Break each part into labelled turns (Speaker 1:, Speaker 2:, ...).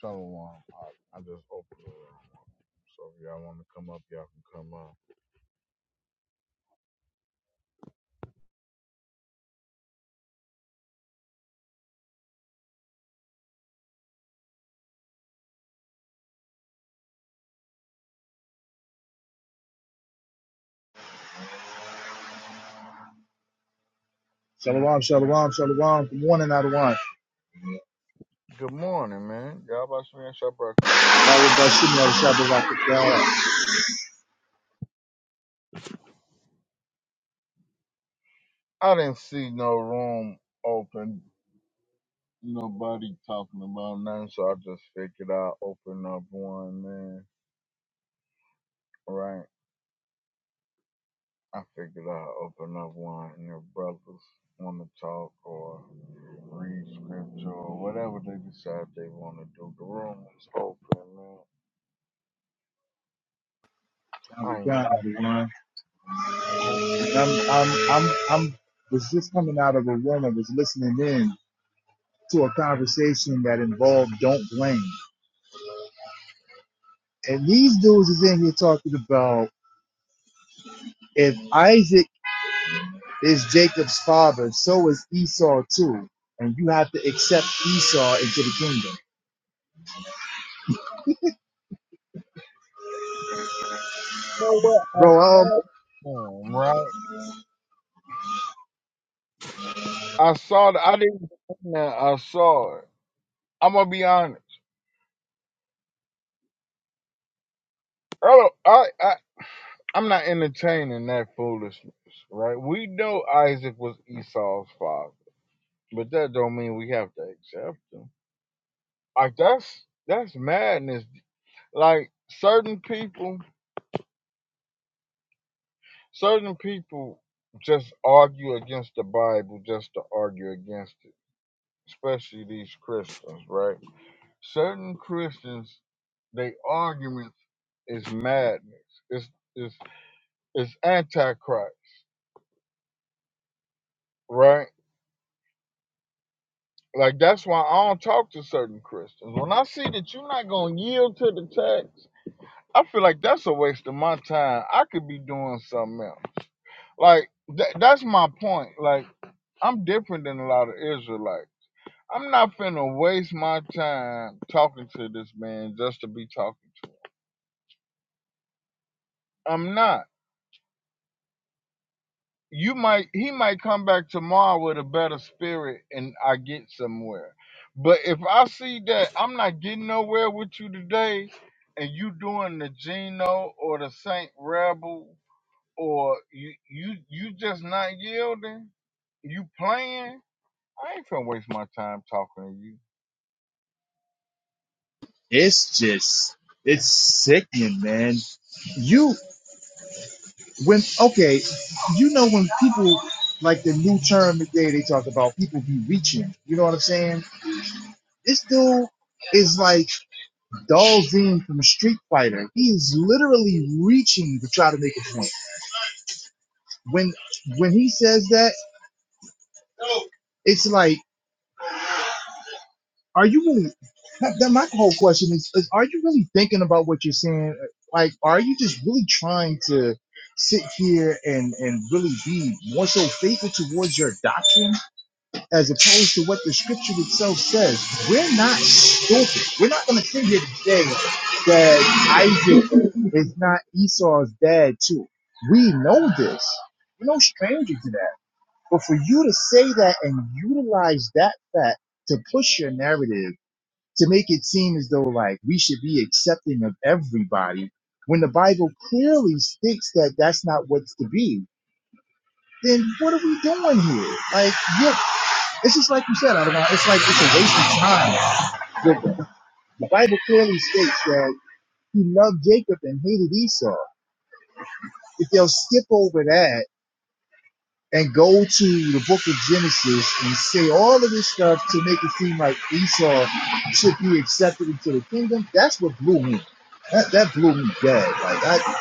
Speaker 1: Shalom. I, I just opened the room. So if y'all want to come up, y'all can come up.
Speaker 2: Shalom, shalom, shalom. Good morning, everyone.
Speaker 1: Good morning, man. Y'all about to finish your breakfast up. I didn't see no room open. Nobody talking about nothing. So I just figured I'd open up one, man. Right? I figured I'd open up one. And if brothers want to talk or read scripture or whatever they decide they want to do, the room is open, man. I
Speaker 2: I'm
Speaker 1: ain't. You
Speaker 2: I'm, I'm, I'm, was just coming out of a room and was listening in to a conversation that involved don't blame. And these dudes is in here talking about if Isaac is Jacob's father, so is Esau too. And you have to accept Esau into the kingdom.
Speaker 1: know what? I
Speaker 2: Bro, um,
Speaker 1: thought, um, right? I saw the, I didn't now I saw it. I'm gonna be honest. Earl, I, I I'm not entertaining that foolishness, right? We know Isaac was Esau's father, but that don't mean we have to accept him. Like that's that's madness. Like certain people, certain people just argue against the Bible just to argue against it, especially these Christians, right? Certain Christians, they arguments is madness. It's it's it's antichrist, right? Like that's why I don't talk to certain Christians. When I see that you're not gonna yield to the text, I feel like that's a waste of my time. I could be doing something else. Like tha- that's my point. Like I'm different than a lot of Israelites. I'm not finna waste my time talking to this man just to be talking to him. I'm not. you might he might come back tomorrow with a better spirit and I get somewhere. But if I see that I'm not getting nowhere with you today and you doing the Geno or the Saint Rebel or you you you just not yielding, you playing, I ain't finna waste my time talking to you.
Speaker 2: it's just, it's sickening, man You. when okay, you know when people like the new term today they talk about people be reaching. You know what I'm saying? This dude is like Dalzine from Street Fighter. He is literally reaching to try to make a point. When when he says that, it's like, are you really? that- that- my whole question is, is, are you really thinking about what you're saying? Like, are you just really trying to sit here and and really be more so faithful towards your doctrine? as opposed to what the scripture itself says. We're not stupid. We're not going to sit here today that Isaac is not Esau's dad, too. We know this. We're no stranger to that. But for you to say that and utilize that fact to push your narrative to make it seem as though like we should be accepting of everybody when the Bible clearly states that that's not what's to be, then what are we doing here? Like, yeah, it's just like you said, Adonai. It's like it's a waste of time. The, Bible clearly states that he loved Jacob and hated Esau. If they'll skip over that and go to the book of Genesis and say all of this stuff to make it seem like Esau should be accepted into the kingdom, that's what blew me. That, that blew me dead. Like I,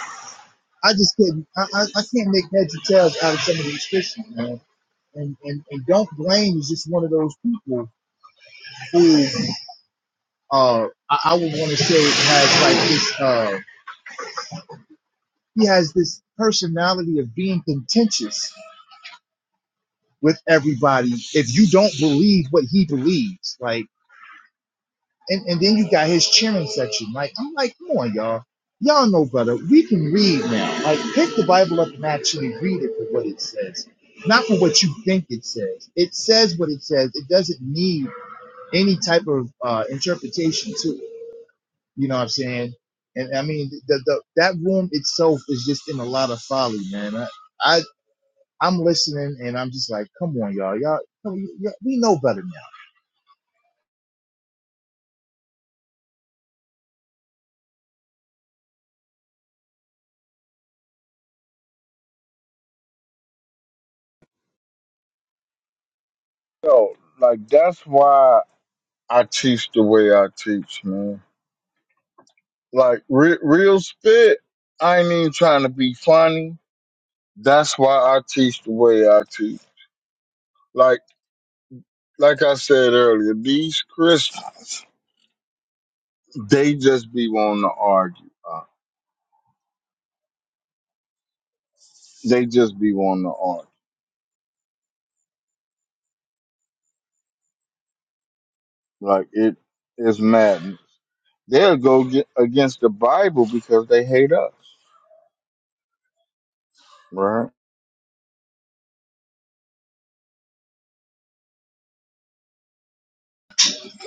Speaker 2: I just couldn't. I, I, I can't make heads or tails out of some of these Christians, man. And, and, and don't blame is just one of those people who uh, I, I would want to say has like this. Uh, he has this personality of being contentious with everybody. If you don't believe what he believes, like, and and then you got his cheering section. Like, I'm like, come on, y'all. Y'all know better. We can read now. Like, pick the Bible up and actually read it for what it says, not for what you think it says. It says what it says. It doesn't need any type of uh, interpretation to it You know what I'm saying? And I mean, the, the that room itself is just in a lot of folly, man. I, I I'm listening and I'm just like, come on, y'all, y'all, come on, y'all- we know better now.
Speaker 1: So, like, that's why I teach the way I teach, man. Like, re- real spit, I ain't even trying to be funny. That's why I teach the way I teach. Like like I said earlier, these Christians, they just be wanting to argue. uh, They just be wanting to argue. Like it is madness. They'll go get against the Bible because they hate us. Right.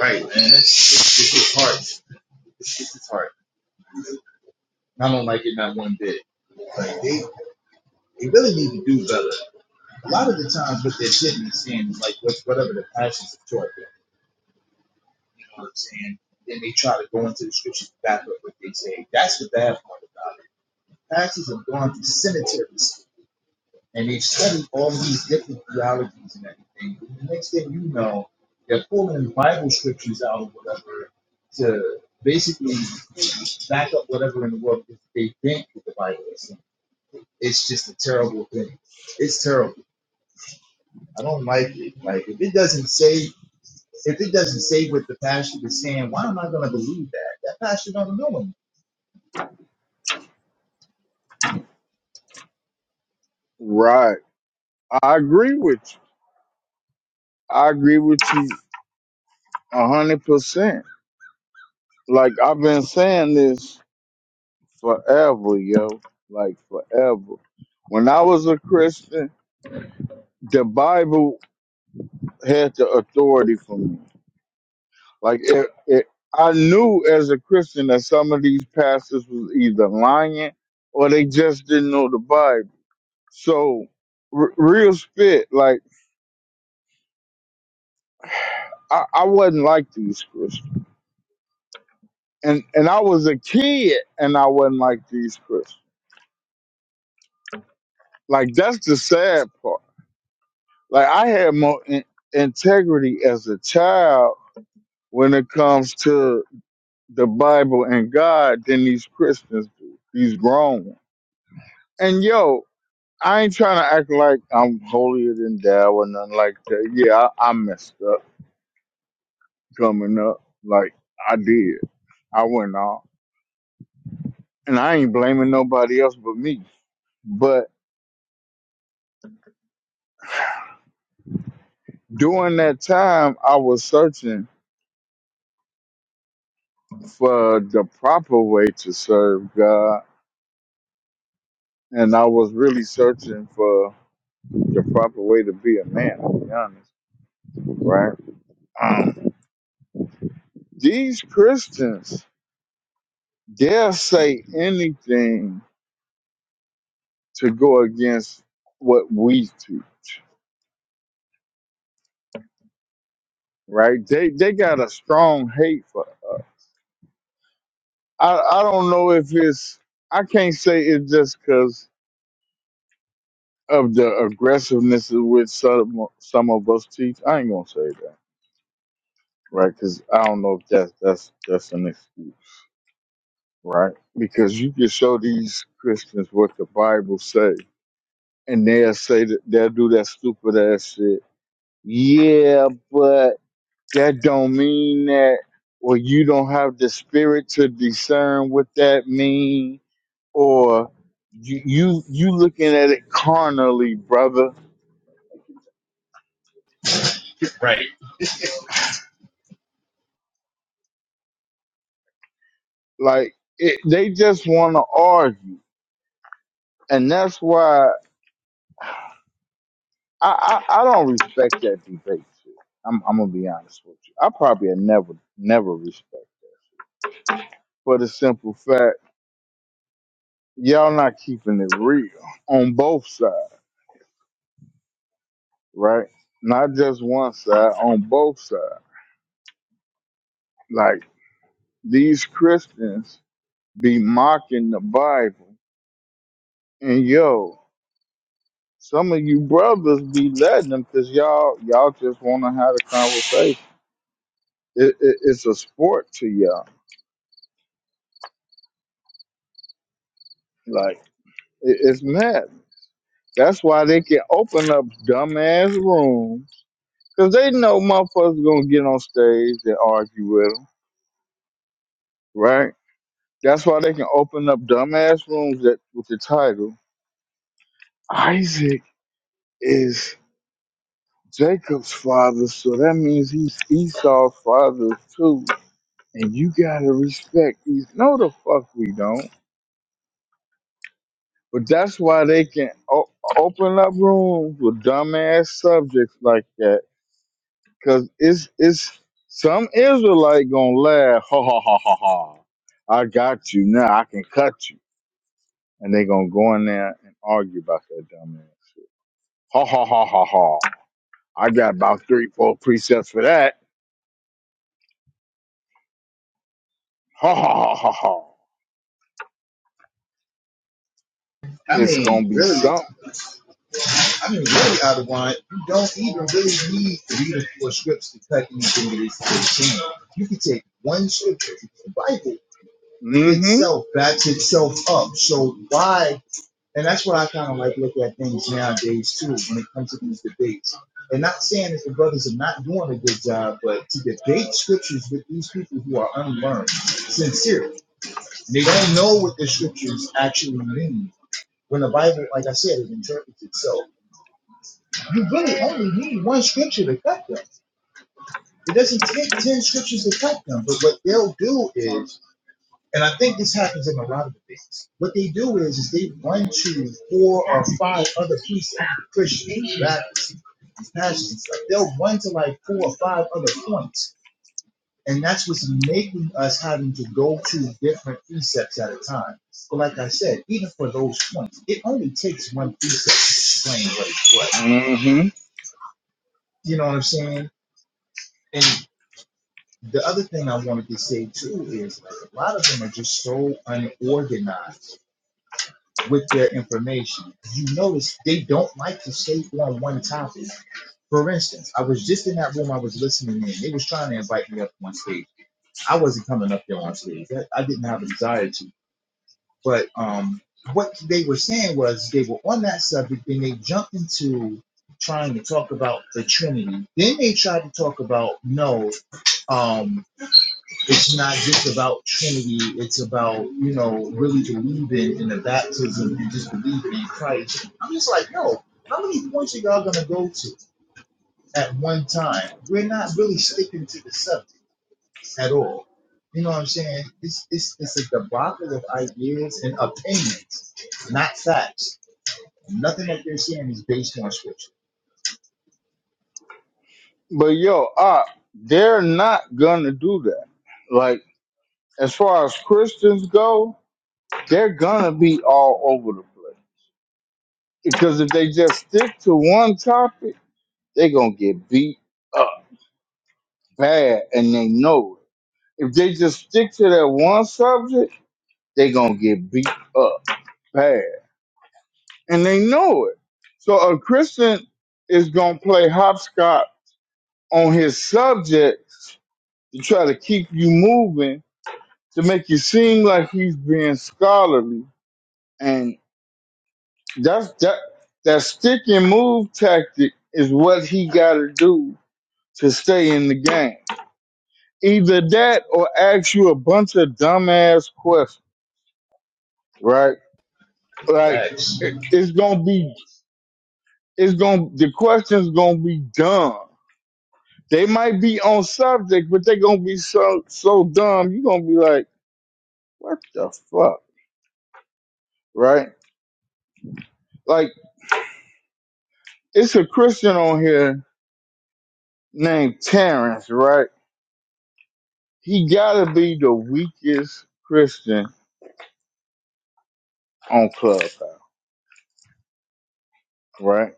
Speaker 2: Right, man. It's, it's, it's just hard. It's, it's just hard. I don't like it not one bit. Like they, they really need to do better. A lot of the times, what they're sitting and saying is like what, whatever the passions of Jordan. You know what I'm saying? Then they try to go into the scriptures to back up what they say. That's what the bad part about it. Pastors have gone through cemeteries and they study all these different theologies and everything. And the next thing you know, they're pulling Bible scriptures out of whatever to basically back up whatever in the world they think that the Bible is saying. It's just a terrible thing. It's terrible. I don't like it. Like if it doesn't say if it doesn't say what the pastor is saying, why am I gonna believe that? That pastor don't know him.
Speaker 1: Right. I agree with you. I agree with you a hundred percent. Like I've been saying this forever, yo. Like forever. When I was a Christian, the Bible. had the authority for me. Like it, it, I knew as a Christian that some of these pastors was either lying or they just didn't know the Bible. So r- real spit, like I, I wasn't like these Christians, and and I was a kid and I wasn't like these Christians. Like that's the sad part. Like I had more in- integrity as a child when it comes to the Bible and God than these Christians do. These grown ones. And yo, I ain't trying to act like I'm holier than thou or nothing like that. Yeah, I, I messed up coming up. Like I did. I went off. And I ain't blaming nobody else but me. But during that time I was searching for the proper way to serve God. And I was really searching for the proper way to be a man, to be honest. Right? Um, these Christians, they'll say anything to go against what we do, right? They they got a strong hate for. Us. I I don't know if it's I can't say it's just because of the aggressiveness of which some some of us teach. I ain't gonna say that, right? Because I don't know if that's that's that's an excuse, right? Because you can show these Christians what the Bible say, and they'll say that they'll do that stupid ass shit. Yeah, that don't mean that or you don't have the spirit to discern what that mean or you you, you looking at it carnally brother
Speaker 2: Right.
Speaker 1: like it, they just want to argue and that's why I, I i don't respect that debate shit. i'm i'm gonna be honest with you i probably have never never respect it for the simple fact y'all not keeping it real on both sides right not just one side on both sides like These Christians be mocking the Bible, and yo, some of you brothers be letting them because y'all y'all just want to have a conversation. It, it, it's a sport to y'all. Like it, it's mad. That's why they can open up dumbass rooms because they know motherfuckers gonna get on stage and argue with them, right? That's why they can open up dumbass rooms that with the title Isaac is. Jacob's father, so that means he's Esau's father too. And you gotta respect these. No, the fuck we don't. But that's why they can o- open up rooms with dumbass subjects like that, cause it's it's some Israelite gonna laugh, ha ha ha ha ha. I got you now. I can cut you, and they gonna go in there and argue about that dumbass. Ha ha ha ha ha. I got about three, four precepts for that. Ha ha ha ha ha.
Speaker 2: I
Speaker 1: It's gonna
Speaker 2: mean,
Speaker 1: be
Speaker 2: really.
Speaker 1: something.
Speaker 2: I mean, really out of line. You don't even really need three or four scripts to cut anything that is contained. You can take one scripture. The Bible
Speaker 1: Mm-hmm.
Speaker 2: itself backs itself up. So why? And that's what I kind of like look at things nowadays too when it comes to these debates. And not saying that the brothers are not doing a good job, but to debate scriptures with these people who are unlearned, sincerely, and they don't know what the scriptures actually mean. When the Bible, like I said, it interprets itself. You really only need one scripture to cut them. It doesn't take 10 scriptures to cut them. But what they'll do is, and I think this happens in a lot of things, what they do is, is they run to four or five other pieces of Christian battles, passions. They'll run to like four or five other points. And that's what's making us having to go to different precepts at a time. But like I said, even for those points, it only takes one precept to explain what is what.
Speaker 1: Mm-hmm.
Speaker 2: You know what I'm saying? and. the other thing I wanted to say too is like a lot of them are just so unorganized with their information. You notice they don't like to stay on one topic. For instance, I was just in that room I was listening in. They was trying to invite me up on stage. I wasn't coming up there on stage. That, I didn't have a desire to. But um, what they were saying was they were on that subject, then they jumped into trying to talk about the Trinity. Then they tried to talk about no. um it's not just about Trinity. It's about you know really believing in the baptism and just believing in Christ. I'm just like, yo, how many points are y'all gonna go to at one time? We're not really sticking to the subject at all. You know what I'm saying? It's it's it's a debacle of ideas and opinions, not facts. Nothing that they're saying is based on scripture.
Speaker 1: But yo, uh, they're not gonna do that. Like, as far as Christians go, they're gonna be all over the place. Because if they just stick to one topic, they're gonna get beat up bad and they know it. If they just stick to that one subject, they're gonna get beat up bad. And they know it. So a Christian is gonna play hopscotch on his subject to try to keep you moving to make you seem like he's being scholarly. And that's that that stick and move tactic is what he gotta do to stay in the game. Either that or ask you a bunch of dumbass questions, right? Like
Speaker 2: Facts.
Speaker 1: it, it's gonna be it's gonna the questions gonna be dumb. They might be on subject, but they're gonna be so so dumb, you're gonna be like, what the fuck? Right? Like It's a Christian on here named Terrence, right? He gotta be the weakest Christian on Clubhouse, right?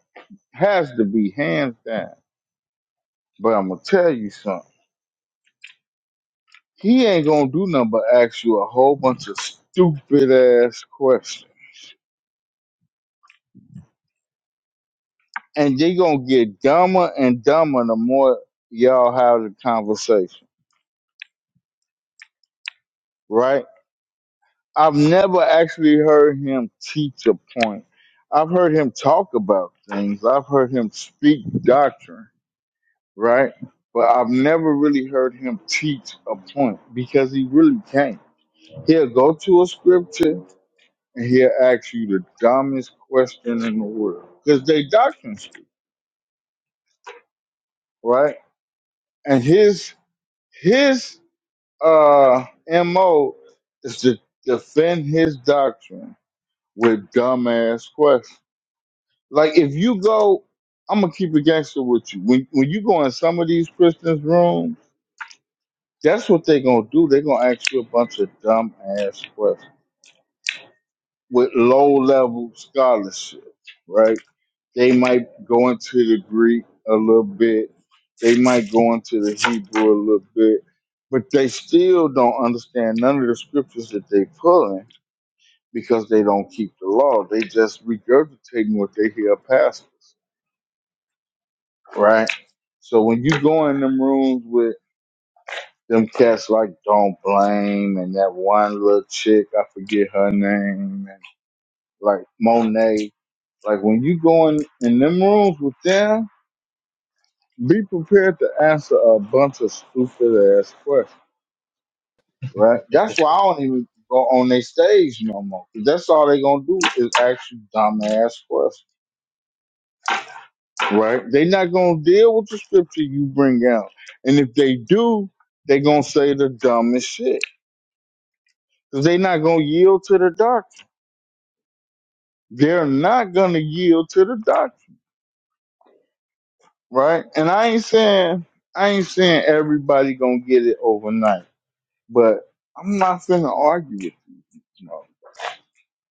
Speaker 1: Has to be hands down. But I'm gonna tell you something. He ain't gonna do nothing but ask you a whole bunch of stupid ass questions. And they gonna get dumber and dumber the more y'all have the conversation, right? I've never actually heard him teach a point. I've heard him talk about things. I've heard him speak doctrine, right? But I've never really heard him teach a point because he really can't. He'll go to a scripture and he'll ask you the dumbest question in the world because they doctrine speak, right? And his his uh mo is to defend his doctrine with dumbass questions Like if you go, I'm gonna keep it gangster with you. When when you go in some of these Christians' rooms, that's what they're gonna do. They're gonna ask you a bunch of dumb ass questions with low level scholarship, right? They might go into the Greek a little bit, they might go into the Hebrew a little bit, but they still don't understand none of the scriptures that they pulling because they don't keep the law. They just regurgitating what they hear pastors. right? So when you go in them rooms with them cats like Don't Blame and that one little chick, I forget her name, and like Monet, like when you go in, in them rooms with them, be prepared to answer a bunch of stupid ass questions, right? That's why I don't even go on their stage no more. 'Cause That's all they gonna do is ask you dumb ass questions, right? They not gonna deal with the scripture you bring out, and if they do, they gonna say the dumbest shit They're not gonna yield to the dark. They're not gonna yield to the dark, right? And I ain't saying I ain't saying everybody gonna get it overnight, but I'm not finna argue with you. No,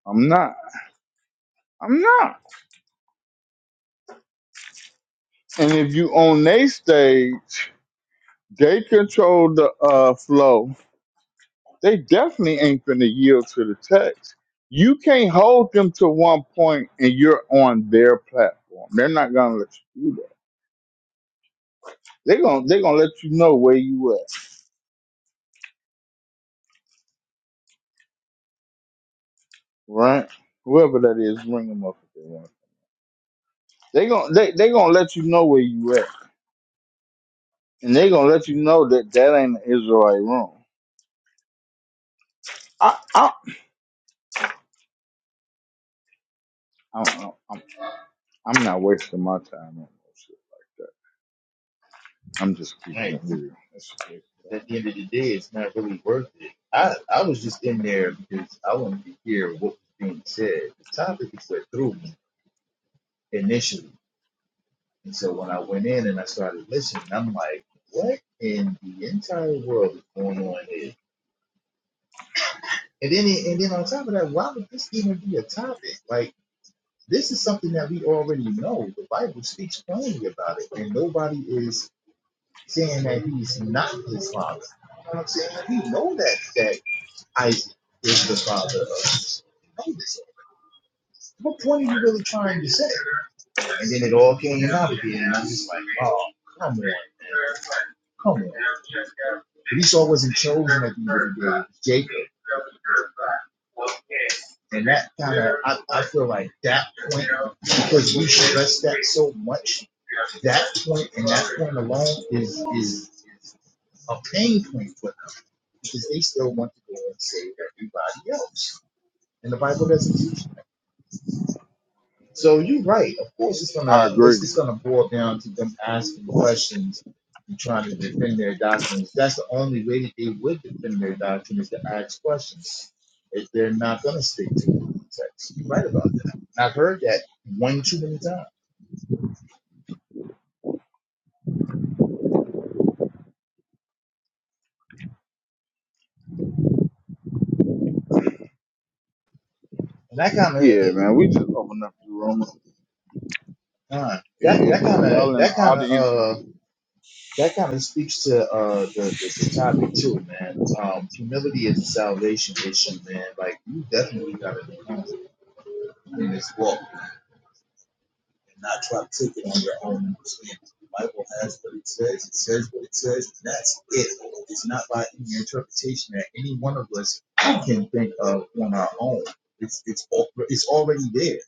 Speaker 1: I'm not. I'm not. And if you on they stage, they control the uh flow. They definitely ain't gonna yield to the text. You can't hold them to one point and you're on their platform. They're not gonna let you do that. They're gonna they're gonna let you know where you at right? Whoever that is, bring them up if they want. They gon' they they gonna let you know where you at, and they gonna let you know that that ain't an Israelite room. I I I don't know. I'm I'm not wasting my time on no shit like that. I'm just keeping
Speaker 2: Right.
Speaker 1: it real. That's the big
Speaker 2: At
Speaker 1: thing.
Speaker 2: the end of the day, it's not really worth it. I, I was just in there because I wanted to hear what was being said. The topic is what threw me initially. And so when I went in and I started listening, I'm like, what in the entire world is going on here? And then, it- and then on top of that, why would this even be a topic? Like, this is something that we already know. The Bible speaks plainly about it, and nobody is saying that he's not Islamic. You know what I'm saying? We know that that Isaac is the father of Isaac. What point are you really trying to say? And then it all came out again, and I'm just like, oh, come on, man. come on. Esau wasn't chosen at the end of the day, Jacob. And that kind of, I, I feel like that point, because we stress that so much, that point and that point alone is is a pain point for them because they still want to go and save everybody else. And the Bible doesn't teach So you're right. Of course, it's
Speaker 1: I
Speaker 2: gonna
Speaker 1: agree.
Speaker 2: it's it's gonna boil down to them asking questions and trying to defend their doctrines. That's the only way that they would defend their doctrine is to ask questions. If they're not gonna stick to it, text. You're right about that. And I've heard that one too many times. And that kind of
Speaker 1: Yeah, man. We just open up the room.
Speaker 2: uh,
Speaker 1: If
Speaker 2: that
Speaker 1: if-
Speaker 2: that kind of
Speaker 1: y'all in the
Speaker 2: that kind of
Speaker 1: audience,
Speaker 2: uh that kind of speaks to uh the, the the topic too, man. Um, humility is a salvation issue, man. Like you definitely gotta be humble in this walk and not try to take it on your own understanding. The Bible has what it says, it says what it says, and that's it. It's not by any interpretation that any one of us can think of on our own. It's it's it's already there.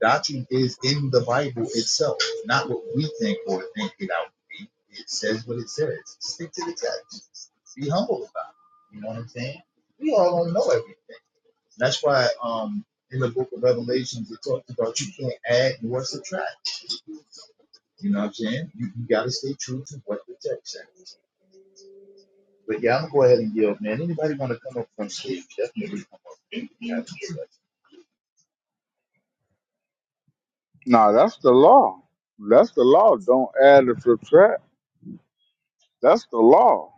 Speaker 2: Doctrine is in the Bible itself, not what we think or think it out to be. It says what it says. Stick to the text. Be humble about it. You know what I'm saying? We all don't know everything. That's why um in the book of Revelations it talks about you can't add nor subtract You know what I'm saying? You, you got to stay true to what the text said. But yeah, I'm gonna go ahead and yield, man. Anybody want to come up from stage? Definitely come up. and a
Speaker 1: nah, that's the law. That's the law. Don't add or subtract. That's the law.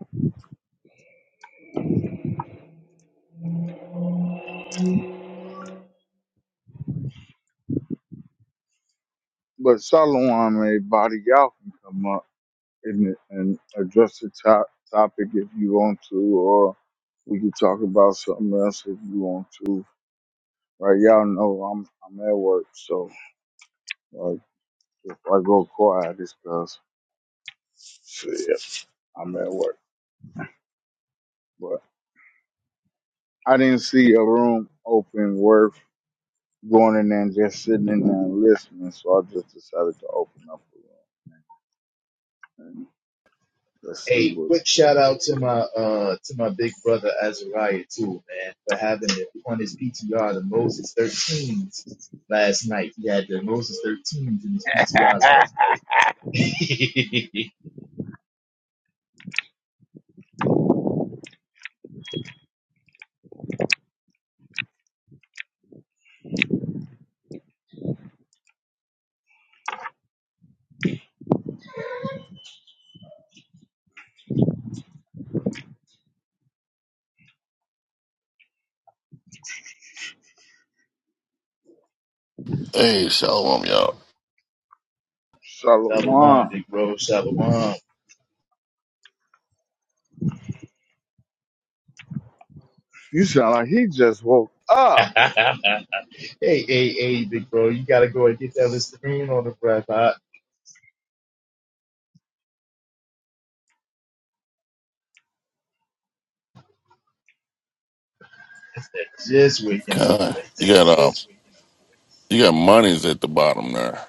Speaker 1: But Solomon made body y'all can come up. and, and address the top, topic if you want to, or we could talk about something else if you want to. Right, y'all know I'm I'm at work, so like if I go quiet, it's because I'm at work. But I didn't see a room open worth going in there and just sitting in there and listening, so I just decided to open up a room and let's see
Speaker 2: Hey,
Speaker 1: what
Speaker 2: quick
Speaker 1: what
Speaker 2: shout
Speaker 1: goes.
Speaker 2: out to
Speaker 1: from
Speaker 2: my
Speaker 1: there.
Speaker 2: uh to my big brother Azariah too, man, for having it on his PTR the Moses 13s last night. He had the Moses 13s in his PTR last night.
Speaker 3: Hey, shalom, y'all.
Speaker 2: Shalom,
Speaker 1: Shalom,
Speaker 2: big bro. Shalom.
Speaker 1: you sound like he just woke up.
Speaker 2: hey, hey, hey, big bro, you gotta go and get that Listerine on the breath. Huh? they just waking up, boy.
Speaker 3: Kind. You got um, you got monies at the bottom there.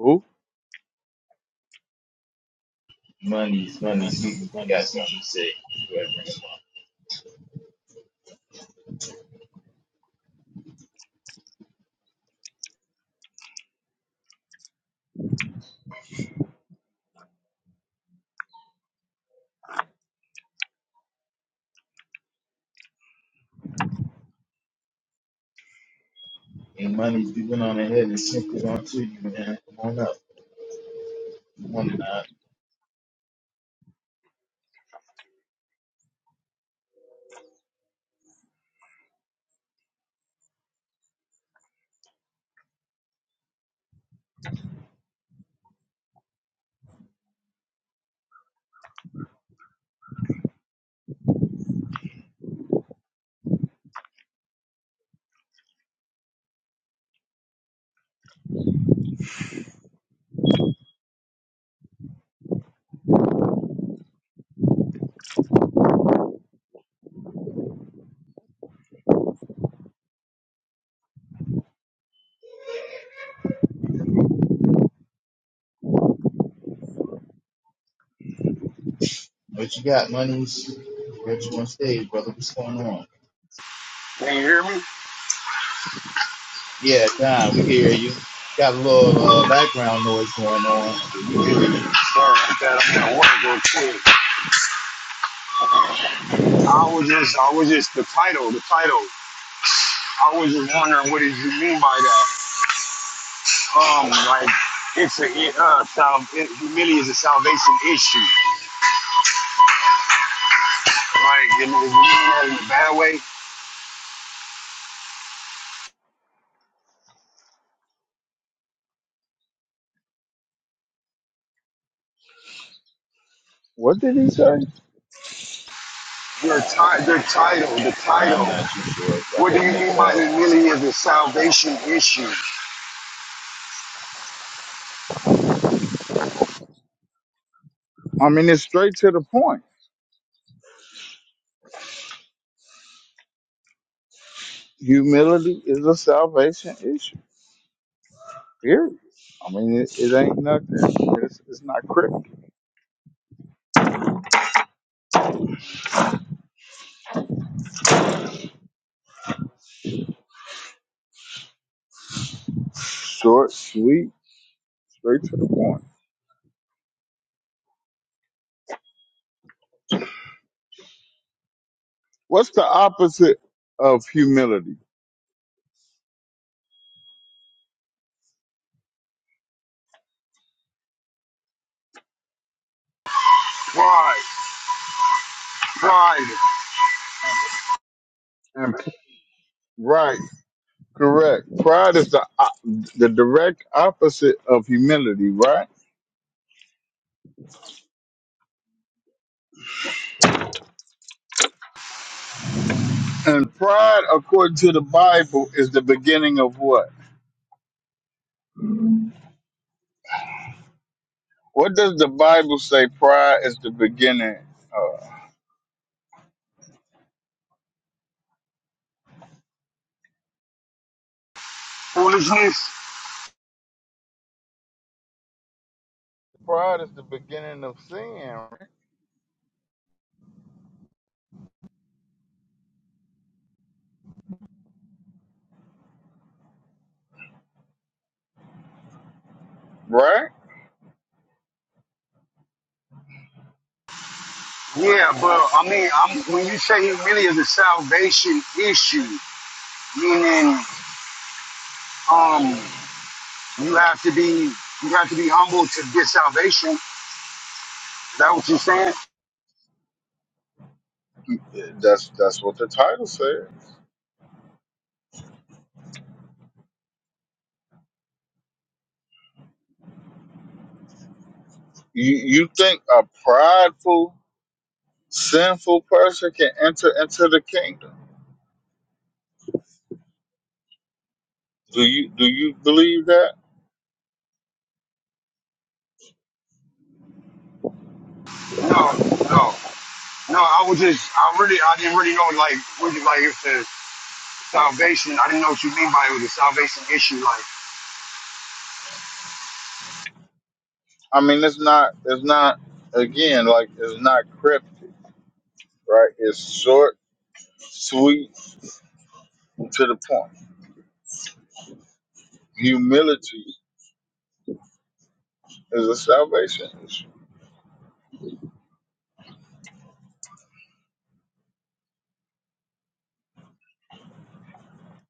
Speaker 1: Who?
Speaker 2: Money's money. People got something to say. Whoever it is. And money's has on ahead and sent it on to you, man. Come on up. Good morning, uh, What you got, money's? Got you on stage, brother. What's going on?
Speaker 4: Can you hear me?
Speaker 2: Yeah, God, we can hear you. Got a little uh, background noise going on. but We can hear
Speaker 4: Yeah,
Speaker 2: you.
Speaker 4: sorry about that. I'm at work real quick. I was just, I was just the title, the title. I was just wondering what did you mean by that? Um, like it's a it, uh, sal- it, humility is a salvation issue. Like, you know, you mean that in a bad way?
Speaker 1: What did he say?
Speaker 4: Your ti- your title, the
Speaker 2: I'm
Speaker 4: title.
Speaker 2: not too sure. I
Speaker 4: What do
Speaker 2: can't
Speaker 4: you
Speaker 2: make
Speaker 4: mean
Speaker 2: it
Speaker 4: by
Speaker 2: out.
Speaker 4: humility is a salvation issue?
Speaker 1: I mean, it's straight to the point. Humility is a salvation issue. Period. I mean, it, it ain't nothing. It's, it's not critical. Short, sweet, straight to the point. What's the opposite of humility?
Speaker 4: Pride, pride,
Speaker 1: And Right. Correct. Pride is the op- the direct opposite of humility, right? And pride, according to the Bible, is the beginning of what? What does the Bible say? Pride is the beginning. Of?
Speaker 4: foolishness.
Speaker 1: Pride is the beginning of sin, Right?
Speaker 4: Yeah, but I mean, I'm, when you say humility is a salvation issue. meaning um you have to be you have to be humble to get salvation. Is that what you're saying?
Speaker 1: That's that's what the title says. You you think a prideful, sinful person can enter into the kingdom? Do you do you believe that?
Speaker 4: No, no, no. I was just I really I didn't really know like what you like if the salvation. I didn't know what you mean by it was a salvation issue. Like
Speaker 1: I mean, it's not it's not again like it's not cryptic, right? It's short, sweet, to the point. Humility is a salvation issue.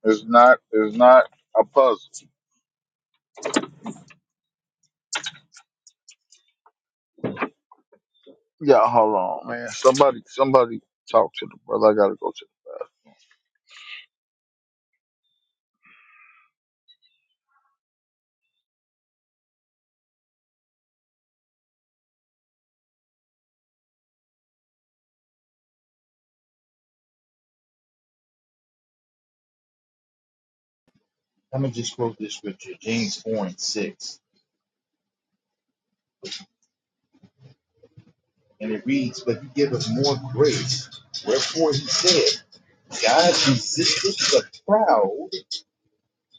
Speaker 1: It's not it's not a puzzle. Yeah, hold on, man. Somebody somebody talk to the brother. I gotta go to.
Speaker 2: I'm gonna just quote this scripture, James 4 and 6. And it reads, But he giveth more grace. Wherefore he said, God resisteth the proud,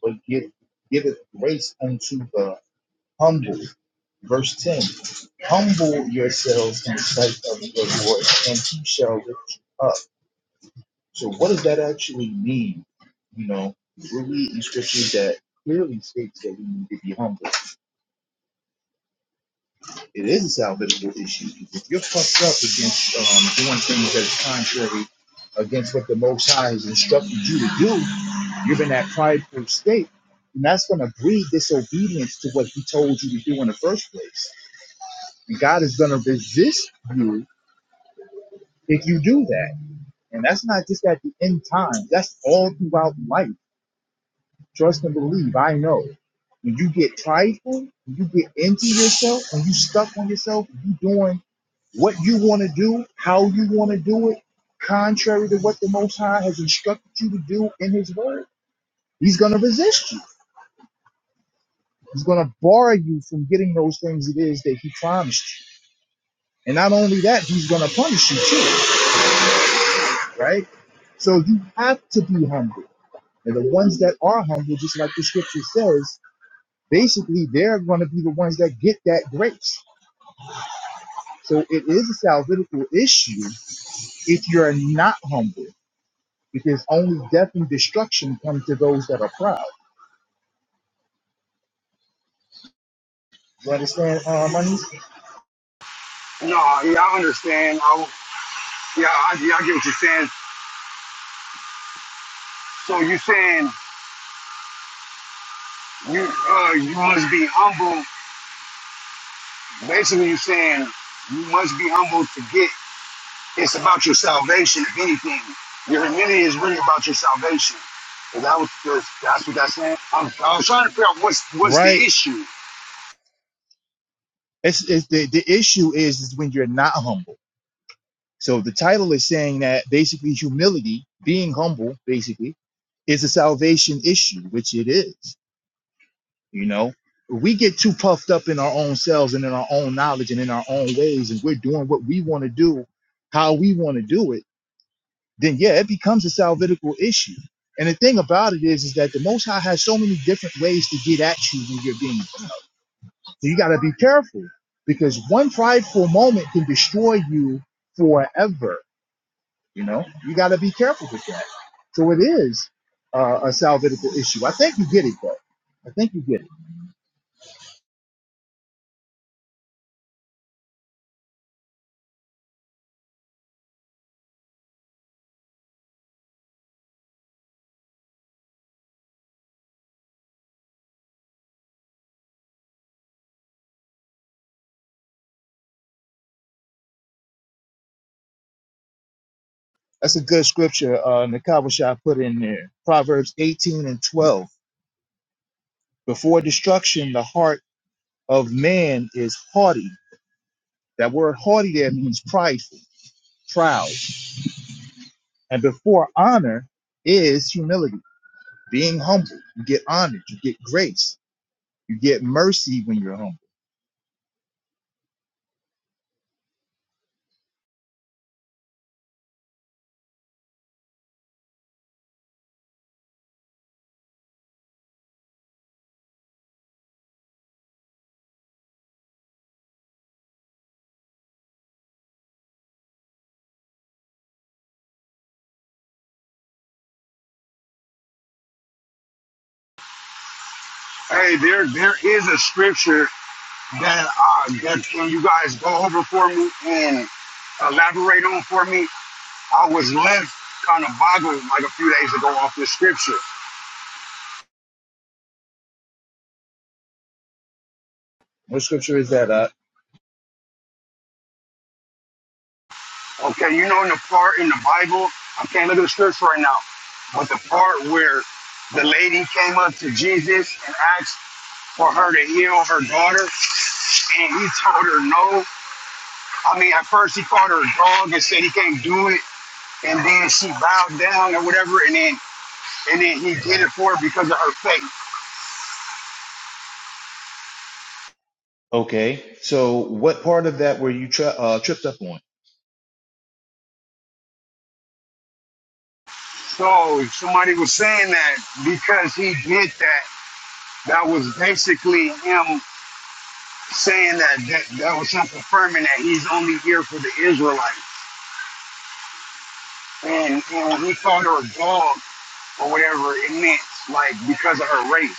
Speaker 2: but give, giveth grace unto the humble. Verse 10 Humble yourselves in the sight of the Lord, and he shall lift you up. So, what does that actually mean? You know, we're reading scriptures that clearly states that we need to be humble. It is a salvageable issue. If you're fucked up against um, doing things that's contrary against what the Most High has instructed you to do, you're in that prideful state, and that's going to breed disobedience to what He told you to do in the first place. And God is going to resist if you do that. And that's not just at the end time, that's all throughout life. Trust and believe. I know. When you get prideful, when you get into yourself, when you stuck on yourself, you doing what you want to do, how you want to do it, contrary to what the Most High has instructed you to do in His Word, He's going to resist you. He's going to bar you from getting those things it is that He promised you. And not only that, He's going to punish you too, right? So you have to be humble. And the ones that are humble, just like the scripture says, basically they're going to be the ones that get that grace. So it is a salvific issue if you're not humble because only death and destruction come to those that are proud. You understand, uh, money?
Speaker 4: no, yeah, I understand. I yeah, I, yeah, I get what you're saying. So you're saying you uh you must be humble. Basically, you're saying you must be humble to get. It's about your salvation, if anything. Your humility is really about your salvation. And that was that's that's what that's saying. I'm, I was trying to figure out what's what's the
Speaker 2: Right.
Speaker 4: issue.
Speaker 2: It's, it's the, the issue is, is when you're not humble. So the title is saying that basically humility, being humble, basically, is a salvation issue, which it is. You know, we get too puffed up in our own selves and in our own knowledge and in our own ways, and we're doing what we want to do, how we want to do it then yeah, it becomes a salvitical issue. And the thing about it is, is that the Most High has so many different ways to get at you when you're being. So you got to be careful because one prideful moment can destroy you forever. You know, you got to be careful with that. So it is uh, a salvitical issue. I think you get it though. I think you get it. That's a good scripture. Uh, Nakabasha put in there Proverbs 18 and 12. Before destruction, the heart of man is haughty That word haughty there means prideful, proud. And before honor is humility, being humble. You get honored, you get grace, you get mercy when you're humble.
Speaker 4: Hey, there there is a scripture that uh, that can you guys go over for me and elaborate on for me. I was left kind of boggled like a few days ago off this scripture.
Speaker 2: What scripture is that? Uh,
Speaker 4: Okay, you know in the part in the Bible, I can't look at the scripture right now, but the part where the lady came up to Jesus and asked for her to heal her daughter, and he told her no. I mean, at first he called her a dog and said he can't do it, and then she bowed down or whatever, and then and then he did it for her because of her faith.
Speaker 2: okay, so what part of that were you tri- uh, tripped up on?
Speaker 4: So somebody was saying that because he did that, that was basically him saying that that, that was him confirming that he's only here for the Israelites. And, and when he called her a dog or whatever, it meant like because of her race.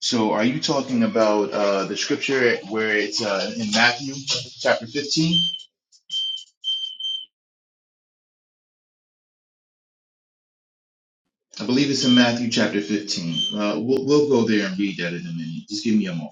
Speaker 2: So are you talking about uh, the scripture where it's uh, in Matthew chapter 15? I believe it's in Matthew chapter 15. Uh, we'll, we'll go there and read that in a minute. Just give me a moment.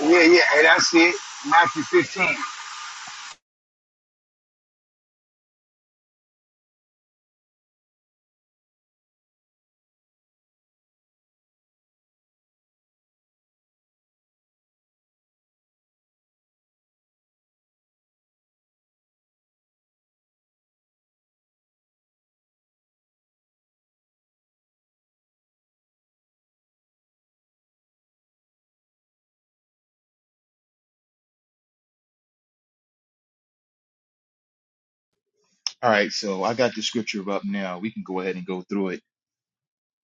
Speaker 4: Yeah, yeah, hey, that's it. Matthew 15.
Speaker 2: All right, so I got the scripture up now. We can go ahead and go through it.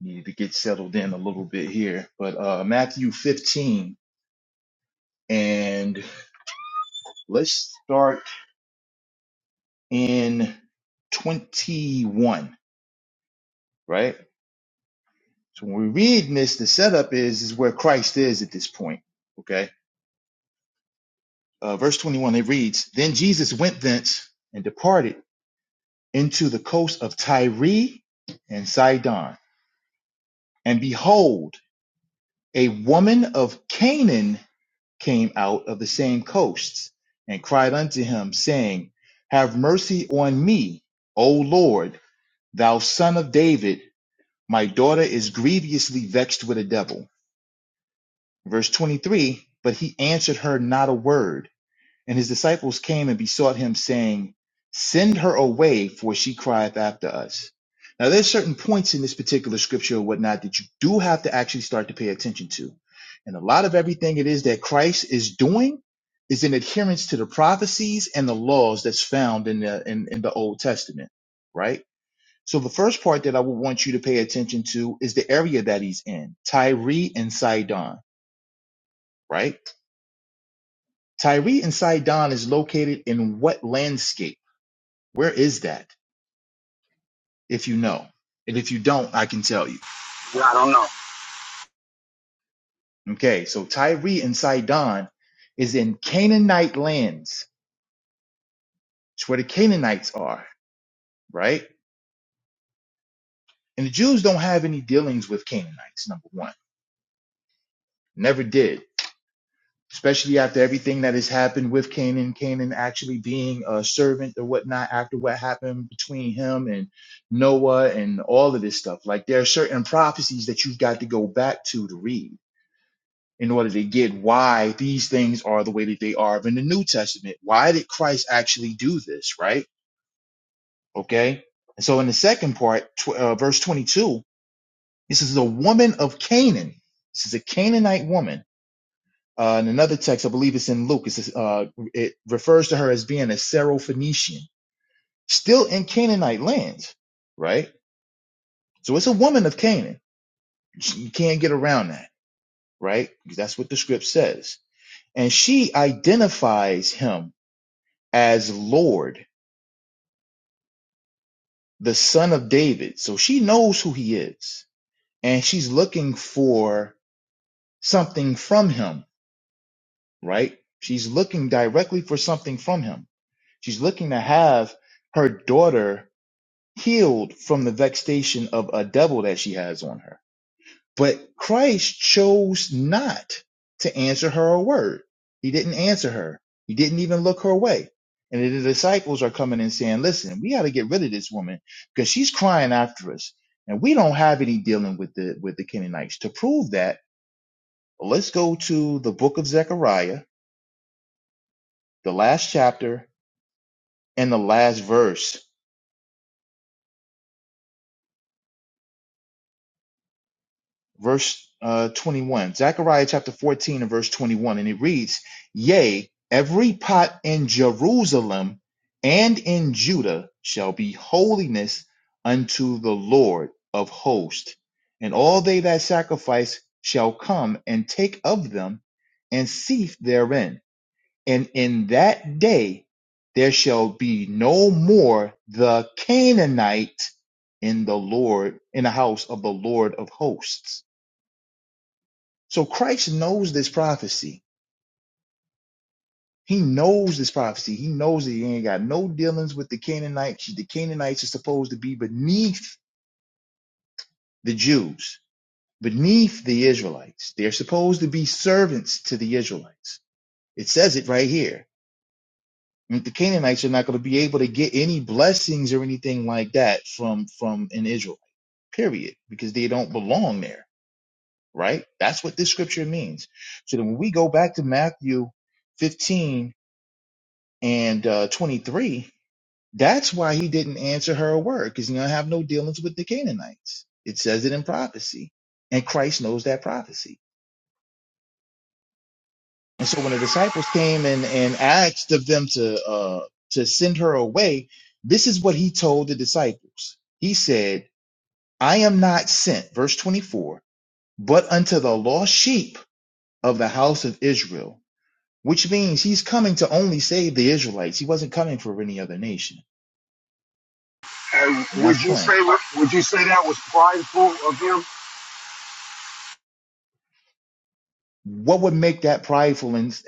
Speaker 2: needed to get settled in a little bit here. But uh, Matthew 15, and let's start in 21, right? So when we read this, the setup is is where Christ is at this point. Okay, uh, verse 21 it reads, "Then Jesus went thence and departed into the coast of Tyre and Sidon, and behold, a woman of Canaan." came out of the same coasts, and cried unto him, saying, Have mercy on me, O Lord, thou son of David. My daughter is grievously vexed with a devil. Verse 23 But he answered her not a word. And his disciples came and besought him, saying, Send her away, for she crieth after us. Now, there's certain points in this particular scripture or whatnot that you do have to actually start to pay attention to. And a lot of everything it is that Christ is doing is in adherence to the prophecies and the laws that's found in the in, in the Old Testament, right? So the first part that I would want you to pay attention to is the area that he's in, Tyre and Sidon, right? Tyre and Sidon is located in what landscape? Where is that? If you know. And if you don't, I can tell you.
Speaker 4: Yeah, I don't know.
Speaker 2: Okay, so Tyre and Sidon is in Canaanite lands. It's where the Canaanites are, right? And the Jews don't have any dealings with Canaanites, number one. Never did. Especially after everything that has happened with Canaan, Canaan actually being a servant or whatnot, after what happened between him and Noah and all of this stuff. Like there are certain prophecies that you've got to go back to to read in order to get why these things are the way that they are in the New Testament. Why did Christ actually do this, right? Okay. And so in the second part, tw- uh, verse 22, this is a woman of Canaan. This is a Canaanite woman. Uh, in another text, I believe it's in Luke, it says, uh, it refers to her as being a Syrophoenician, still in Canaanite lands, right? So it's a woman of Canaan. You can't get around that, right? Because that's what the script says. And she identifies him as Lord, the son of David. So she knows who he is and she's looking for something from him, right? She's looking directly for something from him. She's looking to have her daughter healed from the vexation of a devil that she has on her. But Christ chose not to answer her a word. He didn't answer her. He didn't even look her way. And then the disciples are coming and saying, listen, we got to get rid of this woman because she's crying after us. And we don't have any dealing with the, with the Canaanites. To prove that, let's go to the book of Zechariah, the last chapter and the last verse. verse uh, 21, Zechariah chapter 14 and verse 21, and it reads, Yea, every pot in Jerusalem and in Judah shall be holiness unto the Lord of hosts, and all they that sacrifice shall come and take of them and seethe therein. And in that day there shall be no more the Canaanite in the Lord, in the house of the Lord of hosts so Christ knows this prophecy. He knows this prophecy. He knows that he ain't got no dealings with the Canaanites. The Canaanites are supposed to be beneath the Jews, beneath the Israelites. They're supposed to be servants to the Israelites. It says it right here. And The Canaanites are not going to be able to get any blessings or anything like that from from an Israelite, period, because they don't belong there, right? That's what this scripture means. So then when we go back to Matthew 15 and uh, 23, that's why he didn't answer her a word because he don't have no dealings with the Canaanites. It says it in prophecy, and Christ knows that prophecy. And so when the disciples came and, and asked of them to uh, to send her away, this is what he told the disciples. He said, "I am not sent," verse 24, but unto the lost sheep of the house of Israel, which means he's coming to only save the Israelites. He wasn't coming for any other nation, and
Speaker 4: Hey, would
Speaker 2: that's
Speaker 4: you
Speaker 2: plain.
Speaker 4: say would you say that was prideful of him?
Speaker 2: what would make that prideful and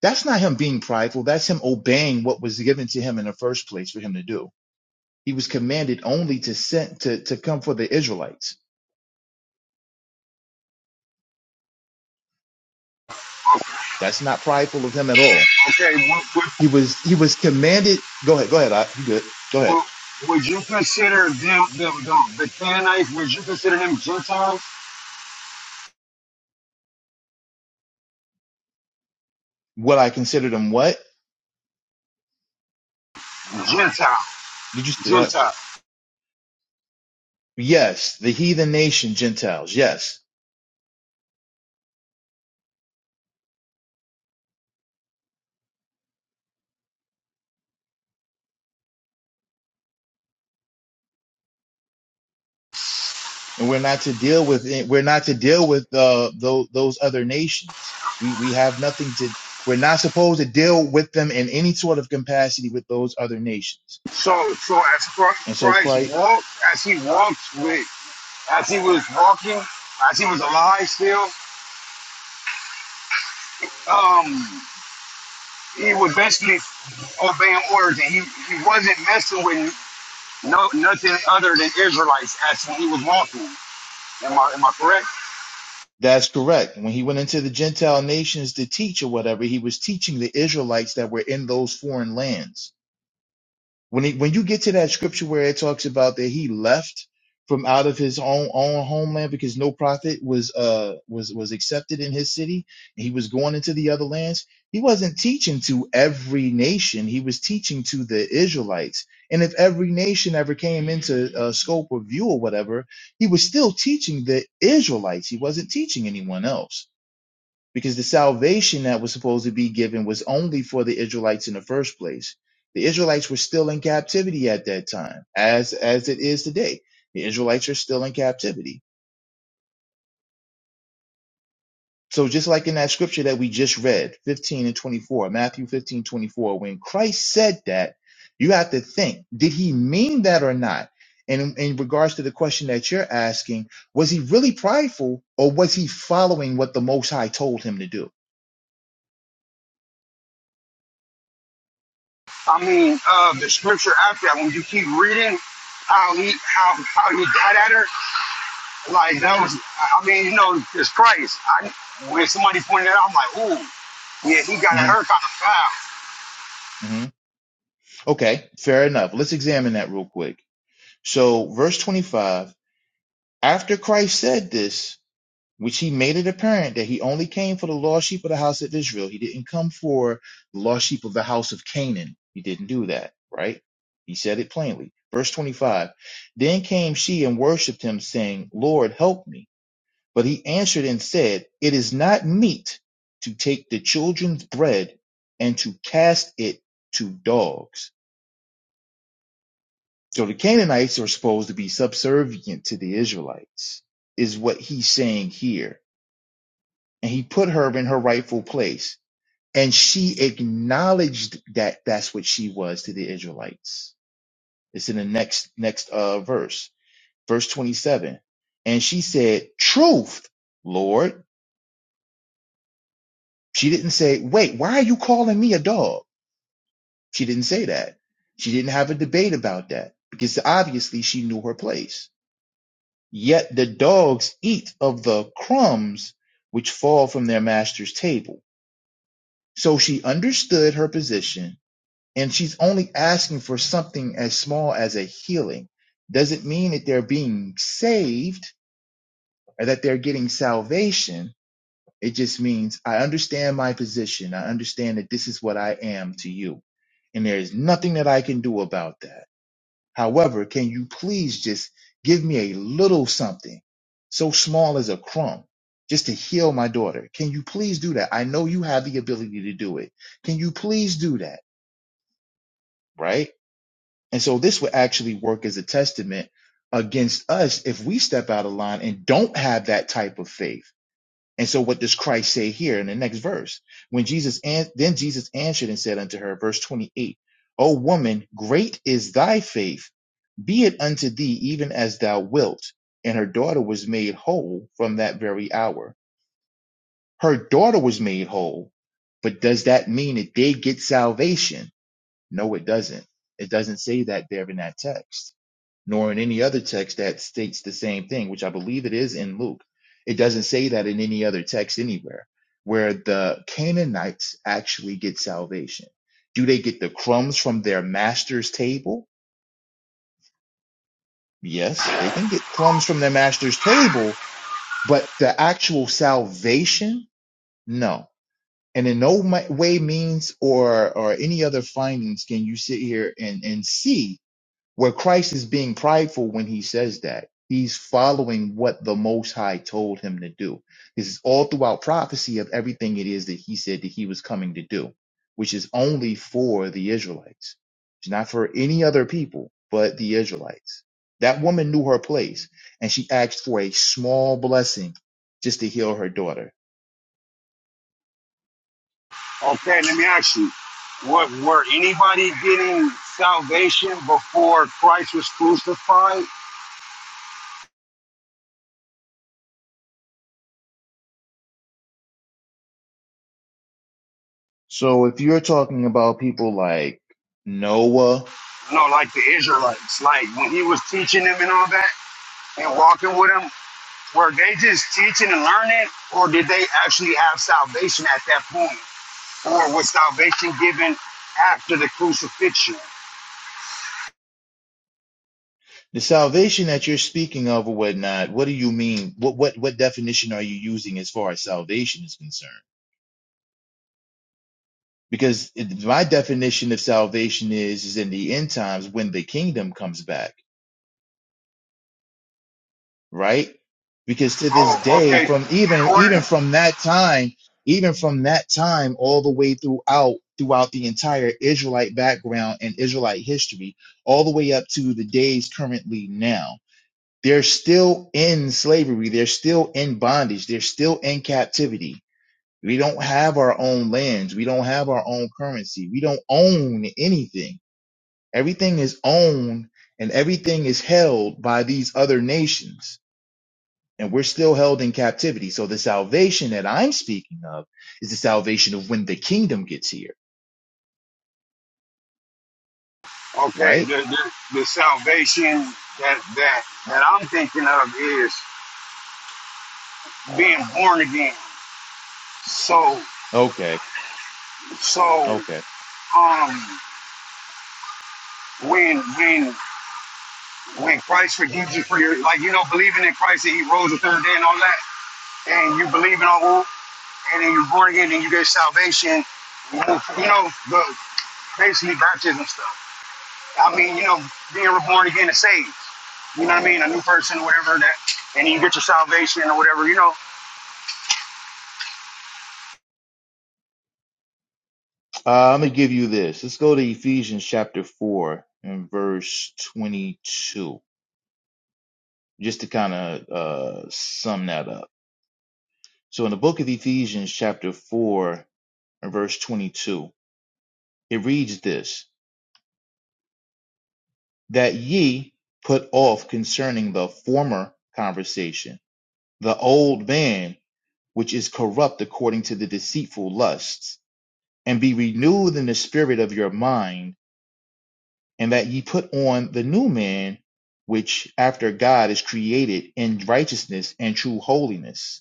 Speaker 2: that's not him being prideful that's him obeying what was given to him in the first place for him to do he was commanded only to send to, to come for the israelites that's not prideful of him at all
Speaker 4: Okay, would
Speaker 2: he was he was commanded go ahead go ahead I, you good go
Speaker 4: would,
Speaker 2: ahead
Speaker 4: would, would you consider them them, them the Canaanites? Would you consider them Gentiles?
Speaker 2: what i considered him what
Speaker 4: Gentile,
Speaker 2: did you uh,
Speaker 4: Gentile.
Speaker 2: yes the heathen nation gentiles yes and we're not to deal with it. We're not to deal with uh, those those other nations. We we have nothing to. We're not supposed to deal with them in any sort of capacity with those other nations.
Speaker 4: So so as
Speaker 2: And
Speaker 4: Chri-
Speaker 2: so
Speaker 4: Christ
Speaker 2: Christ,
Speaker 4: walked, as he walked with, as he was walking, as he was alive still, um, he was basically obeying orders, and he he wasn't messing with no nothing other than Israelites as when he was walking. Am I am I correct?
Speaker 2: that's correct. When he went into the Gentile nations to teach or whatever, he was teaching the Israelites that were in those foreign lands When he, when you get to that scripture where it talks about that he left from out of his own own homeland because no prophet was uh was was accepted in his city, and he was going into the other lands. He wasn't teaching to every nation. He was teaching to the Israelites. And if every nation ever came into uh, scope or view or whatever, he was still teaching the Israelites. He wasn't teaching anyone else because the salvation that was supposed to be given was only for the Israelites in the first place. The Israelites were still in captivity at that time, as as it is today. The Israelites are still in captivity. So just like in that scripture that we just read, 15 and 24, Matthew 15 24, when Christ said that, you have to think, did he mean that or not? And in in regards to the question that you're asking, was he really prideful or was he following what the Most High told him to do?
Speaker 4: I mean, uh, the scripture after that, when you keep reading how he how how he got at her, like that was, I mean, you know, it's Christ. I, when somebody pointed it out, I'm like, ooh, yeah, he got at her kind of
Speaker 2: hmm Okay, fair enough. Let's examine that real quick. So, verse 25 After Christ said this, which he made it apparent that he only came for the lost sheep of the house of Israel, he didn't come for the lost sheep of the house of Canaan. He didn't do that, right? He said it plainly. Verse 25 Then came she and worshipped him, saying, Lord, help me. But he answered and said, It is not meet to take the children's bread and to cast it to dogs. So the Canaanites are supposed to be subservient to the Israelites, is what he's saying here. And he put her in her rightful place. And she acknowledged that that's what she was to the Israelites. It's in the next, next, uh, verse, verse 27. And she said, truth, Lord. She didn't say, wait, why are you calling me a dog? She didn't say that. She didn't have a debate about that because obviously she knew her place. Yet the dogs eat of the crumbs which fall from their master's table. So she understood her position, and she's only asking for something as small as a healing. Doesn't mean that they're being saved or that they're getting salvation. It just means I understand my position. I understand that this is what I am to you. And there is nothing that I can do about that. However, can you please just give me a little something so small as a crumb just to heal my daughter? Can you please do that? I know you have the ability to do it. Can you please do that? Right? And so this would actually work as a testament against us if we step out of line and don't have that type of faith. And so what does Christ say here in the next verse? When Jesus an- then Jesus answered and said unto her, verse 28, O woman, great is thy faith be it unto thee even as thou wilt. And her daughter was made whole from that very hour. Her daughter was made whole. But does that mean that they get salvation? No, it doesn't. It doesn't say that there in that text, nor in any other text that states the same thing, which I believe it is in Luke. It doesn't say that in any other text anywhere where the Canaanites actually get salvation. Do they get the crumbs from their master's table? Yes, they can get crumbs from their master's table, but the actual salvation, no. And in no way, means, or or any other findings can you sit here and and see where Christ is being prideful when he says that. He's following what the Most High told him to do. This is all throughout prophecy of everything it is that he said that he was coming to do, which is only for the Israelites. It's not for any other people but the Israelites. That woman knew her place and she asked for a small blessing just to heal her daughter.
Speaker 4: foul. Okay, let me ask you, what were anybody getting salvation before Christ was crucified?
Speaker 2: So if you're talking about people like Noah,
Speaker 4: You know, like the Israelites, like when he was teaching them and all that, and walking with them. Were they just teaching and learning, or did they actually have salvation at that point? or was salvation given after the crucifixion?
Speaker 2: The salvation that you're speaking of or whatnot, what do you mean? What what what definition are you using as far as salvation is concerned? Because it, my definition of salvation is is in the end times when the kingdom comes back, right? Because to this
Speaker 4: Oh,
Speaker 2: day,
Speaker 4: okay.
Speaker 2: from even
Speaker 4: In order,
Speaker 2: even from that time, even from that time all the way throughout throughout the entire Israelite background and Israelite history, all the way up to the days currently now They're still in slavery. They're still in bondage. They're still in captivity. We don't have our own lands. We don't have our own currency. We don't own anything. Everything is owned and everything is held by these other nations. And we're still held in captivity. So the salvation that I'm speaking of is the salvation of when the kingdom gets here,
Speaker 4: okay,
Speaker 2: right?
Speaker 4: the, the, the salvation that that that I'm thinking of is being born again. So
Speaker 2: Okay.
Speaker 4: so
Speaker 2: Okay.
Speaker 4: um when when when Christ forgives you for your like you know believing in Christ that He rose the third day and all that, and you believe in all and then you're born again and you get salvation. You know the basically baptism stuff. I mean you know being reborn again and saved. You know what I mean? A new person or whatever that, and you get your salvation or whatever. You know,
Speaker 2: Uh, I'm going to give you this. Let's go to Ephesians chapter 4 and verse 22. just to kind of uh, sum that up. So, in the book of Ephesians, chapter 4, and verse 22, it reads this that ye put off concerning the former conversation, the old man, which is corrupt according to the deceitful lusts, and be renewed in the spirit of your mind, and that ye put on the new man, which after God is created in righteousness and true holiness.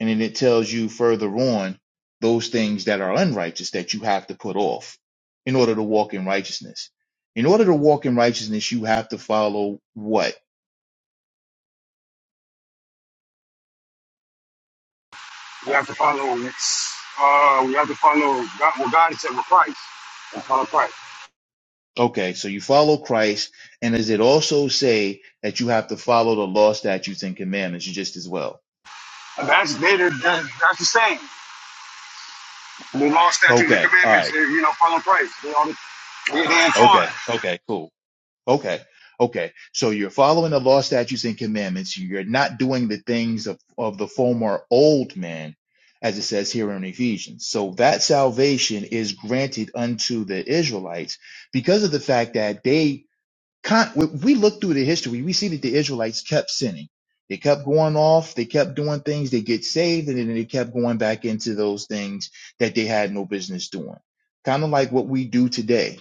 Speaker 2: And then it tells you further on those things that are unrighteous that you have to put off in order to walk in righteousness. In order to walk in righteousness, you have to follow what?
Speaker 4: we have to follow. Uh, we have to follow God, what God has said with Christ. And follow Christ.
Speaker 2: Okay, so you follow Christ. And does it also say that you have to follow the law, statutes, and commandments just as well?
Speaker 4: And that's they, they, that's the same. The law, statutes, and
Speaker 2: Okay, all
Speaker 4: commandments.
Speaker 2: right.
Speaker 4: They, you know, follow Christ. They all they, they entwined.
Speaker 2: Okay, okay, cool. Okay. Okay. So you're following the law, statutes, and commandments. You're not doing the things of, of the former old man, as it says here in Ephesians. So that salvation is granted unto the Israelites because of the fact that they con- when we look through the history, we see that the Israelites kept sinning. They kept going off. They kept doing things. They get saved and then they kept going back into those things that they had no business doing. Kind of like what we do today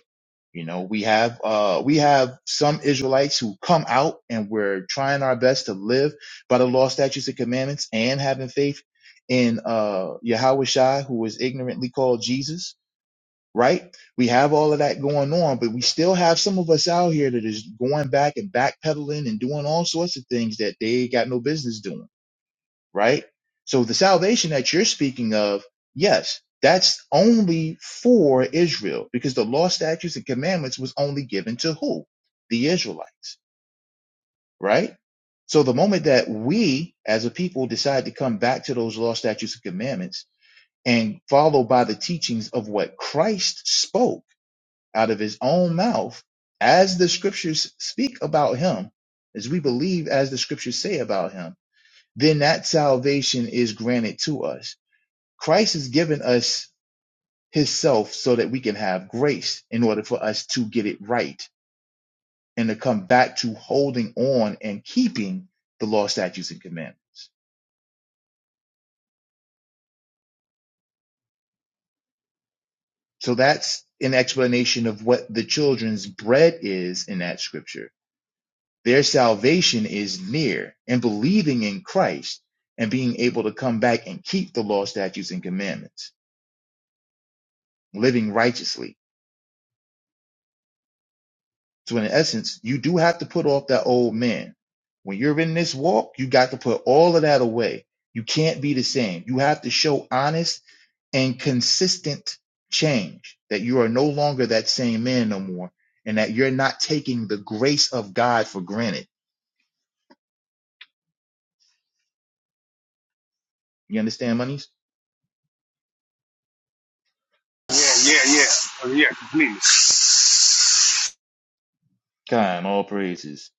Speaker 2: you know, we have uh we have some Israelites who come out and we're trying our best to live by the law, statutes, and commandments and having faith in uh Yahweh Shai, who was ignorantly called Jesus, right? We have all of that going on, but we still have some of us out here that is going back and backpedaling and doing all sorts of things that they got no business doing right? So the salvation that you're speaking of, yes, that's only for Israel because the law, statutes, and commandments was only given to who? The Israelites, right? So the moment that we as a people decide to come back to those law, statutes, and commandments and follow by the teachings of what Christ spoke out of his own mouth, as the scriptures speak about him, as we believe as the scriptures say about him, then that salvation is granted to us Christ has given us his self so that we can have grace in order for us to get it right and to come back to holding on and keeping the law, statutes, and commandments. So that's an explanation of what the children's bread is in that scripture. Their salvation is near and believing in Christ and being able to come back and keep the law, statutes, and commandments, living righteously. So in essence, you do have to put off that old man. When you're in this walk, you got to put all of that away. You can't be the same. You have to show honest and consistent change that you are no longer that same man no more and that you're not taking the grace of God for granted. You understand, monies?
Speaker 4: Yeah, yeah, yeah, Uh, yeah, completely.
Speaker 2: Kind, all praises.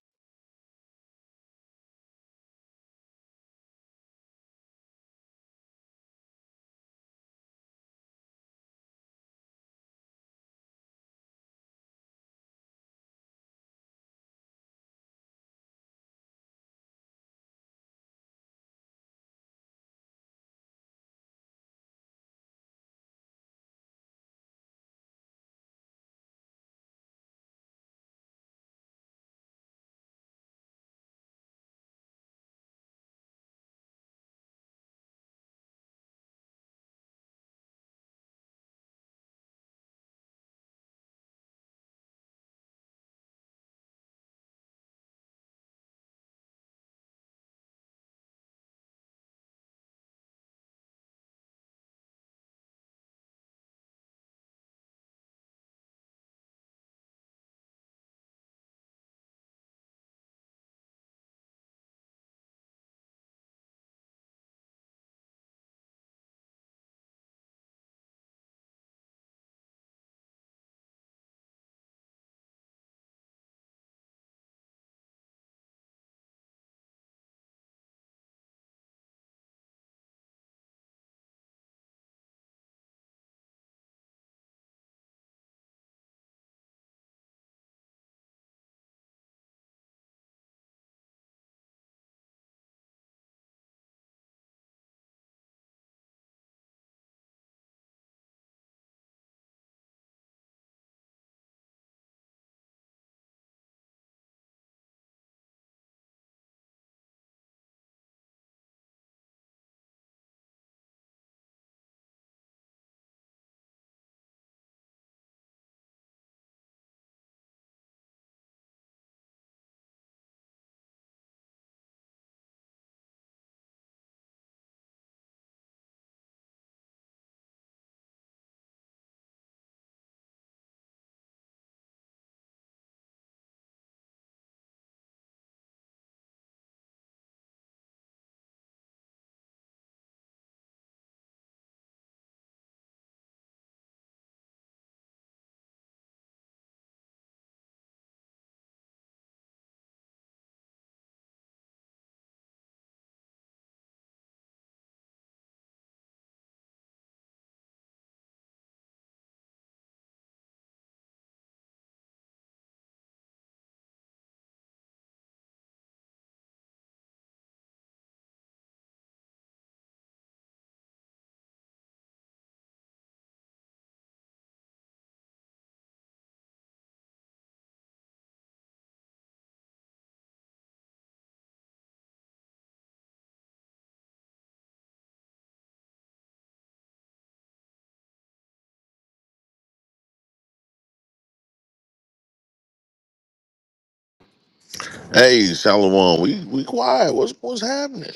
Speaker 3: Hey, shalom. We we quiet. What's what's happening?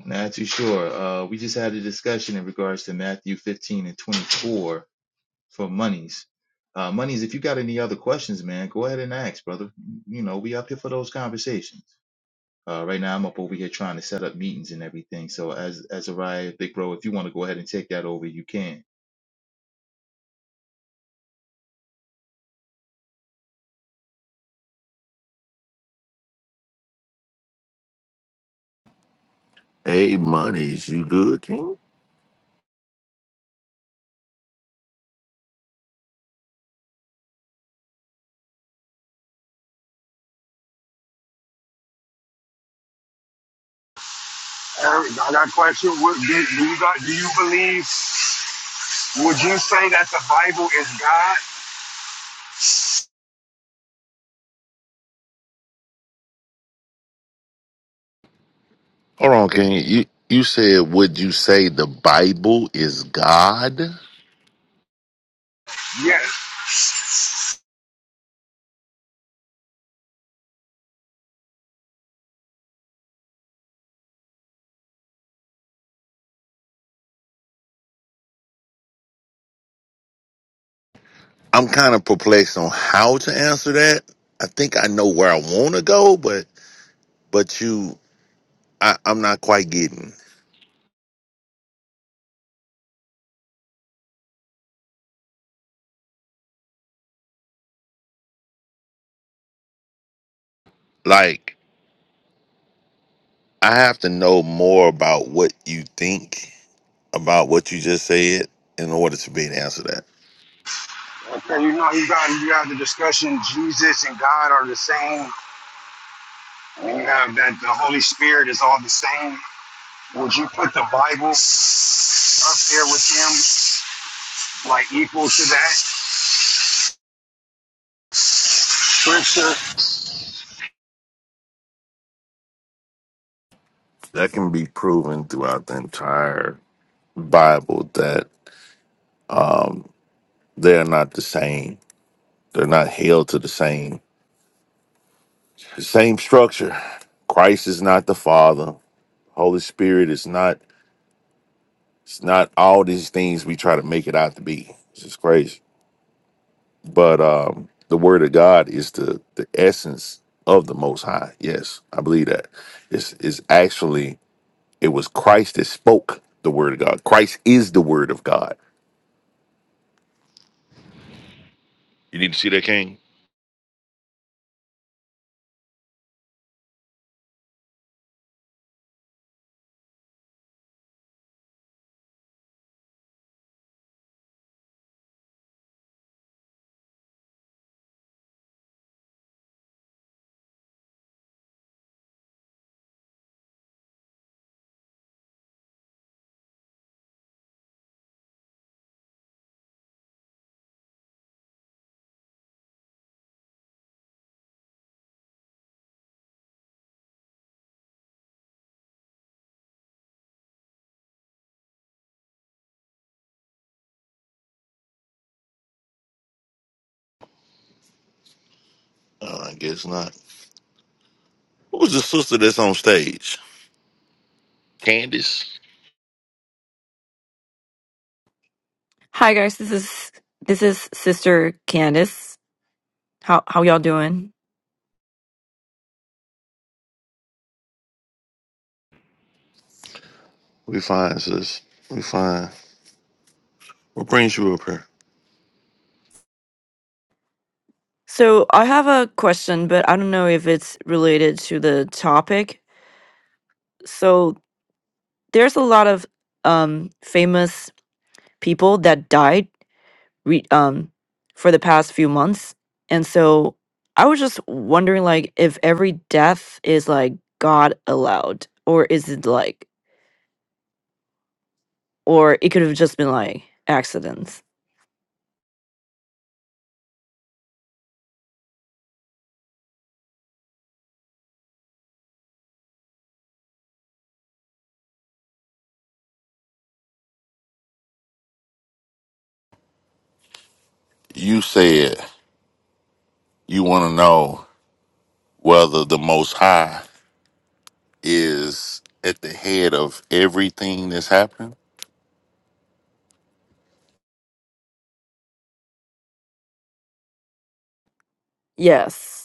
Speaker 2: Not too sure. Uh, we just had a discussion in regards to Matthew 15 and 24 for monies. Uh, monies, if you got any other questions, man, go ahead and ask, brother. You know, we up here for those conversations. Uh, right now, I'm up over here trying to set up meetings and everything. So, as as a riot, big bro, if you want to go ahead and take that over, you can.
Speaker 3: Hey, monies, you good, King?
Speaker 4: Eric, I got a question. What, do, do you got? Do you believe? Would you say that the Bible is God?
Speaker 3: Hold on, King. You you said would you say the Bible is God?
Speaker 4: Yes.
Speaker 3: I'm kind of perplexed on how to answer that. I think I know where I want to go, but but you, I, I'm not quite getting. Like I have to know more about what you think about what you just said in order to be able to answer that.
Speaker 4: Okay, you know, you got you got the discussion. Jesus and God are the same you have that the Holy Spirit is all the same, would you put the Bible up there with him, like equal to that scripture,
Speaker 3: That can be proven throughout the entire Bible that um, they're not the same. They're not held to the same same structure. Christ is not the Father. Holy Spirit is not. It's not all these things we try to make it out to be. It's just crazy. But um, the Word of God is the the essence of the Most High. Yes, I believe that. It's is actually It was Christ that spoke the word of God. Christ is the word of God. You need to see that, King? Uh, I guess not. Who was the sister that's on stage? Candace?
Speaker 5: Hi guys, this is this is Sister Candice. How how y'all doing?
Speaker 3: We fine, sis. We fine. What brings you up here?
Speaker 5: So I have a question, but I don't know if it's related to the topic. So there's a lot of um famous people that died re- um for the past few months. And so I was just wondering like if every death is like God allowed or is it like or it could have just been like accidents.
Speaker 3: You said you want to know whether the Most High is at the head of everything that's happening.
Speaker 5: Yes.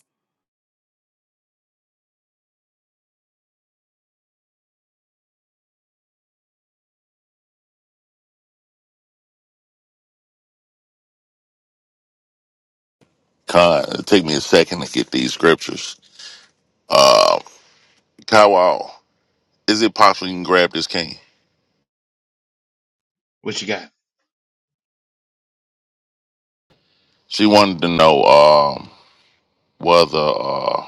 Speaker 3: Con, it take me a second to get these scriptures. Uh, Kawal, is it possible you can grab this king?
Speaker 2: What you got?
Speaker 3: She wanted to know. Um, whether uh,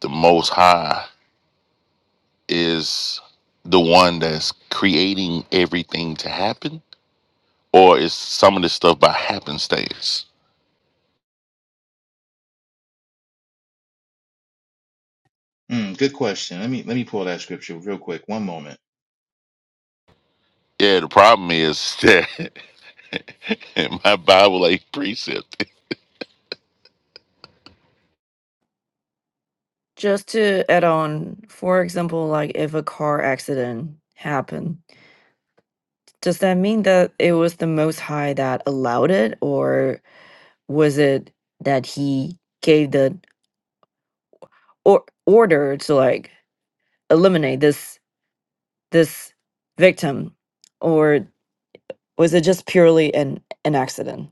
Speaker 3: the Most High is the one that's creating everything to happen, or is some of this stuff by happenstance?
Speaker 2: Mm, good question. Let me let me pull that scripture real quick. One moment.
Speaker 3: Yeah, the problem is that my Bible ain't precepted.
Speaker 5: Just to add on, for example, like if a car accident happened, does that mean that it was the Most High that allowed it, or was it that he gave the or order to like eliminate this this victim, or Was it just purely an an accident?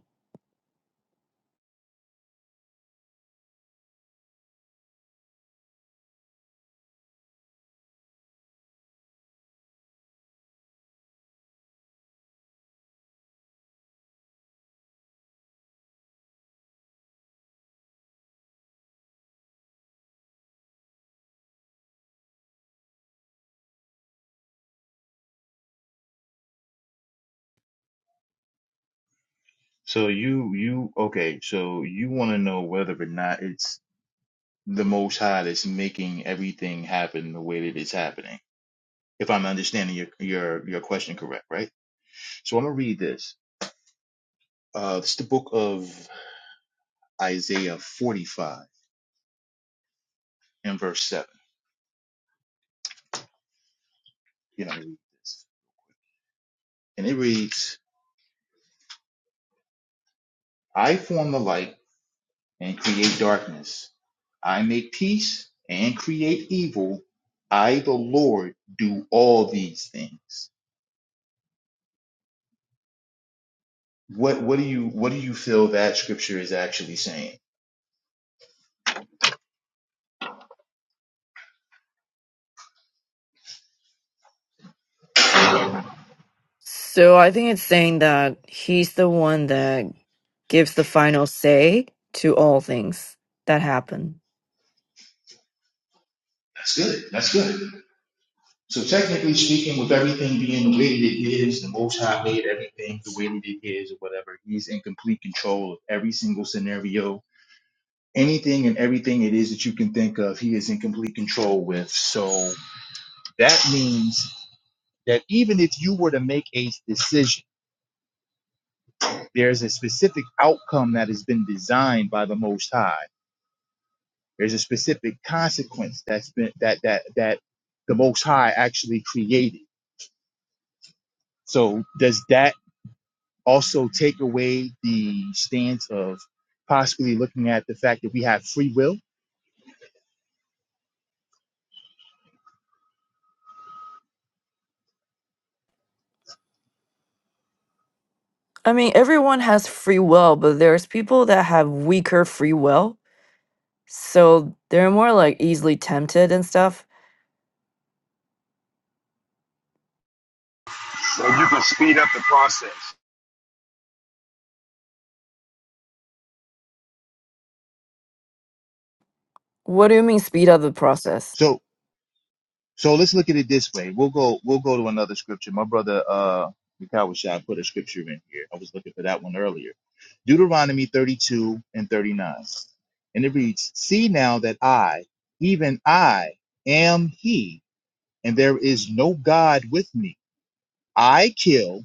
Speaker 2: So you you okay? So you want to know whether or not it's the Most High that's making everything happen the way that it's happening? If I'm understanding your your your question correct, right? So I'm gonna read this. Uh, it's the book of Isaiah 45 and verse 7. You know, read this. And it reads, I form the light and create darkness. I make peace and create evil. I, the Lord, do all these things. What what do you what do you feel that scripture is actually saying? That's
Speaker 5: So I think it's saying that he's the one that gives the final say to all things that happen.
Speaker 2: good. That's good. So technically speaking, with everything being the way that it is, the Most High made everything the way that it is, or whatever. He's in complete control of every single scenario, anything and everything it is that you can think of. He is in complete control with. So that means that even if you were to make a decision, there's a specific outcome that has been designed by the Most High. There's a specific consequence that's been that that that the Most High actually created. So does that also take away the stance of possibly looking at the fact that we have free will.
Speaker 5: I mean, everyone has free will, but there's people that have weaker free will. So they're more like easily tempted and stuff.
Speaker 4: so you can speed up the process?
Speaker 5: What do you mean speed up the process?
Speaker 2: So so let's look at it this way. We'll go we'll go to another scripture. My brother uh Mikawa Shah put a scripture in here. I was looking for that one earlier. Deuteronomy 32 and 39. And it reads, See now that I, even I, am he, and there is no God with me. I kill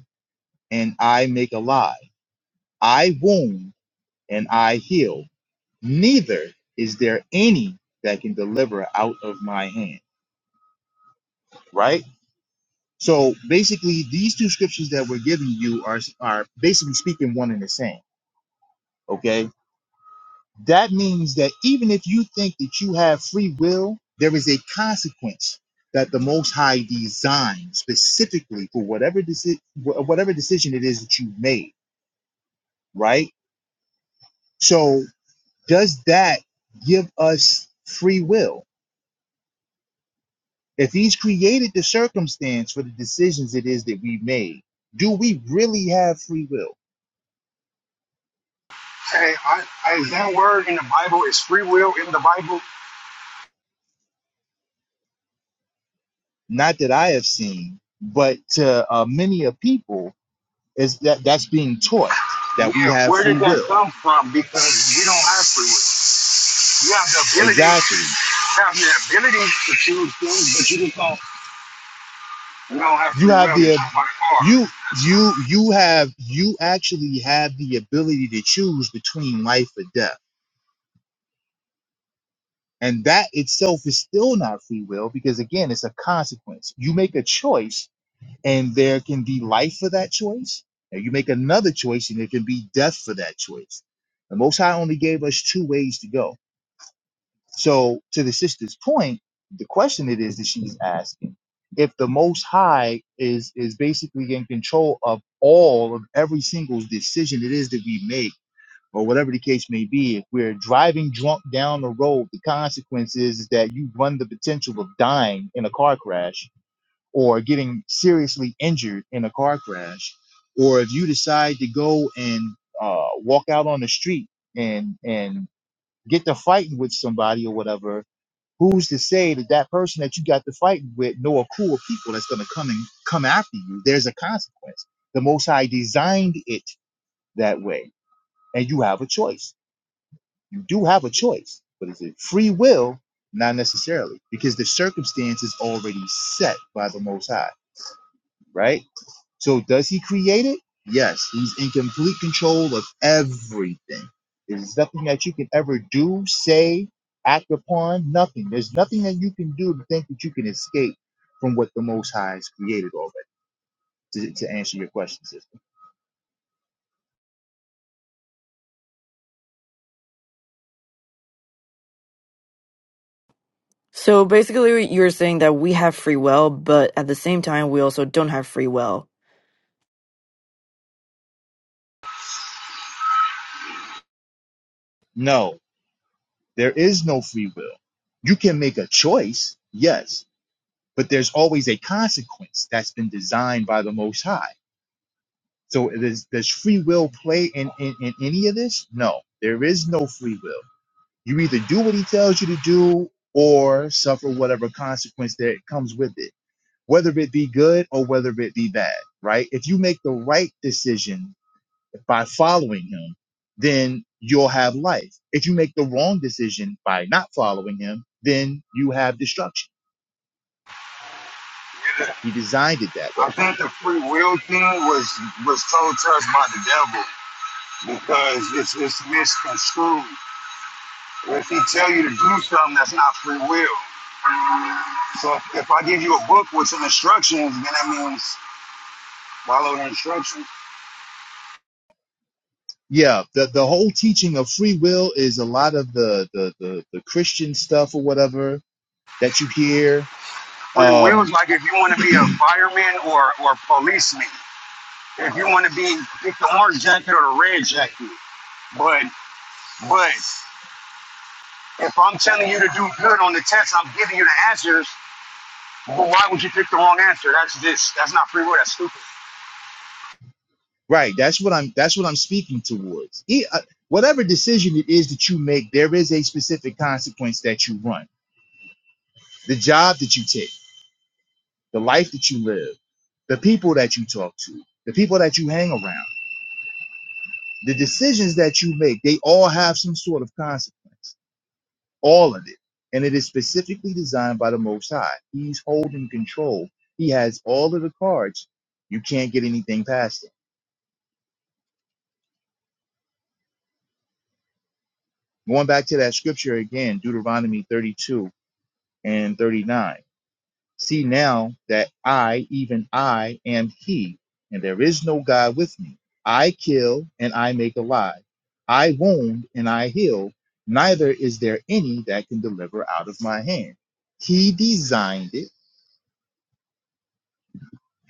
Speaker 2: and I make alive. I wound and I heal. neither is there any that can deliver out of my hand. Right? So basically, these two scriptures that we're giving you are, are basically speaking one and the same. Okay? That means that even if you think that you have free will, there is a consequence that the Most High designed specifically for whatever, deci- wh- whatever decision it is that you made. Right? So, does that give us free will? If he's created the circumstance for the decisions it is that we made, do we really have free will?
Speaker 4: Hey, I, I, is that word in the Bible is free will in the Bible?
Speaker 2: Not that I have seen, but to uh, many of people is that that's being taught that we
Speaker 4: Yeah,
Speaker 2: have
Speaker 4: where did
Speaker 2: free
Speaker 4: that
Speaker 2: will.
Speaker 4: come from? Because you don't have free will. You have the ability,
Speaker 2: Exactly.
Speaker 4: you have the ability to choose things, but you just don't. You don't have
Speaker 2: You
Speaker 4: free
Speaker 2: have
Speaker 4: will to
Speaker 2: the
Speaker 4: jump on a car.
Speaker 2: you
Speaker 4: That's,
Speaker 2: you you have you actually have the ability to choose between life or death. And that itself is still not free will because again, it's a consequence. You make a choice and there can be life for that choice. And you make another choice, and there can be death for that choice. The Most High only gave us two ways to go. So, to the sister's point, the question it is that she's asking: if the Most High is is basically in control of all of every single decision it is that we make, or whatever the case may be, if we're driving drunk down the road, the consequence is, is that you run the potential of dying in a car crash or getting seriously injured in a car crash, or if you decide to go and uh, walk out on the street and and get to fighting with somebody or whatever, who's to say that that person that you got to fighting with know a crew of people that's going to come and come after you? There's a consequence. The Most High designed it that way, and you have a choice. You do have a choice, but is it free will? Not necessarily, because the circumstance is already set by the Most High, right? So does he create it? Yes, he's in complete control of everything. There's nothing that you can ever do, say, act upon, nothing. There's nothing that you can do to think that you can escape from what the Most High has created already, to, to answer your question, sister.
Speaker 5: So basically, you're saying that we have free will, but at the same time, we also don't have free will.
Speaker 2: No, there is no free will. You can make a choice, yes, but there's always a consequence that's been designed by the Most High. So does, does free will play in, in, in any of this? No, there is no free will You either do what he tells you to do or suffer whatever consequence that comes with it, whether it be good or whether it be bad, right? If you make the right decision by following him, then you'll have life. If you make the wrong decision by not following him, then you have destruction.
Speaker 4: yeah,
Speaker 2: He designed it that way.
Speaker 4: I think the free will thing was was told to us by the devil because it's, it's misconstrued. If he tell you to do something, that's not free will. So if, if I give you a book with some instructions, then that means follow the instructions.
Speaker 2: Yeah, the, the whole teaching of free will is a lot of the, the, the, the Christian stuff or whatever that you hear.
Speaker 4: Free will
Speaker 2: Um,
Speaker 4: is like if you want to be a fireman or or policeman. If you want to be pick the orange jacket or the red jacket. But but if I'm telling you to do good on the test, I'm giving you the answers. But why would you pick the wrong answer? That's this. That's not free will. That's stupid.
Speaker 2: Right. That's what I'm. That's what I'm speaking towards. E- uh, whatever decision it is that you make, there is a specific consequence that you run. The job that you take, the life that you live, the people that you talk to, the people that you hang around, the decisions that you make, they all have some sort of consequence. All of it. And it is specifically designed by the Most High. He's holding control. He has all of the cards. You can't get anything past him. Going back to that scripture again, Deuteronomy 32 and 39 See now that I, even I, am He, and there is no God with me. I kill and I make alive. I wound and I heal. Neither is there any that can deliver out of my hand. He designed it.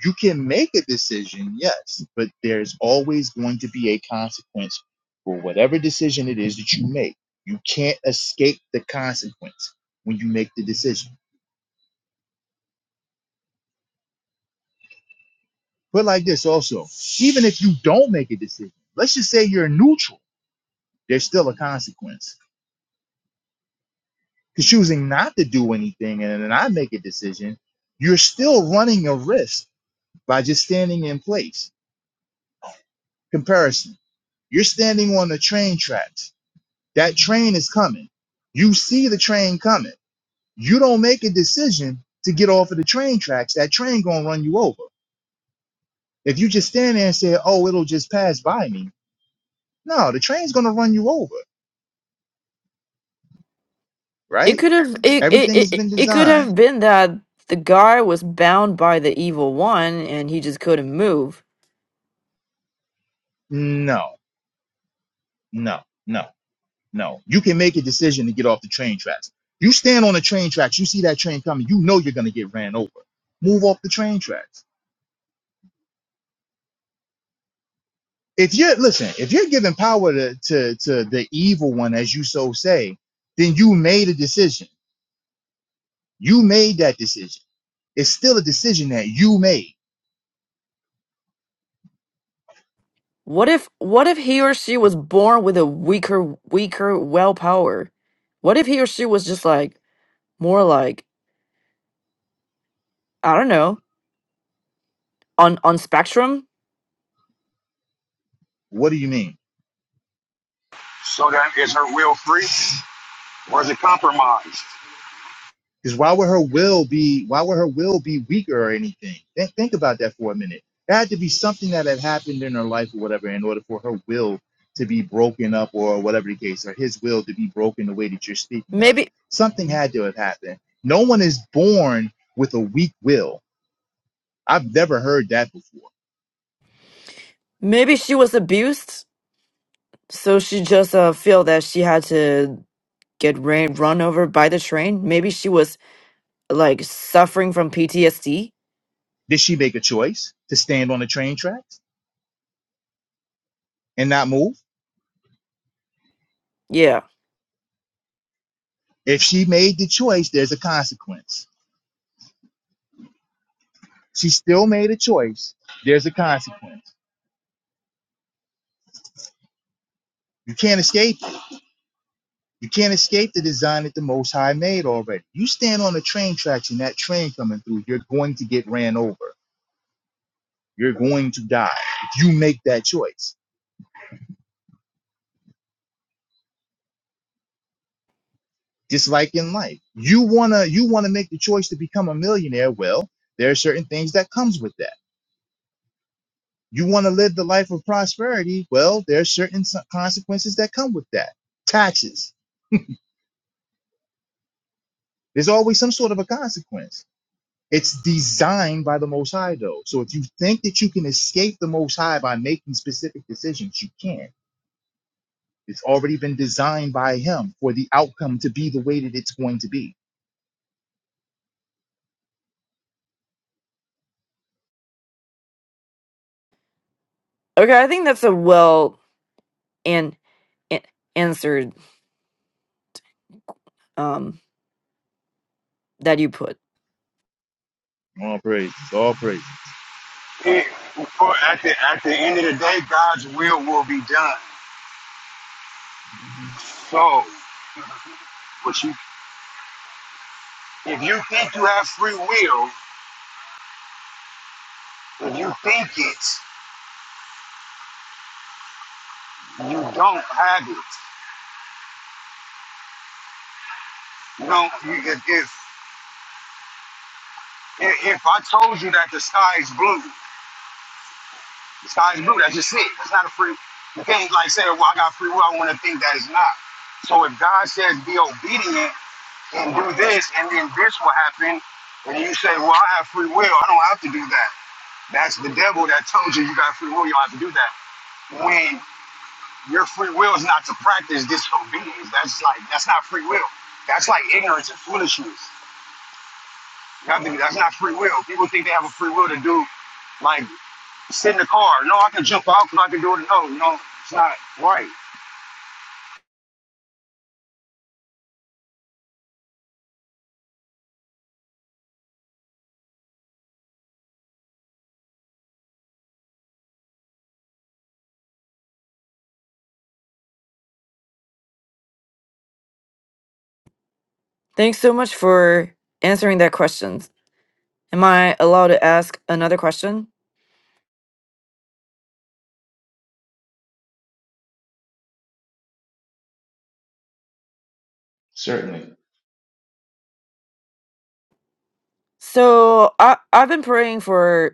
Speaker 2: You can make a decision, yes, but there's always going to be a consequence for whatever decision it is that you make. You can't escape the consequence when you make the decision But like this also, even if you don't make a decision, let's just say you're neutral, there's still a consequence. Because choosing not to do anything and then not make a decision, you're still running a risk by just standing in place. Comparison. You're standing on the train tracks. That train is coming. You see the train coming. You don't make a decision to get off of the train tracks. That train gonna run you over. If you just stand there and say, "Oh, it'll just pass by me," no, the train's gonna run you over, right?
Speaker 5: It could have it it,
Speaker 2: Everything has
Speaker 5: it, it
Speaker 2: been
Speaker 5: it could
Speaker 2: designed.
Speaker 5: have been that the guy was bound by the evil one and he just couldn't move.
Speaker 2: No, no, no, no. You can make a decision to get off the train tracks. You stand on the train tracks, you see that train coming, you know you're gonna get ran over. Move off the train tracks. If you're listen, if you're giving power to, to, to the evil one, as you so say, then you made a decision. You made that decision. It's still a decision that you made.
Speaker 5: What if what if he or she was born with a weaker weaker will power? What if he or she was just like more like I don't know, on on Spectrum.
Speaker 2: What do you mean?
Speaker 4: So that is her will free? Was it compromised?
Speaker 2: Because why would her will be why would her will be weaker or anything? Think, think about that for a minute. There had to be something that had happened in her life or whatever in order for her will to be broken up or whatever the case, or his will to be broken the way that you're speaking of.
Speaker 5: Maybe
Speaker 2: Something had to have happened. No one is born with a weak will. I've never heard that before.
Speaker 5: maybe she was abused, so she just uh, feel that she had to get ran run over by the train. Maybe she was like suffering from PTSD.
Speaker 2: Did she make a choice to stand on the train tracks and not move?
Speaker 5: Yeah.
Speaker 2: If she made the choice, there's a consequence. She still made a choice. There's a consequence. You can't escape it You can't escape the design that the Most High made already. You stand on the train tracks and that train coming through, you're going to get ran over. You're going to die if you make that choice. Just like in life, you wanna you wanna make the choice to become a millionaire. Well, there are certain things that comes with that. You wanna live the life of prosperity. Well, there are certain s- consequences that come with that. Taxes. There's always some sort of a consequence It's designed by the Most High, though. So if you think that you can escape the Most High by making specific decisions, you can't. It's already been designed by Him for the outcome to be the way that it's going to be.
Speaker 5: Okay, I think that's a well and an- answered um that you put.
Speaker 2: All praises, all praises.
Speaker 4: It, at, the, at the end of the day, God's will will be done. So, but you, if you think you have free will, if you think it, you don't have it. You don't, you, if, if, if I told you that the sky is blue, the sky is blue, that's just it. That's not a free, you can't like say, well, I got free will, I want to think that it's not. So if God says be obedient and do this, and then this will happen, and you say, well, I have free will, I don't have to do that. That's the devil that told you you got free will. You don't have to do that. When your free will is not to practice disobedience, that's like that's not free will. That's like ignorance and foolishness. You have to, be- that's not free will. People think they have a free will to do, like sit in the car. No, I can jump out because I can do it. No, no, it's not right.
Speaker 5: Thanks so much for answering that question. Am I allowed to ask another question?
Speaker 2: Certainly.
Speaker 5: So I I've been praying for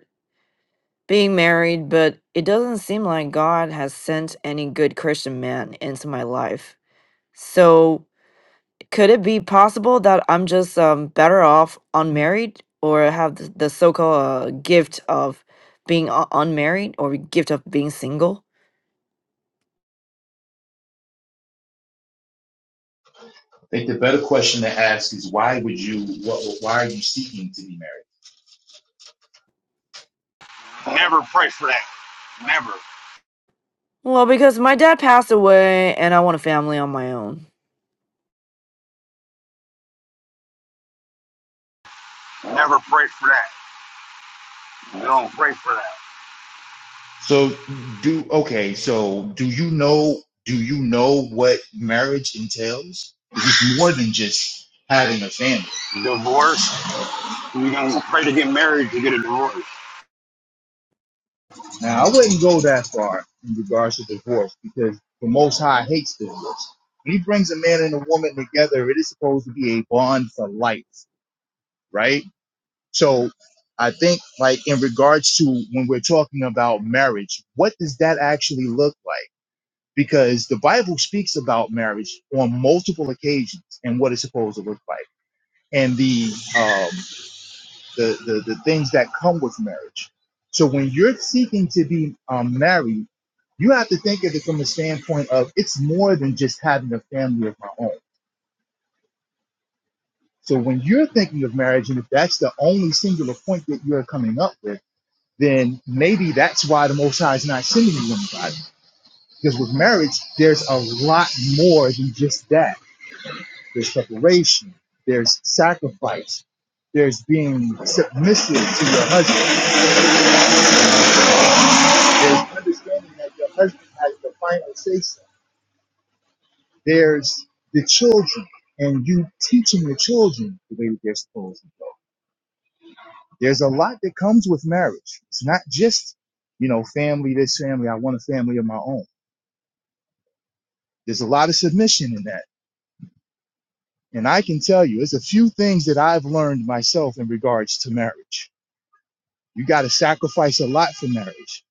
Speaker 5: being married, but it doesn't seem like God has sent any good Christian man into my life. So, could it be possible that I'm just um, better off unmarried or have th- the so called uh, gift of being u- unmarried or gift of being single?
Speaker 2: I think the better question to ask is why would you, what, why are you seeking to be married?
Speaker 4: Never pray for that. Never,
Speaker 5: Well, because my dad passed away and I want a family on my own.
Speaker 4: never pray for that. don't pray for that.
Speaker 2: So do, okay, so do you know, do you know what marriage entails? 'Cause It's more than just having a family.
Speaker 4: Divorce. You don't pray to get married to get a divorce.
Speaker 2: Now, I wouldn't go that far in regards to divorce because the Most High hates divorce. When he brings a man and a woman together, it is supposed to be a bond for life, right? So I think, like, in regards to when we're talking about marriage, what does that actually look like? Because the Bible speaks about marriage on multiple occasions and what it's supposed to look like. And the um, the, the, the things that come with marriage. So when you're seeking to be um, married, you have to think of it from the standpoint of it's more than just having a family of my own. So when you're thinking of marriage, and if that's the only singular point that you're coming up with, then maybe that's why the Most High is not sending you anybody. Because with marriage, there's a lot more than just that. There's separation, there's sacrifice, there's being submissive to your husband There's understanding that your husband has the final say so. There's the children and you teaching the children the way that they're supposed to go. There's a lot that comes with marriage. It's not just, you know, family, this family, I want a family of my own. There's a lot of submission in that. And I can tell you, there's a few things that I've learned myself in regards to marriage. You got to sacrifice a lot for marriage.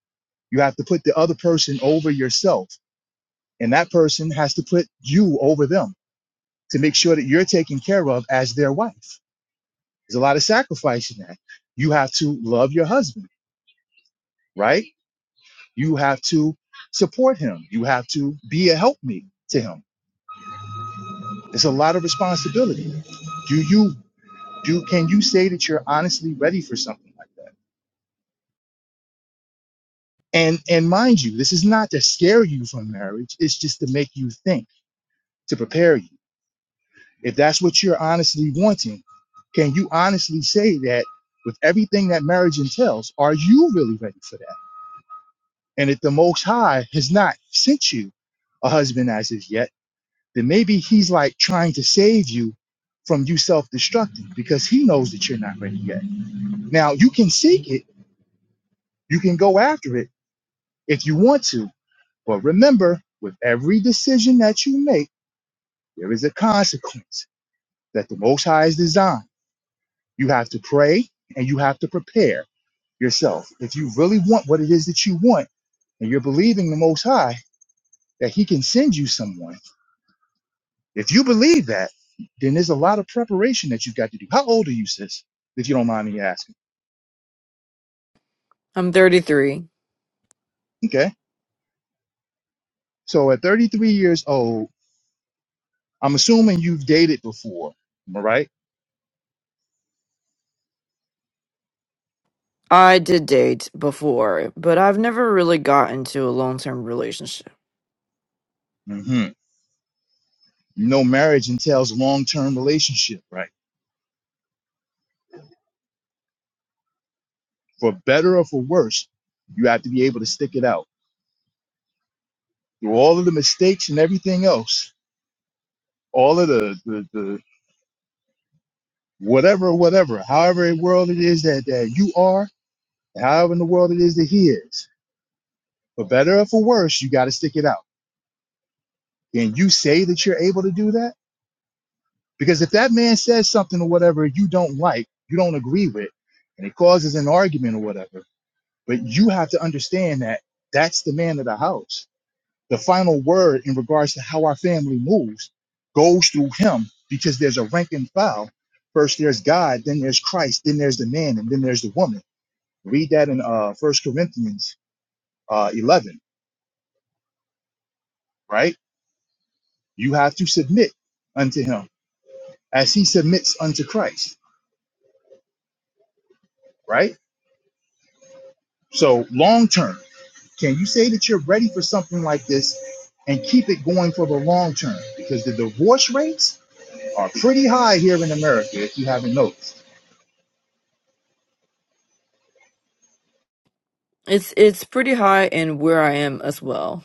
Speaker 2: You have to put the other person over yourself, and that person has to put you over them to make sure that you're taken care of as their wife. There's a lot of sacrifice in that. You have to love your husband, right? You have to support him. You have to be a helpmeet to him. It's a lot of responsibility. Do you do can you say that you're honestly ready for something like that? And and mind you, this is not to scare you from marriage, it's just to make you think, to prepare you. If that's what you're honestly wanting, can you honestly say that with everything that marriage entails, are you really ready for that? And if the Most High has not sent you a husband as of yet, then maybe He's like trying to save you from you self destructing because He knows that you're not ready yet. Now, you can seek it, you can go after it if you want to, but remember, with every decision that you make, there is a consequence that the Most High has designed You have to pray and you have to prepare yourself. If you really want what it is that you want and you're believing the Most High that He can send you someone, if you believe that, then there's a lot of preparation that you've got to do. How old are you, sis? If you don't mind me asking.
Speaker 5: I'm 33.
Speaker 2: Okay. So at 33 years old, I'm assuming you've dated before. Am I right?
Speaker 5: I did date before, but I've never really got into a long-term relationship.
Speaker 2: Mm-hmm. You know, marriage entails long term relationship, right? For better or for worse, you have to be able to stick it out through all of the mistakes and everything else all of the, the, the whatever, whatever, however in the world it is that, that you are, however in the world it is that he is. For better or for worse, you got to stick it out. Can you say that you're able to do that? Because if that man says something or whatever you don't like, you don't agree with, and it causes an argument or whatever, but you have to understand that that's the man of the house The final word in regards to how our family moves goes through him because there's a rank and file. First there's God, then there's Christ, then there's the man, and then there's the woman. Read that in uh First Corinthians uh 11, right? You have to submit unto him as he submits unto Christ, right? So long term, can you say that you're ready for something like this and keep it going for the long term? Because the divorce rates are pretty high here in America, if you haven't noticed.
Speaker 5: It's it's pretty high in where I am as well.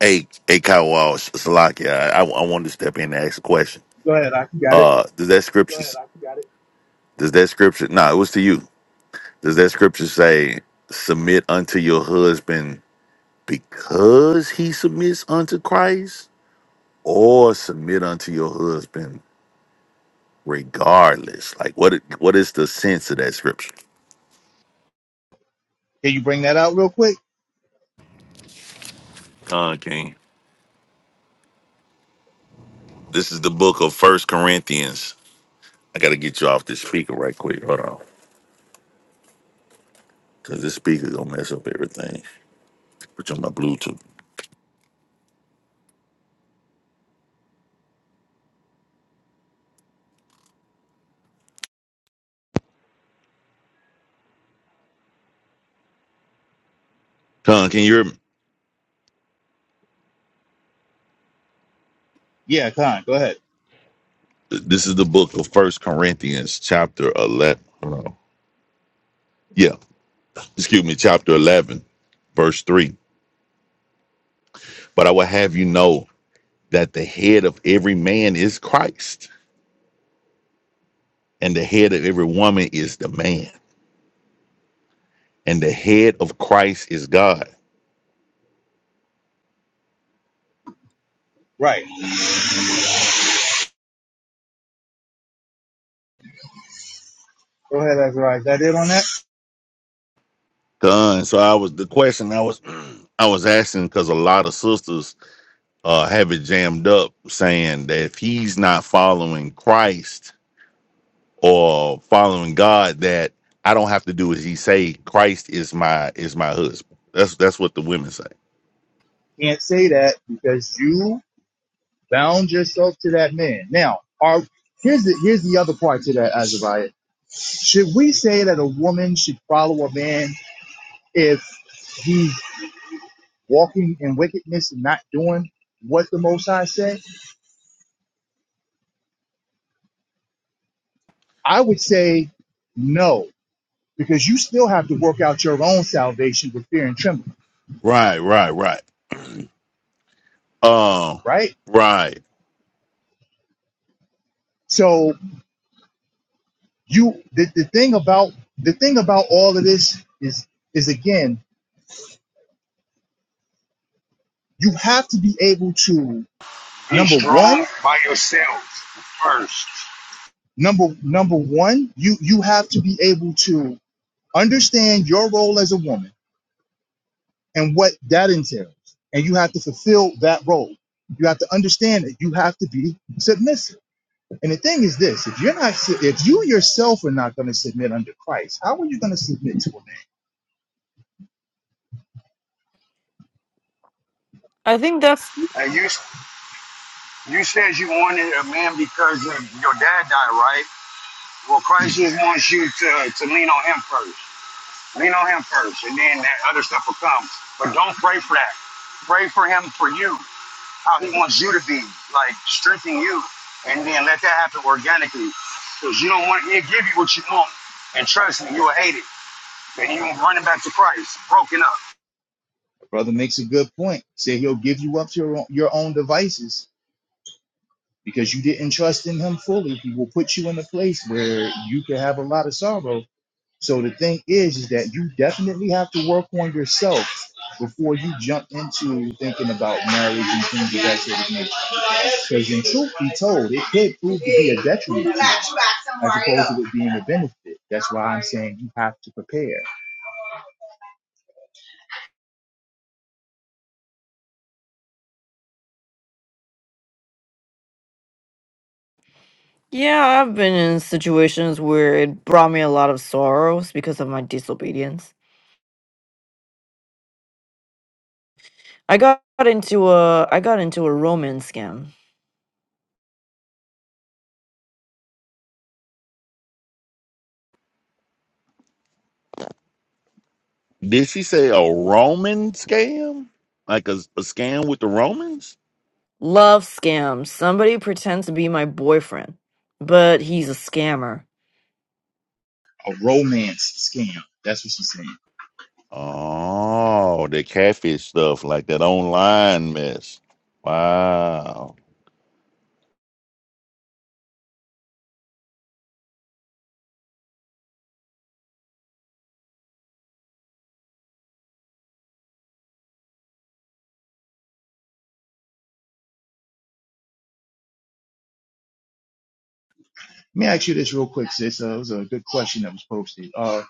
Speaker 3: Hey, hey, Kyle Walsh, Salakia, I, I, I wanted to step in and ask a question.
Speaker 2: Go ahead, I got it.
Speaker 3: Uh, does that scripture? Go ahead, I got it. Does that scripture? Nah, it was to you. Does that scripture say, "Submit unto your husband because he submits unto Christ"? or submit unto your husband regardless. Like what it- what is the sense of that scripture?
Speaker 2: Can you bring that out real quick?
Speaker 3: Con King. This is the book of First Corinthians. I gotta get you off this speaker right quick. Hold on. Cause this speaker gonna mess up everything. Put you on my Bluetooth. Con, can you hear me?
Speaker 2: Yeah, Khan, go ahead.
Speaker 3: This is the book of First Corinthians, chapter eleven. Hold on. Yeah. Excuse me, chapter eleven, verse three. But I will have you know that the head of every man is Christ, and the head of every woman is the man and the head of Christ is God.
Speaker 2: Right. Go ahead, Azariah. Is that it on that?
Speaker 3: Done. So I was the question I was I was asking because a lot of sisters uh, have it jammed up saying that if he's not following Christ or following God, that I don't have to do as he say. Christ is my is my husband. That's that's what the women say.
Speaker 2: Can't say that because you bound yourself to that man. Now, are here's the here's the other part to that, Azariah. Should we say that a woman should follow a man if he's walking in wickedness and not doing what the Most High said? I would say no, because you still have to work out your own salvation with fear and trembling,
Speaker 3: Right, right, right. Um,
Speaker 2: right?
Speaker 3: right.
Speaker 2: So you the, the thing about the thing about all of this is is again you have to be able to
Speaker 4: Be
Speaker 2: number one
Speaker 4: strong by yourself first.
Speaker 2: number number one you you have to be able to understand your role as a woman and what that entails and you have to fulfill that role you have to understand that you have to be submissive and the thing is this if you're not if you yourself are not going to submit under christ how are you going to submit to a man
Speaker 4: And you you said you wanted a man because your your dad died, right? Well, Christ just wants you to, to lean on him first. Lean on him first, and then that other stuff will come. But don't pray for that. Pray for him for you, how he wants you to be, like strengthen you, and then let that happen organically. Because you don't want he'll give you what you want, and trust me, you'll hate it. And you will running back to Christ, broken up.
Speaker 2: The brother makes a good point say he'll give you up to your own, your own devices because you didn't trust in him fully he will put you in a place where you could have a lot of sorrow so the thing is is that you definitely have to work on yourself before you jump into thinking about marriage and things of that sort of nature because in truth be told it could prove to be a detriment to you as opposed to it being a benefit that's why i'm saying you have to prepare
Speaker 5: Yeah, I've been in situations where it brought me a lot of sorrows because of my disobedience. I got into a I got into a romance scam.
Speaker 3: Did she say a Roman scam? Like a, a scam with the Romans?
Speaker 5: Love scam. Somebody pretends to be my boyfriend, but he's a scammer.
Speaker 2: a romance scam that's what she's saying
Speaker 3: Oh, the catfish stuff, like that online mess. Wow.
Speaker 2: let me ask you this real quick sis uh, it was a good question that was posted Uh,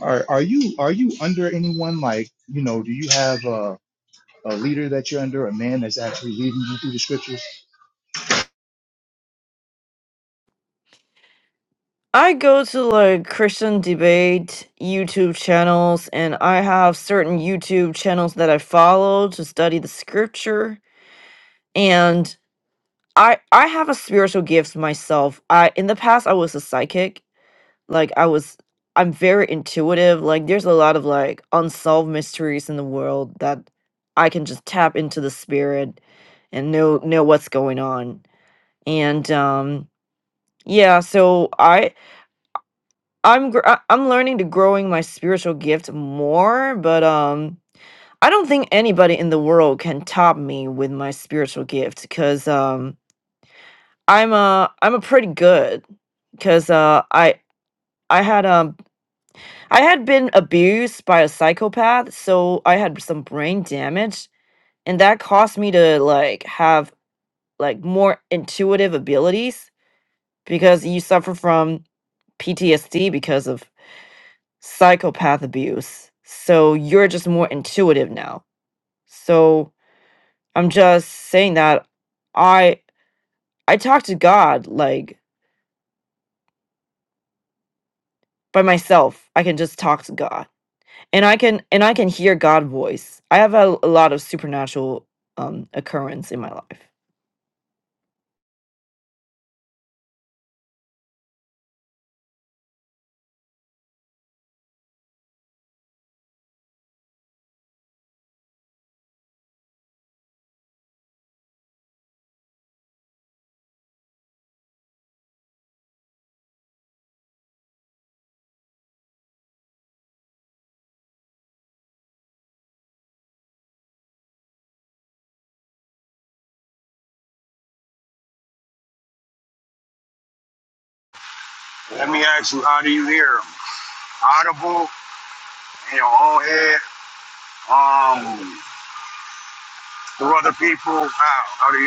Speaker 2: Are are you are you under anyone like you know? Do you have a a leader that you're under, a man that's actually leading you through the scriptures?
Speaker 5: I go to like Christian debate YouTube channels and I have certain YouTube channels that I follow to study the scripture and I I have a spiritual gift myself. I in the past I was a psychic. Like I was I'm very intuitive. Like there's a lot of like unsolved mysteries in the world that I can just tap into the spirit and know know what's going on. And um yeah, so I I'm gr- I- I'm learning to growing my spiritual gift more, but um I don't think anybody in the world can top me with my spiritual gift cuz um I'm a I'm a pretty good cuz uh I I had um I had been abused by a psychopath, so I had some brain damage and that caused me to like have like more intuitive abilities because you suffer from PTSD because of psychopath abuse. So you're just more intuitive now. So I'm just saying that I I talk to God like by myself. I can just talk to God. And I can and I can hear God voice. I have a, a lot of supernatural um occurrence in my life.
Speaker 4: Let me ask you, how do you hear him? Audible in your own head? um. to other people out How do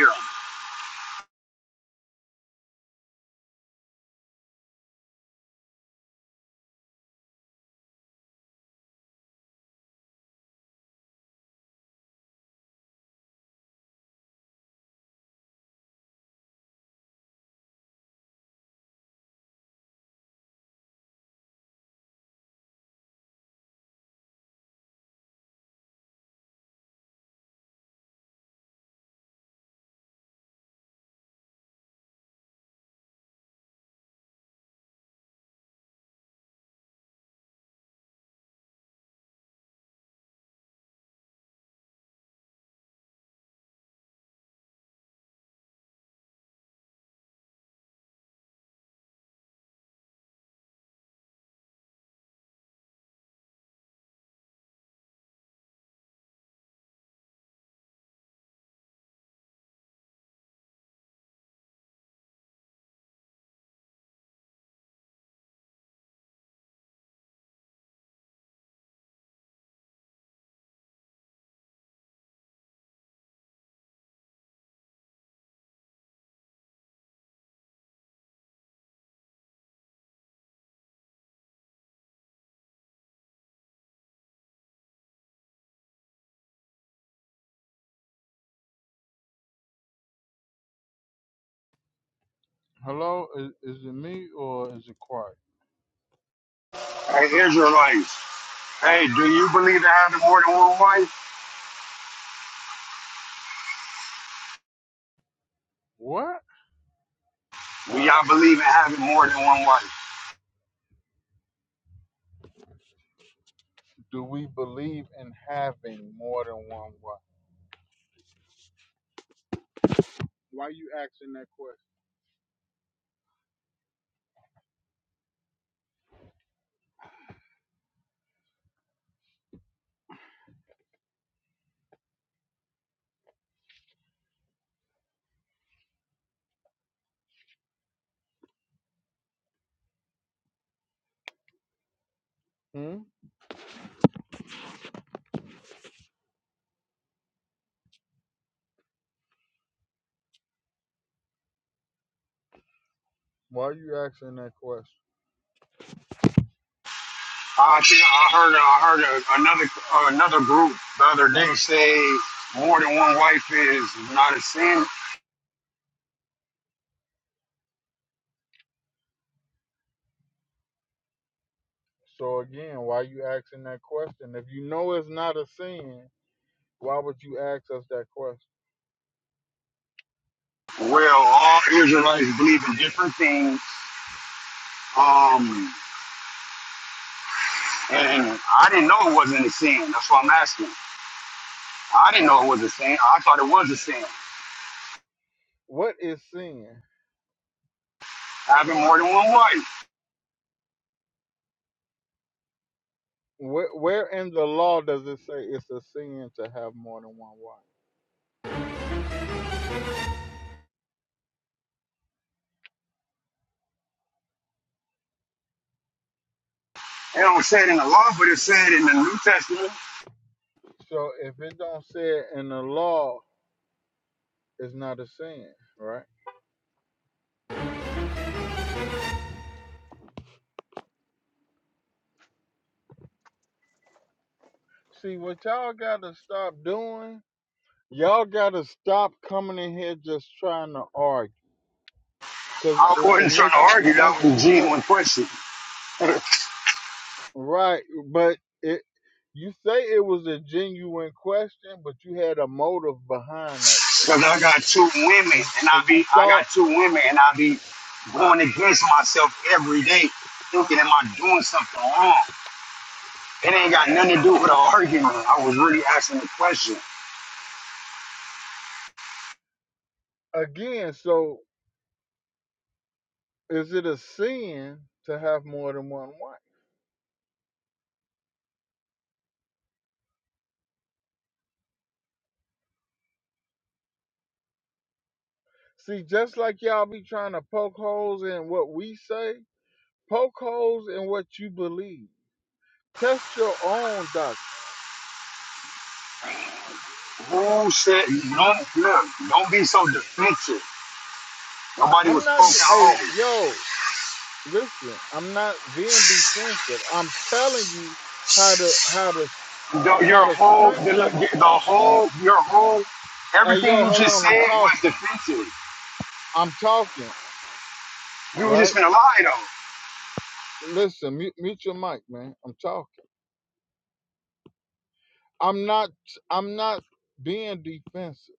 Speaker 1: Hello, is, is it me or is it quiet?
Speaker 4: Hey, Israelites. Hey, do you believe in having more than one wife?
Speaker 1: What
Speaker 4: Do y'all believe in having more than one wife?
Speaker 1: do we believe in having more than one wife? Why you asking that question? Hmm? Why you asking that question?
Speaker 4: I think I heard I heard a, another uh, another group the other day say more than one wife is not a sin.
Speaker 1: So again, why you asking that question? If you know it's not a sin, why would you ask us that question?
Speaker 4: Well, all Israelites believe in different things. Um, and I didn't know it wasn't a sin. That's why I'm asking. I didn't know it was a sin. I thought it was a sin
Speaker 1: What is sin?
Speaker 4: having more than one wife.
Speaker 1: Where, where in the law does it say it's a sin to have more than one wife?
Speaker 4: They don't say it in the law, but it said in the New Testament
Speaker 1: So if it don't say it in the law, it's not a sin, right? See what y'all gotta stop doing y'all gotta stop coming in here just trying to argue because
Speaker 4: I
Speaker 1: it, it
Speaker 4: wasn't trying
Speaker 1: make
Speaker 4: to
Speaker 1: it
Speaker 4: argue. That
Speaker 1: make
Speaker 4: was a
Speaker 1: you look
Speaker 4: genuine question.
Speaker 1: right but it you say it was a genuine question but you had a motive behind that
Speaker 4: Because
Speaker 1: question
Speaker 4: I got two women,
Speaker 1: and
Speaker 4: and I
Speaker 1: and
Speaker 4: be
Speaker 1: you
Speaker 4: I
Speaker 1: thought
Speaker 4: got two women, and I be going against myself every day, thinking, am I doing something wrong? It ain't got nothing to do with an argument. I was really asking the question.
Speaker 1: again so is it a sin to have more than one wife see just like y'all be trying to poke holes in what we say poke holes in what you believe test your own doctrine
Speaker 4: Who said don't look? Don't be so defensive. Nobody
Speaker 1: i'm
Speaker 4: was
Speaker 1: not
Speaker 4: poking
Speaker 1: hey
Speaker 4: holes.
Speaker 1: yo listen i'm not being defensive i'm telling you how to how to s-
Speaker 4: The-
Speaker 1: how
Speaker 4: Your
Speaker 1: to
Speaker 4: whole the, look,
Speaker 1: strengthen
Speaker 4: the whole your whole
Speaker 1: hey
Speaker 4: everything
Speaker 1: yo
Speaker 4: you
Speaker 1: hold
Speaker 4: just
Speaker 1: on i'm
Speaker 4: said was
Speaker 1: talking
Speaker 4: defensive.
Speaker 1: i'm talking
Speaker 4: You were just
Speaker 1: right
Speaker 4: gonna lie though.
Speaker 1: listen mute, mute your mic man i'm talking i'm not i'm not being defensive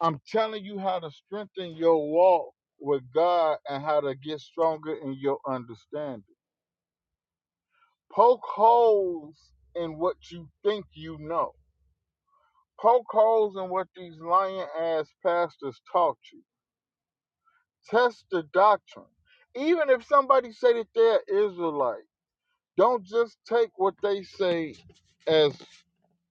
Speaker 1: i'm telling you how to strengthen your walk with god and how to get stronger in your understanding poke holes in what you think you know Poke holes in what these lying ass pastors taught you. Test the doctrine. Even if somebody say that they're Israelite, don't just take what they say as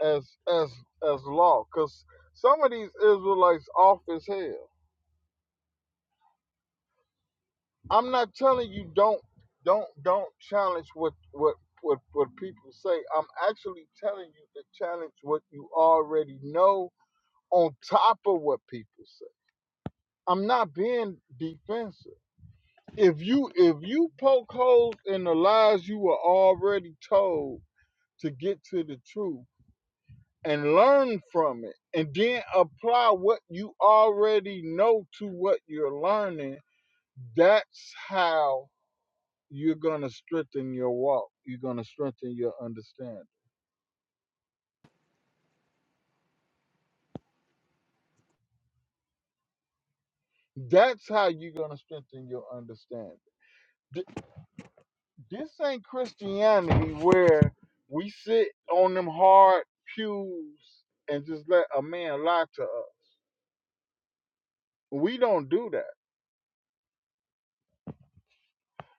Speaker 1: as as as law, because some of these Israelites off as hell. I'm not telling you don't don't don't challenge what what what what people say. I'm actually telling you to challenge what you already know on top of what people say. I'm not being defensive. if you if you poke holes in the lies you were already told to get to the truth and learn from it and then apply what you already know to what you're learning that's how you're going to strengthen your walk you're going to strengthen your understanding that's how you're going to strengthen your understanding Th- this ain't christianity where we sit on them hard pews and just let a man lie to us We don't do that,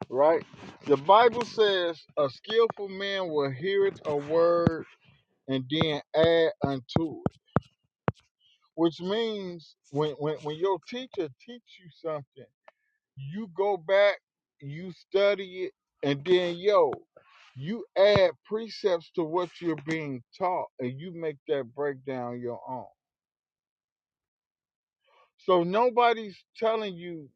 Speaker 1: right? The Bible says a skillful man will hear a word and then add unto it, which means when, when, when your teacher teach you something, you go back, you study it, and then yo, you add precepts to what you're being taught and you make that breakdown your own. So nobody's telling you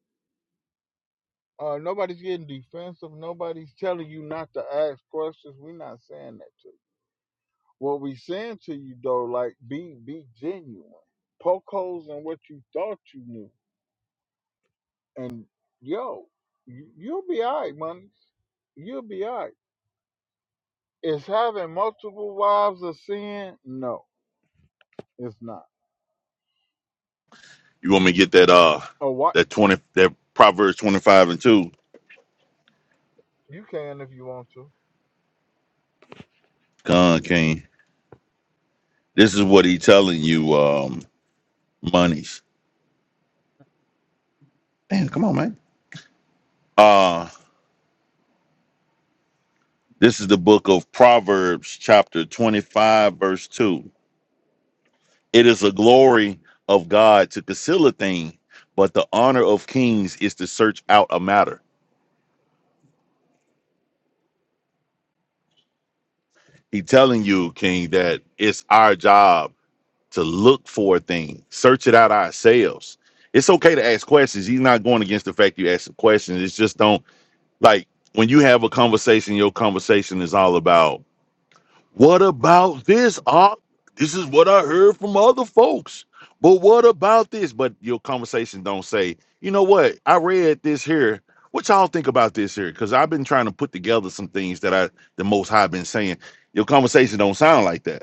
Speaker 1: uh, nobody's getting defensive. Nobody's telling you not to ask questions. We're not saying that to What we saying to you though, like be be genuine. Poke holes in what you thought you knew, and yo, you, you'll be alright, money. You'll be alright. Is having multiple wives a sin? No, it's not.
Speaker 3: You want me to get that uh
Speaker 1: Or what?
Speaker 3: that twenty that Proverbs twenty five and two?
Speaker 1: You can if you want to.
Speaker 3: Con King. This is what he telling you, um, monies. Damn, come on, man. Uh this is the book of Proverbs, chapter twenty five, verse two. It is a glory of God to conceal a thing, but the honor of kings is to search out a matter. He telling you, King, that it's our job to look for a thing, search it out ourselves. It's okay to ask questions. He's not going against the fact you ask the questions. It's just don't like when you have a conversation, your conversation is all about what about this? Ah, this is what I heard from other folks. But what about this? But your conversation don't say, you know what? I read this here. What y'all think about this here? Because I've been trying to put together some things that I the most high been saying. Your conversation don't sound like that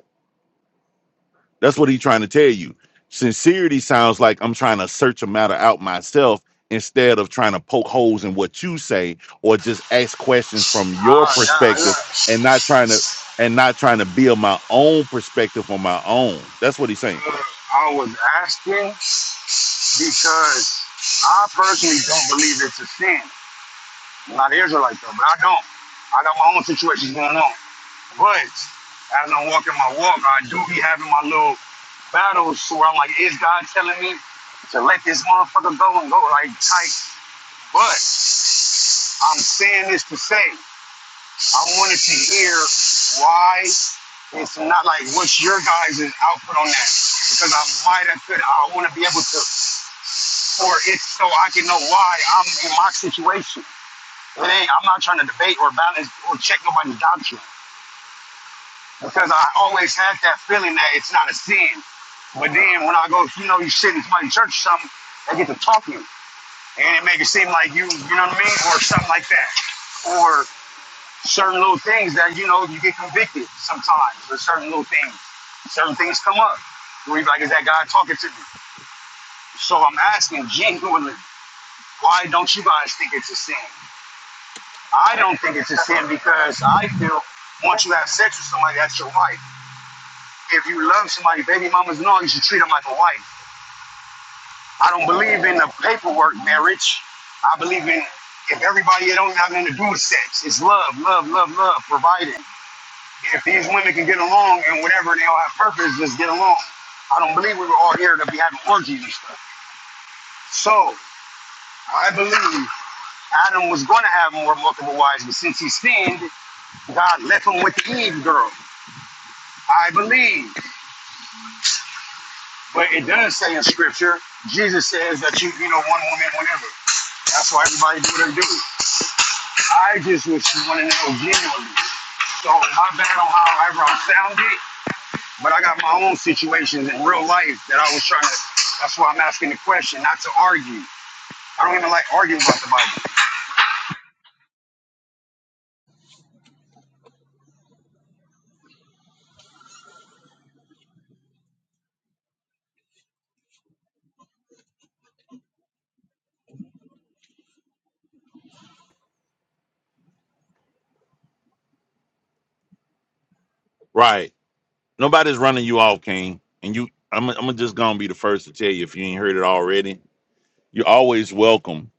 Speaker 3: that's what he's trying to tell you. Sincerity sounds like I'm trying to search a matter out myself instead of trying to poke holes in what you say or just ask questions from your
Speaker 4: Ah, nah, look.
Speaker 3: perspective and not trying to and not trying to build my own perspective on my own. That's what he's saying.
Speaker 4: I was asking because I personally don't believe it's a sin. I'm not an Israelite though, but I don't. I got my own situations going on. But as I'm walking my walk, I do be having my little battles where I'm like, is God telling me to let this motherfucker go and go like tight? But I'm saying this to say, I wanted to hear why it's not like what's your guys' output on that? Because I might have could I want to be able to or it's so I can know why I'm in my situation. It ain't, I'm not trying to debate or balance or check nobody's doctrine because I always had that feeling that it's not a sin. But then when I go, you know, you sit in somebody's church or something, they get to talking and it make it seem like you, you know what I mean, or something like that, or certain little things that you know you get convicted sometimes, or certain little things, certain things come up. Where you be like, is that guy talking to me? So I'm asking genuinely, why don't you guys think it's a sin? I don't think it's a sin because I feel once you have sex with somebody, that's your wife. If you love somebody, baby mamas and you should treat them like a wife. I don't believe in the paperwork marriage. I believe in if everybody it don't have nothing to do with sex. It's love, love, love, love, providing. If these women can get along and whatever they all have purpose, just get along. I don't believe we were all here to be having orgies and stuff. So I believe Adam was going to have more multiple wives, but since he sinned, God left him with the Eve girl. I believe. But it does say in scripture, Jesus says that you, you know, one woman whenever. That's why everybody do what they do. I just was want to know genuinely. So my bad on however I sounded, but I got my own situations in real life that I was trying to, that's why I'm asking the question, not to argue. I don't even like arguing about the Bible.
Speaker 3: Right. Nobody's running you off, King. And you I'm I'm just gonna be the first to tell you if you ain't heard it already. You're always welcome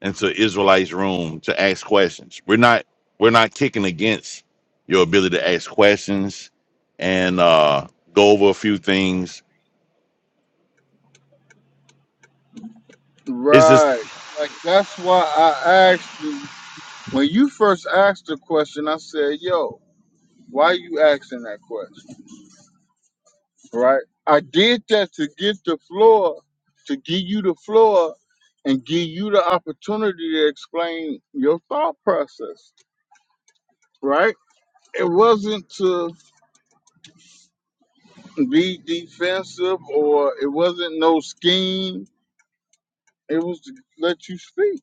Speaker 3: into Israelites' room to ask questions. We're not we're not kicking against your ability to ask questions and uh, go over a few things. It's just
Speaker 1: Right. Like that's why I asked you when you first asked the question. I said, "Yo, why you asking that question?" right? I did that to get the floor, to give you the floor and give you the opportunity to explain your thought process, right? It wasn't to be defensive or it wasn't no scheme. It was to let you speak,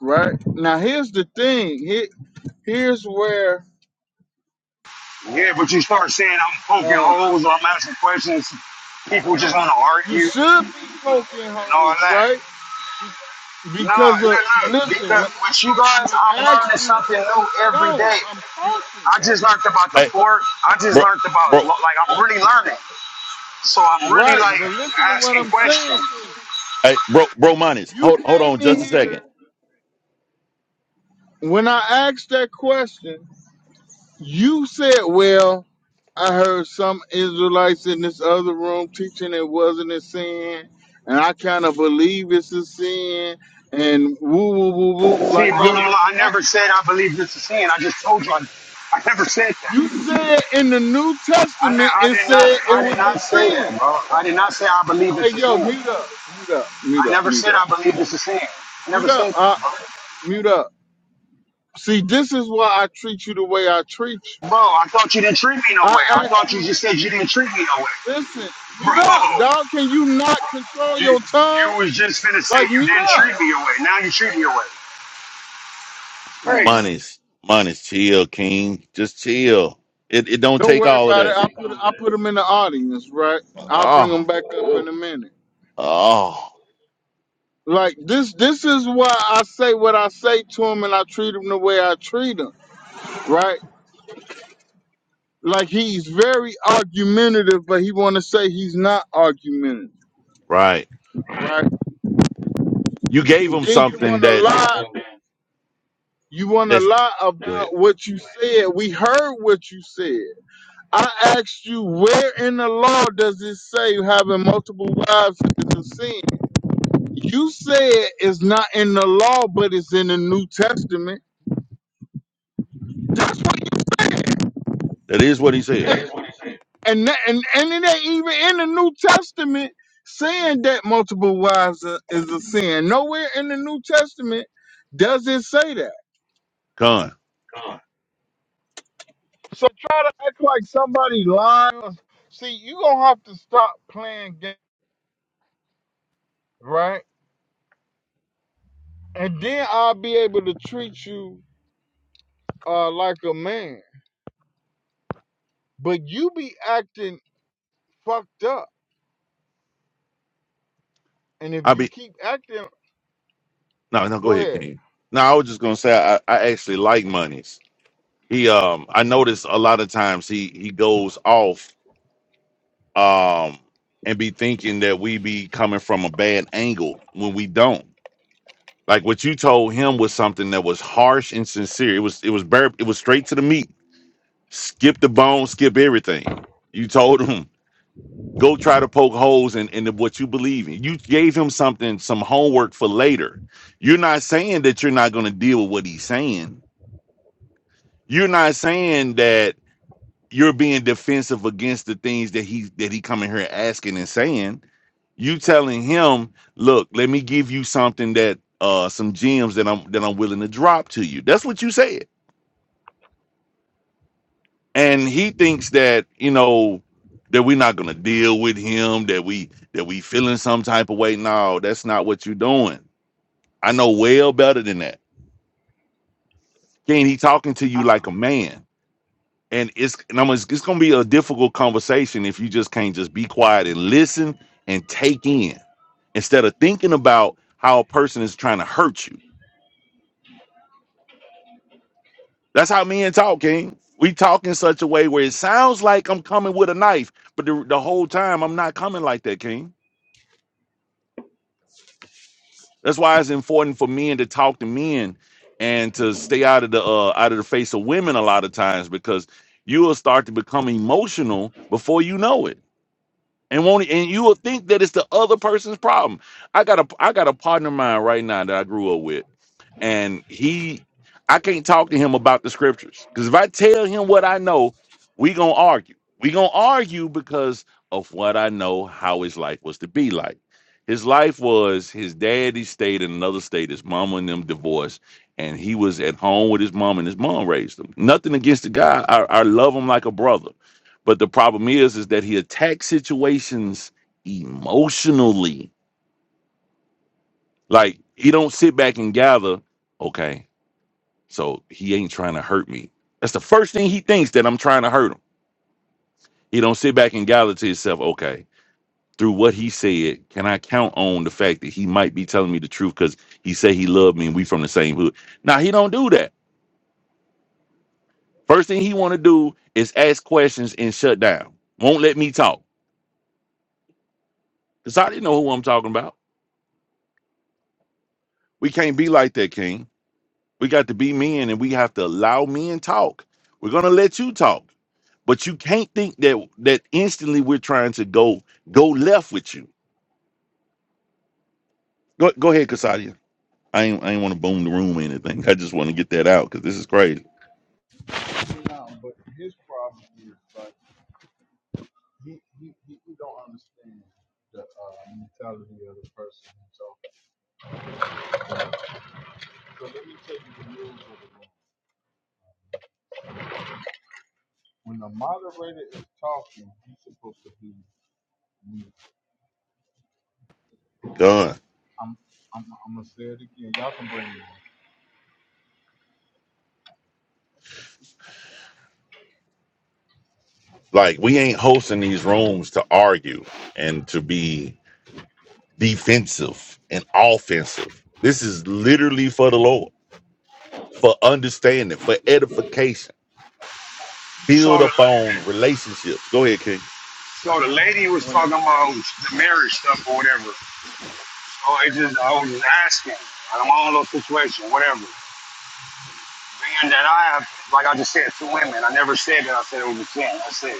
Speaker 1: right? Now, here's the thing. Here, here's where
Speaker 4: Yeah, but you start saying I'm poking
Speaker 1: um,
Speaker 4: holes or I'm asking questions, people just want to
Speaker 1: you
Speaker 4: argue and
Speaker 1: should be poking
Speaker 4: all
Speaker 1: holes,
Speaker 4: that.
Speaker 1: right? Be-
Speaker 4: No,
Speaker 1: because,
Speaker 4: no,
Speaker 1: of,
Speaker 4: no.
Speaker 1: listen,
Speaker 4: Because
Speaker 1: when,
Speaker 4: with you
Speaker 1: when
Speaker 4: guys,
Speaker 1: I
Speaker 4: I'm learning
Speaker 1: asked you,
Speaker 4: something new every
Speaker 1: yo,
Speaker 4: day.
Speaker 1: I'm talking.
Speaker 4: I just learned about the
Speaker 3: hey,
Speaker 4: pork. I just
Speaker 3: bro,
Speaker 4: learned about
Speaker 3: bro,
Speaker 4: lo- like I'm really learning. So I'm really
Speaker 1: Right,
Speaker 4: like
Speaker 1: but listen to what
Speaker 4: asking
Speaker 1: I'm saying
Speaker 4: questions.
Speaker 1: to you.
Speaker 3: hey, bro, bro, Moniz,
Speaker 1: You
Speaker 3: hold hold
Speaker 1: came
Speaker 3: on just
Speaker 1: in
Speaker 3: a second,
Speaker 1: here when I asked that question. You said, "Well, I heard some Israelites in this other room teaching it wasn't a sin, and I kind of believe it's a sin." And woo, woo, woo, woo.
Speaker 4: See,
Speaker 1: Like
Speaker 4: brother,
Speaker 1: your
Speaker 4: I
Speaker 1: response,
Speaker 4: never said I believe this is sin. I just told you I, I never said that.
Speaker 1: you said in the New
Speaker 4: I, ne-
Speaker 1: Testament,
Speaker 4: I
Speaker 1: it
Speaker 4: did not.
Speaker 1: said
Speaker 4: I
Speaker 1: it
Speaker 4: did
Speaker 1: was
Speaker 4: not
Speaker 1: a
Speaker 4: say
Speaker 1: sin.
Speaker 4: that, bro. I did not say I believe
Speaker 1: Hey,
Speaker 4: it's a
Speaker 1: yo,
Speaker 4: sin.
Speaker 1: mute up, mute up, mute
Speaker 4: I
Speaker 1: up,
Speaker 4: never
Speaker 1: mute
Speaker 4: said
Speaker 1: up,
Speaker 4: I believe it's a sin. I never
Speaker 1: mute up,
Speaker 4: said that,
Speaker 1: uh,
Speaker 4: bro.
Speaker 1: mute up. See, this is why I treat you the way I treat you.
Speaker 4: Bro, I thought you didn't treat me no way.
Speaker 1: I
Speaker 4: I
Speaker 1: asked
Speaker 4: thought you
Speaker 1: you,
Speaker 4: just said you didn't treat me no way,
Speaker 1: listen, mute up,
Speaker 4: bro.
Speaker 1: dog. Can you not control
Speaker 4: You,
Speaker 1: your
Speaker 4: you
Speaker 1: tongue?
Speaker 4: was just finna say
Speaker 1: Like
Speaker 4: you
Speaker 1: mute
Speaker 4: didn't
Speaker 1: up,
Speaker 4: treat me your way. Now you treat me your way. Great.
Speaker 1: man.
Speaker 3: Moniz, Moniz, chill, King, just chill. It it don't
Speaker 1: Don't
Speaker 3: take
Speaker 1: worry
Speaker 3: all of
Speaker 1: about it.
Speaker 3: that.
Speaker 1: I put I put them in the audience, right? I'll bring them
Speaker 3: Oh,
Speaker 1: back up in a minute.
Speaker 3: oh,
Speaker 1: Like this, this is why I say what I say to him, and I treat him the way I treat him, right? Like he's very argumentative, but he want to say he's not argumentative,
Speaker 3: right.
Speaker 1: right?
Speaker 3: You gave him
Speaker 1: Then you
Speaker 3: something
Speaker 1: want to
Speaker 3: that's
Speaker 1: lie You want to
Speaker 3: that's
Speaker 1: lie
Speaker 3: go ahead.
Speaker 1: about what you said. We heard what you said. I asked you, where in the law does it say having multiple wives is a sin? You said it's not in the law, but it's in the New Testament.
Speaker 3: that is what he said.
Speaker 1: and, that, and and it ain't even in the New Testament saying that multiple wives are- is a sin. Nowhere in the New Testament does it say that.
Speaker 3: Con,
Speaker 1: So try to act like somebody lying. See, you gonna have to stop playing games. right? And then I'll be able to treat you uh like a man. But you be acting fucked up. And if
Speaker 3: I be
Speaker 1: you keep acting
Speaker 3: No, no, go
Speaker 1: go
Speaker 3: ahead,
Speaker 1: ahead.
Speaker 3: King. No, I was just gonna say I, I actually like monies. He um I notice a lot of times he he goes off um and be thinking that we be coming from a bad angle when we don't. Like what you told him was something that was harsh and sincere. It was it was bare it was straight to the meat. Skip the bone, skip everything. You told him go try to poke holes in, in what you believe in. You gave him something, some homework for later. You're not saying that you're not gonna deal with what he's saying You're not saying that you're being defensive against the things that he that he coming here asking and saying. You telling him, look, let me give you something that uh some gems that I'm that I'm willing to drop to you. That's what you said. And he thinks that, you know, that we're not gonna deal with him, that we that we feeling some type of way. No, that's not what you're doing. I know well better than that. King, he talking to you
Speaker 1: I,
Speaker 3: like a man and it's and I'm, it's, it's gonna be a difficult conversation if you just can't just be quiet and listen and take in instead of thinking about how a person is trying to hurt you. That's how men talk, King. We talk in such a way where it sounds like I'm coming with a knife, but the, the whole time I'm not coming like that, King. That's why it's important for men to talk to men and to stay out of the uh, out of the face of women a lot of times because you will start to become emotional before you know it and won't and you will think that it's the other person's problem. I got a I got a partner of mine right now that I grew up with, and he I can't talk to him about the scriptures because if I tell him what I know, we gonna argue. We gonna argue because of what I know how his life was to be like. His life was his daddy stayed in another state, his mama and them divorced, and he was at home with his mom, and his mom raised him. Nothing against the guy. I, I love him like a brother but the problem is, is that he attacks situations emotionally. Like he don't sit back and gather, okay, so he ain't trying to hurt me. That's the first thing he thinks that I'm trying to hurt him. He don't sit back and gather to himself, okay, through what he said, can I count on the fact that he might be telling me the truth because he said he loved me and we from the same hood. Now he don't do that. First thing he want to do is ask questions and shut down. Won't let me talk. Because I didn't know who I'm talking about. We can't be like that, King. We got to be men and we have to allow men talk. We're gonna let you talk. But you can't think that that instantly we're trying to go go left with you. Go go ahead, Kasadia. I ain't I ain't wanna boom the room or anything. I just wanna get that out because this is crazy.
Speaker 1: no, but his problem is like he, he, he, he don't understand the uh, mentality of the person. So, so let me tell you the rules of the room. When the moderator is talking, he's supposed to be mute.
Speaker 3: Gone.
Speaker 1: I'm, I'm gonna say it again. Y'all,
Speaker 3: Like we ain't hosting these rooms to argue and to be defensive and offensive. This is literally for the Lord, for understanding, for edification. Build
Speaker 4: So the
Speaker 3: up on relationships. Go ahead, King.
Speaker 4: so the lady was
Speaker 1: when I,
Speaker 4: talking about the marriage stuff or whatever. So I just I was just asking. I'm on a little situation, whatever. Being that I have, like I just said, two women. I never said that I said it was a sin. I said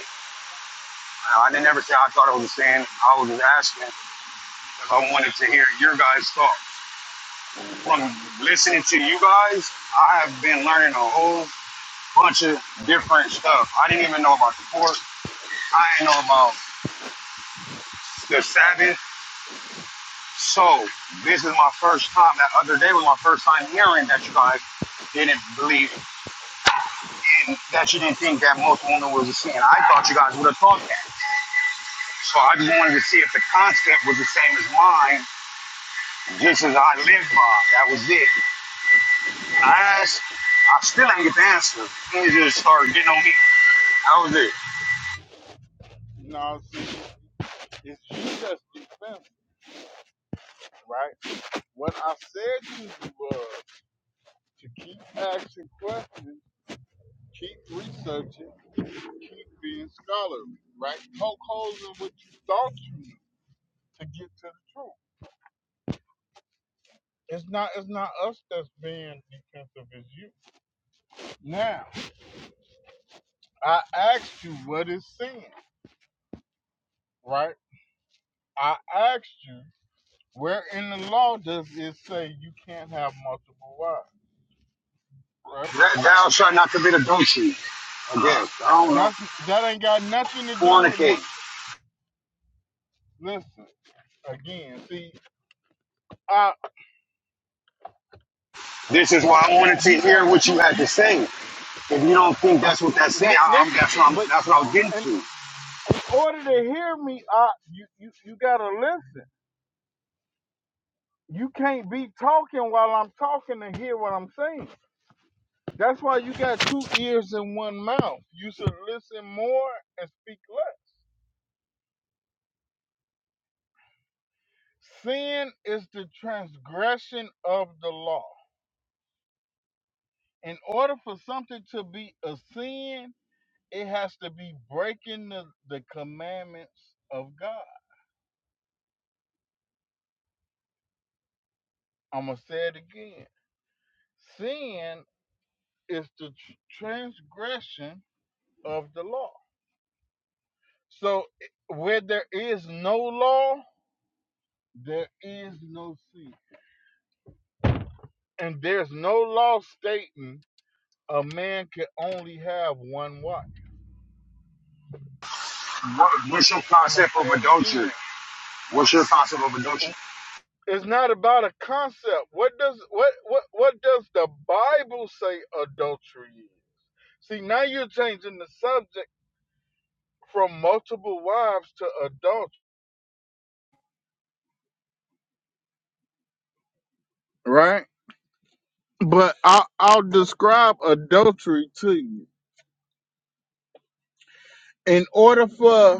Speaker 4: I didn't never say I thought it was a sin. I was just asking because I wanted to hear your guys' thought. From listening to you guys, I have been learning a whole bunch of different stuff. I didn't even know about the pork. I ain't know about the Sabbath. So this is my first time. That other day was my first time hearing that you guys didn't believe in that you didn't think that most women was a sin. I thought you guys would have thought that. So I just wanted to see if the concept was the same as mine, just as I live by. That was it. I asked, I still ain't get the answer. It just started getting on me. That was it.
Speaker 1: you know, what I'm saying? it's you that's defensive, right? What I said to you was to keep asking questions, keep researching, keep being scholarly, right? Poke holes in what you thought you knew to get to the truth. It's not it's not us that's being defensive, it's you. Now, I asked you what is sin, right? I asked you where in the law does it say you can't have multiple wives, right?
Speaker 4: That, thou shalt not commit adultery. I guess. I don't know.
Speaker 1: That's that ain't got nothing to do with mu-
Speaker 4: Fornicate.
Speaker 1: listen again. See, I
Speaker 4: This is why I wanted to
Speaker 1: you
Speaker 4: hear
Speaker 1: got
Speaker 4: what you
Speaker 1: two
Speaker 4: had to
Speaker 1: you
Speaker 4: say. If you don't think that's what that's saying,
Speaker 1: li-
Speaker 4: I, I'm,
Speaker 1: listen
Speaker 4: that's what I'm,
Speaker 1: but
Speaker 4: that's what I was getting
Speaker 1: in
Speaker 4: to.
Speaker 1: order to hear me I, you, you you gotta listen you can't be talking while i'm talking to hear what i'm saying that's why you got two ears and one mouth you should listen more and speak less sin is the transgression of the law in order for something to be a sin it has to be breaking the, the commandments of god i'm gonna say it again sin is the transgression of the law. So where there is no law, there is no sin. And there's no law stating a man can only have one wife.
Speaker 4: What, what's your
Speaker 1: I'm gonna
Speaker 4: concept
Speaker 1: say
Speaker 4: of
Speaker 1: it
Speaker 4: adultery?
Speaker 1: again.
Speaker 4: What's your concept of adultery?
Speaker 1: It's not about a concept. What does what what what does the Bible say adultery is? See, now you're changing the subject from multiple wives to adultery, right? But I'll, I'll describe adultery to you. In order for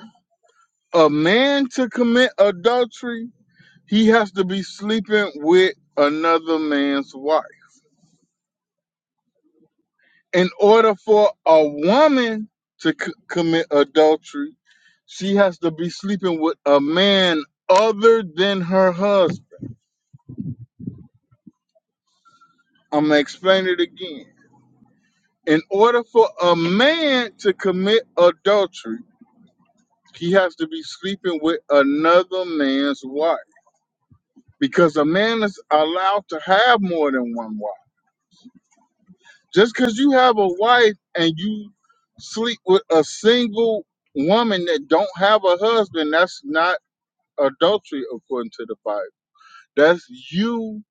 Speaker 1: a man to commit adultery, he has to be sleeping with another man's wife. In order for a woman to c- commit adultery, she has to be sleeping with a man other than her husband. I'm going to explain it again. In order for a man to commit adultery, he has to be sleeping with another man's wife because a man is allowed to have more than one wife. Just because you have a wife and you sleep with a single woman that don't have a husband, that's not adultery according to the Bible. That's you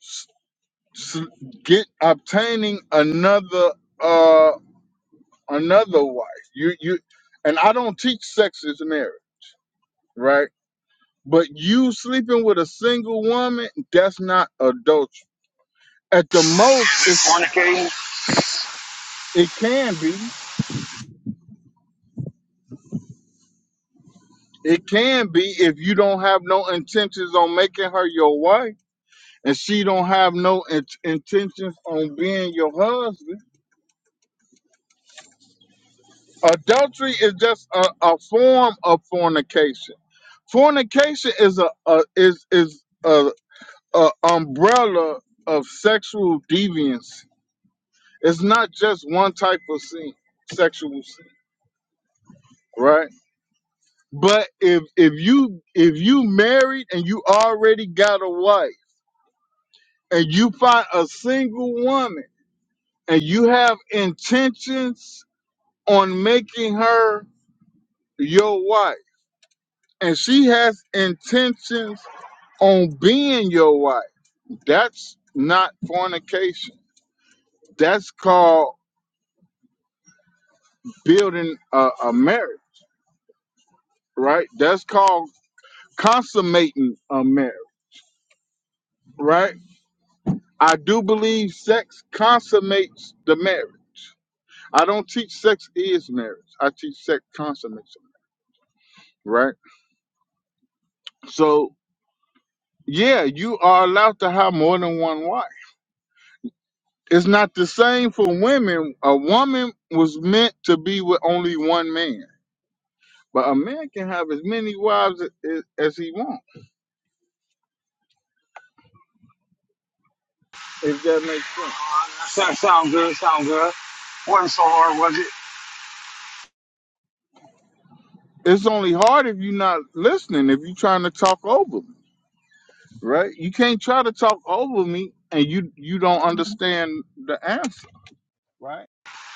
Speaker 1: s- s- get obtaining another uh another wife. You you and I don't teach sex is marriage, right? But you sleeping with a single woman, that's not adultery. At the most, it's,
Speaker 4: Fornicating?
Speaker 1: it can be, It can be if you don't have no intentions on making her your wife, and she don't have no in- intentions on being your husband. Adultery is just a, a form of fornication. Fornication is a, a is is a, a umbrella of sexual deviance. It's not just one type of sin, sexual sin, right? But if if you if you married and you already got a wife and you find a single woman and you have intentions on making her your wife and she has intentions on being your wife that's not fornication that's called building a, a marriage right that's called consummating a marriage right i do believe sex consummates the marriage i don't teach sex is marriage i teach sex consummates marriage, right so Yeah, you are allowed to have more than one wife. It's not the same for women. A woman was meant to be with only one man, but a man can have as many wives as, as he wants, if that makes sense.
Speaker 4: Uh, sound, sound good, sound good. Wasn't so hard, was it?
Speaker 1: It's only hard if you're not listening, if you're trying to talk over me, right? You can't try to talk over me and you you don't understand the answer, right?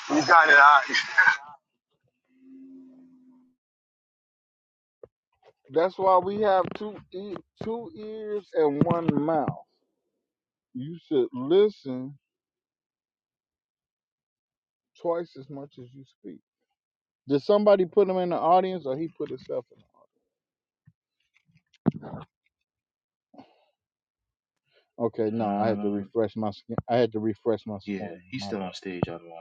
Speaker 4: You got it out.
Speaker 1: That's why we have two e- two ears and one mouth. You should listen twice as much as you speak. Did somebody put him in the audience, or he put himself in? The audience? Okay, no, I had to
Speaker 2: Um,
Speaker 1: refresh my skin. I had to refresh my
Speaker 2: yeah,
Speaker 1: screen.
Speaker 2: he's
Speaker 1: My
Speaker 2: still
Speaker 1: bad.
Speaker 2: on stage, otherwise.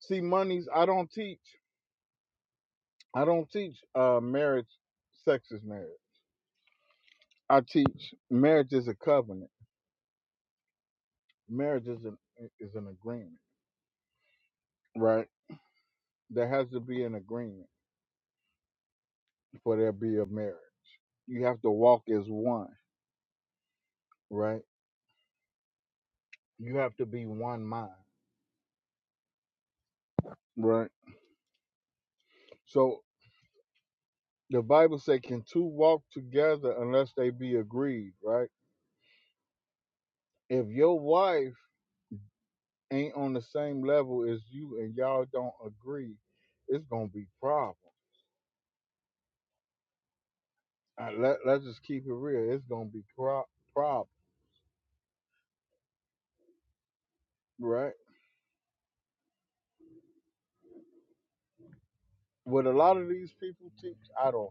Speaker 1: See, monies. I don't teach. I don't teach uh marriage, sex is marriage. I teach marriage is a covenant. Marriage is an is an agreement, right? There has to be an agreement for there be a marriage. You have to walk as one, right? You have to be one mind, right? So the Bible says, "Can two walk together unless they be agreed?" Right? if your wife ain't on the same level as you and y'all don't agree, it's gonna be problem. Uh, let let's just keep it real. It's gonna be pro- problem, right? What a lot of these people teach, I don't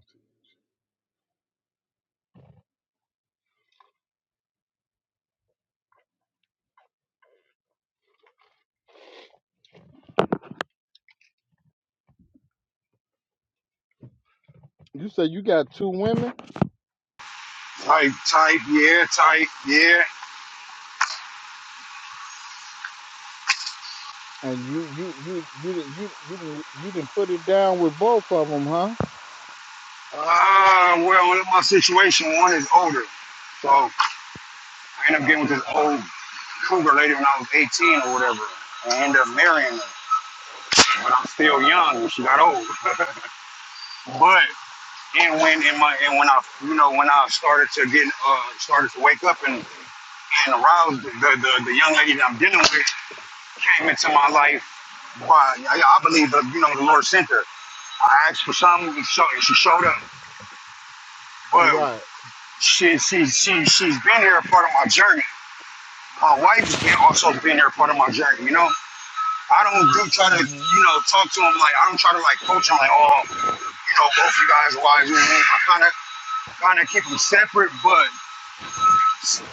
Speaker 1: teach. You say you got two women,
Speaker 4: Tight, tight, yeah, tight, yeah.
Speaker 1: and you you you you didn't you you didn't you didn't put it down with both of them, huh?
Speaker 4: Ah, well, my situation, one is older. So I ended up getting with this old cougar lady when I was 18 or whatever. And I ended up marrying her. But I'm still young when she got old. But. and when and my and when I you know when I started to get uh started to wake up and and aroused the the, the young lady that I'm dealing with came into my life by I, I believe uh, you know the Lord sent her. I asked for something and, show, and she showed up, but
Speaker 1: Right.
Speaker 4: she she she she's been here a part of my journey. My wife's been also been here a part of my journey. You know, I don't do try to
Speaker 1: mm Mhm.
Speaker 4: you know talk to them like I don't try to like coach them like oh you know both you guys are wise. You know, I kind of kind of keep them separate, but.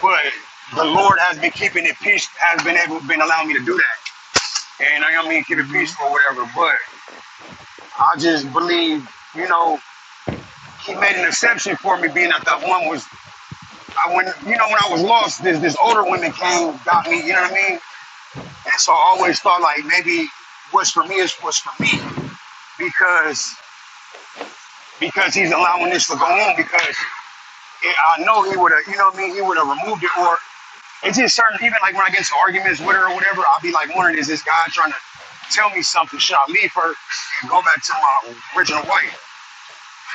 Speaker 4: but the Lord has been keeping it peace, has been able, been allowing me to do that, and I don't mean keep it
Speaker 1: mm Mhm.
Speaker 4: peaceful or whatever, but I just believe, you know, He made an exception for me, being that that one was, I when, you know, when I was lost, this this older woman came, got me, you know what I mean, and so I always thought like maybe what's for me is what's for me because because He's allowing this to go on because it, I know He would have, you know what I mean, He would have removed it or. It's just certain even like when I get into arguments with her or whatever, I'll be like wondering, is this guy trying to tell me something? Should I leave her and go back to my original wife?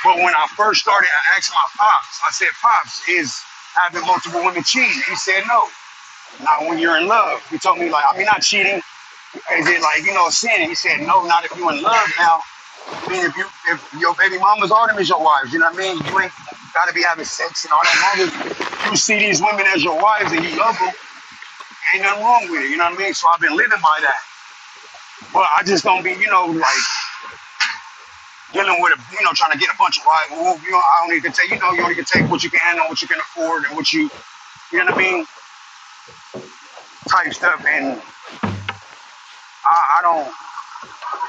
Speaker 4: But when I first started, I asked my pops. I said, "Pops, is having multiple women cheating?" He said, "No." Not when you're in love. He told me like, I mean, not cheating. Is it like you know sin? He said, "No, not if you're in love now." I mean, if you if your baby mama's all them is your wives, you know what I mean? You ain't gotta be having sex and all that. As long as you see these women as your wives and you love them, Ain't nothing wrong with it, you know what I mean? So I've been living by that. But I just don't be, you know, like dealing with, a, you know, trying to get a bunch of, right, well, you know, I only can take, you know, you only can take what you can handle, what you can afford, and what you, you know what I mean, type stuff. And I, I don't,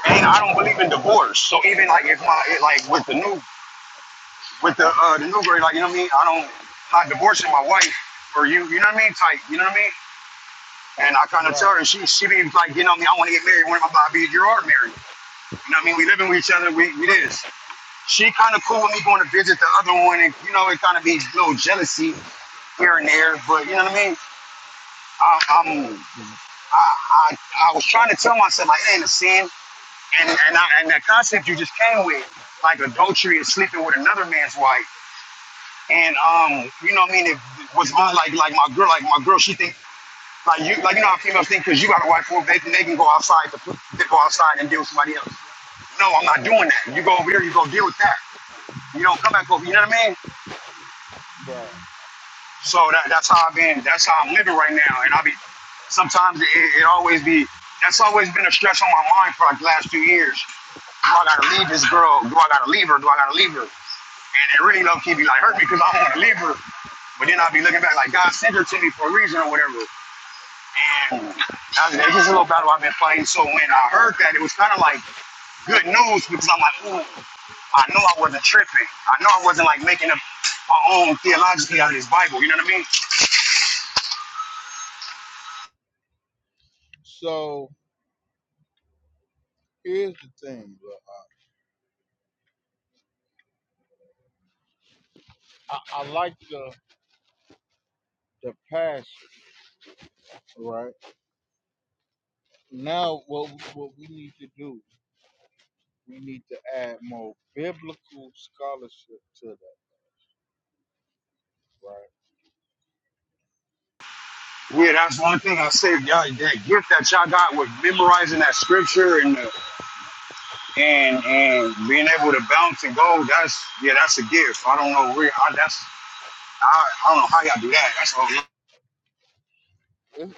Speaker 4: and I don't believe in divorce. So even like if my, it, like with the new, with the uh, the new girl, like you know what I mean, I don't, I'm not divorcing my wife or you, you know what I mean, type, you know what I mean. And I kind of tell her,
Speaker 1: Right.
Speaker 4: and she she be like, you know, what I mean, I want to get married. One of my bobby, you are married. You know what I mean? We living with each other. We we this. she kind of cool with me going to visit the other one, and you know, it kind of be a little jealousy here and there. But you know what I mean? I, I'm, I, I, I was trying to tell myself like it ain't a sin, and and I, and that concept you just came with, like adultery is sleeping with another man's wife, and um, you know what I mean? It was my like like my girl, like my girl, she think. Like you, like you know how females think because you got a wife, well, they can they can go outside to put- they go outside and deal with somebody else. No, I'm not doing that. You go over here, you go deal with that. You don't come back over. You know what I mean?
Speaker 1: Right.
Speaker 4: So that, that's how I've been. That's how I'm living right now. And I'll be sometimes it, it always be that's always been a stress on my mind for like the last few years. Do I gotta leave this girl? Do I gotta leave her? Do I gotta leave her? And it really low key be like hurt me because I don't want to leave her. But then I'll be looking back like God sent her to me for a reason or whatever. And that's that's just a little battle I've been fighting. So when I heard that, it was kind of like good news because I'm like, ooh, I know I wasn't tripping. I know I wasn't like making up my own theologically out of this Bible. You know what I mean?
Speaker 1: So here's the thing. bro. I, I like the the passion, right? Now, what what we need to do, we need to add more biblical scholarship to that, right?
Speaker 4: Yeah, that's one thing I say. Y'all, that gift that y'all got with memorizing that scripture and the, and and being able to bounce and go. That's yeah, that's a gift. I don't know where. I, that's I, I don't know how y'all do that. That's all.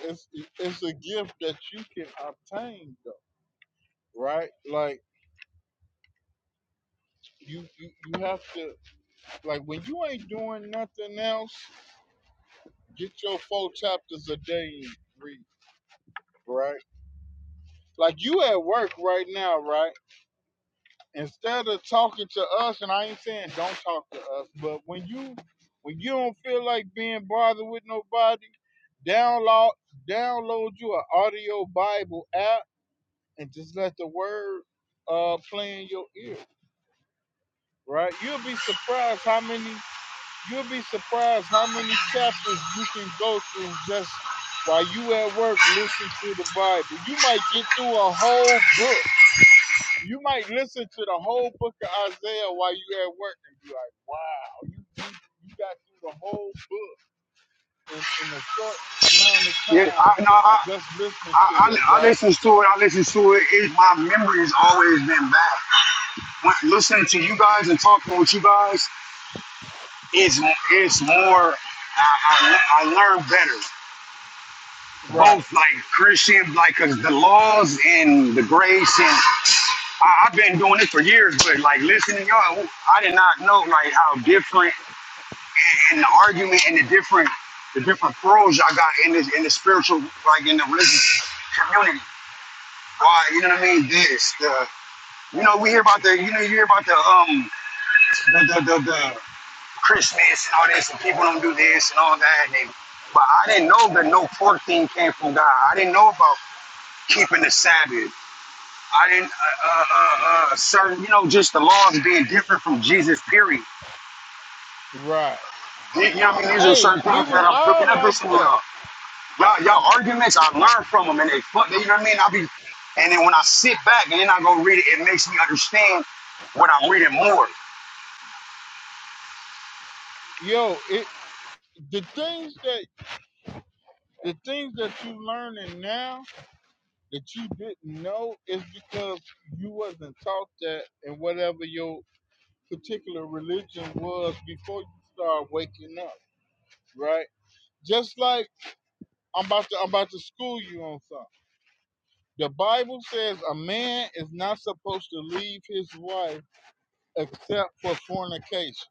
Speaker 1: It's it's, it's a gift that you can obtain, though, right? Like you, you you have to like when you ain't doing nothing else, get your four chapters a day and read, right? Like you at work right now, right? instead of talking to us, and I ain't saying don't talk to us, but when you when you don't feel like being bothered with nobody, download download you an audio Bible app and just let the word uh play in your ear. Right? You'll be surprised how many you'll be surprised how many chapters you can go through just while you at work listening to the Bible. You might get through a whole book you might listen to the whole book of Isaiah while you at work and be like, wow, you, you, you got through the whole book in, in a short amount of
Speaker 4: Yeah,
Speaker 1: time
Speaker 4: I, no, I,
Speaker 1: just
Speaker 4: I
Speaker 1: listening to
Speaker 4: I
Speaker 1: it,
Speaker 4: I
Speaker 1: right?
Speaker 4: listen to it. I listen to it. it my memory has always been bad. When, listening to you guys and talking with you guys is it's more. I, I, I learn better
Speaker 1: Right,
Speaker 4: both like Christian, like 'cause the laws and the grace I, I've been doing this for years, but like listening y'all, I did not know like how different and the argument and the different the different pros y'all got in this in the spiritual like in the religious community. Why you know what I mean? This the you know we hear about the you know you hear about the um the the the, the Christmas and all this and people don't do this and all that and they, but I didn't know the no pork thing came from God. I didn't know about keeping the Sabbath. I didn't, uh, uh, uh, uh, certain, you know, just the laws being different from Jesus, period.
Speaker 1: right.
Speaker 4: You you know what I mean? These are
Speaker 1: Hey,
Speaker 4: certain
Speaker 1: we
Speaker 4: things
Speaker 1: was
Speaker 4: that I'm cooking
Speaker 1: all
Speaker 4: up with
Speaker 1: like
Speaker 4: some of
Speaker 1: that.
Speaker 4: y'all. Y'all, y'all arguments, I learn from them and they fuck, you know what I mean? I'll be, and then when I sit back and then I go read it, it makes me understand what I'm reading more.
Speaker 1: Yo, it the things that the things that you learning now that you didn't know is because you wasn't taught that in whatever your particular religion was before you start waking up, right? Just like I'm about to I'm about to school you on something. The Bible says a man is not supposed to leave his wife except for fornication.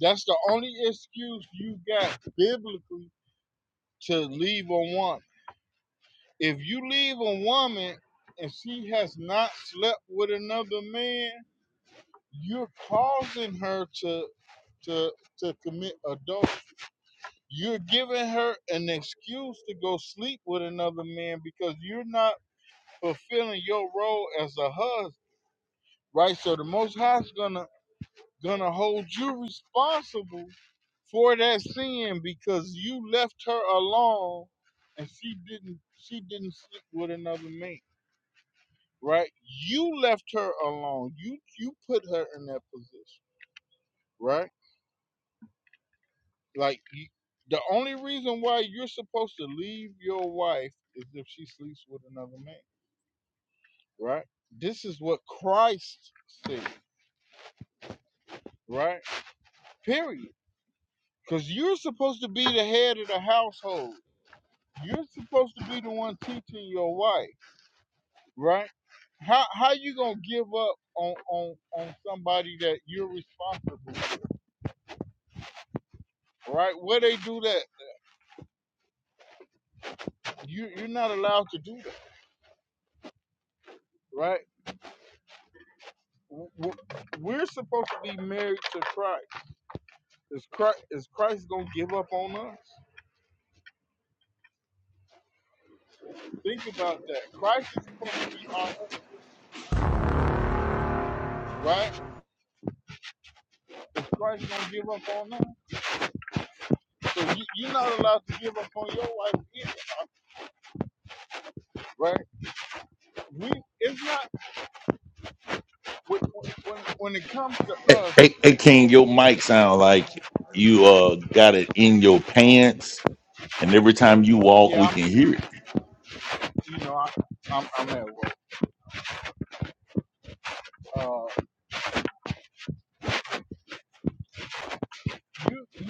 Speaker 1: That's the only excuse you got biblically to leave a woman. If you leave a woman and she has not slept with another man, you're causing her to to to commit adultery. You're giving her an excuse to go sleep with another man because you're not fulfilling your role as a husband, right? So the Most High's gonna gonna hold you responsible for that sin because you left her alone and she didn't she didn't sleep with another man, right? You left her alone. You you put her in that position, right? Like you, the only reason why you're supposed to leave your wife is if she sleeps with another man, right? This is what Christ said, right? Period Because you're supposed to be the head of the household. You're supposed to be the one teaching your wife, right? How how you gonna give up on on on somebody that you're responsible for, right? Where they do that, you you're not allowed to do that, right? We're supposed to be married to Christ. Is Christ is Christ gonna give up on us? Think about that. Christ is supposed to be our husband, right? Is Christ gonna give up on us? So you, you're not allowed to give up on your wife either, right? we it's not when, when, when it comes to
Speaker 3: Hey, hey,
Speaker 1: us.
Speaker 3: hey, King, your mic sound like you uh got it in your pants, and every time you walk,
Speaker 1: Yeah,
Speaker 3: we can hear it.
Speaker 1: I'm, you know, I, I'm, I'm at work. Uh, you, you,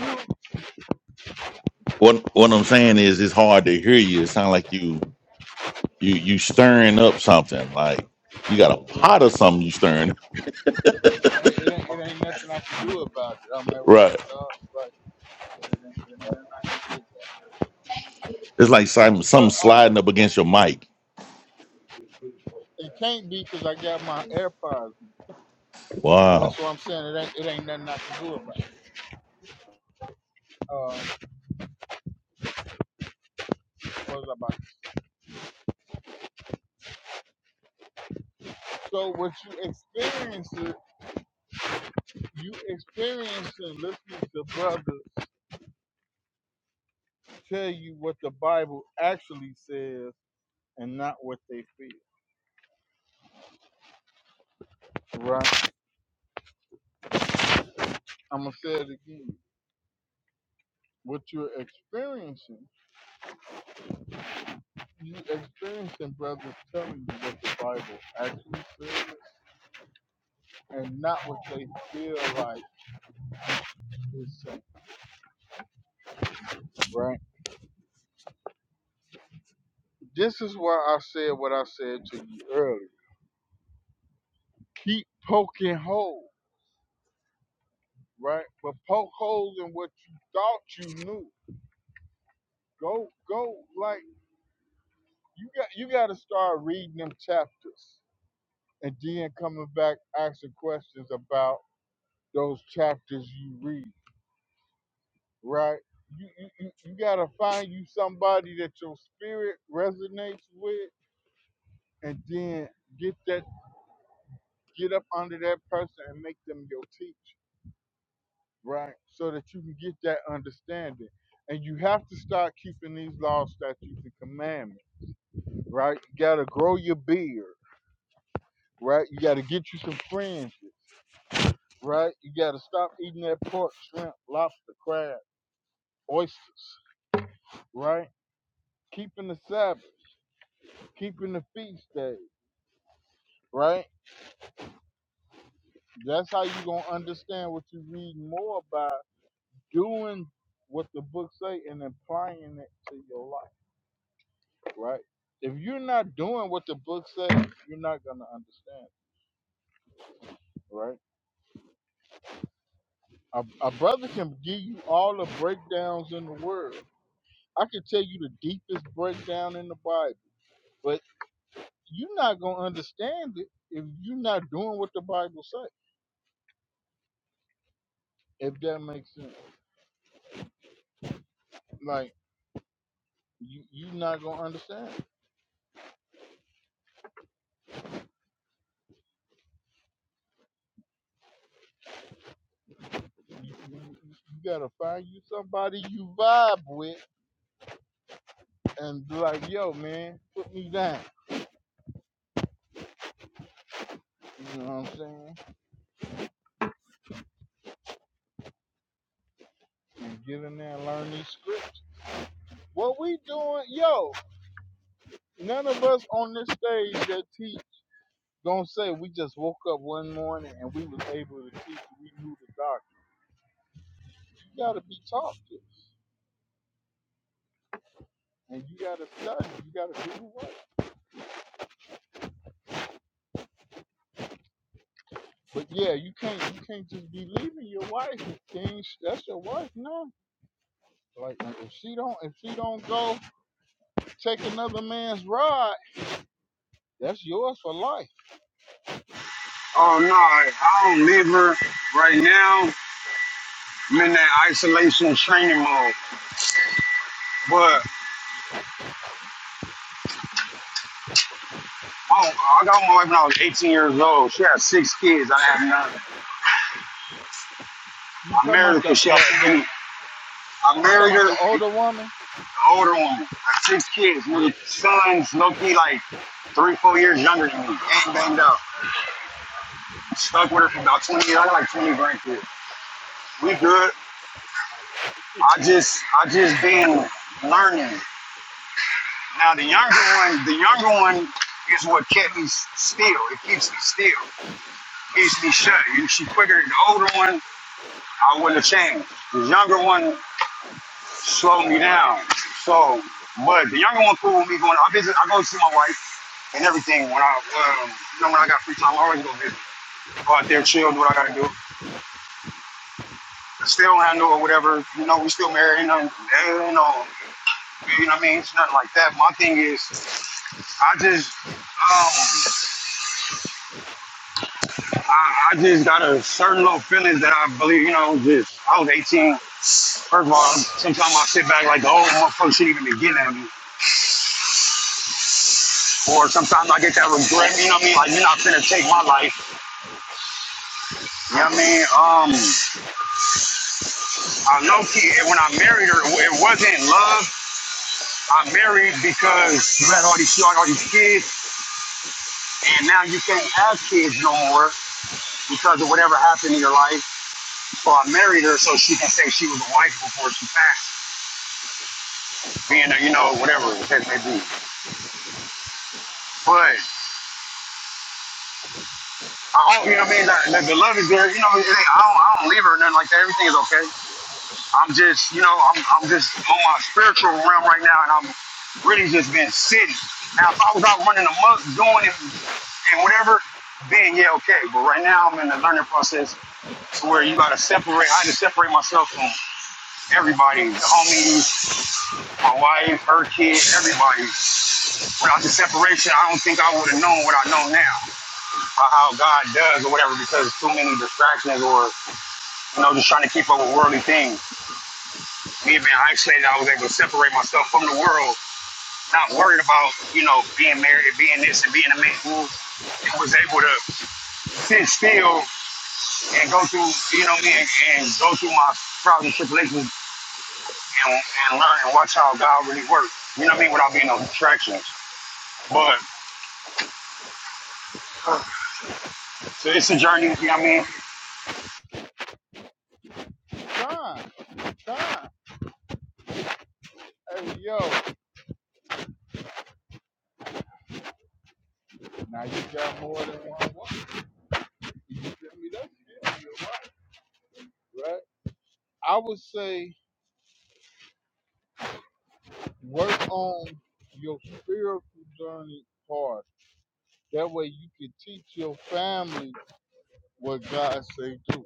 Speaker 3: What what I'm saying is, it's hard to hear you. It sound like you you you stirring up something, like you got a
Speaker 1: right?
Speaker 3: pot or
Speaker 1: But
Speaker 3: something you stirring.
Speaker 1: it, it ain't, it ain't nothing I can do about it. I'm at work,
Speaker 3: right?
Speaker 1: dog. Like, it ain't, it ain't nothing I can do. About it.
Speaker 3: It's like some
Speaker 1: But
Speaker 3: something
Speaker 1: uh,
Speaker 3: sliding up against your mic.
Speaker 1: it can't be be because I got my AirPods.
Speaker 3: Wow,
Speaker 1: That's what I'm saying. It ain't, it ain't nothing I can do about it. Uh, what was I about? So what you experience, it- you experience it listening to brothers tell you what the Bible actually says and not what they feel. Right? I'm gonna say it again. What you're experiencing, you experiencing brothers telling you what the Bible actually says, and not what they feel like it's saying. Right? This is why I said what I said to you earlier. Keep poking holes, right? But poke holes in what you thought you knew. Go, go, like you got. You got to start reading them chapters, and then coming back asking questions about those chapters you read, right? You, you, you you gotta find you somebody that your spirit resonates with, and then get that get up under that person and make them your teacher, right? So that you can get that understanding, and you have to start keeping these laws, statutes, and commandments, right? You gotta grow your beard, right? You gotta get you some fringes, right? You gotta stop eating that pork, shrimp, lobster, crab, oysters, right? Keeping the Sabbath. keeping the feast day, right? That's how you gonna understand what you read more by doing what the book say and applying it to your life, right? If you're not doing what the book says, you're not gonna understand, right? A, a brother can give you all the breakdowns in the world. I can tell you the deepest breakdown in the Bible, but you're not gonna understand it if you're not doing what the Bible says. If that makes sense, like you, you're not gonna understand. it. You, you gotta find you somebody you vibe with and be like, yo, man, put me down. You know what I'm saying? And get in there and learn these scripts. What we doing, yo, none of us on this stage that teach gonna say we just woke up one morning and we was able to teach, we knew the doctrine. You gotta be taught to and you gotta study, you gotta do the work. But yeah, you can't you can't just be leaving your wife and things that's your wife now. Like if she don't if she don't go take another man's rod, that's yours for life.
Speaker 4: Oh, no, I I don't live her right now. I'm in that isolation training mode. But I, I got my wife when I was 18 years old. She had six kids. I didn't have none.
Speaker 1: You
Speaker 4: I
Speaker 1: talking
Speaker 4: married her
Speaker 1: about the
Speaker 4: because she had
Speaker 1: the,
Speaker 4: too
Speaker 1: the
Speaker 4: many. I
Speaker 1: you talking
Speaker 4: married
Speaker 1: about
Speaker 4: her.
Speaker 1: the older woman?
Speaker 4: older one, like six kids,
Speaker 1: Yeah.
Speaker 4: nigga, sons, low key, like three, four years younger than me, gang banged up. Stuck with her for about 20 years, I got like 20 grandkids. We good.
Speaker 1: It's
Speaker 4: I just, I just been learning. Now the younger one, the younger one is what kept me s- still. It keeps me still, keeps me shut. And she quicker. The older one, I wouldn't have changed. The younger one, slowed me down. So, but the younger one cool with me going. I visit. I go see my wife and everything when I, um, you know, when I got free time. I always go visit. Go out there, chill, do what I gotta do. Still, when I know or whatever, you know, we still married. You know, you know, you know what I mean. It's nothing like that. My thing is, I just. Um, I, I just got a certain little feelings that I believe, you know, just, I was 18. First of all, sometimes I sit back like the old motherfucker shouldn't even be getting at me. Or sometimes I get that regret, you know what I mean? Like, you're not finna take my life. You know what I mean? Um, I know she, when I married her, it wasn't love. I married because you had all these, you had all these kids, and now you can't have kids no more because of whatever happened in your life. So I married her so she can say she was a wife before she passed, being a, you know, whatever the case may be. But I hope, you know what I mean? That, that the love is there. You know, it ain't- I don't, I don't leave her or nothing like that. Everything is okay. I'm just, you know, I'm, I'm just on my spiritual realm right now, and I'm really just been sitting. Now, if I was out running amok, doing it, and whatever, then yeah, okay. But right now, I'm in the learning process to where you gotta separate. I had to separate myself from everybody, the homies, my wife, her kid, everybody. Without the separation, I don't think I would have known what I know now, or how God does, or whatever, because too many distractions or you know, just trying to keep up with worldly things. Me being isolated, I was able to separate myself from the world not worried about, you know, being married, being this and being a man who was able to sit still and go through, you know, me and, and go through my trials and tribulations and, and learn and watch how God really works. You know what I mean? Without being no distractions. But uh, so it's a journey, you know what I mean?
Speaker 1: time, time. Hey yo, now you got more than one woman. You feel me? That's it. You're right. Right? I would say work on your spiritual journey part. That way you can teach your family what God say do,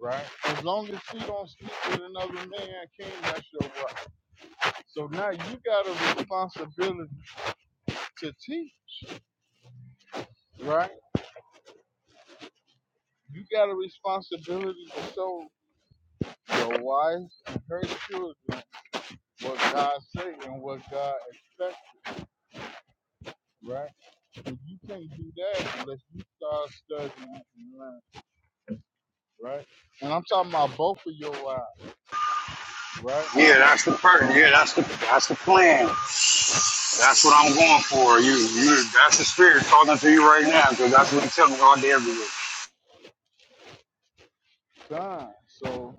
Speaker 1: right? As long as she don't sleep with another man, King, that's your wife. So now you got a responsibility to teach, right? You got a responsibility to show your wife and her children what God say and what God expects, right? And you can't do that unless you start studying and learning, right? And I'm talking about both of your wives, right?
Speaker 4: Yeah, that's the part.
Speaker 1: So,
Speaker 4: Yeah, that's the that's the plan. That's what I'm going for. You you that's the spirit talking to you right now, because that's what he's telling me all day every day.
Speaker 1: done. so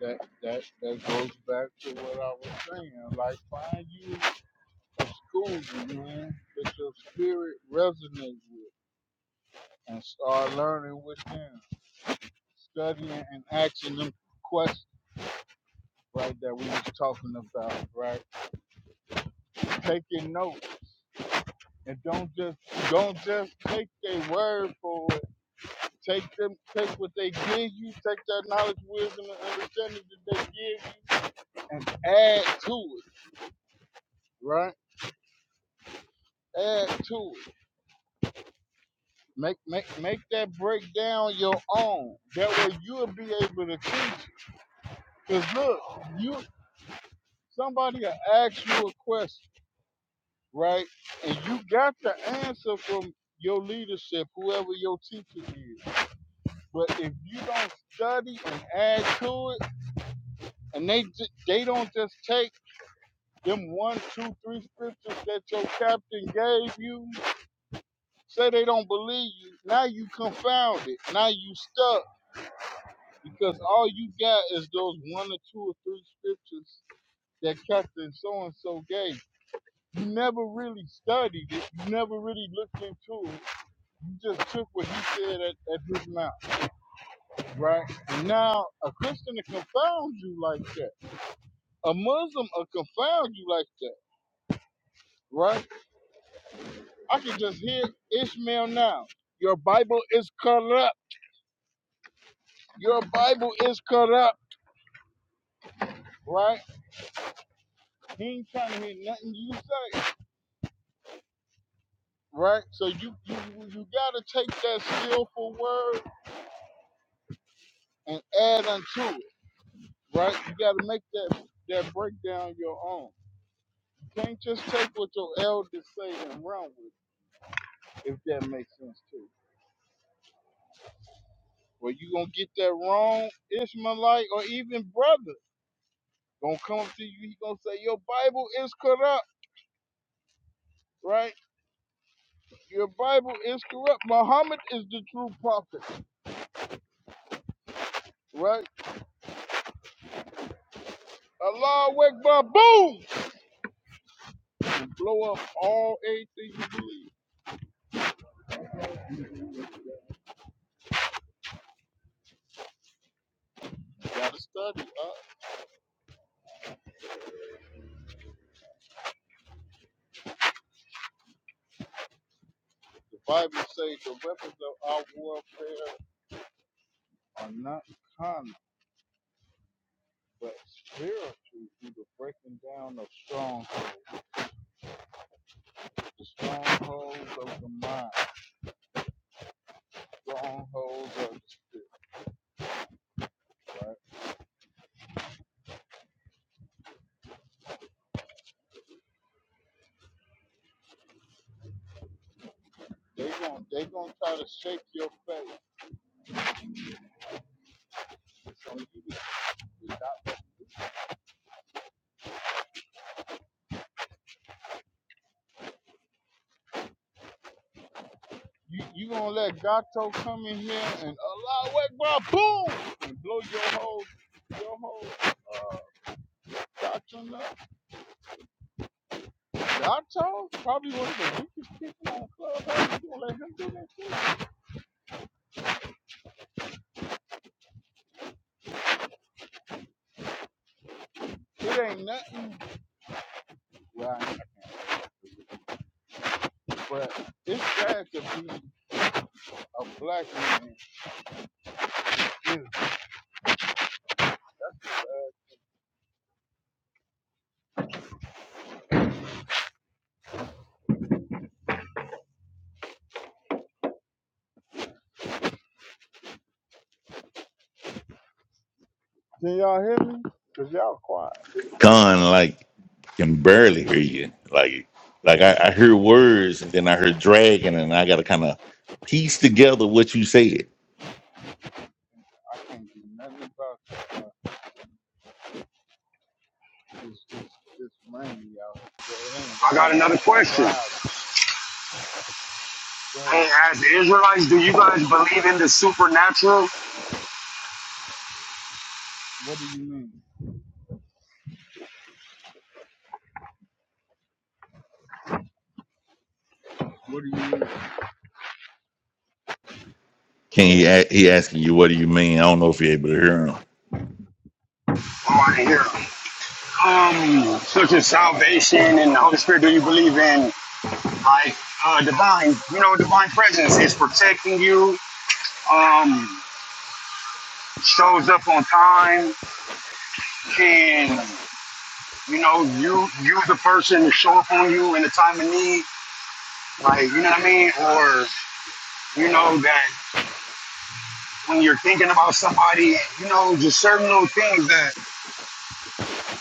Speaker 1: that that that goes back to what I was saying. Like, find you a school, man, that your spirit resonates with, and start learning with them studying and asking them questions, right? That we was talking about, right? Taking notes and don't just don't just take their word for it. Take them, take what they give you, take that knowledge, wisdom, and understanding that they give you, and add to it, right? Add to it. Make make make that breakdown your own. That way you'll be able to teach. Cause look, you somebody will ask you a question right? And you got the answer from your leadership, whoever your teacher is. But if you don't study and add to it, and they ju- they don't just take them one, two, three scriptures that your captain gave you, say they don't believe you. Now you confounded. Now you stuck because all you got is those one or two or three scriptures that captain so and so gave. You never really studied it. You never really looked into it You just took what he said at, at his mouth, right? Now, a Christian will confound you like that. A Muslim will confound you like that, right? I can just hear Ishmael now. Your Bible is corrupt. Your Bible is corrupt, right? He ain't trying to hear nothing you say, right? So you you you gotta take that skillful word and add unto it, right? You gotta make that that breakdown your own. You can't just take what your elders say and run with. it if that makes sense too. Well, you gonna get that wrong, Ishmaelite or even brother gonna come up to you. He gonna say your Bible is corrupt, right? Your Bible is corrupt. Muhammad is the true prophet, right? Allah Akbar, boom, and blow up all everything you believe. You gotta study. Uh, the Bible says the weapons of our warfare are not carnal, but spiritual through the breaking down of strongholds, the strongholds of the mind. strongholds of the spirit, right? They gon' they gonna try to shake your faith. So you you, you gonna let Gato come in here and allow it, bro, boom, and blow your whole your whole uh, doctrine up. Gato probably one of the weakest people on clubhouse. You gonna let him do that shit? It ain't nothing, right? But it's sad to be a black man. Can y'all hear me? Cause y'all quiet.
Speaker 3: Con like can barely hear you. Like like I, I hear words, and then I hear dragging, and I got to kind of piece together what you said.
Speaker 1: I can't do nothing about that. It's it's it's rainy, y'all. Well, it ain't
Speaker 4: I got
Speaker 1: raining, but
Speaker 4: another
Speaker 1: it's
Speaker 4: question.
Speaker 1: cloudy. Go
Speaker 4: Hey,
Speaker 1: ahead.
Speaker 4: as Israelites, do you guys believe in the supernatural?
Speaker 1: What do you mean? What do you mean?
Speaker 3: Can he? a- He asking you, what do you mean? I don't know if you able to hear him.
Speaker 4: I want to hear. Um, such as salvation and the Holy Spirit. Do you believe in like uh, divine? You know, divine presence is protecting you. Um, shows up on time. Can you know you you the person to show up on you in a time of need? Like you know what I mean? Or you know that when you're thinking about somebody, you know, just certain little things that.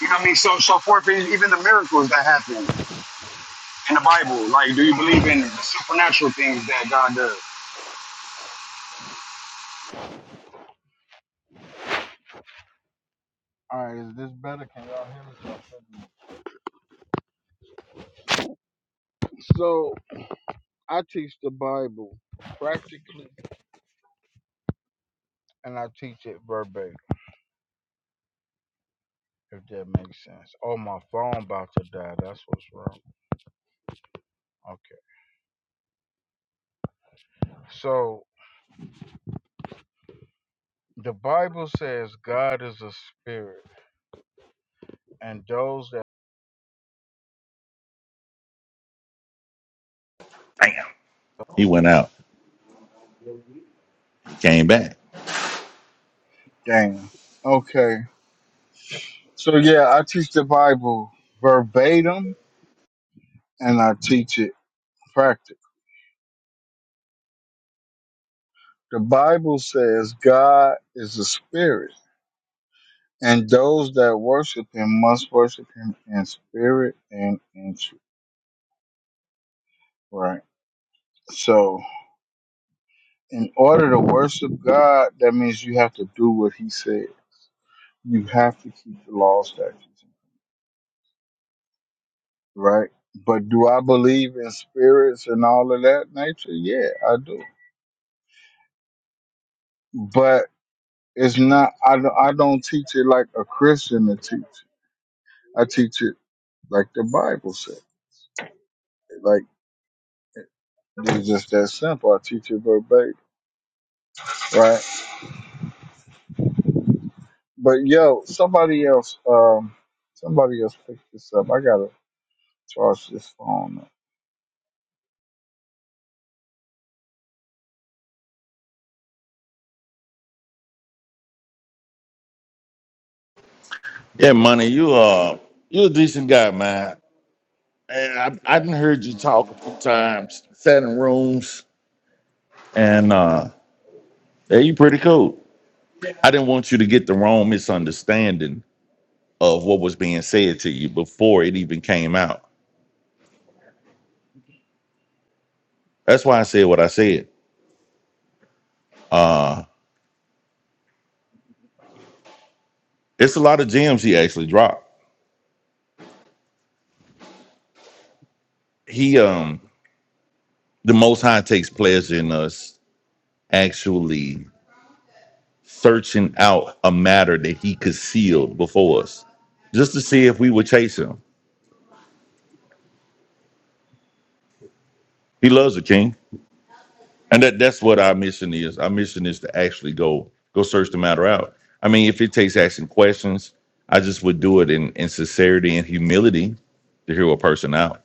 Speaker 4: You know what I mean? So, so forth, even the miracles that happen in the Bible. Like, do you believe in the supernatural things that God does?
Speaker 1: All right, is this better? Can y'all hear me? So I teach the Bible practically, and I teach it verbatim. If that makes sense. Oh, my phone about to die. That's what's wrong. Okay. So the Bible says God is a spirit, and those that.
Speaker 3: Damn, he went out, came back.
Speaker 1: dang. Okay. So yeah, I teach the Bible verbatim, and I teach it practice. The Bible says God is a spirit, and those that worship him must worship him in spirit and in truth. Right. So, in order to worship God, that means you have to do what he said. You have to keep the law, statutes, right? But do I believe in spirits and all of that nature? Yeah, I do. But it's not, I, don't- I don't teach it like a Christian to teach. I teach it like the Bible said. Like. It's just that simple. I teach it verbatim, right? But yo, somebody else, um, somebody else picked this up. I gotta charge this phone. Up.
Speaker 3: Yeah, money. You uh, you a decent guy, man. And I I done heard you talk a few times, sat in rooms, and uh, yeah, you pretty cool. I didn't want you to get the wrong misunderstanding of what was being said to you before it even came out. That's why I said what I said. Uh, it's a lot of gems he actually dropped. He um, the Most High takes pleasure in us actually searching out a matter that he concealed before us just to see if we would chase him. He loves the king. And that, that's what our mission is. Our mission is to actually go go search the matter out. I mean, if it takes asking questions, I just would do it in, in sincerity and humility to hear a person out.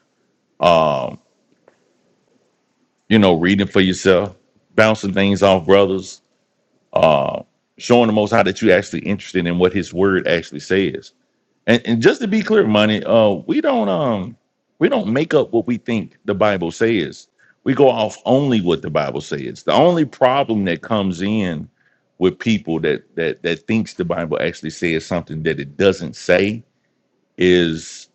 Speaker 3: Um, you know, reading for yourself, bouncing things off brothers, uh, showing the most how that you actually interested in what his word actually says And, and just to be clear, money, uh, we don't um we don't make up what we think the Bible says. We go off only what the Bible says. The only problem that comes in with people that that that thinks the Bible actually says something that it doesn't say is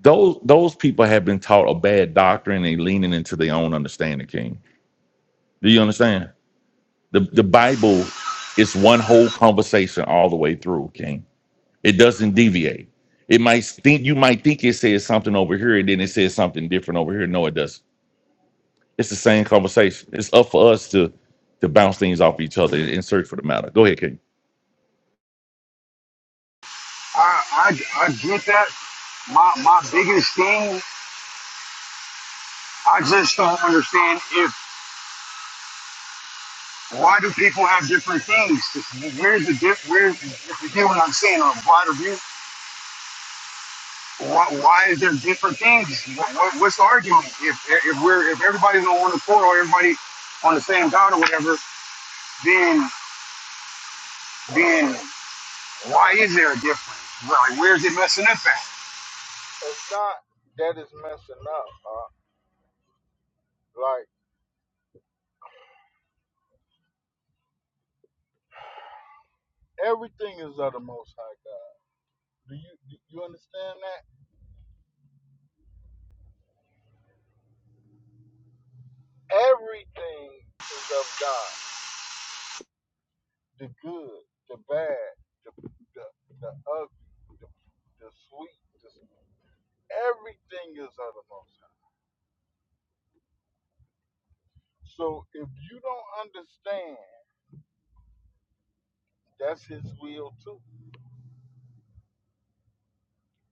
Speaker 3: those those people have been taught a bad doctrine and leaning into their own understanding, King. Do you understand? The the Bible is one whole conversation all the way through, King It doesn't deviate. It might think you might think it says something over here, and then it says something different over here. No, it doesn't. It's the same conversation. It's up for us to to bounce things off each other and search for the matter. Go ahead, King.
Speaker 4: I, I, I get that. My, my biggest thing, I just don't understand if why do people have different things? Where's the diff? Where's if you get what I'm saying? A wider view. Why, why is there different things? What, what, what's the argument? If if we're if everybody's on one accord or everybody on the same God or whatever, then then Why is there a difference? Like, where's it messing up at?
Speaker 1: It's not that it's messing up. Uh, like everything is of the Most High God. Do you do you understand that? Everything is of God. The good, the bad, the the, the ugly, the, the sweet, the, everything is of the Most High. So if you don't understand That's his will too.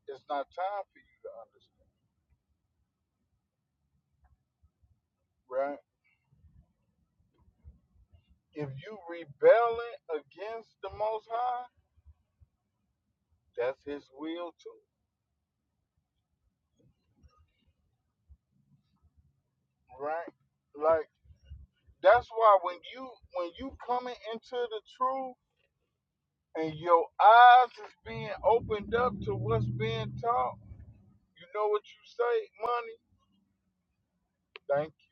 Speaker 1: It's not time for you to understand, right? If you rebelling against the Most High, that's his will too, right? Like that's why when you when you coming into the truth and your eyes is being opened up to what's being taught, you know what you say, money. Thank you.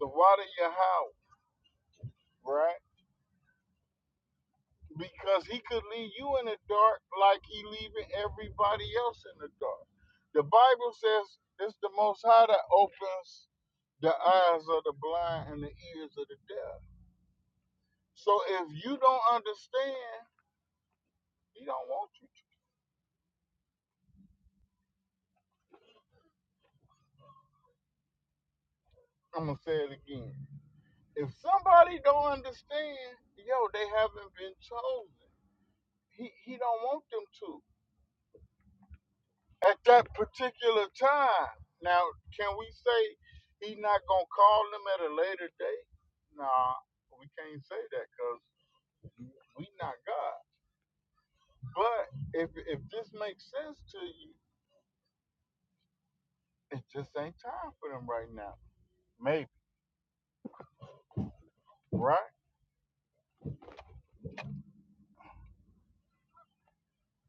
Speaker 1: The water your house, right? because he could leave you in the dark like he leaving everybody else in the dark. The Bible says it's the Most High that opens the eyes of the blind and the ears of the deaf. So if you don't understand, he don't want you to. I'm gonna say it again. If somebody don't understand, yo, they haven't been chosen. He he don't want them to. at that particular time. Now, can we say he's not gonna call them at a later date? Nah, we can't say that because we not God. But if if this makes sense to you, it just ain't time for them right now. Maybe, right?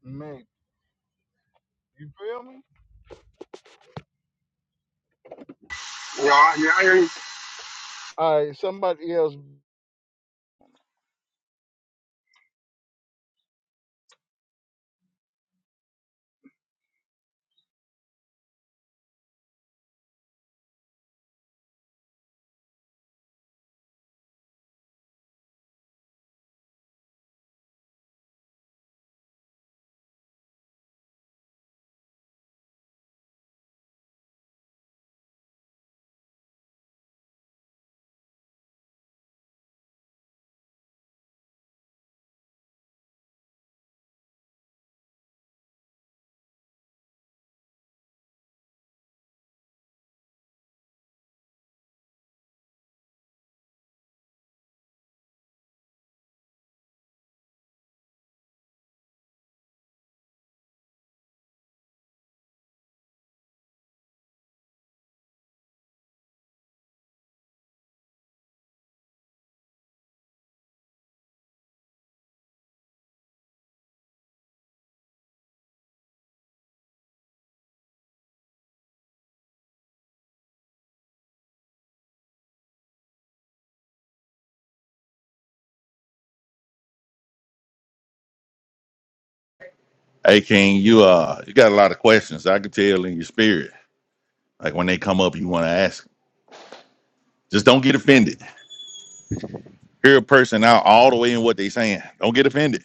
Speaker 1: Maybe. You feel me?
Speaker 4: You know, you mean, I hear you.
Speaker 1: All right. Somebody else
Speaker 3: Hey King, you uh you got a lot of questions. I can tell in your spirit. Like when they come up, you want to ask. Just don't get offended. Hear a person out all the way in what they saying. Don't get offended.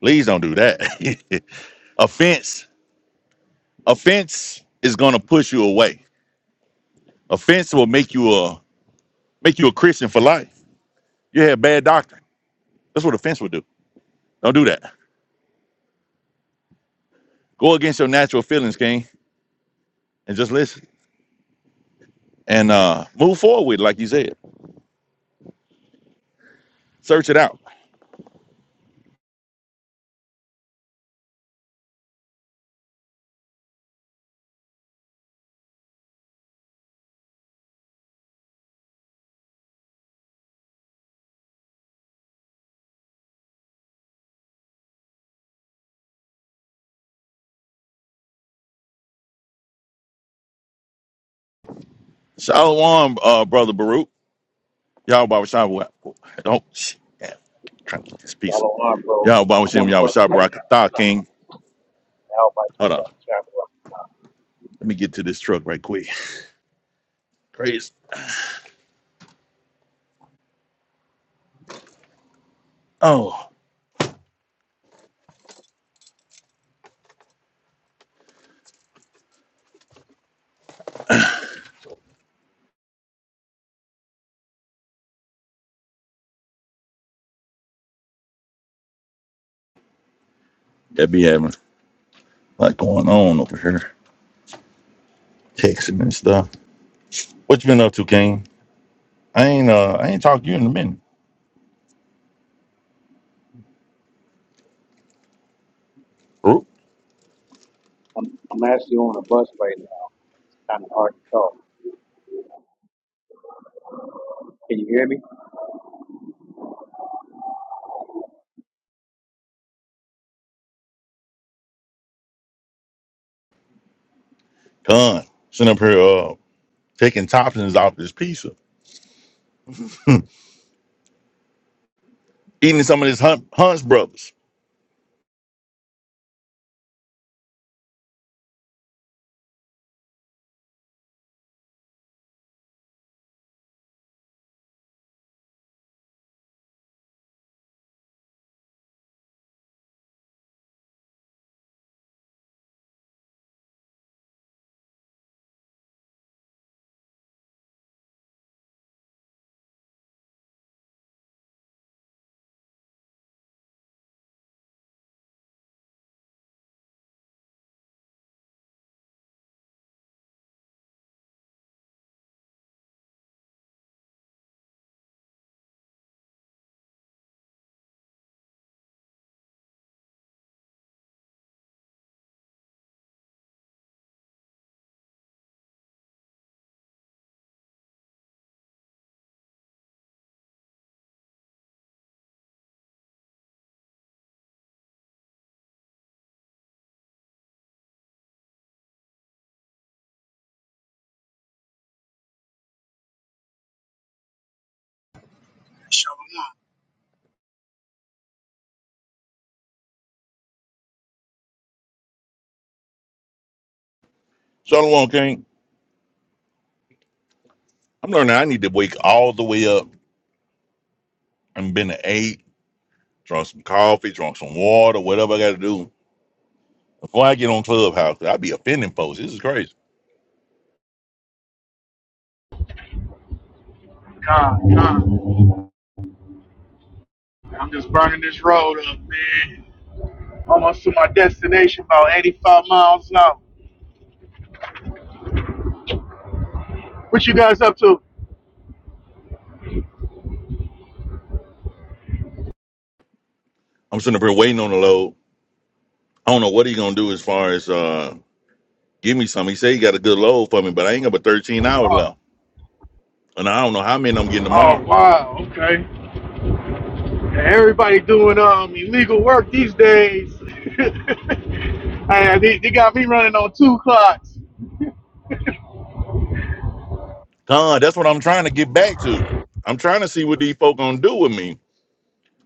Speaker 3: Please don't do that. offense, offense is gonna push you away. Offense will make you a make you a Christian for life. You had bad doctrine. That's what offense would do. Don't do that. Go against your natural feelings, King, and just listen and uh, move forward with it, like you said. Search it out. Shalom, uh, brother Baruch. Y'all Baba Shabbat. Don't shit, damn, trying to get this piece.
Speaker 6: Shalom, bro.
Speaker 3: Y'all Baba
Speaker 6: I'm
Speaker 3: Shem,
Speaker 6: on a
Speaker 3: Y'all
Speaker 6: bus right
Speaker 3: Shabbat King.
Speaker 6: now. I'll buy you
Speaker 3: Hold on.
Speaker 6: out the time, bro.
Speaker 3: Let me get to this truck right quick. Crazy. Oh, that be having a lot going on over here. Texting and stuff. What you been up to, King? I ain't uh I ain't talked to you in a minute. Baruch.
Speaker 6: I'm, I'm actually on a bus right now. Kind of hard to talk. Can you hear me?
Speaker 3: Con. Sitting up here uh taking toppings off this pizza, eating some of this Hunt, Hunt's Brothers. Shalom King. I'm learning I need to wake all the way up. I've been to eight, drunk some coffee, drunk some water, whatever I got to do. Before I get on Clubhouse, i be offending folks. This is crazy.
Speaker 7: God, God. I'm just burning this road up, man. Almost to my destination, about 85 miles an hour. What you guys up to?
Speaker 3: I'm sitting up here waiting on the load. I don't know what he going to do as far as uh, give me some. He said he got a good load for me, but I ain't got but 13 hours
Speaker 7: Oh,
Speaker 3: left. And I don't know how many I'm getting
Speaker 7: oh
Speaker 3: tomorrow.
Speaker 7: wow, okay. Everybody doing um illegal work these days. hey, they, they got me running on two clocks.
Speaker 3: God, that's what I'm trying to get back to. I'm trying to see what these folk going to do with me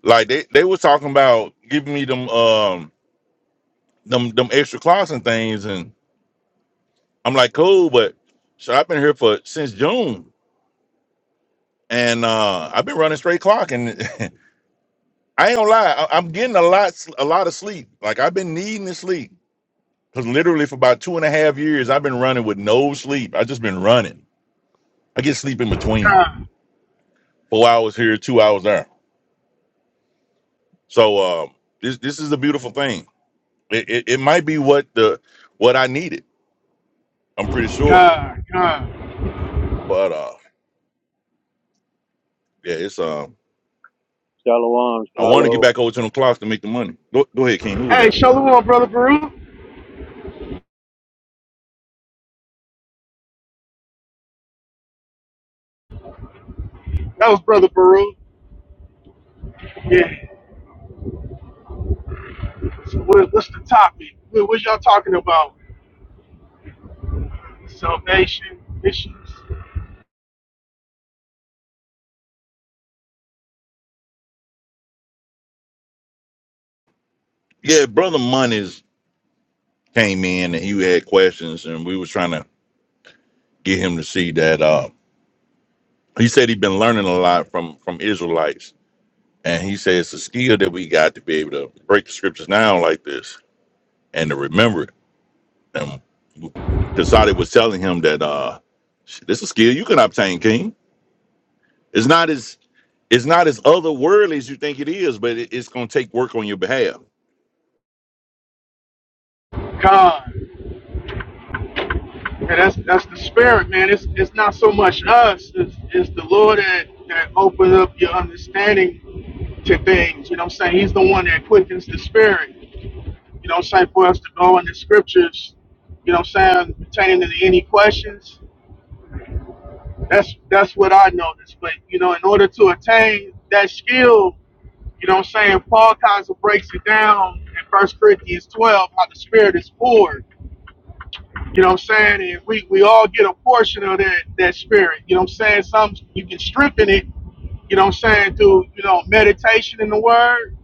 Speaker 3: Like they they was talking about giving me them um them them extra clots and things, and I'm like, cool, but so I've been here for since June, and uh I've been running straight clock, and I ain't gonna lie, I, I'm getting a lot a lot of sleep. Like I've been needing to sleep because literally for about two and a half years I've been running with no sleep. I just been running. I get sleep in between,
Speaker 7: God,
Speaker 3: four hours here, two hours there. So uh, this this is a beautiful thing. It, it it might be what the what I needed. I'm pretty sure,
Speaker 7: God, God.
Speaker 3: but uh. Yeah, it's um.
Speaker 6: Shalom,
Speaker 3: I want to get
Speaker 6: shalom.
Speaker 3: back over to the clocks to make the money. Go, go ahead, King. Who was
Speaker 7: Hey,
Speaker 3: that?
Speaker 7: shalom, brother Baruch. That was brother Baruch. Yeah. So what, what's the topic? What, what y'all talking about? Salvation issues.
Speaker 3: Yeah, brother Monies came in and he had questions, and we was trying to get him to see that. Uh, he said he'd been learning a lot from from Israelites, and he said it's a skill that we got to be able to break the scriptures down like this and to remember it. And Kasadi was telling him that uh, this is a skill you can obtain, King. It's not as it's not as otherworldly as you think it is, but it, it's gonna take work on your behalf.
Speaker 7: God. Yeah, that's that's the spirit, man. It's it's not so much us. It's, it's the Lord that that opens up your understanding to things. You know what I'm saying? He's the one that quickens the spirit. You know what I'm saying? For us to go in the scriptures. You know what I'm saying? Pertaining to any questions. That's that's what I noticed. But you know, in order to attain that skill, you know what I'm saying? Paul kind of breaks it down in First Corinthians 12 how the spirit is poured. You know what I'm saying? And we, we all get a portion of that that spirit. You know what I'm saying? Some you can strengthen it, you know what I'm saying, through, you know, meditation in the word.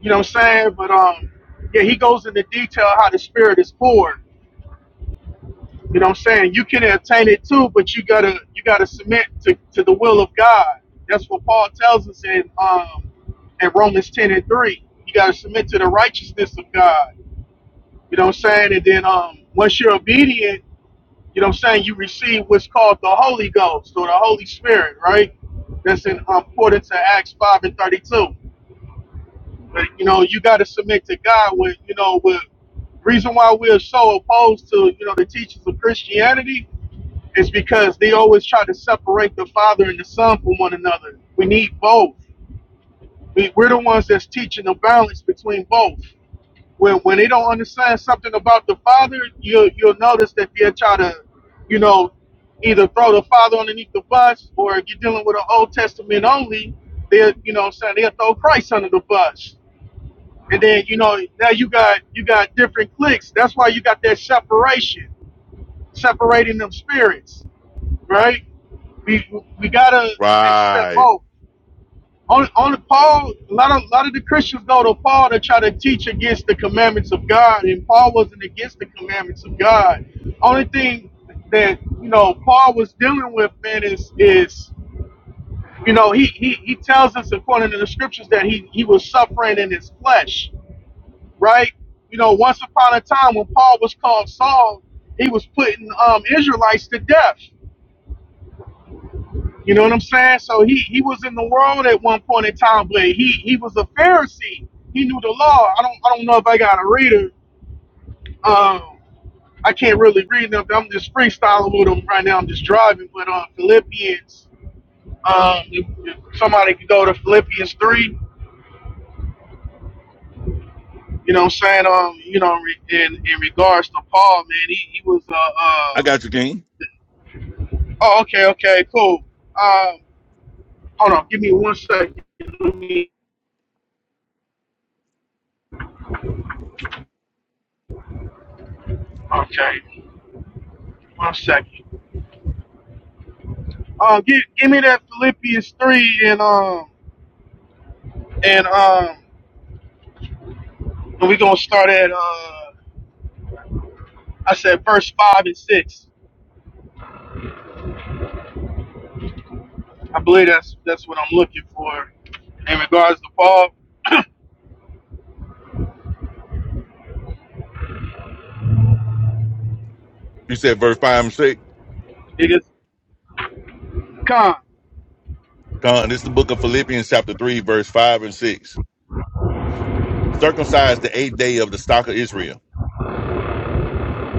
Speaker 7: You know what I'm saying? But um yeah, he goes into detail how the spirit is poured. You know what I'm saying? You can attain it too, but you gotta you gotta submit to, to the will of God. That's what Paul tells us in um in Romans ten and three. You gotta submit to the righteousness of God. You know what I'm saying? And then um once you're obedient you know what I'm saying, you receive what's called the Holy Ghost or the Holy Spirit, right? That's in um, according to Acts 5 and 32. But, you know, you got to submit to God with, you know, with reason why we're so opposed to, you know, the teachings of Christianity is because they always try to separate the Father and the Son from one another. We need both. We, we're the ones that's teaching the balance between both when when they don't understand something about the father, you'll you'll notice that they'll try to, you know, either throw the father underneath the bus, or if you're dealing with an Old Testament only, they'll you know what I'm saying they'll throw Christ under the bus, and then you know now you got you got different cliques. That's why you got that separation, separating them spirits, right? We we gotta accept
Speaker 3: Right.
Speaker 7: both. Only, only Paul, a lot of, lot of the Christians go to Paul to try to teach against the commandments of God, and Paul wasn't against the commandments of God. Only thing that you know Paul was dealing with, man, is is you know he he, he tells us according to the scriptures that he he was suffering in his flesh, right? You know, once upon a time when Paul was called Saul, he was putting um, Israelites to death You know what I'm saying? So he he was in the world at one point in time, but he he was a Pharisee. He knew the law. I don't I don't know if I got a reader. Um, I can't really read them. I'm just freestyling with them right now. I'm just driving. But um, Philippians, um, if, if somebody could go to Philippians three. You know what I'm saying? Um, you know, re- in in regards to Paul, man, he he was uh,
Speaker 3: I got
Speaker 7: uh
Speaker 3: you, King.
Speaker 7: oh okay okay cool. Um, hold on, give me one second. Let me okay, one second. Um, give, give me that Philippians three and um and um and we gonna start at uh I said verse five and six. I believe that's that's what I'm looking for in regards to Paul.
Speaker 3: You said verse 5 and 6.
Speaker 7: Niggas, con.
Speaker 3: Con, this is the book of Philippians, chapter 3, verse 5 and 6. Circumcised the eighth day of the stock of Israel,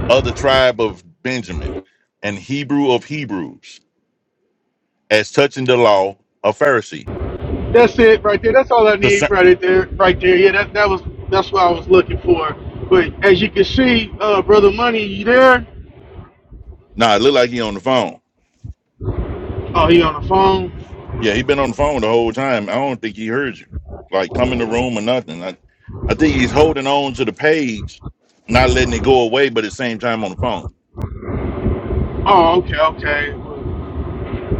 Speaker 3: of the tribe of Benjamin, and Hebrew of Hebrews, as touching the law, a Pharisee.
Speaker 7: That's it right there. That's all I need
Speaker 3: Concern-
Speaker 7: right there. Right there. Yeah, that that was that's what I was looking for. But as you can see, uh, brother Money, you there?
Speaker 3: nah, it look like he on the phone.
Speaker 7: Oh, he on the phone.
Speaker 3: Yeah, he been on the phone the whole time. I don't think he heard you. Like, come in the room or nothing. I, I think he's holding on to the page, not letting it go away, but at the same time on the phone.
Speaker 7: Oh, okay, okay.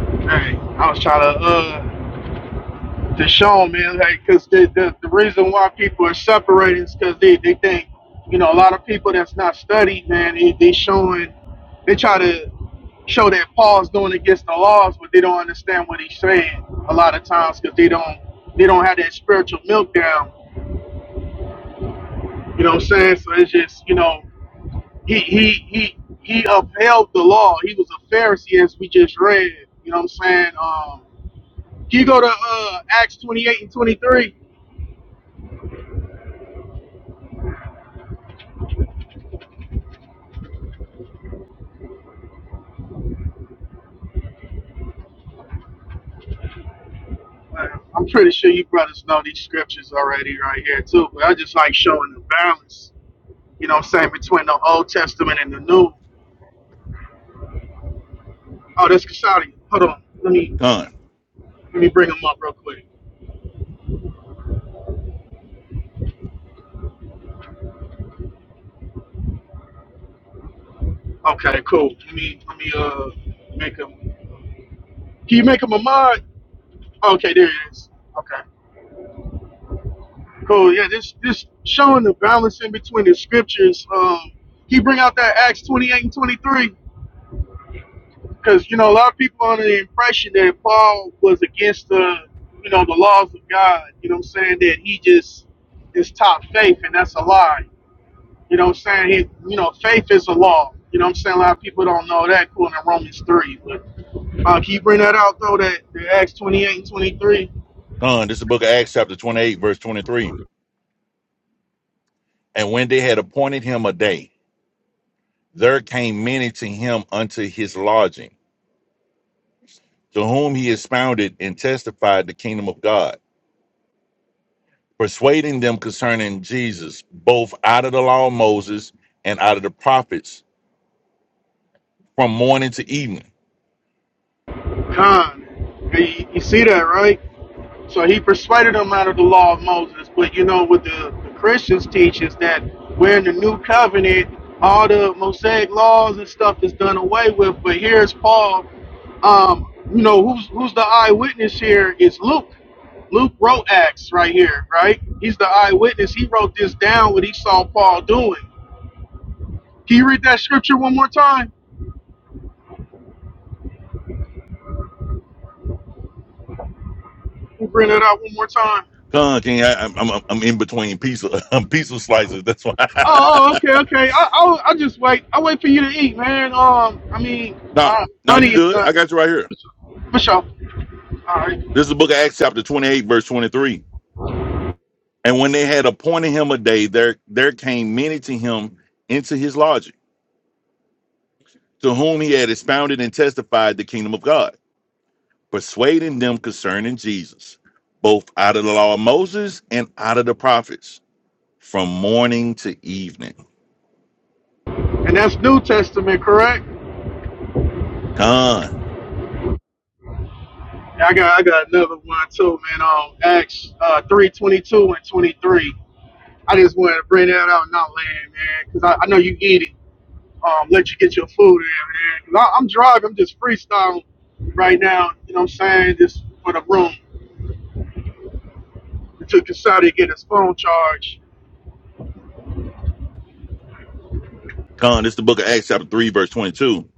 Speaker 7: Hey, I was trying to. uh. to show 'em, man, like, cause the, the the reason why people are separating is because they they think, you know, a lot of people that's not studied, man, they, they showing, they try to show that Paul's doing against the laws, but they don't understand what he's saying a lot of times because they don't they don't have that spiritual milk down. You know what I'm saying? So it's just, you know, he he he he upheld the law. He was a Pharisee as we just read. You know what I'm saying? Um, can you go to uh, Acts 28 and 23? I'm pretty sure you brothers know these scriptures already right here too, but I just like showing the balance, you know what I'm saying, between the Old Testament and the New. Oh, that's Kasadi. Hold on. Let me
Speaker 3: Con,
Speaker 7: let me bring him up real quick. Okay, cool. Let me let me uh make him can you make him a mod? Okay, there it is. Okay. Cool. Yeah, this this showing the balance in between the scriptures. Um he bring out that Acts twenty eight and twenty three. because you know a lot of people are under the impression that Paul was against the you know the laws of God. You know what I'm saying that he just is top faith, and that's a lie. You know what I'm saying? He, you know, faith is a law. You know what I'm saying? A lot of people don't know that cool to Romans three. But uh, can you bring that out though? That, that Acts 28 and 23.
Speaker 3: Con, this is the book of Acts, chapter 28, verse 23. And when they had appointed him a day, there came many to him unto his lodging, to whom he expounded and testified the kingdom of God, persuading them concerning Jesus, both out of the law of Moses and out of the prophets, from morning to evening.
Speaker 7: Con, Hey, you, you see that right? So he persuaded them out of the law of Moses. But you know what the, the Christians teach is that we're in the new covenant, all the Mosaic laws and stuff is done away with. But here's Paul. Um, you know, who's who's the eyewitness here is Luke. Luke wrote Acts right here, right? He's the eyewitness. He wrote this down what he saw Paul doing. Can you read that scripture one more time? We'll bring it out one more time.
Speaker 3: Come, King, I, I'm, I'm I'm in between pizza pizza slices. That's why.
Speaker 7: Oh, oh, okay, okay. I, I'll, I'll just wait. I'll wait for you to eat, man. Um, I mean,
Speaker 3: now,
Speaker 7: uh,
Speaker 3: now
Speaker 7: money
Speaker 3: you
Speaker 7: is
Speaker 3: good?
Speaker 7: the
Speaker 3: I got you right here.
Speaker 7: for sure. All right,
Speaker 3: This is the book of Acts, chapter 28, verse 23. And when they had appointed him a day, there there came many to him into his lodging to whom he had expounded and testified the kingdom of God, persuading them concerning Jesus, both out of the law of Moses and out of the prophets, from morning to evening.
Speaker 7: and that's New Testament, correct?
Speaker 3: Con,
Speaker 7: Yeah, I got, I got another one too, man. Um, Acts uh, three twenty two and twenty three. I just wanted to bring that out, not land, man, because I, I know you eat it. Um, let you get your food in, man. 'Cause I, I'm driving, I'm just freestyling right now. You know what I'm saying? Just for the room. It took Kasadi to get his phone charged.
Speaker 3: con, this is the book of Acts, chapter 3, verse 22.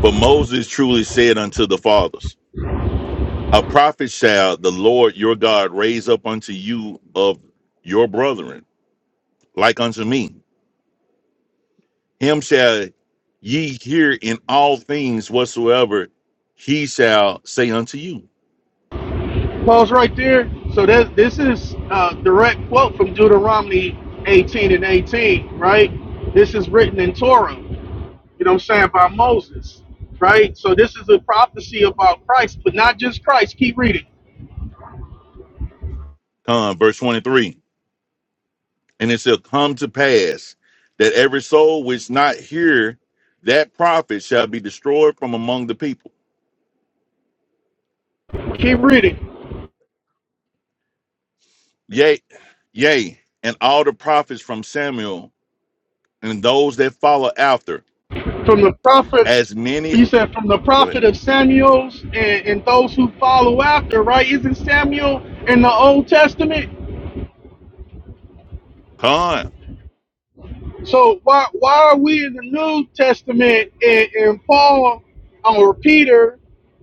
Speaker 3: For Moses truly said unto the fathers, A prophet shall the Lord your God raise up unto you of your brethren, like unto me. Him shall ye hear in all things whatsoever he shall say unto you
Speaker 7: Pause right there. So that this is a direct quote from Deuteronomy 18 and 18, right? This is written in Torah, you know what I'm saying, by Moses, right? So this is a prophecy about Christ, but not just Christ. Keep reading.
Speaker 3: uh, verse 23 and it shall come to pass that every soul which not hear that prophet shall be destroyed from among the people
Speaker 7: Keep reading.
Speaker 3: yea yea and all the prophets from samuel and those that follow after
Speaker 7: From the prophet,
Speaker 3: as many
Speaker 7: he said, from the
Speaker 3: go ahead
Speaker 7: prophet of Samuel's and, and those who follow after, right? Isn't Samuel in the Old Testament?
Speaker 3: come
Speaker 7: So why why are we in the New Testament and, and Paul um, or Peter,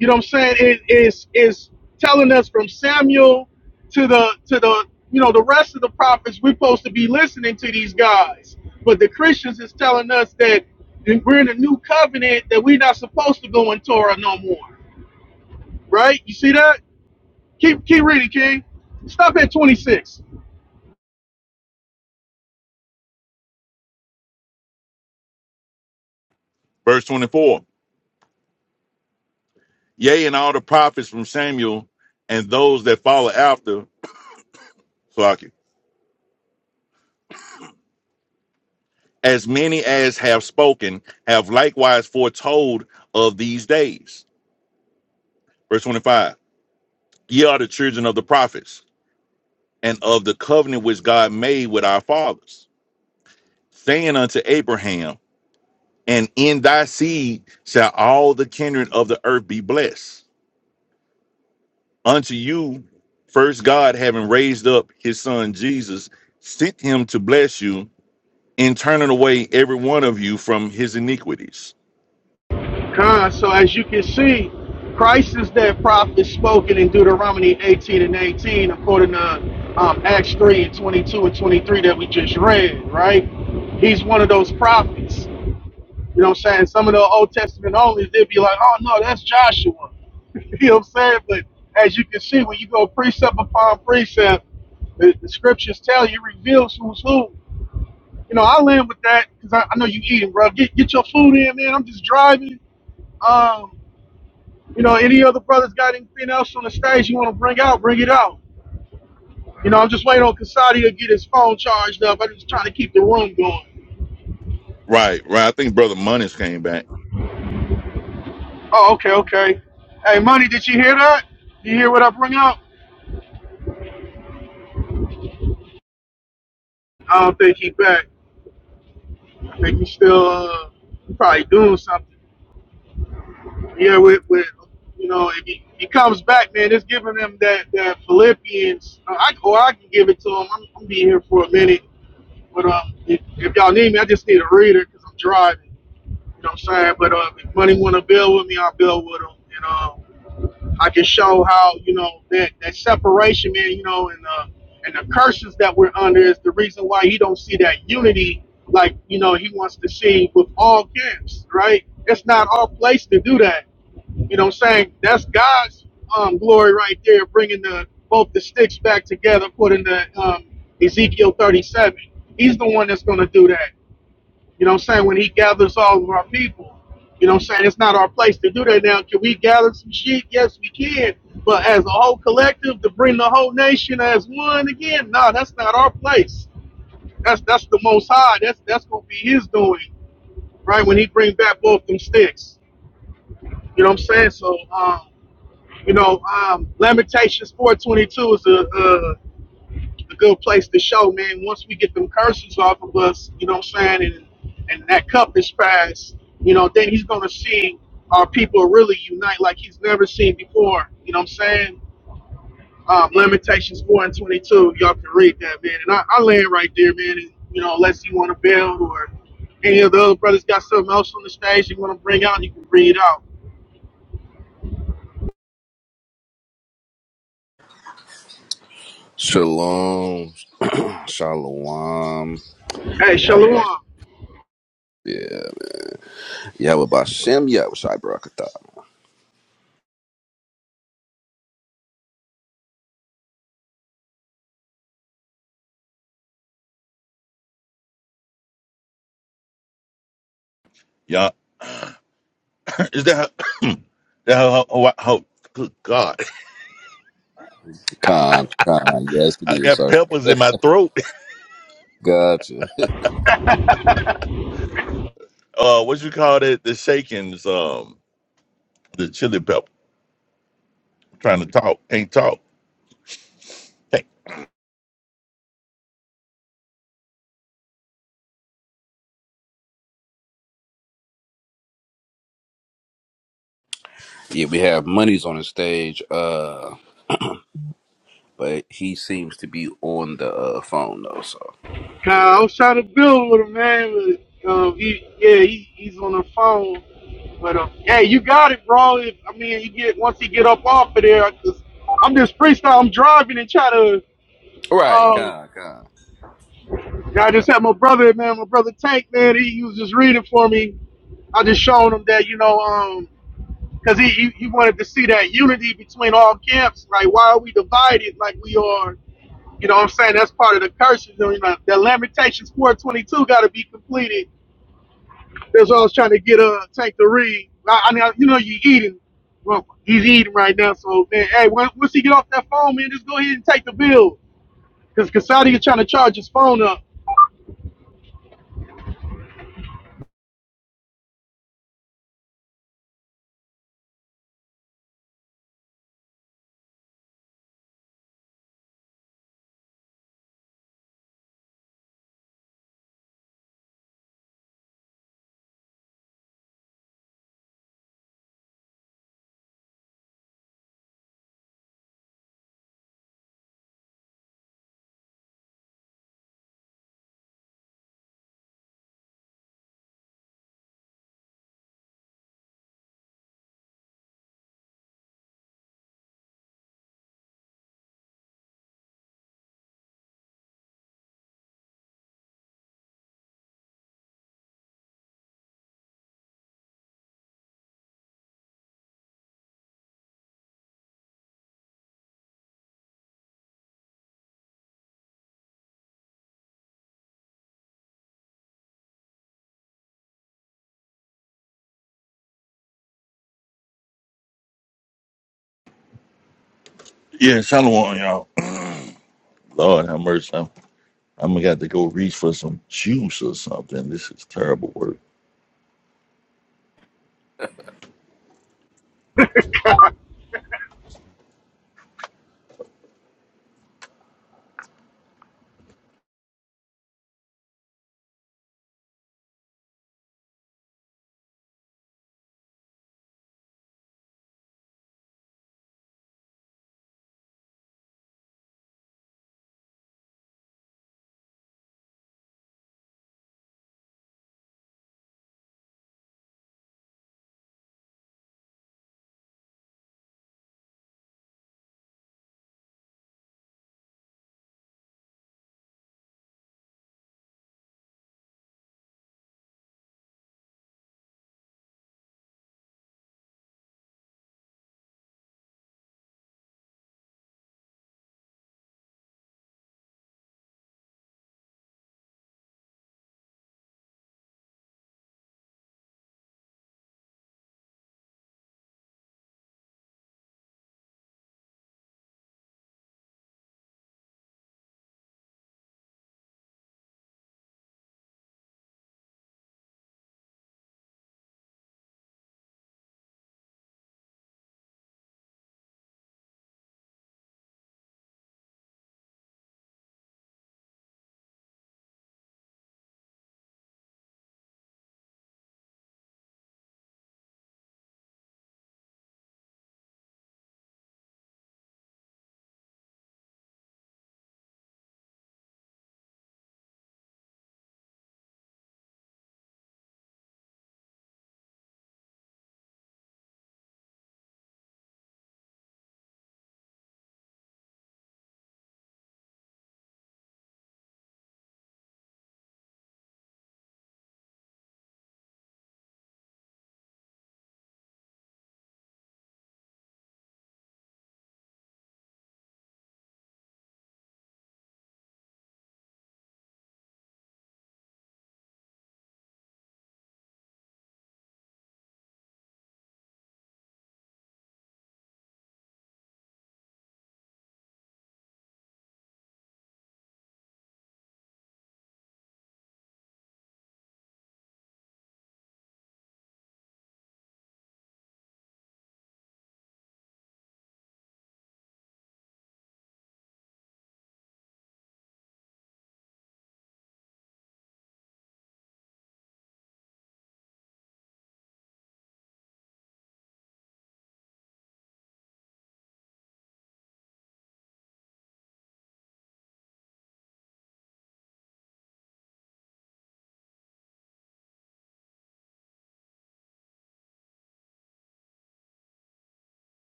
Speaker 7: you know what I'm saying, is is is telling us from Samuel to the to the you know the rest of the prophets we're supposed to be listening to these guys. But the Christians is telling us that we're in a new covenant that we're not supposed to go in Torah no more. Right? You see that? Keep keep reading, King. Stop at 26.
Speaker 3: verse 24 yea and all the prophets from samuel and those that follow after Salaki, as many as have spoken have likewise foretold of these days verse 25 Ye are the children of the prophets and of the covenant which God made with our fathers, saying unto Abraham, And in thy seed shall all the kindred of the earth be blessed. Unto you, first God, having raised up his son Jesus, sent him to bless you in turning away every one of you from his iniquities.
Speaker 7: Con, so as you can see, Christ is that prophet spoken in Deuteronomy 18 and 18, according to um, Acts 3 and 22 and 23 that we just read, right? He's one of those prophets. You know what I'm saying? Some of the Old Testament only, they'd be like, oh no, that's Joshua. you know what I'm saying? But as you can see, when you go precept upon precept, the, the scriptures tell you, reveals who's who. You know, I land with that because I, I know you eating, bro. Get, get your food in, man. I'm just driving. Um, you know, any other brothers got anything else on the stage you want to bring out, bring it out. You know, I'm just waiting on Kasadi to get his phone charged up. I'm just trying to keep the room going.
Speaker 3: Right, right. I think Brother Moniz came back.
Speaker 7: Oh, okay, okay. Hey, Money, did you hear that? You hear what I bring up? I don't think he back. I think he's still uh, probably doing something. Yeah, with, with you know, if he, he comes back, man, it's giving him that, that Philippians. Uh, I, or I can give it to him. I'm, I'm be here for a minute. But um, if, if y'all need me, I just need a reader because I'm driving. You know what I'm saying? But uh, if money want to build with me, I'll build with them. And um, I can show how you know that that separation, man. You know, and uh, and the curses that we're under is the reason why he don't see that unity like you know he wants to see with all camps, right? It's not our place to do that. You know what I'm saying? That's God's um, glory right there, bringing the both the sticks back together, putting the um, Ezekiel 37. He's the one that's going to do that. You know what I'm saying? When he gathers all of our people, you know what I'm saying? It's not our place to do that now. Can we gather some sheep? Yes, we can. But as a whole collective, to bring the whole nation as one again, no, that's not our place. That's that's the most high. That's that's gonna be his doing, right? When he bring back both them sticks. You know what I'm saying? So um, you know, um Lamentations four twenty two is a, a a good place to show, man. Once we get them curses off of us, you know what I'm saying, and and that cup is passed, you know, then he's gonna see our people really unite like he's never seen before. You know what I'm saying? Um, Lamentations four and twenty two, y'all can read that, man. And I, I land right there, man. And, you know, unless you want to build or any of the other brothers got something else on the stage you want to bring out, you can bring it out.
Speaker 8: Shalom, shalom.
Speaker 7: Hey,
Speaker 8: Yahweh Bas-
Speaker 7: Shalom.
Speaker 8: yeah, Yahweh Bashem, Yahweh Shai Barakatha.
Speaker 3: Yeah. Is that how, that how, how, how- good God,
Speaker 8: Khan, Khan, yes it
Speaker 3: I
Speaker 8: is,
Speaker 3: got
Speaker 8: sir.
Speaker 3: peppers in my throat.
Speaker 8: Gotcha.
Speaker 3: uh what you call it? the shakings um the chili pepper trying to talk can't talk hey
Speaker 8: Yeah, we have monies on the stage, uh, but he seems to be on the uh, phone though. So,
Speaker 7: Kyle, I was trying to build with him, man, but um, he, yeah, he, he's on the phone. But um, hey, you got it, bro. If, I mean, you get once he get up off of there, 'cause I'm just freestyle. I'm driving and try to.
Speaker 8: right,
Speaker 7: Um,
Speaker 8: Khan, Khan,
Speaker 7: I just had my brother, man, my brother Tank, man. He, he was just reading for me. I just showed him that, you know, um, because he, he he wanted to see that unity between all camps. Like, why are we divided like we are? You know what I'm saying? That's part of the curses. You know, the Lamentations 422 got to be completed That's why I was trying to get uh Tank to read. I, I mean, I- you know, you eating. Well, he's eating right now, so man, hey, when, once he get off that phone, man, just go ahead and take the bill. Cause Kasadi is trying to charge his phone up.
Speaker 3: yeah shalom on y'all lord have mercy I'm, I'm gonna have to go reach for some juice or something this is terrible work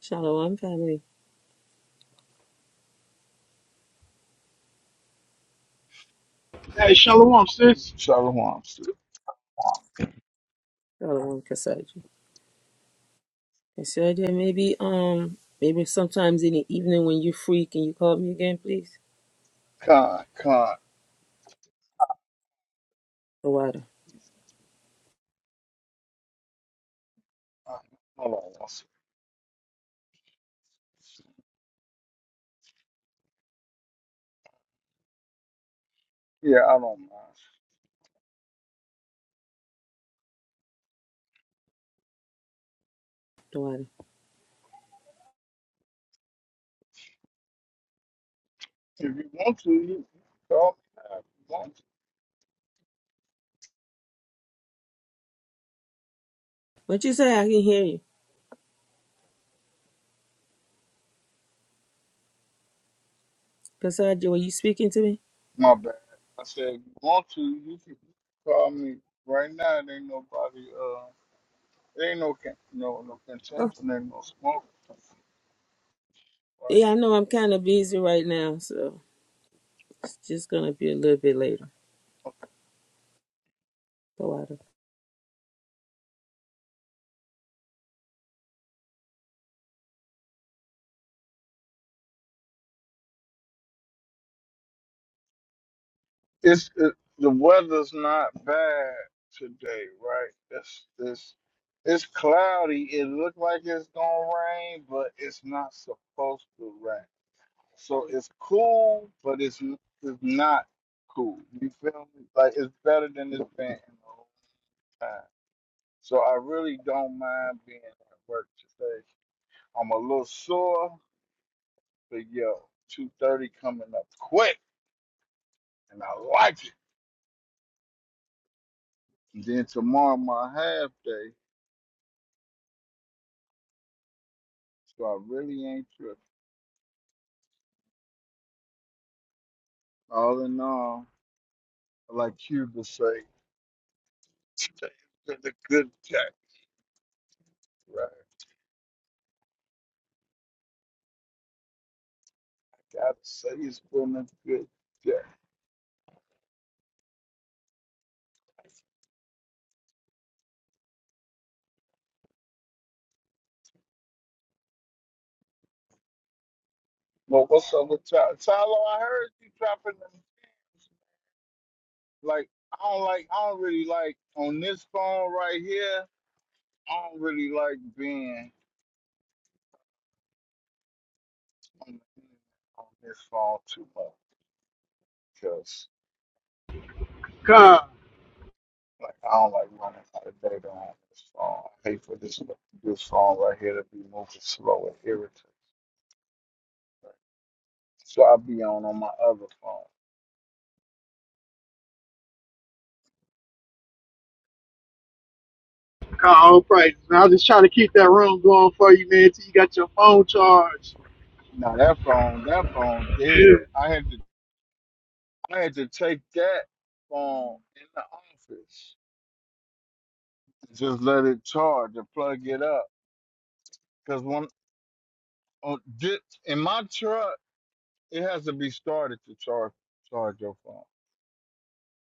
Speaker 9: Shalom family.
Speaker 7: Hey, shalom, sis.
Speaker 10: Shalom.
Speaker 9: Shalom Kasaji. Kasaji, maybe um maybe sometimes in the evening when you're free, can you call me again, please?
Speaker 10: Con, con.
Speaker 9: The water,
Speaker 10: Hold on one second. Yeah, I don't mind.
Speaker 9: Dawada. Dawada.
Speaker 10: If you want to, you can call me. now If you want to.
Speaker 9: What you say? I can hear you. Kasaji, were you speaking to me?
Speaker 10: My bad. I said, if you want to, you can call me right now. It ain't nobody, uh, it ain't no, con- no, no
Speaker 9: Oh.
Speaker 10: contention, ain't no smoke. Right?
Speaker 9: Yeah, I know I'm kinda busy right now, so it's just gonna be a little bit later.
Speaker 10: Okay.
Speaker 9: The Dawada.
Speaker 10: It's, it, the weather's not bad today, right? It's, it's, it's cloudy. It looked like it's gonna rain, but it's not supposed to rain. So it's cool, but it's it's not cool. You feel me? Like it's better than it's been in a long time. So I really don't mind being at work today. I'm a little sore, but yo, two thirty coming up quick, and I like it. And then tomorrow my half day, so I really ain't tripping. All in all, like Cuba say, today's been a good day, right? Gotta say it's been a good day. Well, what's up with Ty- Tyler? I heard you dropping them. jams. Like, I don't like, I don't really like on this phone right here. I don't really like being on, the internet on this phone too much because,
Speaker 7: God,
Speaker 10: like, I don't like running out of data on this phone. I hate for this this phone right here to be moving slow and irritating. So i be on on my other phone.
Speaker 7: God, all praises. Man, I am just trying to keep that room going for you, man, till you got your phone charged.
Speaker 10: Now that phone, that phone dead. I had to, I had to take that phone in the office. Just let it charge or plug it up. Cause when on, di- in my truck, it has to be started to charge charge your phone,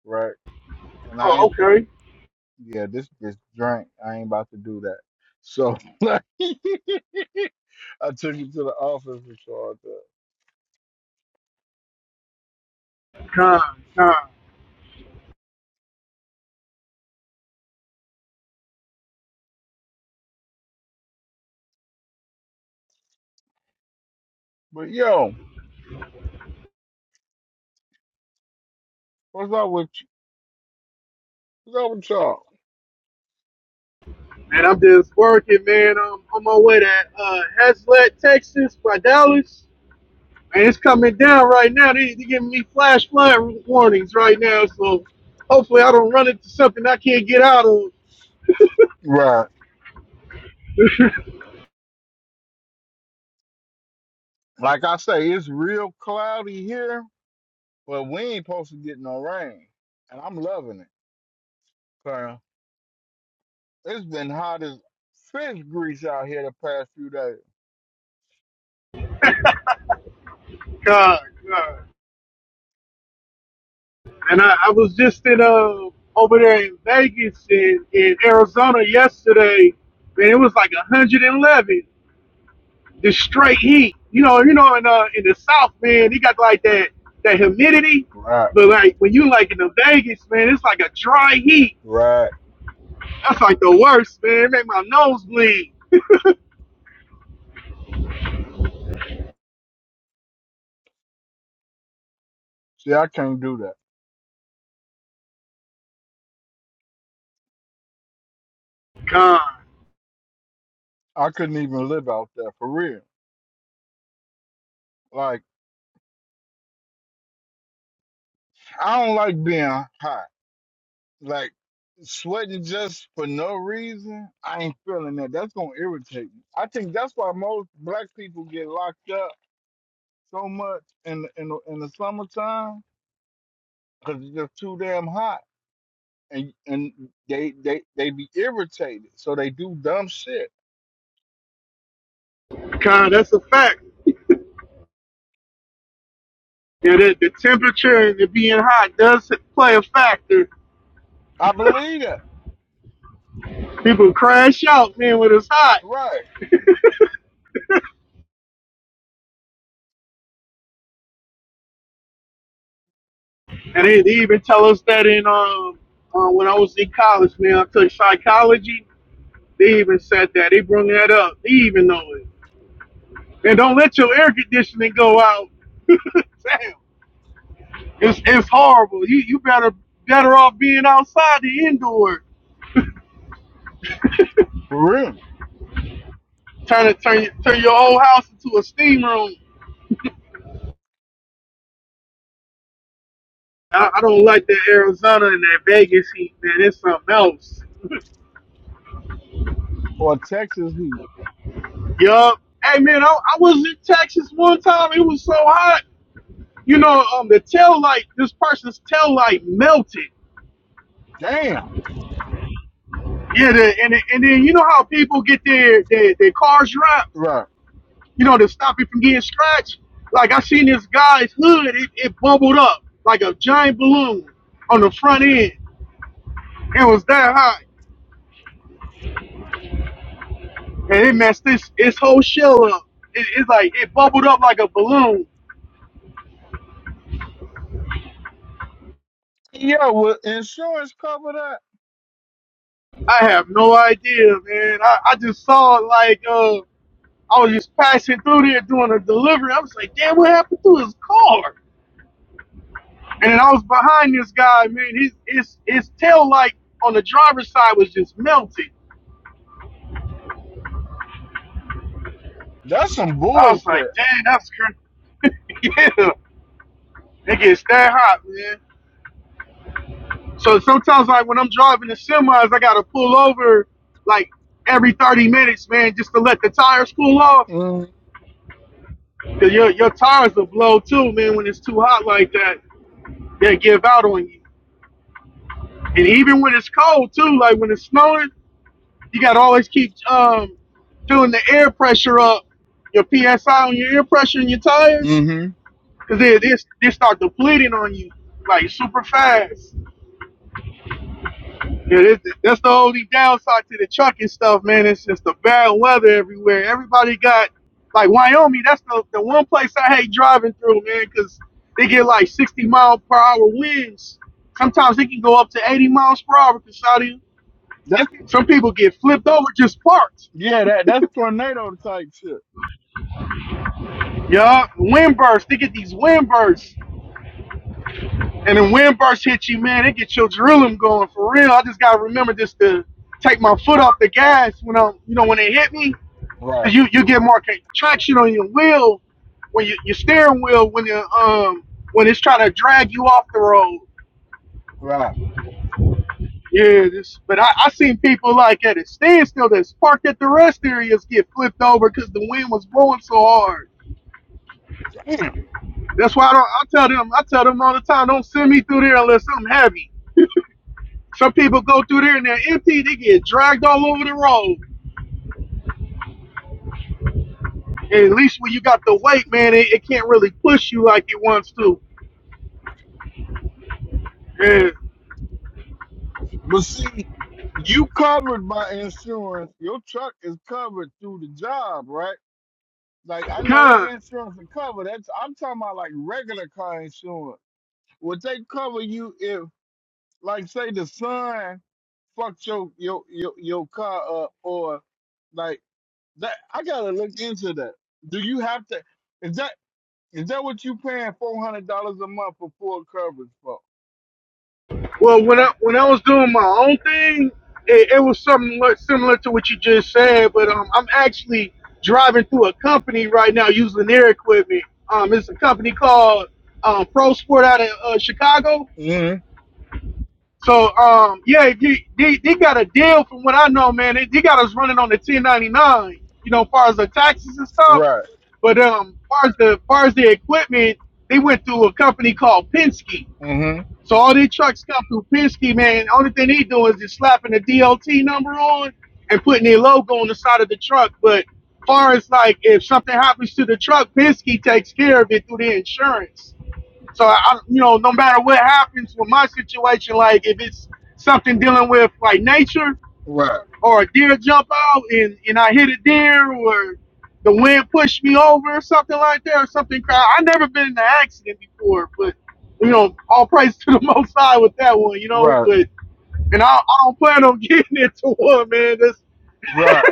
Speaker 10: right? And I
Speaker 7: Oh,
Speaker 10: ain't fin-
Speaker 7: okay.
Speaker 10: yeah, this bitch drank. I ain't about to do that. So like, I took it to the office to charge up.
Speaker 7: God, God.
Speaker 10: But yo, what's up with you? What's up with y'all?
Speaker 7: Man, I'm just working, man. I'm on my way to uh, Hazlet, Texas, by Dallas. Man, it's coming down right now. They, they giving me flash flood warnings right now, so hopefully I don't run into something I can't get out of.
Speaker 10: Right. Like I say, it's real cloudy here, but we ain't supposed to get no rain. And I'm loving it. It's been hot as fish grease out here the past few days.
Speaker 7: God, God. And I, I was just in uh over there in Vegas and in Arizona yesterday, man. It was like 111, just straight heat. You know, you know, in uh in the South, man, you got like that that humidity,
Speaker 10: Right,
Speaker 7: but like when you like in the Vegas, man, it's like a dry heat.
Speaker 10: right.
Speaker 7: That's like the worst, man. It make my nose bleed.
Speaker 10: See, I can't do that.
Speaker 7: God.
Speaker 10: I couldn't even live out there for real. Like, I don't like being hot. Like, sweating just for no reason, I ain't feeling that. That's gonna irritate me. I think that's why most black people get locked up so much in in the, in the summertime because it's just too damn hot, and and they they they be irritated, so they do dumb shit.
Speaker 7: Con, that's a fact. Yeah, that the temperature and it being hot does play a factor.
Speaker 10: I believe that.
Speaker 7: People crash out, man, when it's hot.
Speaker 10: Right.
Speaker 7: And they, they even tell us that in um uh, when I was in college, man, I took psychology. They even said that. They brought that up. They even know it. And don't let your air conditioning go out. Damn, it's it's horrible. You you better better off being outside than indoor.
Speaker 10: For real.
Speaker 7: Turn it turn turn your whole house into a steam room. I, I don't like that Arizona and that Vegas heat, man. It's something else.
Speaker 10: Or Texas Heat.
Speaker 7: Yup. Hey, man, I, I was in Texas one time. It was so hot. You know, um, the tail light, this person's tail light melted.
Speaker 10: Damn.
Speaker 7: Yeah, the, and and then you know how people get their their, their cars wrapped,
Speaker 10: Right.
Speaker 7: you know, to stop it from getting scratched. Like I seen this guy's hood, it, it bubbled up like a giant balloon on the front end. It was that hot, and it messed this his whole shell up. It, it's like it bubbled up like a balloon
Speaker 10: Yo, will insurance cover that?
Speaker 7: I have no idea, man. I, I just saw it like uh, I was just passing through there doing a delivery. I was like, damn, what happened to his car? And then I was behind this guy, man. His his his tail light on the driver's side was just melting.
Speaker 10: That's some
Speaker 7: I was like,
Speaker 10: bullshit.
Speaker 7: dang, that's crazy. yeah, it gets that hot, man. So sometimes, like when I'm driving the semis, I gotta pull over like every 30 minutes, man, just to let the tires cool off.
Speaker 10: Mm-hmm.
Speaker 7: Cause your your tires will blow too, man, when it's too hot like that. They'll give out on you. And even when it's cold too, like when it's snowing, you gotta always keep um doing the air pressure up, your PSI on your air pressure in your tires,
Speaker 10: Mm-hmm.
Speaker 7: cause they they, they start depleting on you like super fast. Yeah, this, that's the only downside to the trucking stuff, man. It's just the bad weather everywhere. Everybody got like Wyoming. That's the the one place I hate driving through, man, cause they get like 60 mile per hour winds. Sometimes they can go up to 80 miles per hour, because out Casadio.
Speaker 10: That's
Speaker 7: Some people get flipped over, just parked.
Speaker 10: yeah, that that's tornado type shit.
Speaker 7: Yeah, wind bursts. They get these wind bursts. And then wind bursts hit you, man. They get your adrenaline going for real. I just gotta remember just to take my foot off the gas when I'm, you know, when it hit me.
Speaker 10: Right.
Speaker 7: Cause you, you get more traction on your wheel when you, your steering wheel when you um when it's trying to drag you off the road.
Speaker 10: Right.
Speaker 7: Yeah, this, but I, I seen people like at a standstill that's parked at the rest areas get flipped over because the wind was blowing so hard.
Speaker 10: Damn.
Speaker 7: That's why I don't. I tell them. I tell them all the time. Don't send me through there unless I'm heavy. Some people go through there and they're empty. They get dragged all over the road. And at least when you got the weight, man, it, it can't really push you like it wants to. And
Speaker 10: But see, you covered by insurance. Your truck is covered through the job, right? Like I know
Speaker 7: kind.
Speaker 10: they insurance and cover. That's I'm talking about like regular car insurance. Would they cover you if like say the sun? fucked your your your, your car up or like that. I gotta look into that. Do you have to? Is that is that what you paying four hundred dollars a month for full coverage for?
Speaker 7: Well, when I
Speaker 10: Right.
Speaker 7: when I was doing my own thing, it, it was something like- similar to what you just said. But um, I'm actually driving through a company right now using their equipment. Um, it's a company called um, Pro Sport out of uh, Chicago
Speaker 10: hmm
Speaker 7: So um, yeah, they, they, they got a deal from what I know, man. They, they got us running on the 1099, you know, as far as the taxes and stuff.
Speaker 10: Right.
Speaker 7: But um, far as the far as the equipment, they went through a company called Penske.
Speaker 10: hmm
Speaker 7: So all their trucks come through Penske, man. Only thing they do is just slapping the DOT number on and putting their logo on the side of the truck. But far as like if something happens to the truck, Penske takes care of it through their insurance. So I, you know, no matter what happens with my situation, like if it's something dealing with like nature
Speaker 10: Right.
Speaker 7: or a deer jump out and and I hit a deer or the wind pushed me over or something like that or something. cra- I never been in an accident before, but you know, all praise to the Most High with that one, you know.
Speaker 10: Right.
Speaker 7: But and I, I don't plan on getting into one, man. That's
Speaker 10: Right.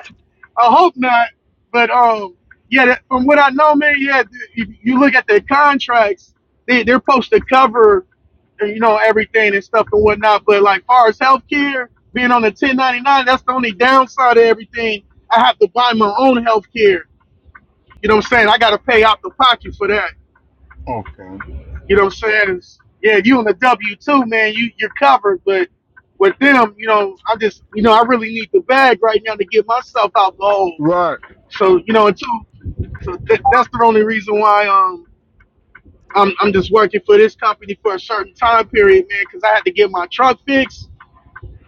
Speaker 7: I hope not. But um, yeah, that, from what I know, man, yeah, if you look at their contracts, they they're supposed to cover, uh, you know, everything and stuff and whatnot. But like far as healthcare, being on the 1099, that's the only downside of everything. I have to buy my own healthcare. You know what I'm saying? I got to pay out the pocket for that.
Speaker 10: Okay.
Speaker 7: You know what I'm saying? It's- yeah, if you on the W two, man, you you're covered. But with them, you know, I just, you know, I really need the bag right now to get myself out the hole.
Speaker 10: Right.
Speaker 7: So, you know, until So th- that's the only reason why um I'm I'm just working for this company for a certain time period, man, because I had to get my truck fixed.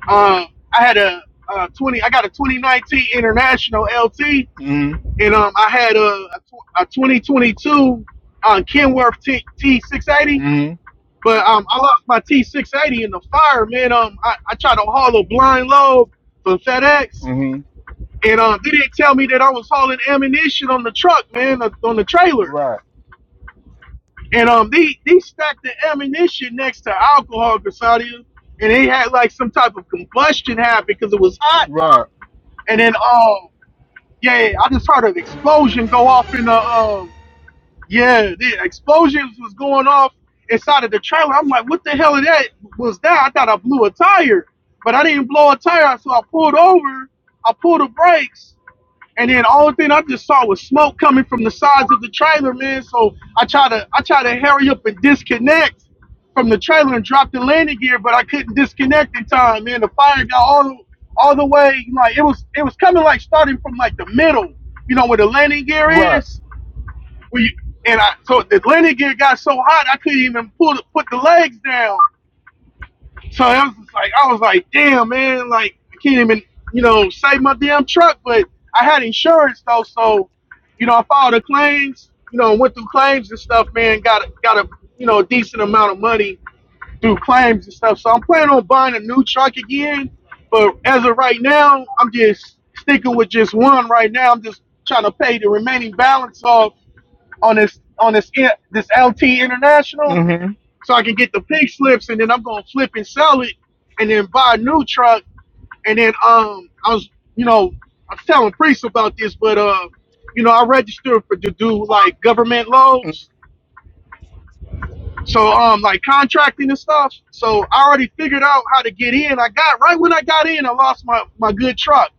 Speaker 7: Um, I had a, uh 20 I got a 2019 International LT,
Speaker 10: hmm
Speaker 7: and um I had a a, tw- a 2022 uh, Kenworth T T680.
Speaker 10: hmm
Speaker 7: But um, I lost my T680 in the fire, man. Um, I, I tried to haul a blind load for FedEx,
Speaker 10: hmm
Speaker 7: and um, they didn't tell me that I was hauling ammunition on the truck, man, uh, on the trailer.
Speaker 10: Right.
Speaker 7: And um, they they stacked the ammunition next to alcohol, Grisadia, and they had like some type of combustion happen because it was hot.
Speaker 10: Right.
Speaker 7: And then um, yeah, I just heard an explosion go off in the um, yeah, the explosions was going off inside of the trailer. I'm like, what the hell is that? Was that? I thought I blew a tire, but I didn't blow a tire, so I pulled over. I pulled the brakes, and then all thing I just saw was smoke coming from the sides of the trailer, man. So I tried to I tried to hurry up and disconnect from the trailer and drop the landing gear, but I couldn't disconnect in time, man. The fire got all all the way like it was it was coming like starting from like the middle, you know, where the landing gear
Speaker 10: Right.
Speaker 7: is. Where you, and I so the landing gear got so hot I couldn't even pull the, put the legs down. So I was just like, I was like, damn, man, like I can't even, you know, save my damn truck. But I had insurance though, so you know, I filed the claims, you know, went through claims and stuff, man. Got a, got a, you know, decent amount of money through claims and stuff. So I'm planning on buying a new truck again. But as of right now, I'm just sticking with just one right now. I'm just trying to pay the remaining balance off on this on this this LT International
Speaker 10: hmm
Speaker 7: so I can get the pink slips, and then I'm gonna flip and sell it, and then buy a new truck, and then um, I was, you know, I was telling Priest about this, but uh, you know, I registered for to do like government loads, so um, like contracting and stuff. So I already figured out how to get in. I got right when I got in, I lost my my good truck.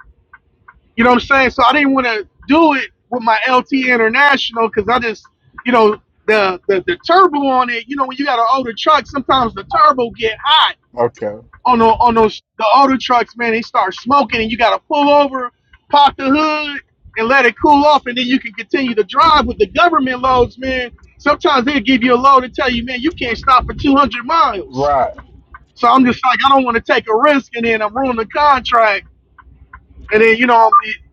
Speaker 7: You know what I'm saying? So I didn't want to do it with my LT International because I just, you know. The, the, the turbo on it, you know, when you got an older truck, sometimes the turbo get hot
Speaker 10: Okay.
Speaker 7: on the on those the older trucks, man, they start smoking, and you got to pull over, pop the hood, and let it cool off, and then you can continue to drive with the government loads, man. Sometimes they'll give you a load and tell you, man, you can't stop for 200 miles.
Speaker 10: Right.
Speaker 7: So I'm just like, I don't want to take a risk, and then I'm ruining the contract, and then you know,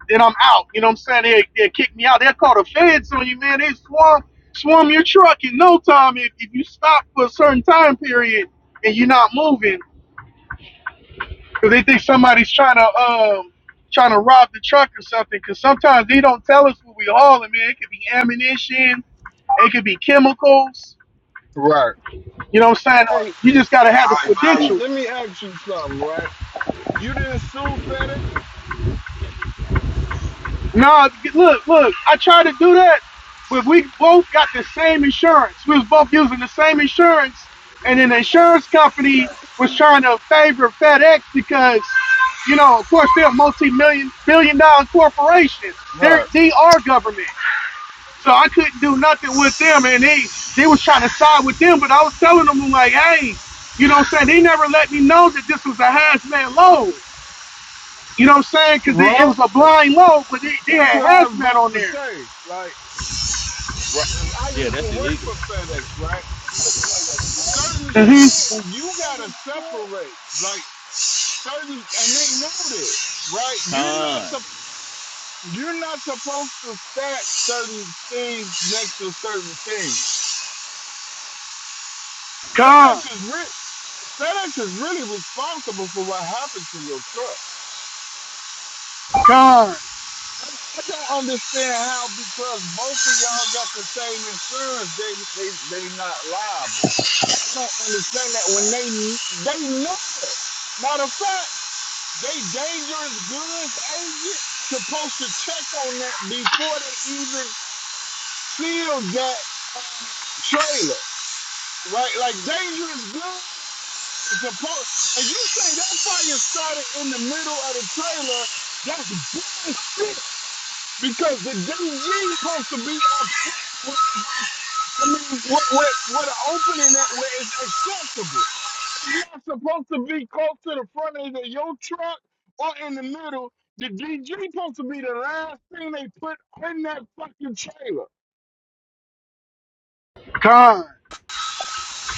Speaker 7: then I'm out. You know what I'm saying? They they kick me out. They'll call the feds on you, man. They swarm swarm your truck in no time if, if you stop for a certain time period and you're not moving. Cause they think somebody's trying to um trying to rob the truck or something. Cause sometimes they don't tell us what we hauling, man. It could be ammunition, it could be chemicals.
Speaker 10: Right.
Speaker 7: You know what I'm saying? Uh,
Speaker 10: Hey,
Speaker 7: You just gotta have the
Speaker 4: I like, I,
Speaker 7: credentials.
Speaker 10: let me ask you something, right? You didn't sue for
Speaker 7: Nah, look, look. I tried to do that, but we both got the same insurance. We was both using the same insurance, and then the insurance company was trying to favor FedEx because, you know, of course they're a multi-million billion dollar corporation. They're
Speaker 10: that?
Speaker 7: they are government. So I couldn't do nothing with them, and they they was trying to side with them, but I was telling them I'm like, hey, you know what I'm saying? They never let me know that this was a hazmat load. You know what I'm saying? Because it, it
Speaker 10: Right.
Speaker 7: was a blind load, but they, they
Speaker 10: That's
Speaker 7: had
Speaker 10: what I was
Speaker 7: hazmat
Speaker 10: about
Speaker 7: on
Speaker 10: to
Speaker 7: there.
Speaker 10: say. Like,
Speaker 3: Right.
Speaker 10: because I
Speaker 3: Yeah,
Speaker 10: used to
Speaker 3: that's
Speaker 10: work for
Speaker 3: illegal.
Speaker 10: FedEx, right? Certain shit
Speaker 7: Mm-hmm.
Speaker 10: you gotta separate. Like certain, and they know this, right? You're not
Speaker 3: Con.
Speaker 10: sup- you're not supposed to stack certain things next to certain things.
Speaker 7: Con,
Speaker 10: FedEx is re- FedEx is really responsible for what happened to your truck.
Speaker 7: con,
Speaker 10: I, I don't understand how because both of y'all got the same insurance, they they they not liable. I don't understand that when they kn- they know it. Matter of fact, they dangerous goods agent supposed to check on that before they even seal that uh, trailer, right? Like dangerous goods is supposed. And you say that fire started in the middle of the trailer? That's bullshit because the DG supposed to be up front with his I mean, what what what an opening that where it's acceptable. You're not supposed to be close to the front end of your truck or in the middle. The DG supposed to be the last thing they put in that fucking trailer.
Speaker 7: con.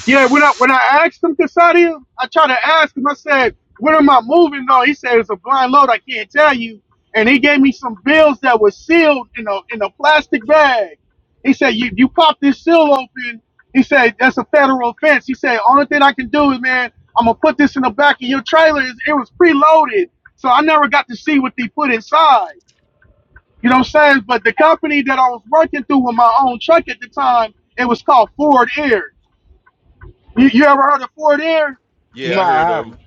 Speaker 7: Yeah, when I when I asked him Casadia, I tried to ask him. I said, "When am I moving?" No, he said it's a blind load. I can't tell you. And he gave me some bills that were sealed in a in a plastic bag. He said, "You you pop this seal open." He said, "That's a federal offense." He said, "Only thing I can do is, man, I'm gonna put this in the back of your trailer. It it was preloaded, so I never got to see what they put inside." You know what I'm saying? But the company that I was working through with my own truck at the time, it was called Ford Air. You, you ever heard of Ford Air?
Speaker 3: Yeah,
Speaker 10: No,
Speaker 3: I
Speaker 10: I
Speaker 3: heard of
Speaker 10: haven't.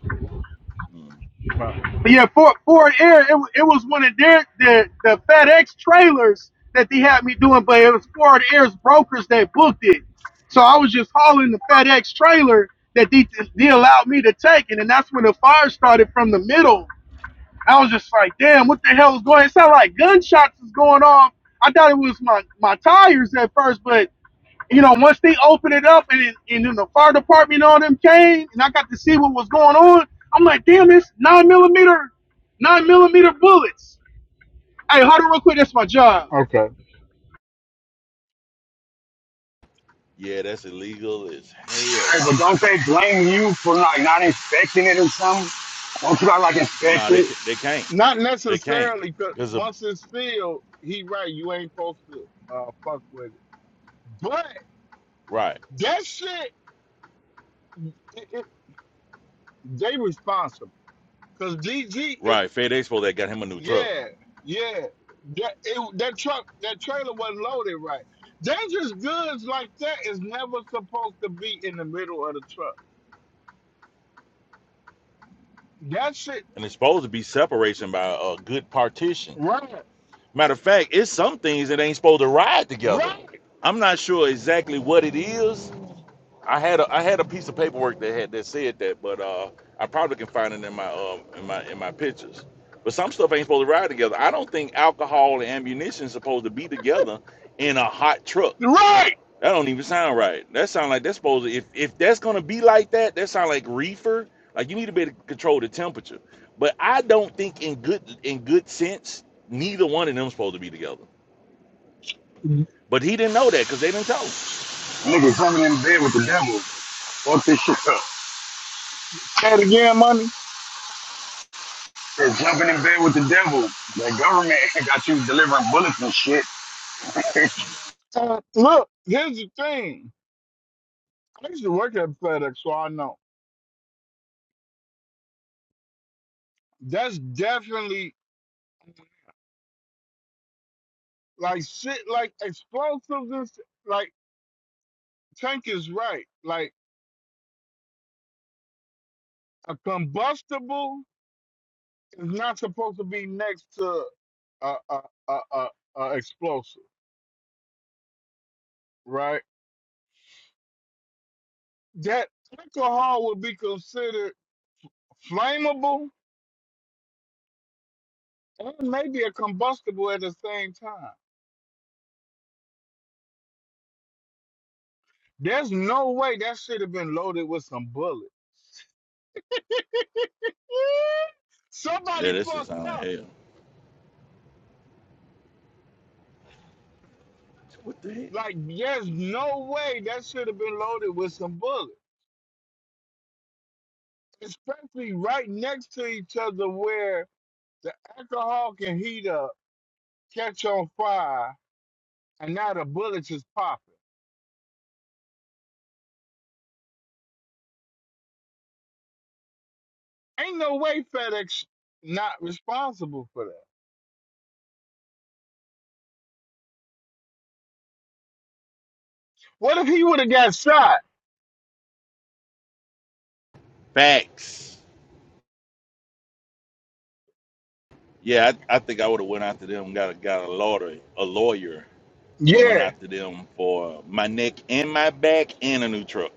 Speaker 3: them.
Speaker 10: No.
Speaker 7: Yeah, Ford, Ford Air. It, it was one of their the, the FedEx trailers that they had me doing, but it was Ford Air's brokers that booked it. So I was just hauling the FedEx trailer that they, they allowed me to take, and then that's when the fire started from the middle. I was just like, damn, what the hell is going? on? It sounded like gunshots was going off. I thought it was my my tires at first, but you know, once they opened it up and, and then the fire department and all them came and I got to see what was going on, I'm like, damn, it's nine millimeter, nine millimeter bullets. Hey, hold on real quick. That's my job.
Speaker 10: Okay.
Speaker 3: Yeah, that's illegal as
Speaker 4: hey,
Speaker 3: hell.
Speaker 4: but don't they blame you for like not inspecting it or something? Don't you gotta like inspect
Speaker 3: Nah, they
Speaker 4: it?
Speaker 3: can't. They can't.
Speaker 10: Not
Speaker 3: They can't.
Speaker 10: necessarily, because
Speaker 3: Cause of
Speaker 10: once it's filled, he right. You ain't supposed to uh, fuck with it. But
Speaker 3: right,
Speaker 10: that shit, it, it, they responsible. Because DG is
Speaker 3: right. Fed Expo that got him a new truck,
Speaker 10: Yeah, yeah. That it, that truck, that trailer wasn't loaded right. Dangerous goods like that is never supposed to be in the middle of the truck. That shit,
Speaker 3: and it's supposed to be separation by a good partition.
Speaker 10: right,
Speaker 3: Matter of fact, it's some things that ain't supposed to ride together.
Speaker 10: right,
Speaker 3: I'm not sure exactly what it is. I had a I had a piece of paperwork that had that said that, but uh, I probably can find it in my um in my in my pictures. But some stuff ain't supposed to ride together. I don't think alcohol and ammunition supposed to be together in a hot truck.
Speaker 10: right.
Speaker 3: That don't even sound right. That sound like that's supposed to if if that's gonna be like that, that sound like reefer. Like you need to be able to control the temperature. But I don't think in good in good sense, neither one of them supposed to be together. But he didn't know that because they didn't tell him.
Speaker 4: Nigga jumping in bed with the devil. Fuck this shit up.
Speaker 10: Say it again, money.
Speaker 4: They're jumping in bed with the devil. The government got you delivering bullets and shit.
Speaker 10: Uh, look, here's the thing. I used to work at FedEx, so I know. That's definitely like shit, like explosives. And shit, like Tank is right. Like a combustible It's not supposed to be next to a a a, a, a explosive, right? That alcohol would be considered flammable and maybe a combustible at the same time. There's no way that should have been loaded with some bullets.
Speaker 3: Yeah,
Speaker 10: Somebody
Speaker 3: that should
Speaker 10: fucked
Speaker 3: sound like
Speaker 10: up.
Speaker 3: hell. What the heck?
Speaker 10: Like, there's no way that should have been loaded with some bullets, especially right next to each other where the alcohol can heat up, catch on fire, and now the bullets is popping. Ain't no way FedEx not responsible for that. What if he would have got shot?
Speaker 3: Facts. Yeah, I, I think I would have went after them, got a got a lawyer, a lawyer, and went
Speaker 10: Yeah,
Speaker 3: after them for my neck and my back and a new truck.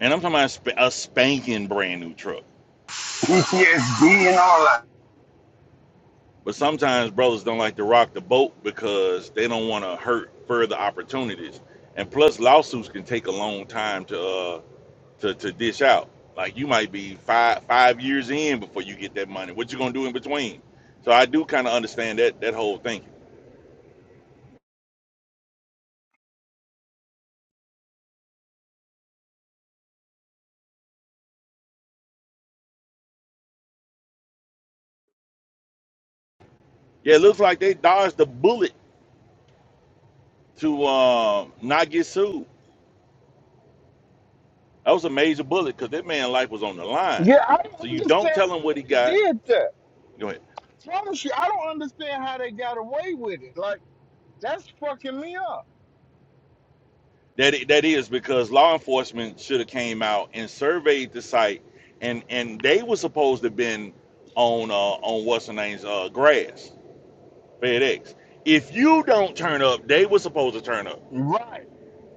Speaker 3: And I'm talking about a, sp- a spanking brand new truck.
Speaker 4: PTSD and all that.
Speaker 3: But sometimes brothers don't like to rock the boat because they don't want to hurt further opportunities. And plus, lawsuits can take a long time to uh, to, to dish out. Like you might be five five years in before you get that money. What you gonna do in between? So I do kind of understand that that whole thing. Yeah, it looks like they dodged the bullet to um, not get sued. That was a major bullet because that man's life was on the line.
Speaker 10: yeah, I
Speaker 3: So
Speaker 10: don't
Speaker 3: you don't
Speaker 10: understand
Speaker 3: tell him what
Speaker 10: how
Speaker 3: he
Speaker 10: they
Speaker 3: got.
Speaker 10: did that.
Speaker 3: Go ahead.
Speaker 10: I promise you, I don't understand how they got away with it. Like that's fucking me up.
Speaker 3: That i- that is because law enforcement should have came out and surveyed the site, and and they were supposed to been on uh, on what's her name's uh, grass FedEx. If you don't turn up, they were supposed to turn up.
Speaker 10: Right?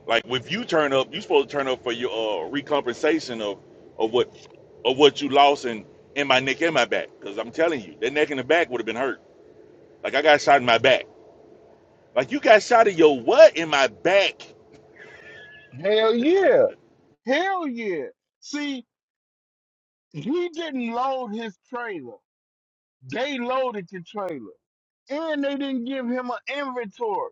Speaker 3: Like if you turn up, you supposed to turn up for your uh, recompensation of of what of what you lost in in my neck and my back. Because I'm telling you, that neck and the back would have been hurt. Like I got shot in my back. Like you got shot in your what in my back?
Speaker 10: Hell yeah, hell yeah. See, he didn't load his trailer. They loaded the trailer, and they didn't give him an inventory.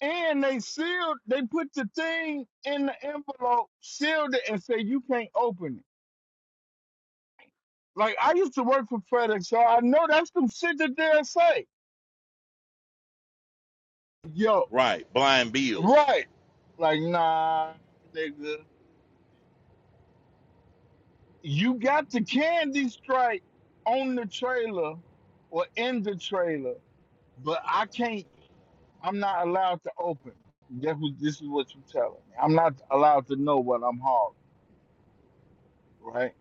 Speaker 10: And they sealed, they put the thing in the envelope, sealed it, and say you can't open it. Like I used to work for FedEx, so I know that's some shit that they'll say. Yo,
Speaker 3: Right, blind bills.
Speaker 10: right. Like, nah, nigga. You got the candy stripe on the trailer or in the trailer, but I can't I'm not allowed to open it. That's what this is what you're telling me. I'm not allowed to know what I'm hauling, right?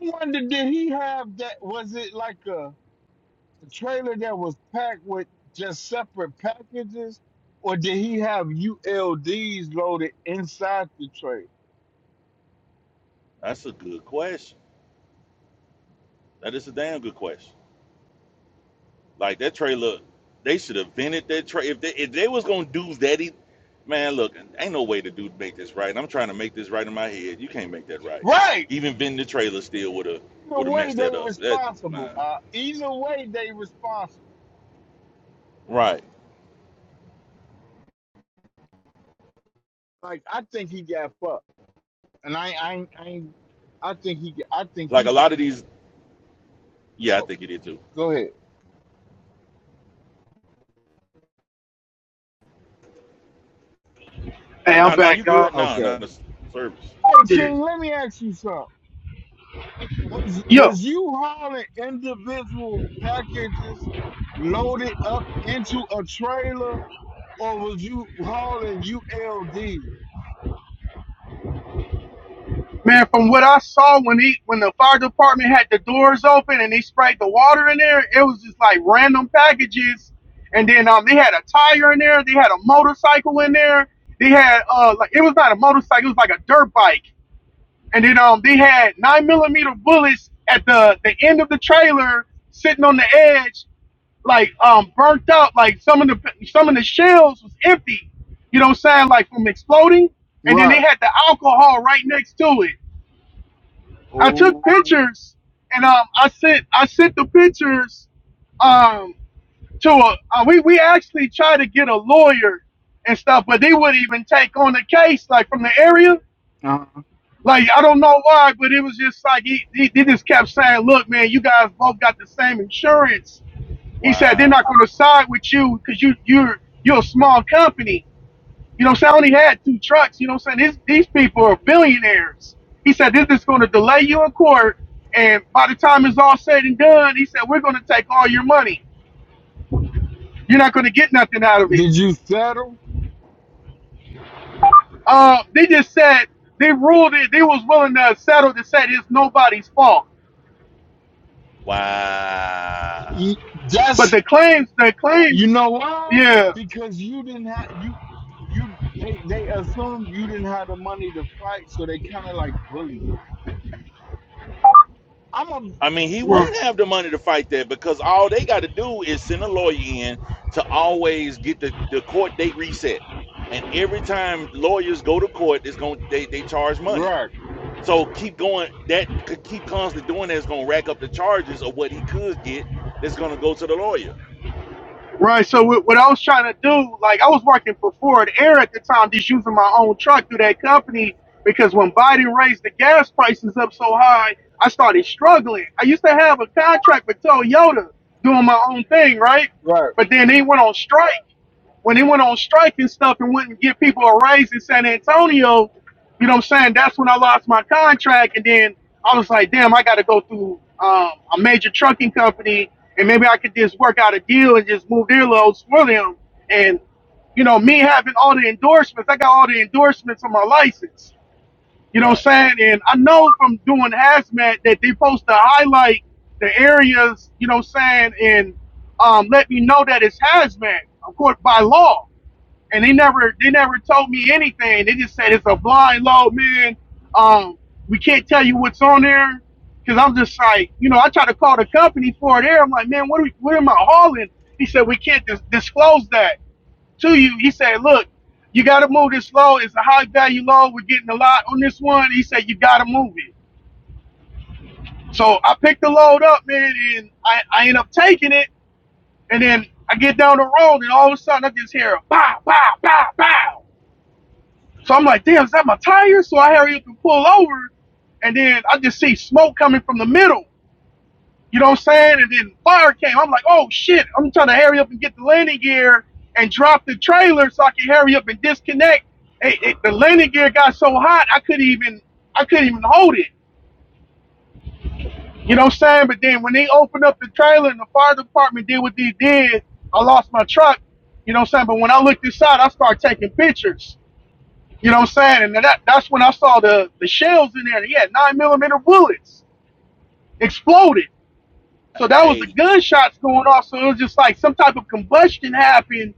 Speaker 10: I wonder did he have that was it like a a trailer that was packed with just separate packages, or did he have ULDs loaded inside the trailer?
Speaker 3: That's a good question. That is a damn good question. Like that trade, look, they should have vented that trade. If they if they was gonna do that, e- man, look, ain't no way to do make this right. And I'm trying to make this right in my head. You can't make that right.
Speaker 10: Right.
Speaker 3: Even vending the trailer still would have
Speaker 10: Either
Speaker 3: would have
Speaker 10: way,
Speaker 3: messed
Speaker 10: they
Speaker 3: that up. That
Speaker 10: responsible.
Speaker 3: man,
Speaker 10: Uh, either way, they responsible.
Speaker 3: right?
Speaker 10: Like I think he got fucked, and I, I, ain't- I, ain't- I think he, got- I think
Speaker 3: Like a
Speaker 10: he's. supposed.
Speaker 3: lot of these, yeah, I think it did too.
Speaker 10: Go ahead.
Speaker 7: Hey,
Speaker 3: No,
Speaker 7: I'm
Speaker 3: nah, no, nah,
Speaker 7: back,
Speaker 3: you
Speaker 7: y'all.
Speaker 3: good? No, nah,
Speaker 10: Okay.
Speaker 3: not the service.
Speaker 10: Hey King, let me ask you something. Was
Speaker 7: Yo,
Speaker 10: was you hauling individual packages loaded up into a trailer? or was you hauling ULD?
Speaker 7: man, from what I saw when he when the fire department had the doors open and they sprayed the water in there, it was just like random packages. And then um, they had a tire in there. They had a motorcycle in there. They had uh, like it was not a motorcycle. It was like a dirt bike And then um, they had nine millimeter bullets at the the end of the trailer, sitting on the edge, like um, burnt up. Like some of the some of the shells was empty. You know what I'm saying? Like from exploding. And then they
Speaker 10: Right.
Speaker 7: had the alcohol right next to it. I took
Speaker 10: Oh.
Speaker 7: pictures, and um, I sent I sent the pictures um to a uh, we we actually tried to get a lawyer and stuff, but they wouldn't even take on the case like from the area.
Speaker 10: Uh-huh.
Speaker 7: Like I don't know why, but it was just like he, he, he just kept saying, "Look, man, you guys both got the same insurance." He said they're not
Speaker 3: Wow,
Speaker 7: going to side with you because you you're you're a small company. You know, what I'm saying I only had two trucks. You know, what I'm saying these these people are billionaires. He said this is going to delay you in court, and by the time it's all said and done, he said we're going to take all your money. You're not going to get nothing out of it.
Speaker 10: Did you settle?
Speaker 7: Uh, they just said they ruled it. They was willing to settle to say it's nobody's fault.
Speaker 3: wow.
Speaker 10: You-
Speaker 7: But
Speaker 10: That's
Speaker 7: the claims, the
Speaker 10: you
Speaker 7: claims,
Speaker 10: know why?
Speaker 7: yeah,
Speaker 10: Because you didn't have you you they they assumed you didn't have the money to fight, so they kind of like bullied you. I'm a
Speaker 3: I mean, he
Speaker 7: right,
Speaker 3: wouldn't have the money to fight that because all they got to do is send a lawyer in to always get the, the court date reset. And every time lawyers go to court, it's going they they charge money.
Speaker 10: Right.
Speaker 3: So keep going. That could keep constantly doing that is going to rack up the charges of what he could get. That's going to go to the lawyer.
Speaker 7: right. So what, what I was trying to do, like I was working for Ford Air at the time, just using my own truck through that company because when Biden raised the gas prices up so high, I started struggling. I used to have a contract with Toyota doing my own thing, right?
Speaker 10: Right.
Speaker 7: But then they went on strike. when he went on strike and stuff and wouldn't give people a raise in San Antonio, you know what I'm saying? That's when I lost my contract. And then I was like, damn, I got to go through um, a major trucking company and maybe I could just work out a deal and just move their loads for them. And, you know, me having all the endorsements, I got all the endorsements on my license. You know what
Speaker 3: Right.
Speaker 7: I'm saying? And I know from doing hazmat that they are supposed to highlight the areas, you know what I'm saying, and um, let me know that it's hazmat, of course, by law and they never they never told me anything. They just said it's a blind load, man. Um, we can't tell you what's on there because I'm just like, you know, I try to call the company for it. There, I'm like, man, what are we, what am I hauling? He said we can't dis- disclose that to you. He said, look, you got to move this load. It's a high value load. We're getting a lot on this one. He said you got to move it. So I picked the load up, man, and I, I end up taking it. And then I get down the road, and all of a sudden I just hear a pow, pow, pow, pow. So I'm like, damn, is that my tire? So I hurry up and pull over. And then I just see smoke coming from the middle. You know what I'm saying? And then fire came. I'm like, oh shit. I'm trying to hurry up and get the landing gear and drop the trailer so I can hurry up and disconnect. It, it, the landing gear got so hot I couldn't even I couldn't even hold it. You know what I'm saying? But then when they opened up the trailer and the fire department did what they did, I lost my truck. You know what I'm saying? But when I looked inside, I started taking pictures. You know what I'm saying? And that that's when I saw the the shells in there. And he had nine millimeter bullets exploded. So that was the
Speaker 3: Hey,
Speaker 7: gunshots going off. So it was just like some type of combustion happened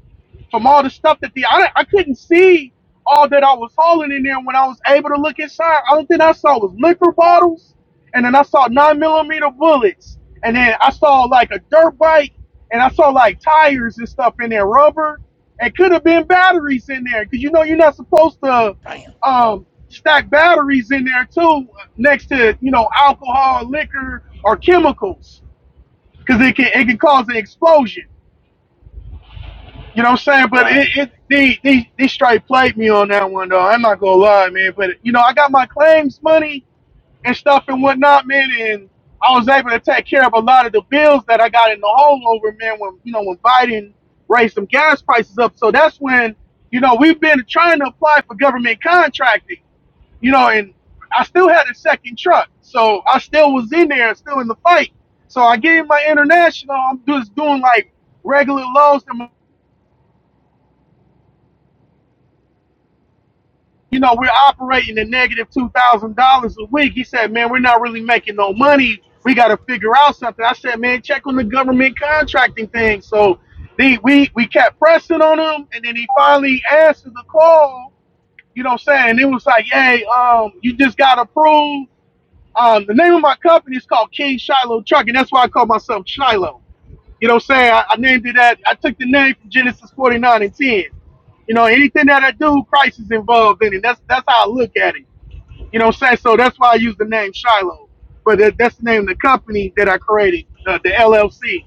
Speaker 7: from all the stuff that the I, I couldn't see all that I was hauling in there. When I was able to look inside, all thing I saw was liquor bottles, and then I saw nine millimeter bullets, and then I saw like a dirt bike, and I saw like tires and stuff in there, rubber, and could have been batteries in there because you know you're not supposed to
Speaker 3: damn.
Speaker 7: um, stack batteries in there too next to you know alcohol, liquor, or chemicals because it can it can cause an explosion. You know what I'm saying? But it,
Speaker 3: Right.
Speaker 7: it they, they they straight played me on that one though. I'm not gonna lie, man. But you know, I got my claims money and stuff and whatnot, man, and I was able to take care of a lot of the bills that I got in the hole over, man, when you know, when Biden raised some gas prices up. So that's when, you know, we've been trying to apply for government contracting you know, and I still had a second truck, so I still was in there, still in the fight. So I gave my international. I'm just doing like regular lows, and you know, we're operating at negative two thousand dollars a week. He said, "Man, we're not really making no money. We got to figure out something." I said, "Man, check on the government contracting thing." So they, we we kept pressing on him, and then he finally answered the call. You know what I'm saying? It was like, "Hey, um, you just got approved." Um, the name of my company is called King Shiloh Truck, and that's why I call myself Shiloh. You know what I'm saying? I, I named it that. I took the name from Genesis 49 and 10. You know, anything that I do, Christ is involved in it. That's that's how I look at it. You know what I'm saying? So that's why I use the name Shiloh. But that, that's the name of the company that I created, the, the LLC.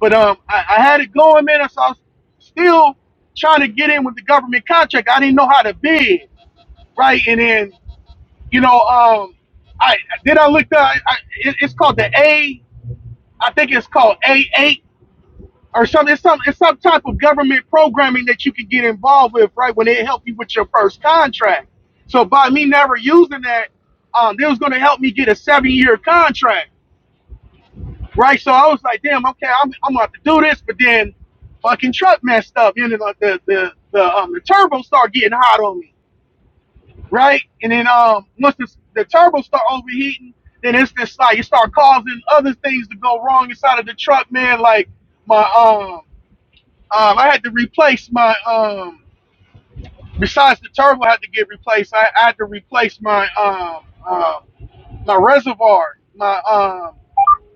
Speaker 7: But um, I, I had it going, man. So I was still trying to get in with the government contract. I didn't know how to bid, right? And then you know, um, I did I look up. I, it, it's called the A. I think it's called A eight or something. It's some it's some type of government programming that you can get involved with, right? When it help you with your first contract. So by me never using that, um, they was going to help me get a seven year contract, right? So I was like, damn, okay, I'm I'm about to do this, but then fucking truck messed up, and the the the, the, um, the turbo started getting hot on me. right? And then um, once the, the turbo start overheating, then it's just like you start causing other things to go wrong inside of the truck, man. Like my um, um I had to replace my um, besides the turbo had to get replaced. I, I had to replace my um, uh, my reservoir, my um,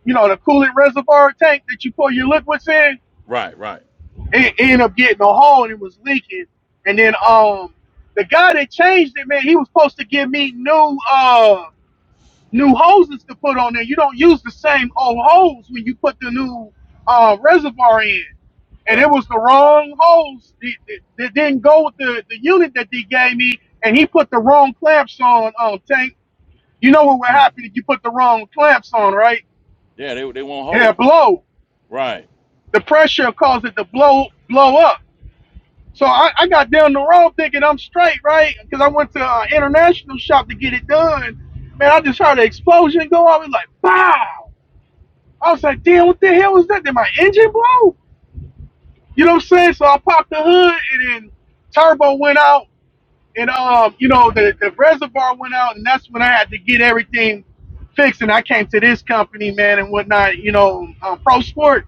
Speaker 7: you know, the coolant reservoir tank that you pour your liquids in.
Speaker 3: Right. Right.
Speaker 7: It, it ended up getting a hole and it was leaking. And then um, the guy that changed it, man, he was supposed to
Speaker 3: What
Speaker 7: give
Speaker 3: the?
Speaker 7: me new. uh. new hoses to put on there. You don't use the same old hose when you put the new uh, reservoir in. And it
Speaker 3: Right.
Speaker 7: was the wrong hose that, that, that didn't go with the, the unit that they gave me, and he put the wrong clamps on, um, Tank. You know what would
Speaker 3: Hmm.
Speaker 7: happen if you put the wrong clamps on, right?
Speaker 3: Yeah. They they won't
Speaker 7: It'll
Speaker 3: hold.
Speaker 7: blow.
Speaker 3: Right.
Speaker 7: The pressure caused it to blow blow up. So I, I got down the road thinking I'm straight, right? Because I went to an international shop to get it done. Man, I just heard an explosion go off. It's like, wow I was like, damn, what the hell was that? Did my engine blow? You know what I'm saying? So I popped the hood and then turbo went out and um, you know, the, the reservoir went out and that's when I had to get everything fixed and I came to this company, man, and whatnot, you know, um, pro sport.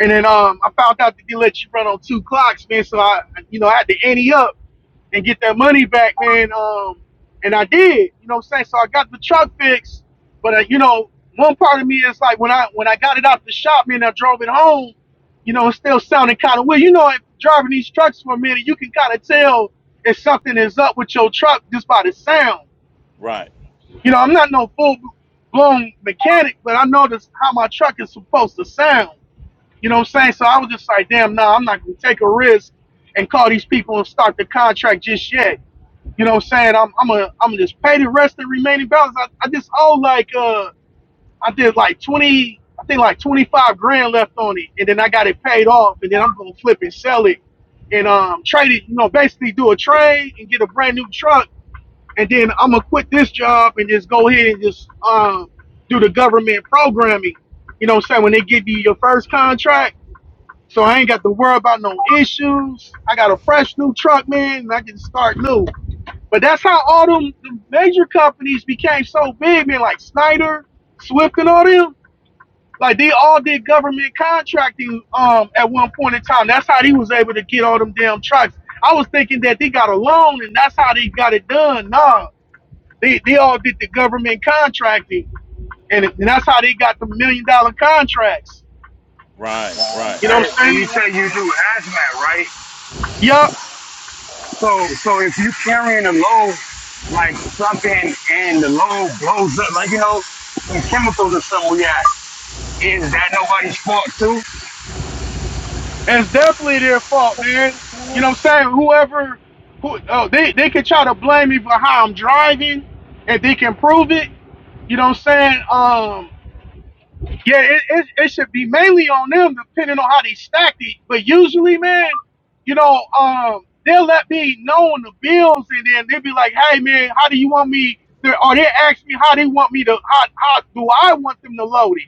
Speaker 7: And then um I found out that they let you run on two clocks, man. So I you know, I had to ante up and get that money back, man. Um, and I did, you know what I'm saying? So I got the truck fixed, but uh, you know, one part of me is like when I when I got it out the shop, man, I drove it home. You know, it still sounded kind of weird. You know, if driving these trucks for a minute, you can kind of tell if something is up with your truck just by the sound.
Speaker 3: Right.
Speaker 7: You know, I'm not no full blown mechanic, but I know this how my truck is supposed to sound. You know what I'm saying? So I was just like, damn, nah, I'm not gonna take a risk and call these people and start the contract just yet. You know what I'm saying? I'm I'm a I'm to just pay the rest of the remaining balance. I, I just owe like uh I did like twenty I think like twenty five grand left on it and then I got it paid off and then I'm gonna flip and sell it and um trade it, you know, basically do a trade and get a brand new truck and then I'm gonna quit this job and just go ahead and just um do the government programming. You know what I'm saying? When they give you your first contract so I ain't got to worry about no issues. I got a fresh new truck, man, and I can start new. But that's how all them the major companies became so big, man, like Snyder, Swift, and all them. Like they all did government contracting um at one point in time. That's how they was able to get all them damn trucks. I was thinking that they got a loan and that's how they got it done. Nah, they they all did the government contracting, and, and that's how they got the million dollar contracts.
Speaker 3: Right. Right.
Speaker 7: You know what
Speaker 4: Hey,
Speaker 7: I'm
Speaker 4: hey, you
Speaker 7: saying?
Speaker 4: say you do hazmat, right?
Speaker 7: Yup.
Speaker 4: So so if you carrying a load like something and the load blows up, like you know, some chemicals or something we got, is that nobody's fault too?
Speaker 7: It's definitely their fault, man. You know what I'm saying? Whoever, who, oh, they, they can try to blame me for how I'm driving, and they can prove it. You know what I'm saying? Um, yeah, it, it, it should be mainly on them, depending on how they stacked it. But usually, man, you know, um, they'll let me know on the bills, and then they'll be like, "Hey, man, how do you want me?" To, or they ask me how they want me to, how, how do I want them to load it?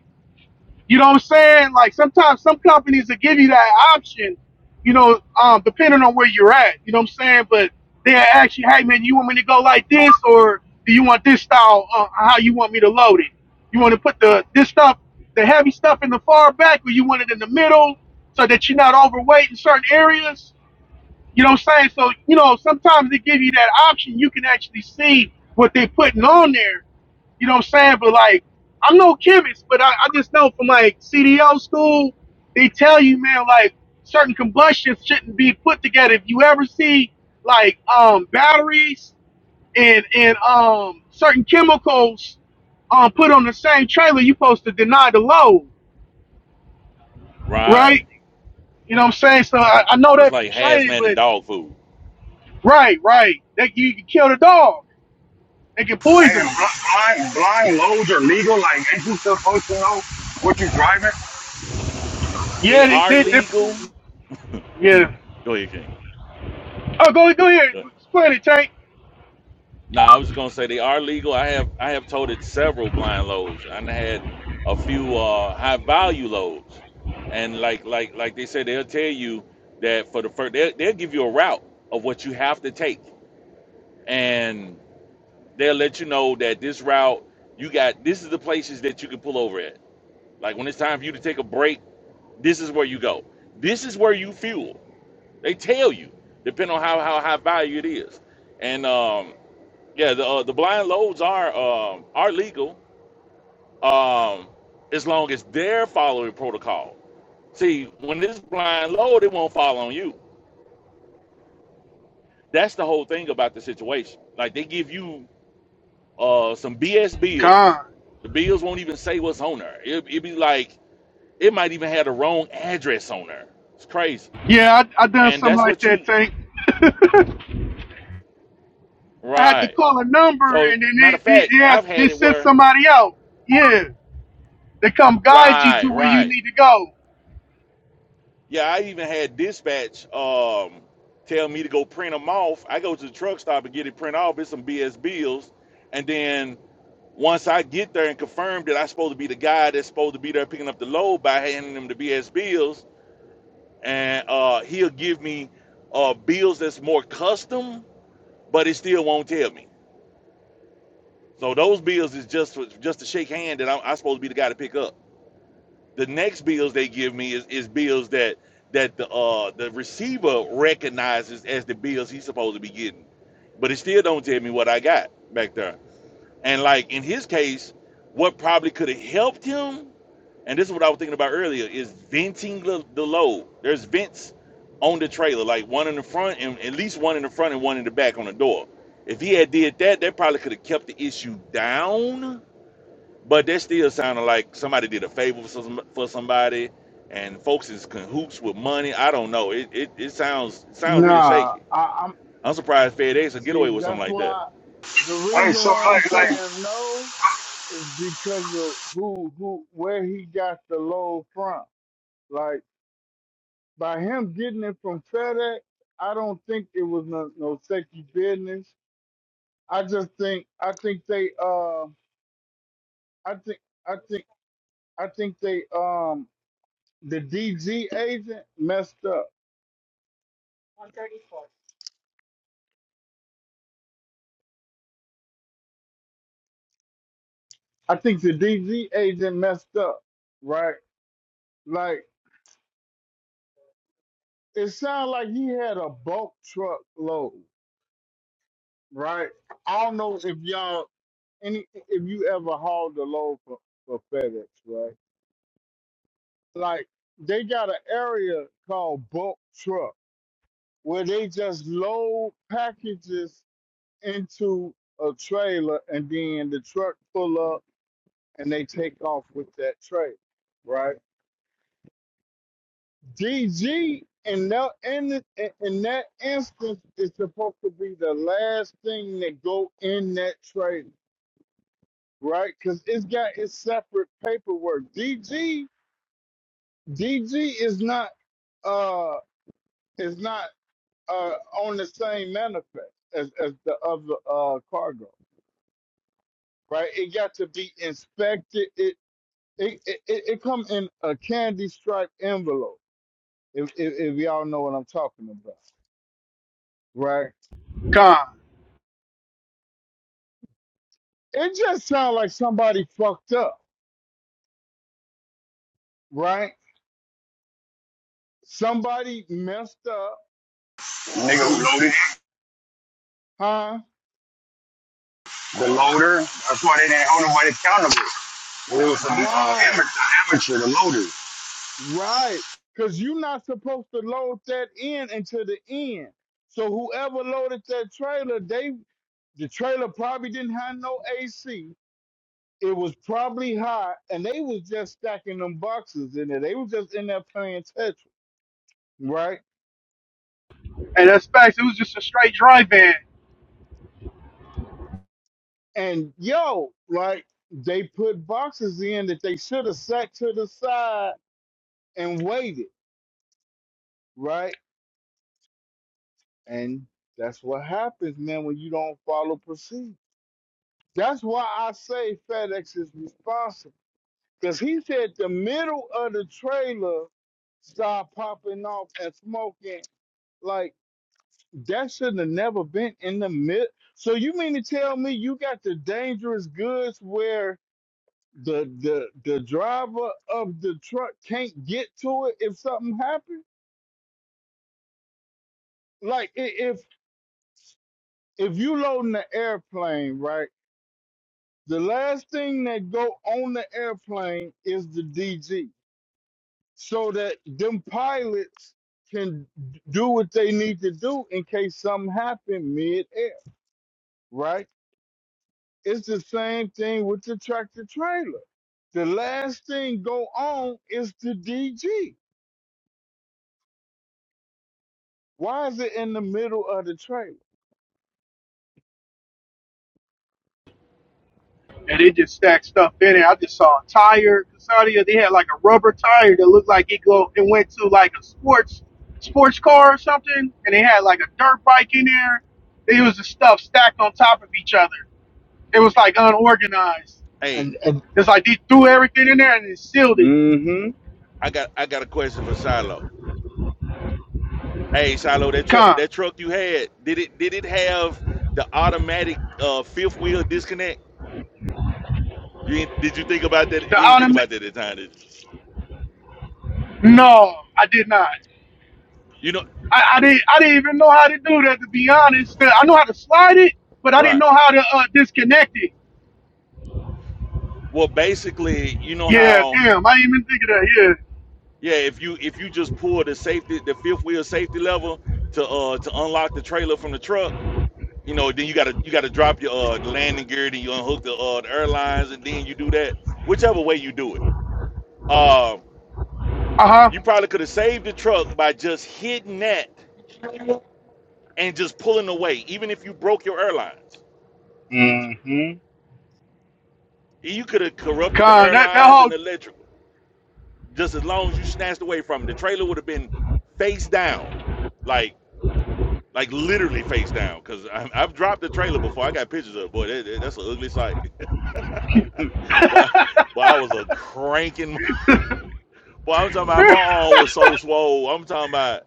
Speaker 7: You know what I'm saying? Like sometimes some companies will give you that option, you know, um, depending on where you're at. You know what I'm saying? But they ask you, hey man, you want me to go like this, or do you want this style? Uh, how you want me to load it? You want to put the this stuff, the heavy stuff in the far back, or you want it in the middle, so that you're not overweight in certain areas. You know what I'm saying? So you know sometimes they give you that option. You can actually see what they're putting on there you know what I'm saying? But like, I'm no chemist, but I, I just know from like CDO school, they tell you, man, like certain combustions shouldn't be put together. If you ever see like um batteries and and um certain chemicals um put on the same trailer, you are supposed to deny the load, right?
Speaker 3: Right.
Speaker 7: You know what I'm saying? So I, I know
Speaker 3: It's
Speaker 7: that from
Speaker 3: like
Speaker 7: training,
Speaker 3: hazmat and
Speaker 7: but
Speaker 3: dog food.
Speaker 7: right, right. That you can kill the dog. They can poison
Speaker 4: And
Speaker 7: them.
Speaker 4: blind blind loads are legal, like ain't you supposed to know what you driving?
Speaker 3: They
Speaker 7: Yeah, they,
Speaker 3: are
Speaker 7: they, they
Speaker 3: legal. Hmm.
Speaker 7: yeah.
Speaker 3: Go ahead, King.
Speaker 7: Oh, go go ahead.
Speaker 3: Go ahead.
Speaker 7: Explain it, Tank.
Speaker 3: No, I was just gonna say they are legal. I have I have toted several blind loads and I had a few uh, high value loads, and like like like they said, they'll tell you that for the first they'll, they'll give you a route of what you have to take, and they'll let you know that this route you got this is the places that you can pull over at. Like when it's time for you to take a break, this is where you go. This is where you fuel They tell you, depending on how how high value it is. And um, yeah, the uh, the blind loads are um, are legal um, as long as they're following protocol. See, when it's blind load, it won't fall on you. That's the whole thing about the situation. Like they give you uh, some BS bills.
Speaker 7: Con.
Speaker 3: The bills won't even say what's on there. It, it be like it might even have the wrong address on there. It's crazy.
Speaker 7: Yeah, I, I done
Speaker 3: And
Speaker 7: something
Speaker 3: that's
Speaker 7: like
Speaker 3: what
Speaker 7: that,
Speaker 3: you
Speaker 7: Tank. I had to
Speaker 3: right.
Speaker 7: call a number
Speaker 3: So
Speaker 7: and then
Speaker 3: matter of
Speaker 7: they, they,
Speaker 3: fact,
Speaker 7: they, asked,
Speaker 3: I've had
Speaker 7: they
Speaker 3: it
Speaker 7: sent
Speaker 3: where
Speaker 7: somebody out. Yeah. They come guide you to
Speaker 3: Right,
Speaker 7: where you
Speaker 3: right.
Speaker 7: need to go.
Speaker 3: Yeah, I even had dispatch um tell me to go print them off. I go to the truck stop and get it print off. It's some BS bills. And then once I get there and confirm that I'm supposed to be the guy that's supposed to be there picking up the load by handing them the BS bills, and uh, he'll give me uh, bills that's more custom, but it still won't tell me. So those bills is just for, just to shake hand that I'm, I'm supposed to be the guy to pick up. The next bills they give me is, is bills that that the uh the receiver recognizes as the bills he's supposed to be getting, but it still don't tell me what I got back there. And like in his case, what probably could have helped him, and this is what I was thinking about earlier, is venting the, the load. There's vents on the trailer, like one in the front and at least one in the front and one in the back on the door. If he had did that, that probably could have kept the issue down but that still sounded like somebody did a favor for, some, for somebody, and folks is cahoots with money. I don't know. It it, it sounds it sounds really
Speaker 10: Nah.
Speaker 3: shaky.
Speaker 10: I, I'm.
Speaker 3: I'm surprised FedEx will get
Speaker 10: See,
Speaker 3: away with something
Speaker 10: that's
Speaker 3: like that.
Speaker 10: why. The
Speaker 4: Hey,
Speaker 10: reason
Speaker 4: so
Speaker 10: why I'm
Speaker 4: like like
Speaker 10: saying no is because of who, who, where he got the low from. like. By him getting it from FedEx, I don't think it was no, no sexy business. I just think I think they uh I think I think I think they um the DG agent messed up. I think the DG agent messed up, right? Like it sounded like he had a bulk truck load, right? I don't know if y'all any if you ever hauled a load for, for FedEx, right? like they got an area called bulk truck where they just load packages into a trailer and then the truck pull up and they take off with that trailer, right? DG in that in, the, in that instance is supposed to be the last thing that go in that trailer, right? Because it's got its separate paperwork. DG DG is not uh is not. uh, on the same manifest as, as the other uh, cargo, right? It got to be inspected. It it it, it it come in a candy striped envelope. If, if if y'all know what I'm talking about, right?
Speaker 7: God.
Speaker 10: It just sounds like somebody fucked up, right? Somebody messed up.
Speaker 4: nigga who
Speaker 10: They
Speaker 4: loaded it,
Speaker 10: huh?
Speaker 4: the loader, that's why they didn't hold nobody accountable. It was some uh,
Speaker 10: Right.
Speaker 4: amateur, amateur, the loader.
Speaker 10: Right. Because you're not supposed to load that in until the end. So whoever loaded that trailer, they the trailer probably didn't have no AC. It was probably hot, and they was just stacking them boxes in there. They was just in there playing Tetris, right?
Speaker 7: And that's facts. It was just a straight dry van.
Speaker 10: And yo, like they put boxes in that they should have sat to the side and waited, right? And that's what happens, man, when you don't follow procedure. That's why I say FedEx is responsible. Because he said the middle of the trailer started popping off and smoking. Like, that shouldn't have never been in the mid. So you mean to tell me you got the dangerous goods where the the the driver of the truck can't get to it if something happens? Like i- if if you loading the airplane, right? The last thing that go on the airplane is the DG so that them pilots can do what they need to do in case something happened mid-air, right? It's the same thing with the tractor trailer. The last thing go on is the DG. Why is it in the middle of the trailer?
Speaker 7: And they just stacked stuff in it. I just saw a tire. Casadia, they had like a rubber tire that looked like it go it went to like a sports sports car or something. And they had like a dirt bike in there. It was just stuff stacked on top of each other. It was like unorganized.
Speaker 3: Hey,
Speaker 10: And, and
Speaker 7: It's like they threw everything in there and they sealed it.
Speaker 10: mm-hmm,
Speaker 3: I got I got a question for Shiloh. Hey, Shiloh, that truck
Speaker 7: Con.
Speaker 3: that truck you had did it did it have the automatic uh, fifth wheel disconnect? You ain't, did you think about that?
Speaker 7: The
Speaker 3: You didn't think about
Speaker 7: automatic.
Speaker 3: that at the time, did you?
Speaker 7: No, I did not.
Speaker 3: You know,
Speaker 7: I, I didn't. I didn't even know how to do that. To be honest, I know how to slide it, but I didn't
Speaker 3: right?
Speaker 7: know how to uh, disconnect it.
Speaker 3: Well, basically, you know
Speaker 7: Yeah,
Speaker 3: how.
Speaker 7: damn. I didn't even think of that.
Speaker 3: Yeah, if you if you just pull the safety, the fifth wheel safety lever to uh to unlock the trailer from the truck, you know, then you gotta you gotta drop your uh the landing gear, then you unhook the uh the airlines, and then you do that. Whichever way you do it, uh,
Speaker 7: Yeah. Uh huh.
Speaker 3: you probably could have saved the truck by just hitting that and just pulling away, even if you broke your airlines.
Speaker 10: mm-hmm.
Speaker 3: You could have corrupted the
Speaker 7: Con. That that
Speaker 3: airlines and electrical, just as long as you snatched away from it. The trailer would have been face down, like like literally face down because I've dropped the trailer before. I got pictures of it. boy. That, that- that's an ugly sight. But I, but I was a cranking. Boy, I'm talking about my arm was so swole. I'm talking about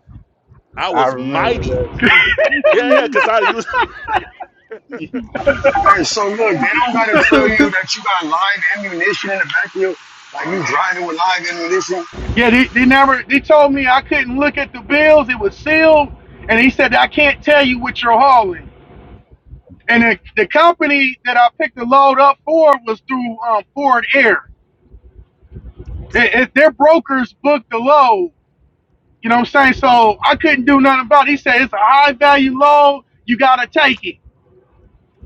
Speaker 3: I
Speaker 10: I
Speaker 3: was
Speaker 10: remember
Speaker 3: mighty.
Speaker 10: that too.
Speaker 3: Yeah, yeah. Cause I used.
Speaker 4: Hey, so look, they don't gotta tell
Speaker 7: whole.
Speaker 4: you that you got live ammunition in the back of your, like you driving with live ammunition.
Speaker 7: yeah. They, they never. They told me I couldn't look at the bills. It was sealed, and he said I can't tell you what you're hauling. And the, the company that I picked the load up for was through um, Ford Air. if their brokers booked the low, you know what I'm saying? So I couldn't do nothing about it. He said it's a high value loan, you gotta take it.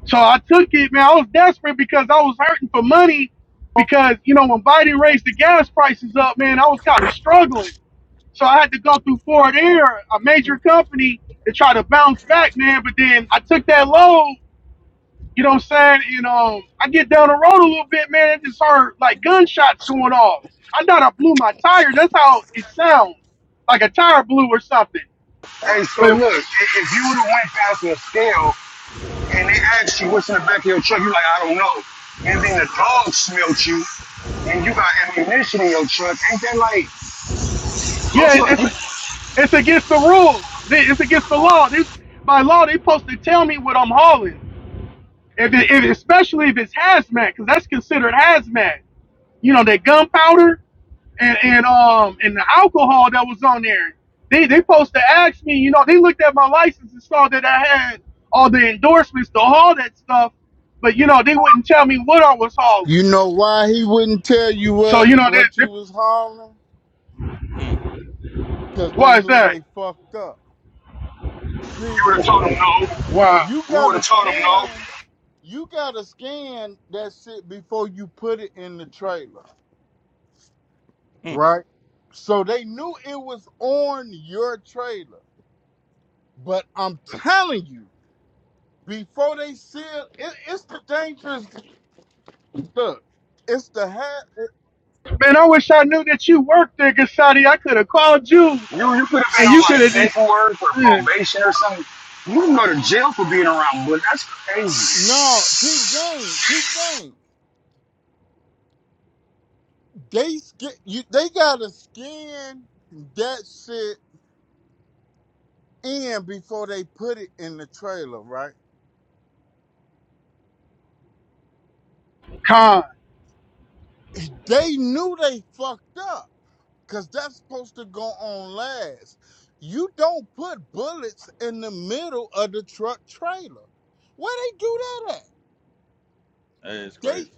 Speaker 7: So I took it, man. I was desperate because I was hurting for money because, you know, when Biden raised the gas prices up, man, I was kind of struggling. So I had to go through Ford Air, a major company, to try to bounce back, man. But then I took that loan you know what I'm saying? You know, I get down the road a little bit, man. I just heard like gunshots going off. I thought I blew my tire. That's how it sounds, like a tire blew or something.
Speaker 4: Hey, so
Speaker 7: But
Speaker 4: look, i- if you would have went past the scale and they asked you what's in the back of your truck, you like, I don't know. And then the dog smelt you and you got ammunition in your truck. Ain't that like, don't
Speaker 7: yeah,
Speaker 4: you,
Speaker 7: it's
Speaker 4: you, you
Speaker 7: it's against the rules. It's against the law. This by law they supposed to tell me what I'm hauling. If, it, if especially if it's hazmat, because that's considered hazmat. you know, that gunpowder and, and um and the alcohol that was on there. They they supposed to ask me, you know, they looked at my license and saw that I had all the endorsements to haul that stuff, but you know, they wouldn't tell me what I was hauling.
Speaker 10: You know why he wouldn't tell you
Speaker 7: So,
Speaker 10: what
Speaker 7: you know, that,
Speaker 10: what you was hauling?
Speaker 3: Mm,
Speaker 10: Cause they
Speaker 7: why is
Speaker 10: knew
Speaker 7: that?
Speaker 10: they fucked up. See.
Speaker 4: would have told them no.
Speaker 7: Wow.
Speaker 10: You
Speaker 4: You would
Speaker 10: gotta
Speaker 4: have told them no.
Speaker 10: scan. You gotta scan that shit before you put it in the trailer,
Speaker 3: mm.
Speaker 10: right? So they knew it was on your trailer. But I'm telling you, before they seal, it, it's the dangerous look. It's the hat.
Speaker 7: Man, I wish I knew that you worked there, Gasati. I could have called you
Speaker 4: You, you could have been
Speaker 7: and you
Speaker 4: on
Speaker 7: could
Speaker 4: like
Speaker 7: have just
Speaker 4: paperwork or
Speaker 7: man,
Speaker 4: probation or something. You would go to jail for being around, but that's crazy.
Speaker 10: No, peep game, peep game. They sca- you, They gotta scan that shit in before they put it in the trailer, right?
Speaker 7: con,
Speaker 10: They knew they fucked up because that's supposed to go on last. You don't put bullets in the middle of the truck trailer. Where they do that at?
Speaker 3: That is
Speaker 10: They
Speaker 3: crazy.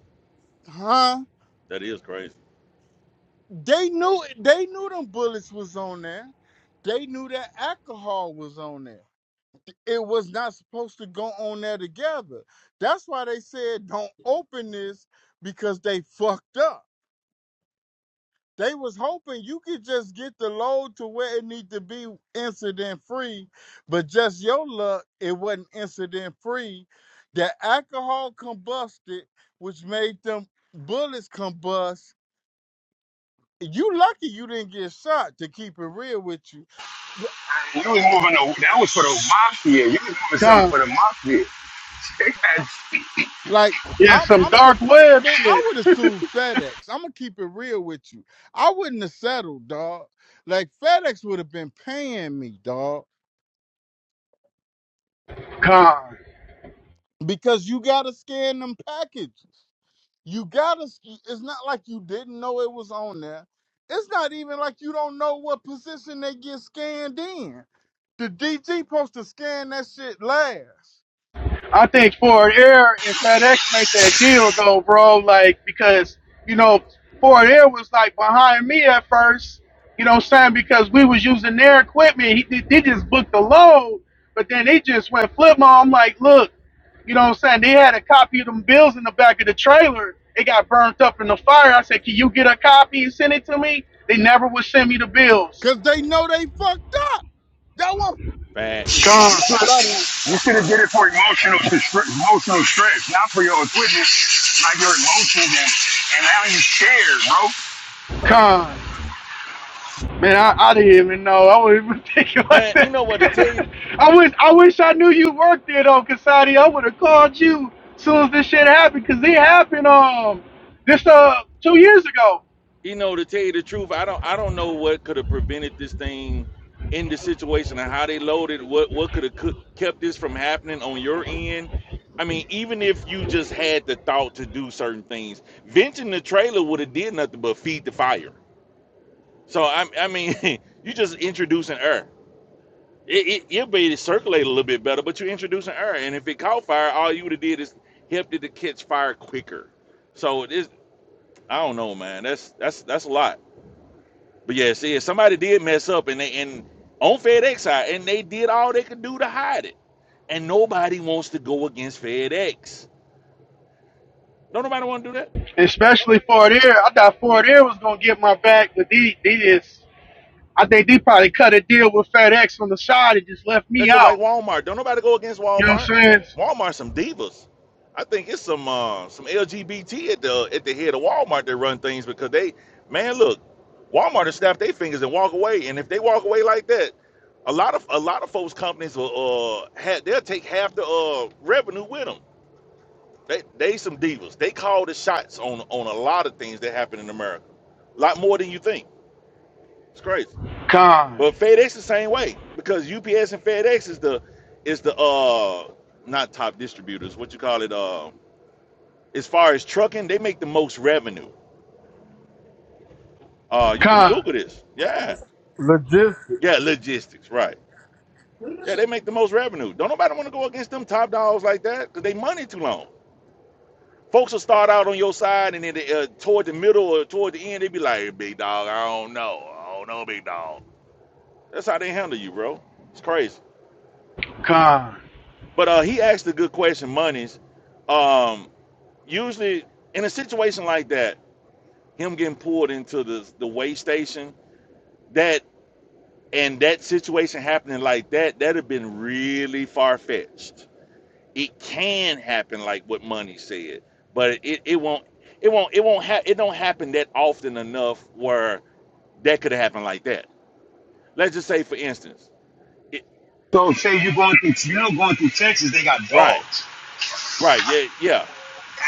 Speaker 10: huh?
Speaker 3: That is crazy.
Speaker 10: They knew they knew them bullets was on there. They knew that alcohol was on there. It was not supposed to go on there together. That's why they said don't open this because they fucked up. they was hoping you could just get the load to where it need to be incident free, but just your luck, it wasn't incident free. The alcohol combusted, which made them bullets combust. You lucky you didn't get shot. To keep it real with you,
Speaker 4: You was moving, a, that was for the mafia. You was moving something for
Speaker 7: con.
Speaker 4: the mafia.
Speaker 10: like
Speaker 7: Yeah,
Speaker 10: I'm,
Speaker 7: some
Speaker 10: I'm
Speaker 7: dark
Speaker 10: surprised,
Speaker 7: web
Speaker 10: man. I
Speaker 7: shit.
Speaker 10: would have sued FedEx. I'm gonna keep it real with you. I wouldn't have settled, dog. Like FedEx would have been paying me, dog,
Speaker 7: Con.
Speaker 10: because you gotta scan them packages. You gotta. It's not like you didn't know it was on there. It's not even like you don't know what position they get scanned in. The DG supposed to scan that shit last,
Speaker 7: I think Ford Air and FedEx made that deal though, bro. Like because you know Ford Air was like behind me at first. You know what I'm saying? Because we was using their equipment. He, they they just booked the load, but then they just went flip mode. I'm like, look, you know what I'm saying? They had a copy of them bills in the back of the trailer. It got burnt up in the fire. I said, can you get a copy and send it to me? They never would send me the bills.
Speaker 10: cause they know they fucked up. That was
Speaker 3: Facts,
Speaker 4: You
Speaker 7: Gone,
Speaker 4: should have,
Speaker 10: like
Speaker 4: did it for emotional emotional stress, not for your equipment, like your emotions and, and how you scared,
Speaker 7: gone. Man, I, I didn't even know. I wouldn't even think like
Speaker 3: man. You know what to tell you?
Speaker 7: that. I wish I wish I knew you worked there though, Cassati. I would have called you soon as this shit happened, cause it happened um this uh two years ago.
Speaker 3: You know, to tell you the truth, I don't I don't know what could have prevented this thing in the situation and how they loaded. What what could have kept this from happening on your end? I mean, even if you just had the thought to do certain things, venting the trailer would have did nothing but feed the fire. So I I mean, you just introducing air. It, it it'll be circulate a little bit better, but you're introducing air, and if it caught fire, all you would have did is helped it to catch fire quicker. So it is. I don't know, man. That's that's that's a lot. But yeah, see, if somebody did mess up and they and on FedEx side, and they did all they could do to hide it, and nobody wants to go against FedEx. Don't nobody want to do that.
Speaker 7: Especially Fort Air. I thought Fort Air was gonna get my back, but they they just I think they probably cut a deal with FedEx on the side and just left me
Speaker 3: That's just like
Speaker 7: out.
Speaker 3: Walmart. Don't nobody go against
Speaker 7: You know what
Speaker 3: Walmart.
Speaker 7: I'm saying? So,
Speaker 3: Walmart some divas. I think it's some uh, some LGBT at the at the head of Walmart that run things because they man look, Walmart will snap their fingers and walk away. And if they walk away like that, a lot of a lot of folks companies will uh, ha they'll take half the uh, revenue with them They they some divas. They call the shots on on a lot of things that happen in America. A lot more than you think. It's crazy.
Speaker 7: Con,
Speaker 3: But FedEx the same way because UPS and FedEx is the is the uh not top distributors. What you call it? Uh, as far as trucking, they make the most revenue. Uh, you can
Speaker 7: con,
Speaker 3: Google this. Yeah,
Speaker 10: legit.
Speaker 3: yeah, logistics. Right. Yeah, they make the most revenue. Don't nobody want to go against them top dogs like that because they money too long. Folks will start out on your side, and then they, uh, toward the middle or toward the end, they be like, "Big dog, I don't know, I don't know, big dog." That's how they handle you, bro. It's crazy.
Speaker 7: con,
Speaker 3: But uh, he asked a good question, monies. Um, usually in a situation like that, him getting pulled into the the weigh station, that and that situation happening like that, that'd have been really far fetched. It can happen, like what Money said, but it, it won't. It won't. It won't. Ha- it don't happen that often enough where that could have happened like that. Let's just say, for instance, it,
Speaker 4: bro. So say you're going through you know going through Texas, they got
Speaker 3: right,
Speaker 4: dogs.
Speaker 3: right, yeah, yeah,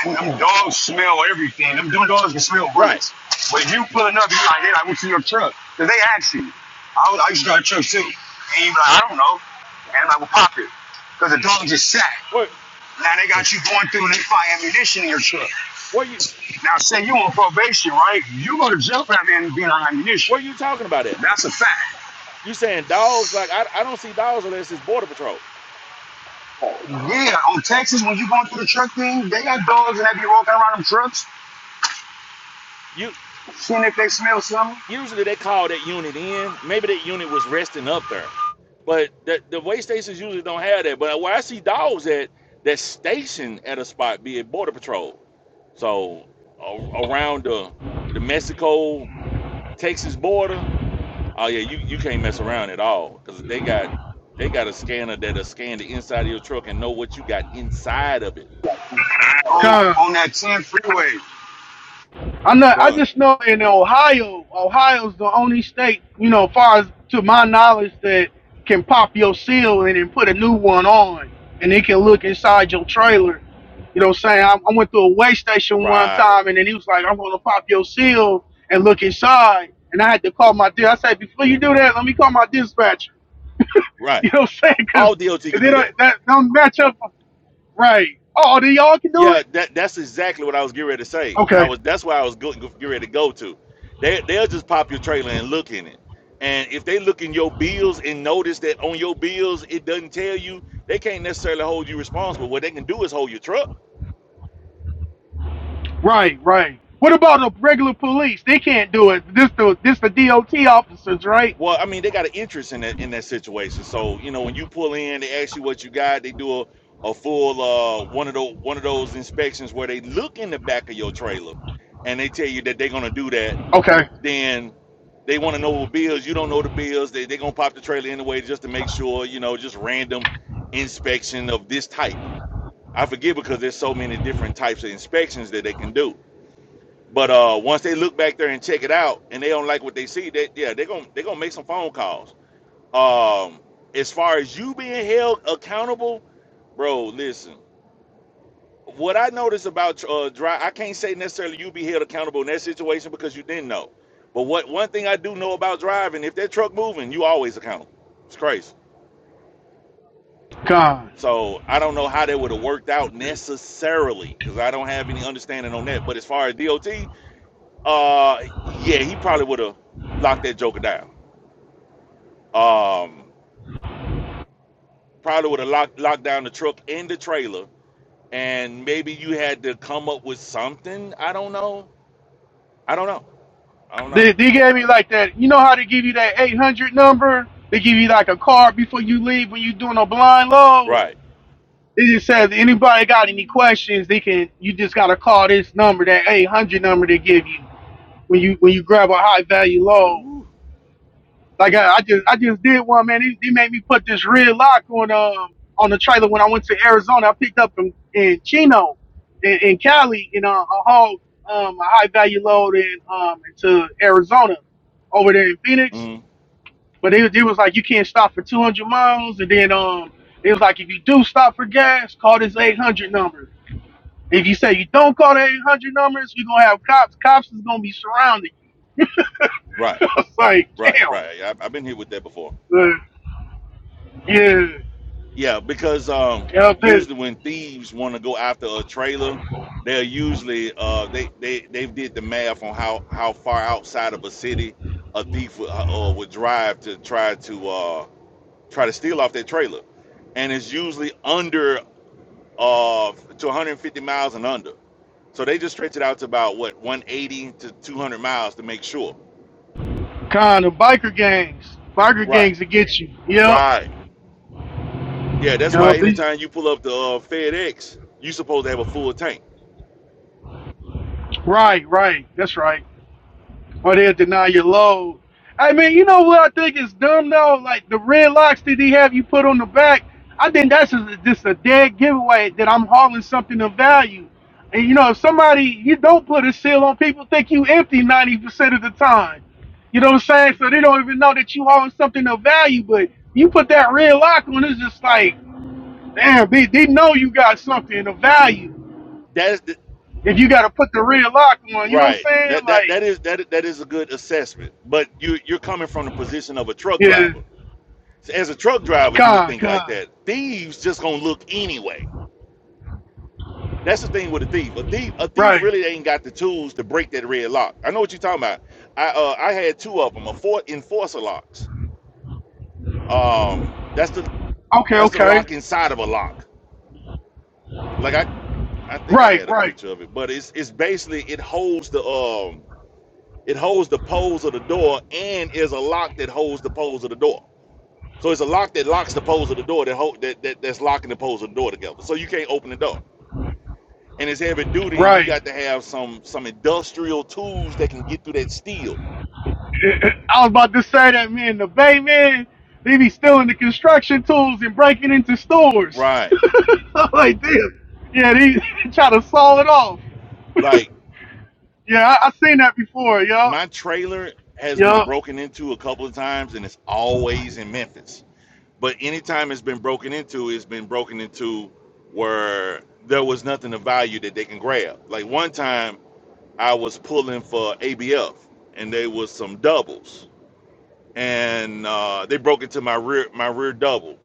Speaker 4: And them dogs smell everything. Them, them dogs can smell
Speaker 3: right.
Speaker 4: bullets. But if you pulling up, you like, hey, I went to your truck. Cause they ask you. I, was, I used to drive a truck too. And you be like, I don't know. And I'm like, well, pop it. Cause the dog just sat.
Speaker 3: What,
Speaker 4: Now they got you going through and they find ammunition in your truck.
Speaker 3: what you,
Speaker 4: Now, say you on probation, right? You gonna jail for that man being on ammunition.
Speaker 3: what are you talking about? That
Speaker 4: That's a fact.
Speaker 3: you saying dogs? Like I, I don't see dogs unless it's border patrol.
Speaker 4: Yeah, on Texas, when you going through the truck thing, they got dogs that be walking around them trucks,
Speaker 3: You
Speaker 4: seeing if they smell something.
Speaker 3: usually they call that unit in. Maybe that unit was resting up there, but the the way stations usually don't have that. But where I see dogs at, that's stationed at a spot, be it border patrol. So a, around the the Mexico Texas border, Oh yeah, you, you can't mess around at all because they got they got a scanner that'll scan the inside of your truck and know what you got inside of it.
Speaker 4: On
Speaker 7: con.
Speaker 4: on that 10 freeway.
Speaker 7: I know. I
Speaker 3: Done.
Speaker 7: just know in Ohio, Ohio's the only state, you know, far as to my knowledge, that can pop your seal and then put a new one on, and it can look inside your trailer. You know, what I'm saying I, I went to a way station one
Speaker 3: Right.
Speaker 7: time, and then he was like, "I'm gonna pop your seal and look inside," and I had to call my. di- I said, "Before you do that, let me call my dispatcher."
Speaker 3: Right.
Speaker 7: You know, what I'm saying
Speaker 3: A-
Speaker 7: because
Speaker 3: All DOT could
Speaker 7: they
Speaker 3: do
Speaker 7: don't
Speaker 3: that.
Speaker 7: that don't match up right. Oh, then y'all can do it.
Speaker 3: Yeah, that that's exactly what I was getting ready to say.
Speaker 7: Okay.
Speaker 3: I was that's why I was go- getting ready to go to. They they'll just pop your trailer and look in it. And if they look in your bills and notice that on your bills it doesn't tell you, they can't necessarily hold you responsible. What they can do is hold your truck
Speaker 7: Right, right. What about the regular police? They can't do it. This the this the DOT officers, right?
Speaker 3: Well, I mean, they got an interest in that in that situation. So you know, when you pull in, they ask you what you got. They do a, a full uh, one of those one of those inspections where they look in the back of your trailer, and they tell you that they're gonna do that.
Speaker 7: Okay,
Speaker 3: Then they want to know the bills. You don't know the bills. They they're gonna pop the trailer anyway just to make sure. You know, just random inspection of this type. I forget because there's so many different types of inspections that they can do. But uh, once they look back there and check it out, and they don't like what they see, that yeah, they're gonna they're gonna make some phone calls um, as far as you being held accountable, bro, listen. What I noticed about uh, dry, I can't say necessarily you be held accountable in that situation because you didn't know. But what one thing I do know about driving, if that truck moving, you always accountable. It's crazy.
Speaker 7: God.
Speaker 3: So I don't know how that would have worked out necessarily because I don't have any understanding on that. But as far as DOT, uh, yeah, he probably would have locked that joker down. Um, probably would have locked locked down the truck and the trailer and maybe you had to come up with something. I don't know. I don't know. I don't know.
Speaker 7: They they gave me like that. You know how they give you that eight hundred number? They give you like a card before you leave when you're doing a blind load.
Speaker 3: Right.
Speaker 7: They just says anybody got any questions, they can. You just gotta call this number, that eight hundred number they give you when you when you grab a high value load.
Speaker 3: Ooh.
Speaker 7: Like I, I just I just did one, man. He, he made me put this red lock on um on the trailer when I went to Arizona. I picked up in, in Chino, in, in Cali, you know, a haul um a high value load in um into Arizona, over there in Phoenix.
Speaker 3: Mm,
Speaker 7: But it, it was like you can't stop for 200 miles, and then um it was like if you do stop for gas, call this 800 number. If you say you don't call the 800 numbers, you're gonna have cops. Cops is gonna be surrounding you.
Speaker 3: right.
Speaker 7: I was like,
Speaker 3: Right.
Speaker 7: damn.
Speaker 3: Right. I, I've been here with that before.
Speaker 7: Uh, yeah,
Speaker 3: Yeah, because um,
Speaker 7: yeah, that-
Speaker 3: usually when thieves want to go after a trailer, they're usually uh, they they they did the math on how how far outside of a city a thief would, uh, uh, would drive to try to uh, try to steal off their trailer, and it's usually under uh, to 150 miles and under. So they just stretch it out to about what 180 to 200 miles to make sure.
Speaker 7: Con the biker gangs. Biker
Speaker 3: Right.
Speaker 7: gangs that get you. Yep.
Speaker 3: Right. Yeah, that's why
Speaker 7: Yep. These,
Speaker 3: anytime you pull up the uh, FedEx, you supposed to have a full tank.
Speaker 7: right, right. That's right. Or they'll deny your load. I mean, you know what I think is dumb though? Like the red locks that they have you put on the back. I think that's a, just a dead giveaway that I'm hauling something of value. And you know, if somebody you don't put a seal on, people think you empty ninety percent of the time. You know what I'm saying? So they don't even know that you hauling something of value. But you put that red lock on, it's just like Damn, they, they know you got something of value
Speaker 3: That is the,
Speaker 7: if you got to put the red lock on. You know what I'm
Speaker 3: right.
Speaker 7: saying?
Speaker 3: That that that
Speaker 7: Like,
Speaker 3: is that that is a good assessment. But you you're coming from the position of a truck driver.
Speaker 7: yeah,
Speaker 3: So as a truck driver, you would
Speaker 7: God,
Speaker 3: think like
Speaker 7: God.
Speaker 3: that. Thieves just gonna look anyway. That's the thing with a thief. A thief a thief
Speaker 7: Right.
Speaker 3: really ain't got the tools to break that red lock. I know what you're talking about. I uh, I had two of them, a four enforcer locks Um, that's the
Speaker 7: Okay,
Speaker 3: that's the
Speaker 7: okay.
Speaker 3: lock inside of a lock. Like I I think I
Speaker 7: Right,
Speaker 3: had a
Speaker 7: right,
Speaker 3: picture of it, but it's it's basically it holds the um it holds the poles of the door and is a lock that holds the poles of the door. So it's a lock that locks the poles of the door that hold that, that that's locking the poles of the door together. So you can't open the door. And it's heavy duty, and you
Speaker 7: right.
Speaker 3: got to have some some industrial tools that can get through that steel.
Speaker 7: I was about to say that, man. The Bay, man, they be stealing the construction tools and breaking into stores.
Speaker 3: Right.
Speaker 7: I'm like, damn. Yeah, they try to saw it off.
Speaker 3: Like
Speaker 7: Yeah, I, I seen that before, yup.
Speaker 3: my trailer has been
Speaker 7: Yup.
Speaker 3: broken into a couple of times, and it's always in Memphis. But anytime it's been broken into, it's been broken into where there was nothing of value that they can grab. Like one time, I was pulling for ABF, and they was some doubles, and uh, they broke into my rear my rear double,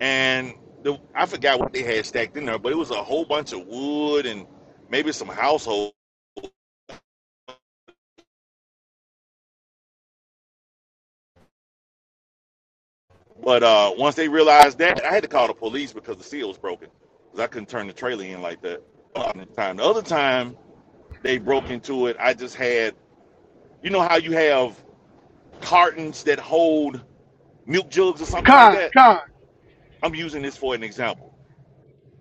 Speaker 3: and the, I forgot what they had stacked in there, but it was a whole bunch of wood and maybe some household. But uh, once they realized that, I had to call the police because the seal was broken, because I couldn't turn the trailer in like that. Uh, the Time the other time. they broke into it. I just had, you know, how you have cartons that hold milk jugs or something like
Speaker 7: Con,
Speaker 3: that.
Speaker 7: con.
Speaker 3: I'm using this for an example.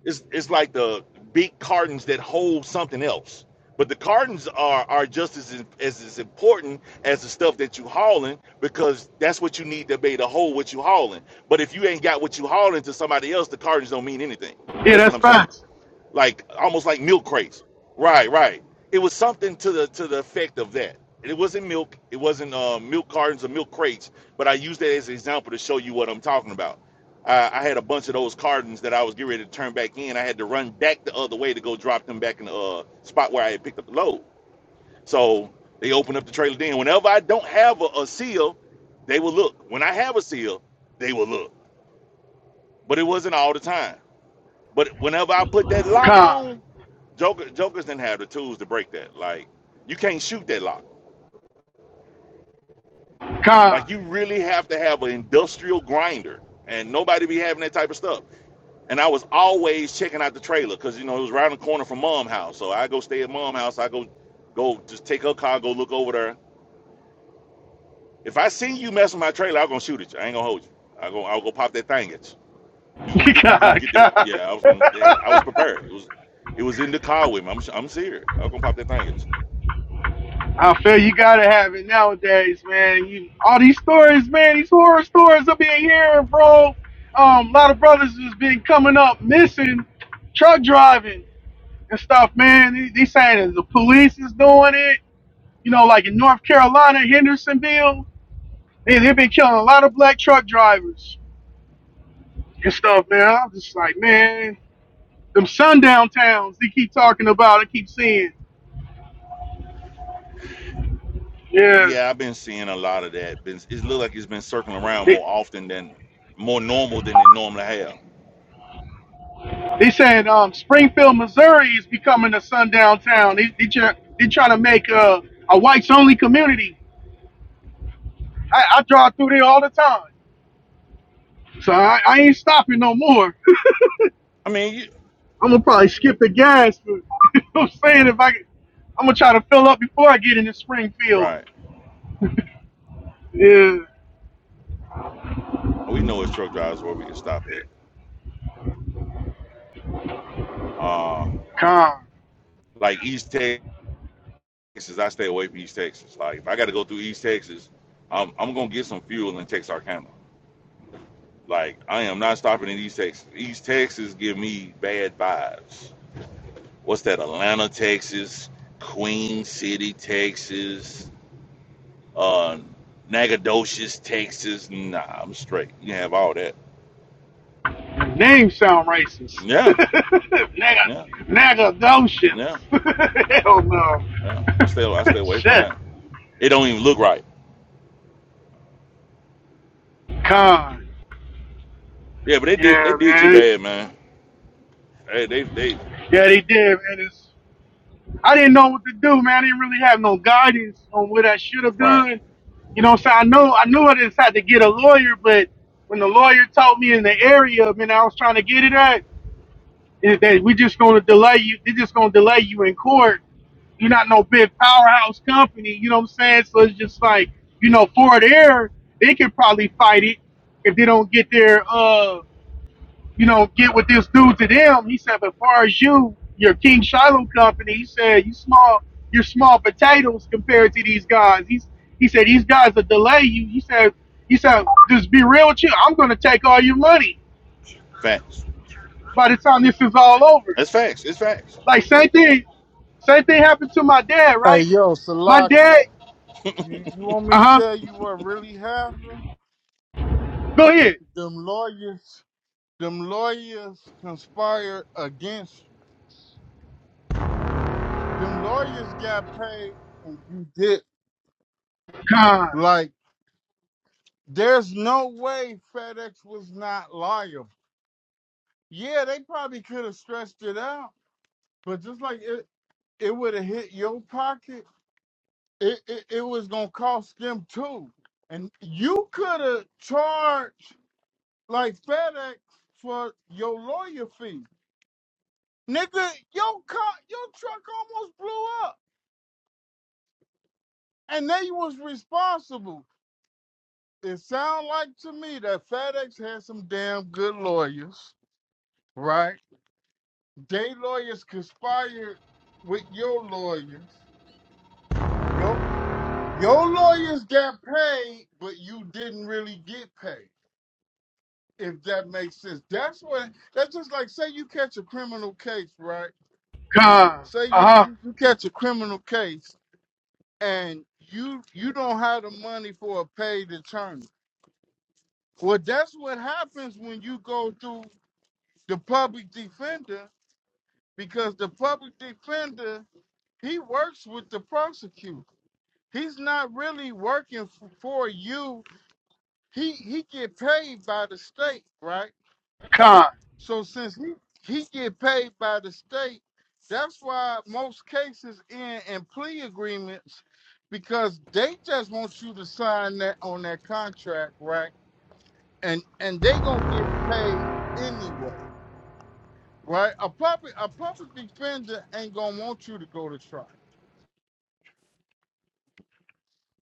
Speaker 3: It's it's like the big cartons that hold something else, but the cartons are are just as as, as important as the stuff that you hauling because that's what you need to be able to hold what you hauling. But if you ain't got what you hauling to somebody else, the cartons don't mean anything.
Speaker 7: Yeah,
Speaker 3: That's what
Speaker 7: that's
Speaker 3: I'm saying.
Speaker 7: facts.
Speaker 3: like almost like milk crates. Right, right. It was something to the to the effect of that. It wasn't milk. It wasn't uh, milk cartons or milk crates. But I used that as an example to show you what I'm talking about. I, I had a bunch of those cartons that I was getting ready to turn back in. I had to run back the other way to go drop them back in the uh, spot where I had picked up the load. So they opened up the trailer then. Whenever I don't have a, a seal, they will look. When I have a seal, they will look. But it wasn't all the time. But whenever I put that lock
Speaker 7: Con,
Speaker 3: on, Joker, Jokers didn't have the tools to break that. Like, you can't shoot that lock.
Speaker 7: con.
Speaker 3: Like, you really have to have an industrial grinder, and nobody be having that type of stuff. And I was always checking out the trailer because you know it was right around the corner from mom house. So I go stay at mom house. I go, go just take her car, go look over there. If I see you messing with my trailer, I'm gonna shoot at you. I ain't gonna hold you. I go, I'll go pop that thing at you. You gonna get, you gonna
Speaker 7: Con,
Speaker 3: get that?
Speaker 7: con.
Speaker 3: Yeah, I was gonna. Yeah, I was prepared. It was, it was in the car with me. I'm, I'm serious. I'm gonna pop that thing at you.
Speaker 7: I feel you gotta have it nowadays, man. You, all these stories, man, these horror stories I've been hearing, bro. Um, a lot of brothers has been coming up missing, truck driving and stuff, man. They, they saying that the police is doing it. You know, like in North Carolina, Hendersonville, they, they've been killing a lot of black truck drivers and stuff, man. I'm just like, man, them sundown towns they keep talking about and keep seeing. Yeah.
Speaker 3: Yeah, I've been seeing a lot of that. Been it look like it's been circling around
Speaker 7: they,
Speaker 3: more often than more normal than they normally have.
Speaker 7: He's said um, Springfield, Missouri is becoming a sundown town. They, they, try, they trying to make a a whites only community. I, I drive through there all the time. So I, I ain't stopping no more.
Speaker 3: I mean, you,
Speaker 7: I'm going to probably skip the gas. But, you know what I'm saying? If I, I'm going to try to fill up before I get into Springfield.
Speaker 3: right?
Speaker 7: Yeah.
Speaker 3: We know as truck drivers where we can stop at. Uh,
Speaker 7: Con.
Speaker 3: like East Texas, I stay away from East Texas. Like if I got to go through East Texas, I'm I'm gonna get some fuel in Texarkana. Like I am not stopping in East Texas. East Texas give me bad vibes. What's that? Atlanta, Texas, Queen City, Texas. uh, Nagadocious, Texas. Nah, I'm straight. You can have all that.
Speaker 7: Names sound racist.
Speaker 3: Yeah,
Speaker 7: Naga,
Speaker 3: yeah,
Speaker 7: Nagadocious.
Speaker 3: yeah,
Speaker 7: Hell
Speaker 3: yeah. I stay, I
Speaker 7: no.
Speaker 3: stay away from
Speaker 7: Shit.
Speaker 3: that. It don't even look right.
Speaker 7: Con.
Speaker 3: Yeah, but they did, they
Speaker 7: Yeah,
Speaker 3: did you
Speaker 7: man.
Speaker 3: bad, man. Hey, they, they,
Speaker 7: Yeah, they did, man. It's, I didn't know what to do, man. I didn't really have no guidance on what I should have
Speaker 3: right.
Speaker 7: done. You know, what I'm saying I know I knew I decided to get a lawyer, but when the lawyer told me in the area, man, I was trying to get it at, is that we just gonna delay you. They're just gonna delay you in court. You're not no big powerhouse company. You know what I'm saying? So it's just like, you know, Ford Air, they could probably fight it if they don't get their uh you know, get with this dude to them. He said, but far as you, your King Shiloh company, he said, you small, you're small potatoes compared to these guys. He's, he said, these guys will delay you. He said, he said, just be real with you. I'm going to take all your money
Speaker 3: Facts.
Speaker 7: by the time this is all over.
Speaker 3: It's facts. It's facts.
Speaker 7: Like same thing, same thing happened to my dad,
Speaker 10: Hey
Speaker 7: right?
Speaker 10: yo,
Speaker 7: My dad,
Speaker 10: Salakia, you you want me to
Speaker 7: uh
Speaker 10: tell
Speaker 7: huh.
Speaker 10: you what really happened?
Speaker 7: Go ahead.
Speaker 10: Them lawyers, them lawyers conspired against you. Them lawyers got paid, and you did
Speaker 7: Con,
Speaker 10: like. There's no way FedEx was not liable. Yeah, they probably could have stretched it out, but just like it, it would have hit your pocket, it, it, it was gonna cost them too. And you could have charged like FedEx for your lawyer fee. Nigga, your car, your truck almost blew up, and they was responsible. It sound like to me that FedEx had some damn good lawyers, right? They lawyers conspired with your lawyers. Your your lawyers got paid, but you didn't really get paid. If that makes sense, that's what. That's just like say you catch a criminal case, right?
Speaker 7: con,
Speaker 10: Say you
Speaker 7: uh huh.
Speaker 10: you, you catch a criminal case and you you don't have the money for a paid attorney. Well, that's what happens when you go through the public defender because the public defender he works with the prosecutor. He's not really working f- for you. He he get paid by the state, right?
Speaker 7: Con,
Speaker 10: So since he he get paid by the state, that's why most cases end in plea agreements because they just want you to sign that on that contract, right? And and they gonna get paid anyway, right? A public a public defender ain't gonna want you to go to trial,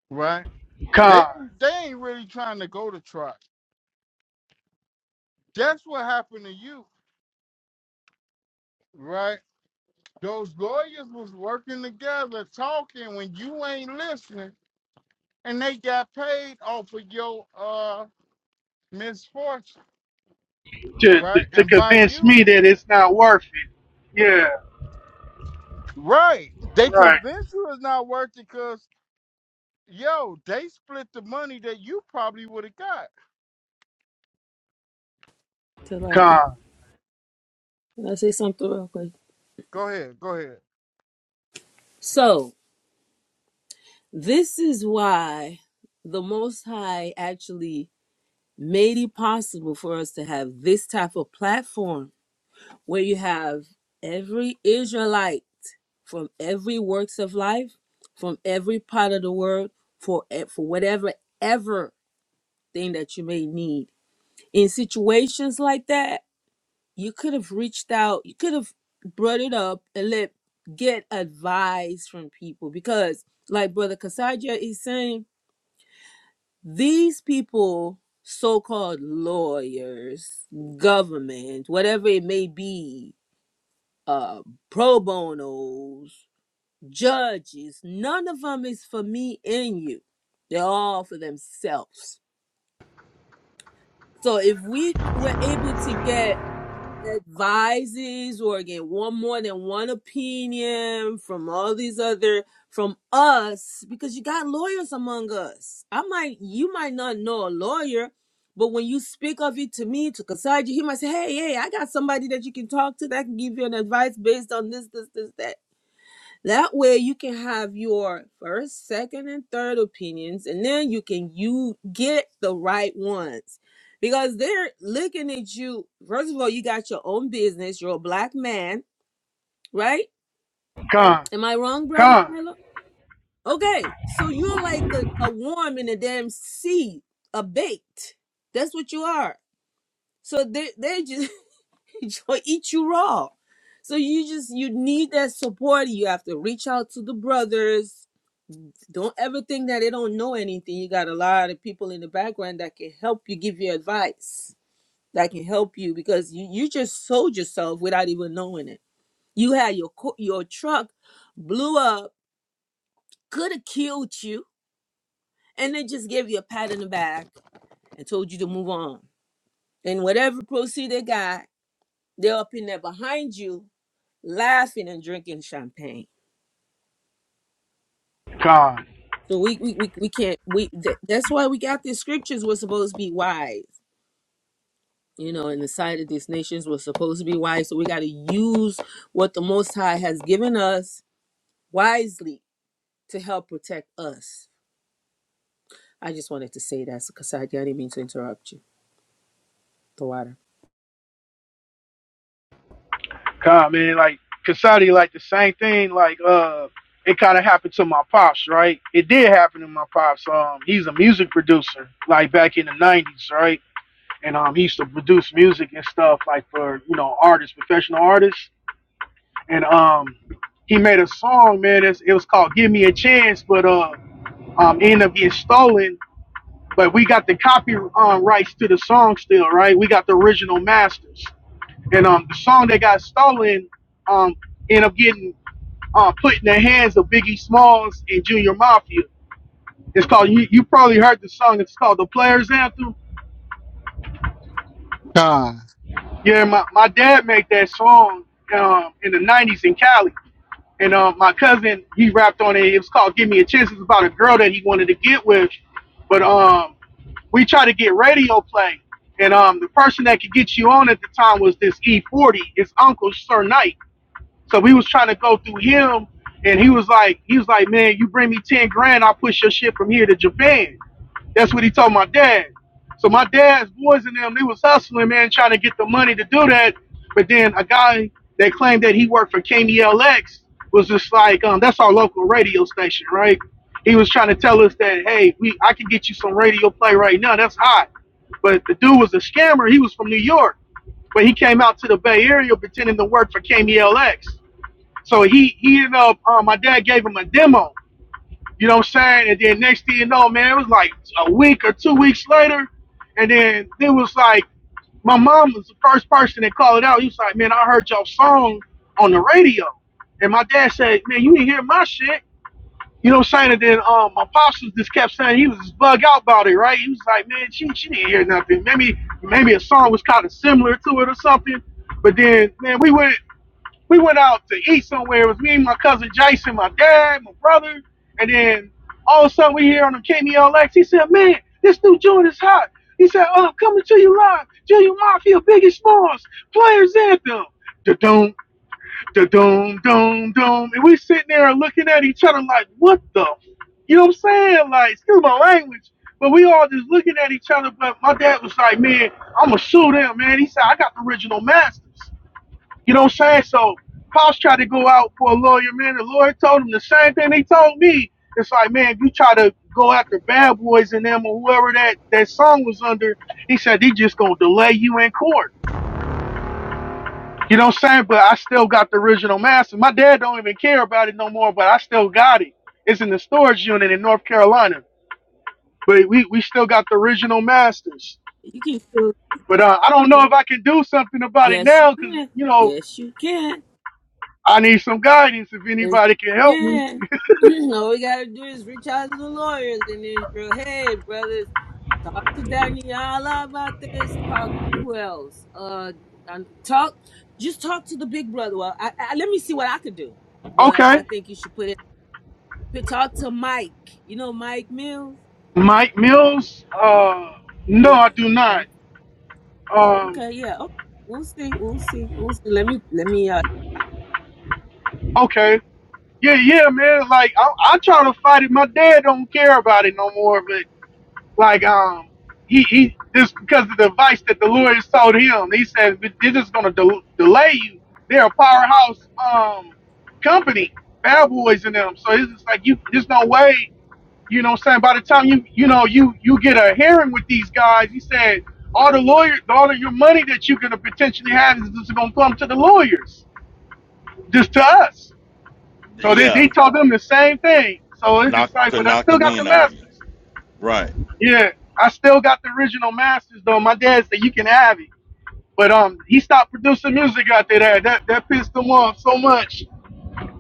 Speaker 10: right? They
Speaker 7: con.
Speaker 10: they ain't really trying to go to trial. That's what happened to you Right. Those lawyers was working together, talking when you ain't listening, and they got paid off of your uh misfortune,
Speaker 7: To,
Speaker 10: right?
Speaker 7: to
Speaker 10: And by
Speaker 7: convince me
Speaker 10: you,
Speaker 7: that it's not worth it. Yeah,
Speaker 10: right? They
Speaker 7: right.
Speaker 10: convinced you it's not worth it because yo, they split the money that you probably would have got.
Speaker 7: Con.
Speaker 9: Talakia. Can I say something real quick?
Speaker 10: Go ahead, go ahead.
Speaker 9: So this is why the Most High actually made it possible for us to have this type of platform where you have every Israelite from every works of life, from every part of the world, for e- for whatever ever thing that you may need. In situations like that, you could have reached out, you could have brought it up and let get advice from people because, like Brother Kasaja is saying, these people, so-called lawyers, government, whatever it may be, uh pro bonos, judges, none of them is for me and you. They're all for themselves. So if we were able to get advices or get one more than one opinion from all these other from us, because you got lawyers among us. I might you might not know a lawyer, but when you speak of it to me, to Kasaji, he might say, Hey, hey, I got somebody that you can talk to that can give you an advice based on this, this, this, that That way you can have your first, second, and third opinions, and then you can you get the right ones. Because they're looking at you. First of all, you got your own business. You're a black man, right?
Speaker 7: Con,
Speaker 9: Am I wrong, brother
Speaker 7: con,
Speaker 9: Shiloh? Okay, so you're like a, a worm in a damn seed, a bait. That's what you are. So they they just gonna eat you raw. So you just you need that support. You have to reach out to the brothers Don't ever think that they don't know anything. You got a lot of people in the background that can help you give you advice, that can help you because you, you just sold yourself without even knowing it. You had your co- your truck blew up, could have killed you, and they just gave you a pat in the back and told you to move on. And whatever proceed they got, they're up in there behind you, laughing and drinking champagne.
Speaker 7: con,
Speaker 9: So we we, we, we can't we th- that's why we got these scriptures. We're supposed to be wise. you know, in the sight of these nations, we're supposed to be wise. So we got to use what the Most High has given us wisely to help protect us. I just wanted to say that because I didn't mean to interrupt you. The
Speaker 7: con, man. Like Kasadi, like the same thing. Like uh, it kind of happened to my pops, right? It did happen to my pops. Um, he's a music producer, like back in the '90s, right? And um, he used to produce music and stuff, like for you know artists, professional artists. And um, he made a song, man. It's, it was called "Give Me a Chance," but uh, um, ended up getting stolen. But we got the copy um, rights to the song still, right? We got the original masters. and um the song that got stolen um ended up getting uh, put in the hands of Biggie Smalls and Junior Mafia. It's called you, you probably heard the song. It's called the Players Anthem.
Speaker 10: Con.
Speaker 7: Yeah, my, my dad made that song um, in the '90s in Cali, and um, my cousin he rapped on it. It was called "Give Me a Chance." It's about a girl that he wanted to get with, but um we tried to get radio play, and um the person that could get you on at the time was this E40, his uncle Sir Knight So we was trying to go through him, and he was like, he was like, man, you bring me ten grand, I'll push your shit from here to Japan. That's what he told my dad. So my dad's boys and them, they was hustling, man, trying to get the money to do that. But then a guy that claimed that he worked for KMLX was just like, um, that's our local radio station, right? He was trying to tell us that, hey, we I can get you some radio play right now. That's hot. But the dude was a scammer. He was from New York, but he came out to the Bay Area pretending to work for KMLX. So he he ended up uh, my dad gave him a demo, you know what I'm saying? And then next thing you know, man, it was like a week or two weeks later, and then it was like my mom was the first person that called it out. He was like, Man, I heard your song on the radio. And my dad said, Man, you didn't hear my shit. You know what I'm saying? And then um, my pops just kept saying he was just bug out about it, right? He was like, Man, she, she didn't hear nothing. Maybe maybe a song was kind of similar to it or something. But then, man, we went we went out to eat somewhere. It was me, my cousin Jason, my dad, my brother, and then all of a sudden we hear on the KMLX. He said, "Man, this new joint is hot." He said, "Oh, I'm coming to you live, Junior Mafia, biggest boss, Players Anthem." Da dum, da dum, dum, dum, and we sitting there looking at each other like, "What the?" You know what I'm saying? Like, excuse my language, but we all just looking at each other. But my dad was like, "Man, I'm gonna sue them, man." He said, "I got the original masters." You know what I'm saying? So Pops tried to go out for a lawyer, man. The lawyer told him the same thing they told me. It's like, man, if you try to go after bad boys and them or whoever that, that song was under, he said they just gonna delay you in court. You know what I'm saying? But I still got the original master. My dad don't even care about it no more, but I still got it. It's in the storage unit in North Carolina. But we, we still got the original masters.
Speaker 9: You can feel.
Speaker 7: But uh, I don't know if I can do something about it
Speaker 9: Yes, you
Speaker 7: now because,
Speaker 9: can.
Speaker 7: you know,
Speaker 9: Yes, you can.
Speaker 7: I need some guidance if
Speaker 9: It's-
Speaker 7: anybody can help me.
Speaker 9: Yeah. All we gotta do is reach out to the lawyers in Israel. Hey, brothers. Talk to Daniela about this. Talk to who else? Uh, and talk. Just talk to the big brother. Well, I, I, let me see what I could do. But I
Speaker 7: Okay.
Speaker 9: think you should put it. but Talk to Mike. You know Mike Mills.
Speaker 7: Mike Mills? Uh, no,
Speaker 9: Yeah.
Speaker 7: I do not.
Speaker 9: Talk.
Speaker 7: Um,
Speaker 9: Okay. Yeah. Okay. We'll see. We'll see. We'll see. Let me. Let me. Uh,
Speaker 7: okay. Yeah, yeah, man. Like I, I try to fight it. My dad don't care about it no more. But like, um, he he just because of the advice that the lawyers told him, he said "But they're just gonna del- delay you. They're a powerhouse um company, bad boys in them. So it's just like you. There's no way. You know what I'm saying? By the time you you know you you get a hearing with these guys, he said all the lawyer all of your money that you're gonna potentially have is just gonna come to the lawyers, just to us. So they
Speaker 3: Yeah,
Speaker 7: they told them the same thing. So it's
Speaker 3: knock
Speaker 7: just like,
Speaker 3: to
Speaker 7: but I
Speaker 3: knock the
Speaker 7: still got the
Speaker 3: wind out of you.
Speaker 7: masters.
Speaker 3: Right.
Speaker 7: Yeah, I still got the original masters though. My dad said you can have it, but um, he stopped producing music after that. That that pissed him off so much.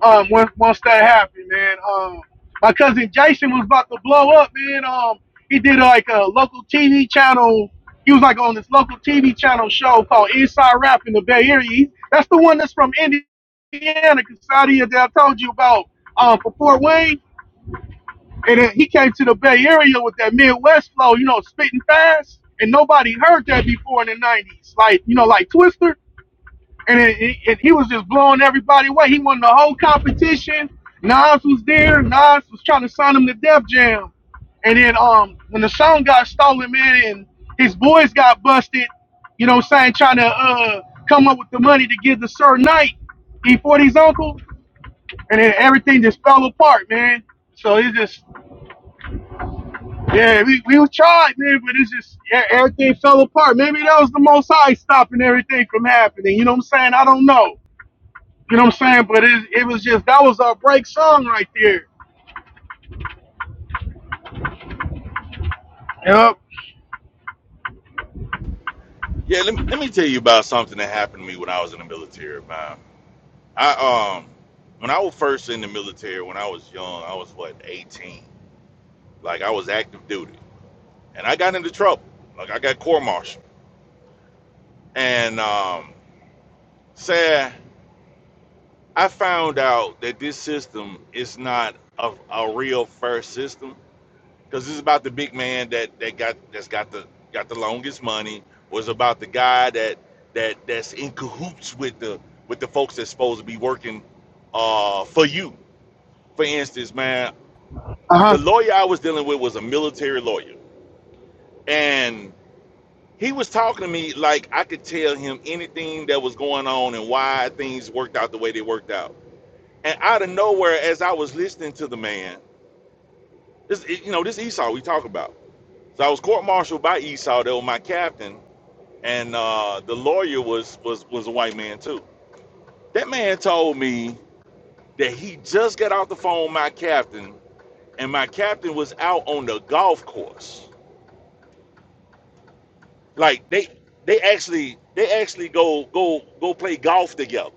Speaker 7: um once once that happened, man. Um my cousin Jason was about to blow up, man. Um he did like a local TV channel. He was like on this local TV channel show called Inside Rap in the Bay Area. He- That's the one that's from Indiana, Casadia that I told you about um for Fort Wayne. And then he came to the Bay Area with that Midwest flow, you know, spitting fast. And nobody heard that before in the nineties. Like, you know, like Twister and, it, it- and he was just blowing everybody away. He won the whole competition. Nas was there. Nas was trying to sign him to Def Jam, and then um when the song got stolen, man, and his boys got busted. You know, what I'm saying trying to uh come up with the money to give the Sir Knight E40's uncle, and then everything just fell apart, man. So it's just yeah, we we tried, man, but it's just yeah, everything fell apart. Maybe that was the Most High stopping everything from happening. You know what I'm saying? I don't know. You know what I'm saying? But it, it was just that was our break song right there. Yep.
Speaker 3: Yeah. Let, me- let me tell you about something that happened to me when I was in the military, man. I um, when I was first in the military, when I was young, I was what 18. Like I was active duty. and I got into trouble. Like I got court martial. And um, sad, I found out that this system is not a, a real fair system because it's about the big man that that got that's got the got the longest money. Was about the guy that that that's in cahoots with the with the folks that's supposed to be working uh, for you. For instance, man,
Speaker 7: Uh huh.
Speaker 3: the lawyer I was dealing with was a military lawyer, and. he was talking to me like I could tell him anything that was going on and why things worked out the way they worked out. And out of nowhere, as I was listening to the man, this you know this Esau we talk about. So I was court-martialed by Esau, that was my captain, and uh, the lawyer was was was a white man too. That man told me that he just got off the phone with my captain, and my captain was out on the golf course. Like they they actually they actually go go go play golf together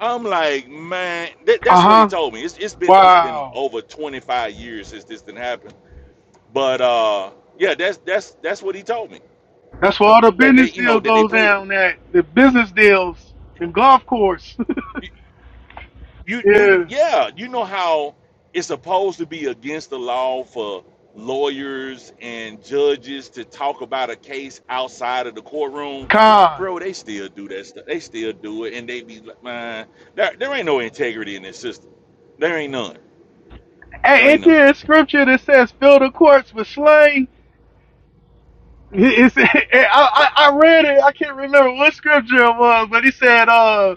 Speaker 3: I'm like, man, that,
Speaker 7: Uh
Speaker 3: that's what he
Speaker 7: huh.
Speaker 3: told me. It's, it's been it's been
Speaker 7: Wow.
Speaker 3: over 25 years since this didn't happen. But uh, yeah, that's that's that's what he told me.
Speaker 7: That's where all the
Speaker 3: That they,
Speaker 7: business
Speaker 3: you know,
Speaker 7: deal
Speaker 3: that they
Speaker 7: goes
Speaker 3: play.
Speaker 7: down at. The business deals, the golf course.
Speaker 3: You, you, you
Speaker 7: yeah.
Speaker 3: yeah, you know how it's supposed to be against the law for lawyers and judges to talk about a case outside of the courtroom.
Speaker 7: Con.
Speaker 3: Bro, they still do that stuff. They still do it, and they be like, man, there, there ain't no integrity in this system. There ain't none. There
Speaker 7: Hey,
Speaker 3: ain't
Speaker 7: ain't
Speaker 3: none.
Speaker 7: there a scripture that says fill the courts with slain? It- It's, it,
Speaker 3: So,
Speaker 7: I, I I read it. I can't remember what scripture it was, but he said, uh,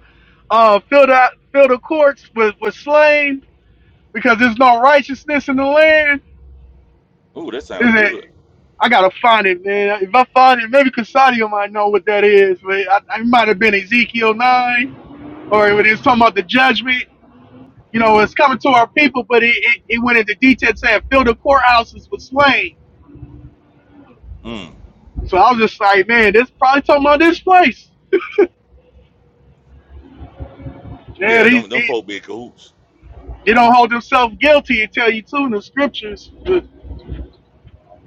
Speaker 7: uh, fill the fill the courts with with slain because there's no righteousness in the land.
Speaker 3: Ooh, that sounds
Speaker 7: Is it?
Speaker 3: good.
Speaker 7: I gotta find it, man. If I find it, maybe Casadio might know what that is. But I, it might have been Ezekiel nine, or when it was talking about the judgment. You know, it's coming to our people, but it, it, it went into detail saying fill the courthouses with slain.
Speaker 3: Mm.
Speaker 7: So I was just like, man, this probably talking about this place. Yeah,
Speaker 3: Yeah,
Speaker 7: they,
Speaker 3: them them
Speaker 7: they,
Speaker 3: folk be in cahoots.
Speaker 7: they don't hold themselves guilty and tell you too in the scriptures. But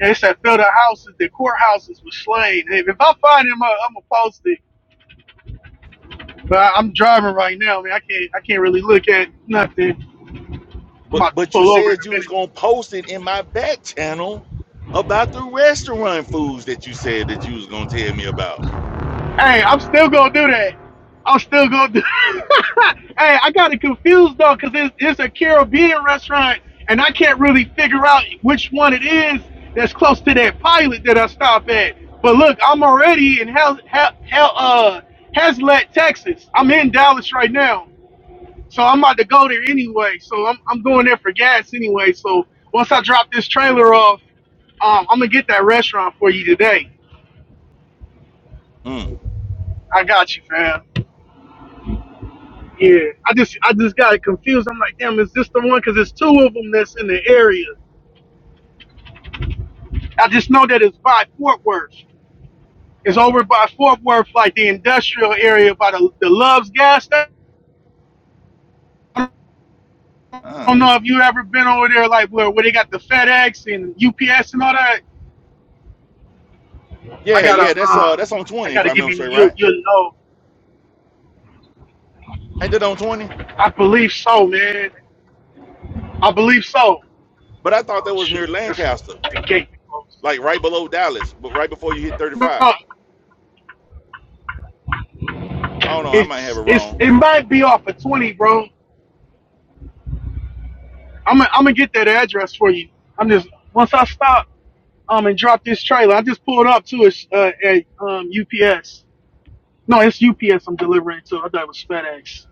Speaker 7: they said fill the houses, the courthouses with slain. If if I find him, I'm gonna post it. But I'm driving right now, man. I can't I can't really look at nothing. I'm about
Speaker 3: But
Speaker 7: to
Speaker 3: but you
Speaker 7: pull over in
Speaker 3: said you
Speaker 7: a
Speaker 3: was
Speaker 7: minute.
Speaker 3: gonna post it in my back channel about the restaurant foods that you said that you was gonna tell me about.
Speaker 7: Hey, I'm still gonna do that. I'm still gonna do. hey, I got it confused though, cause it's, it's a Caribbean restaurant, and I can't really figure out which one it is that's close to that pilot that I stop at. But look, I'm already in Hell, Hell, Hell, uh, Hazlet, Texas. I'm in Dallas right now, so I'm about to go there anyway. So I'm I'm going there for gas anyway. So once I drop this trailer off, um, I'm gonna get that restaurant for you today.
Speaker 3: Mm.
Speaker 7: I got you, fam. Yeah, I just I just got confused. I'm like, damn, is this the one? Because it's two of them that's in the area. I just know that it's by Fort Worth. It's over by Fort Worth, like the industrial area by the the Love's gas station. I
Speaker 3: Uh.
Speaker 7: don't know if you ever been over there, like where where they got the FedEx and UPS and all that. I
Speaker 3: Yeah,
Speaker 7: gotta
Speaker 3: yeah, that's uh that's
Speaker 7: um,
Speaker 3: on
Speaker 7: I
Speaker 3: twenty if
Speaker 7: gotta
Speaker 3: I
Speaker 7: give
Speaker 3: remember
Speaker 7: you
Speaker 3: straight,
Speaker 7: you
Speaker 3: right?
Speaker 7: you will know.
Speaker 3: Ain't that on twenty?
Speaker 7: I believe so, man. I believe so.
Speaker 3: But I thought
Speaker 7: Oh
Speaker 3: that was
Speaker 7: shoot,
Speaker 3: near
Speaker 7: that's
Speaker 3: Lancaster,
Speaker 7: the gate
Speaker 3: like
Speaker 7: closed.
Speaker 3: right below Dallas, but right before you hit thirty
Speaker 7: Bro,
Speaker 3: five. I don't know, I might have
Speaker 7: it's
Speaker 3: it
Speaker 7: it's
Speaker 3: wrong.
Speaker 7: it might be off of twenty, bro. I'm gonna I'm gonna get that address for you. I'm just once I stop um and drop this trailer, I just pulled up to a uh, at um UPS. No, it's UPS I'm delivering to. I thought it was FedEx.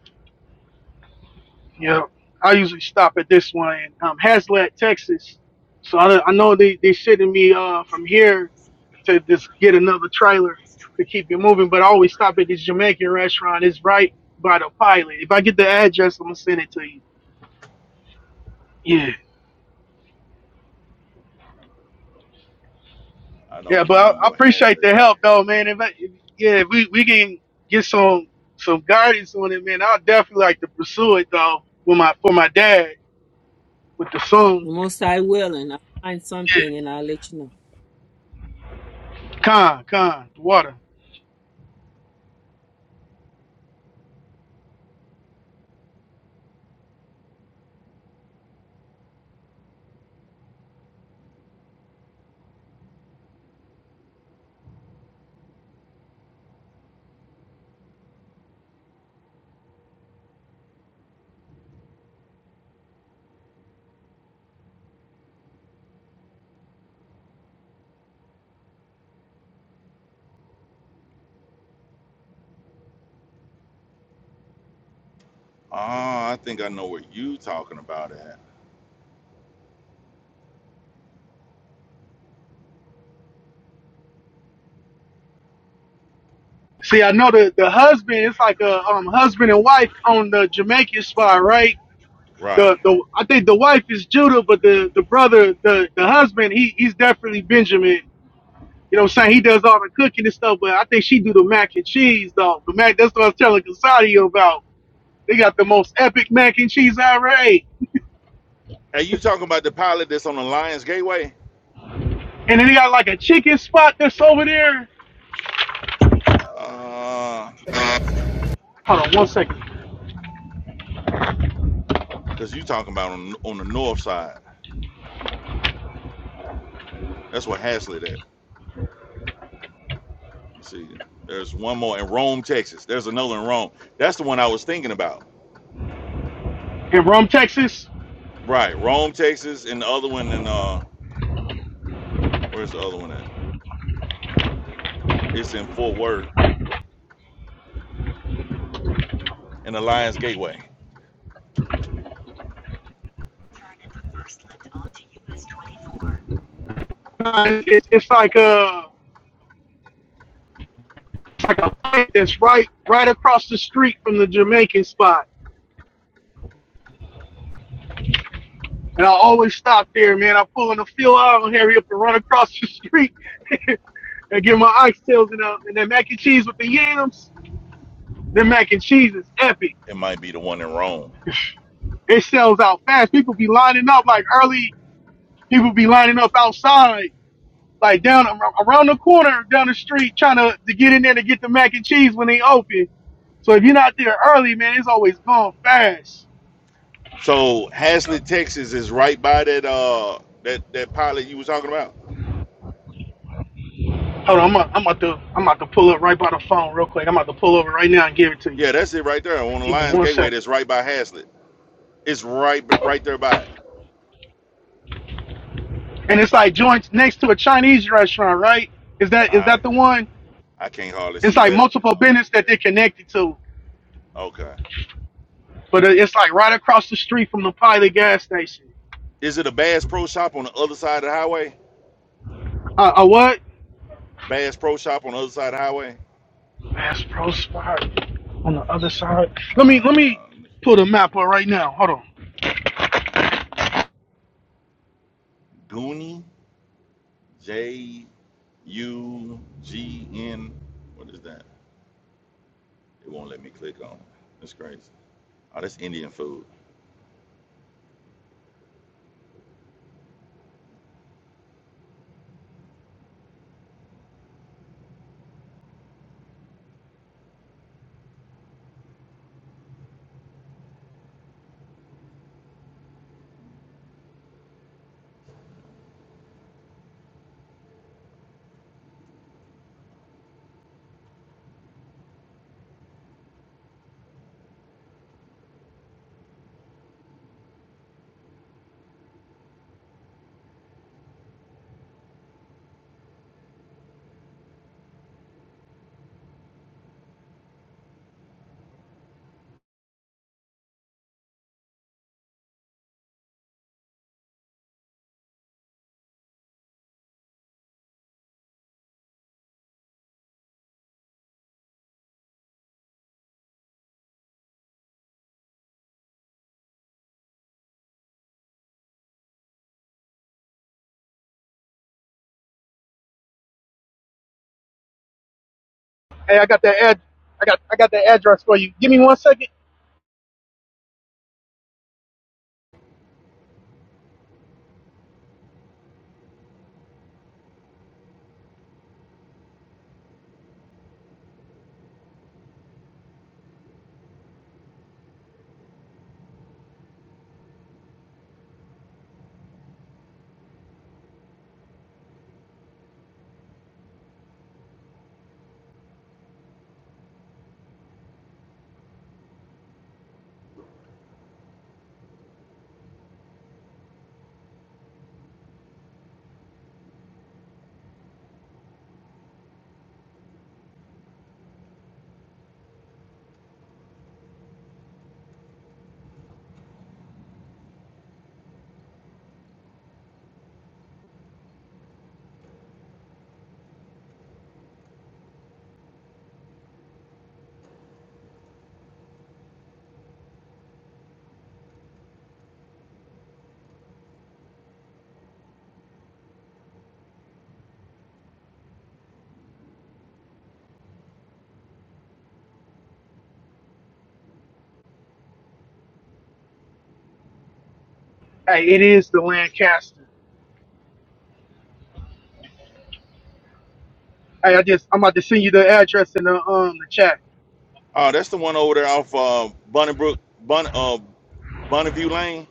Speaker 7: Yeah, I usually stop at this one in um, Hazlet, Texas. So I, I know they they sending me uh from here to just get another trailer to keep it moving. But I always stop at this Jamaican restaurant. It's right by the pilot. If I get the address, I'm gonna send it to you. Yeah.
Speaker 3: I don't
Speaker 7: Yeah,
Speaker 3: even
Speaker 7: but I,
Speaker 3: remember
Speaker 7: I
Speaker 3: what has
Speaker 7: appreciate
Speaker 3: that
Speaker 7: the
Speaker 3: is.
Speaker 7: help though, man. If, I, if yeah, if we, we can get some some guidance on it, man, I'll definitely like to pursue it though with my for my dad with the son.
Speaker 9: the most I will, and I'll find
Speaker 7: Yeah,
Speaker 9: something, and I'll let you know.
Speaker 7: con con the water.
Speaker 3: Ah, I think I know what you talking about at.
Speaker 7: See, I know the the husband. It's like a um husband and wife on the Jamaican spot, right?
Speaker 3: Right.
Speaker 7: The the I think the wife is Judah, but the the brother, the the husband, he he's definitely Benjamin. You know what I'm saying? He does all the cooking and stuff, but I think she do the mac and cheese though. The mac that's what I was telling Casadio about They got the most epic mac and cheese I ever ate.
Speaker 3: And you talking about the pilot that's on the Lions Gateway?
Speaker 7: And then they got like a chicken spot that's over there.
Speaker 3: Uh,
Speaker 7: Hold on one second.
Speaker 3: cause you talking about on on the north side. That's where Hazlitt at. Let's see, there's one more in Rome, Texas. There's another in Rome. That's the one I was thinking about.
Speaker 7: In Rome, Texas,
Speaker 3: Right, Rome, Texas, and the other one in uh, where's the other one at? It's in Fort Worth, in the Lions Gateway.
Speaker 7: uh, it's, it's like a it's like a place that's right right across the street from the Jamaican spot. And I always stop there, man. I pull in the field out and hurry up and run across the street and get my oxtails and, uh, and that mac and cheese with the yams. The mac and cheese is epic.
Speaker 3: It might be the one in Rome.
Speaker 7: It sells out fast. People be lining up like early. People be lining up outside like down around the corner down the street trying to, to get in there to get the mac and cheese when they open. So if you're not there early, man, it's always gone fast.
Speaker 3: So Haslett, Texas is right by that uh that that pilot you was talking about.
Speaker 7: Hold on, I'm about, I'm about to I'm about to pull up right by the phone real quick. I'm about to pull over right now and give it to you.
Speaker 3: Yeah, that's it right there on the
Speaker 7: Give me
Speaker 3: Lions
Speaker 7: one
Speaker 3: Gateway.
Speaker 7: sec.
Speaker 3: That's right by Haslett. It's right right there by it.
Speaker 7: And it's like joints next to a Chinese restaurant, right? Is that is
Speaker 3: I
Speaker 7: that the one?
Speaker 3: I can't hardly
Speaker 7: It's
Speaker 3: see
Speaker 7: like
Speaker 3: that.
Speaker 7: multiple business that they're connected to,
Speaker 3: Okay.
Speaker 7: but it- it's like right across the street from the Pilot gas station.
Speaker 3: Is it a Bass Pro Shop on the other side of the highway?
Speaker 7: Uh, uh what?
Speaker 3: Bass Pro Shop on the other side of the highway.
Speaker 7: Bass Pro spot on the other side. Let me let me
Speaker 3: Uh,
Speaker 7: pull the map up right now. Hold on.
Speaker 3: Goonie, J U G N. What is that? It won't let me click on. it. That's crazy. Oh, that's Indian food.
Speaker 7: Hey, I got that ad. I got I got that address for you. Give me one second. Hey, it is the Lancaster. Hey, I just I'm about to send you the address in the um the chat.
Speaker 3: Oh, that's the one over there off uh, Bunnybrook, Bun, uh, Bonneview Lane.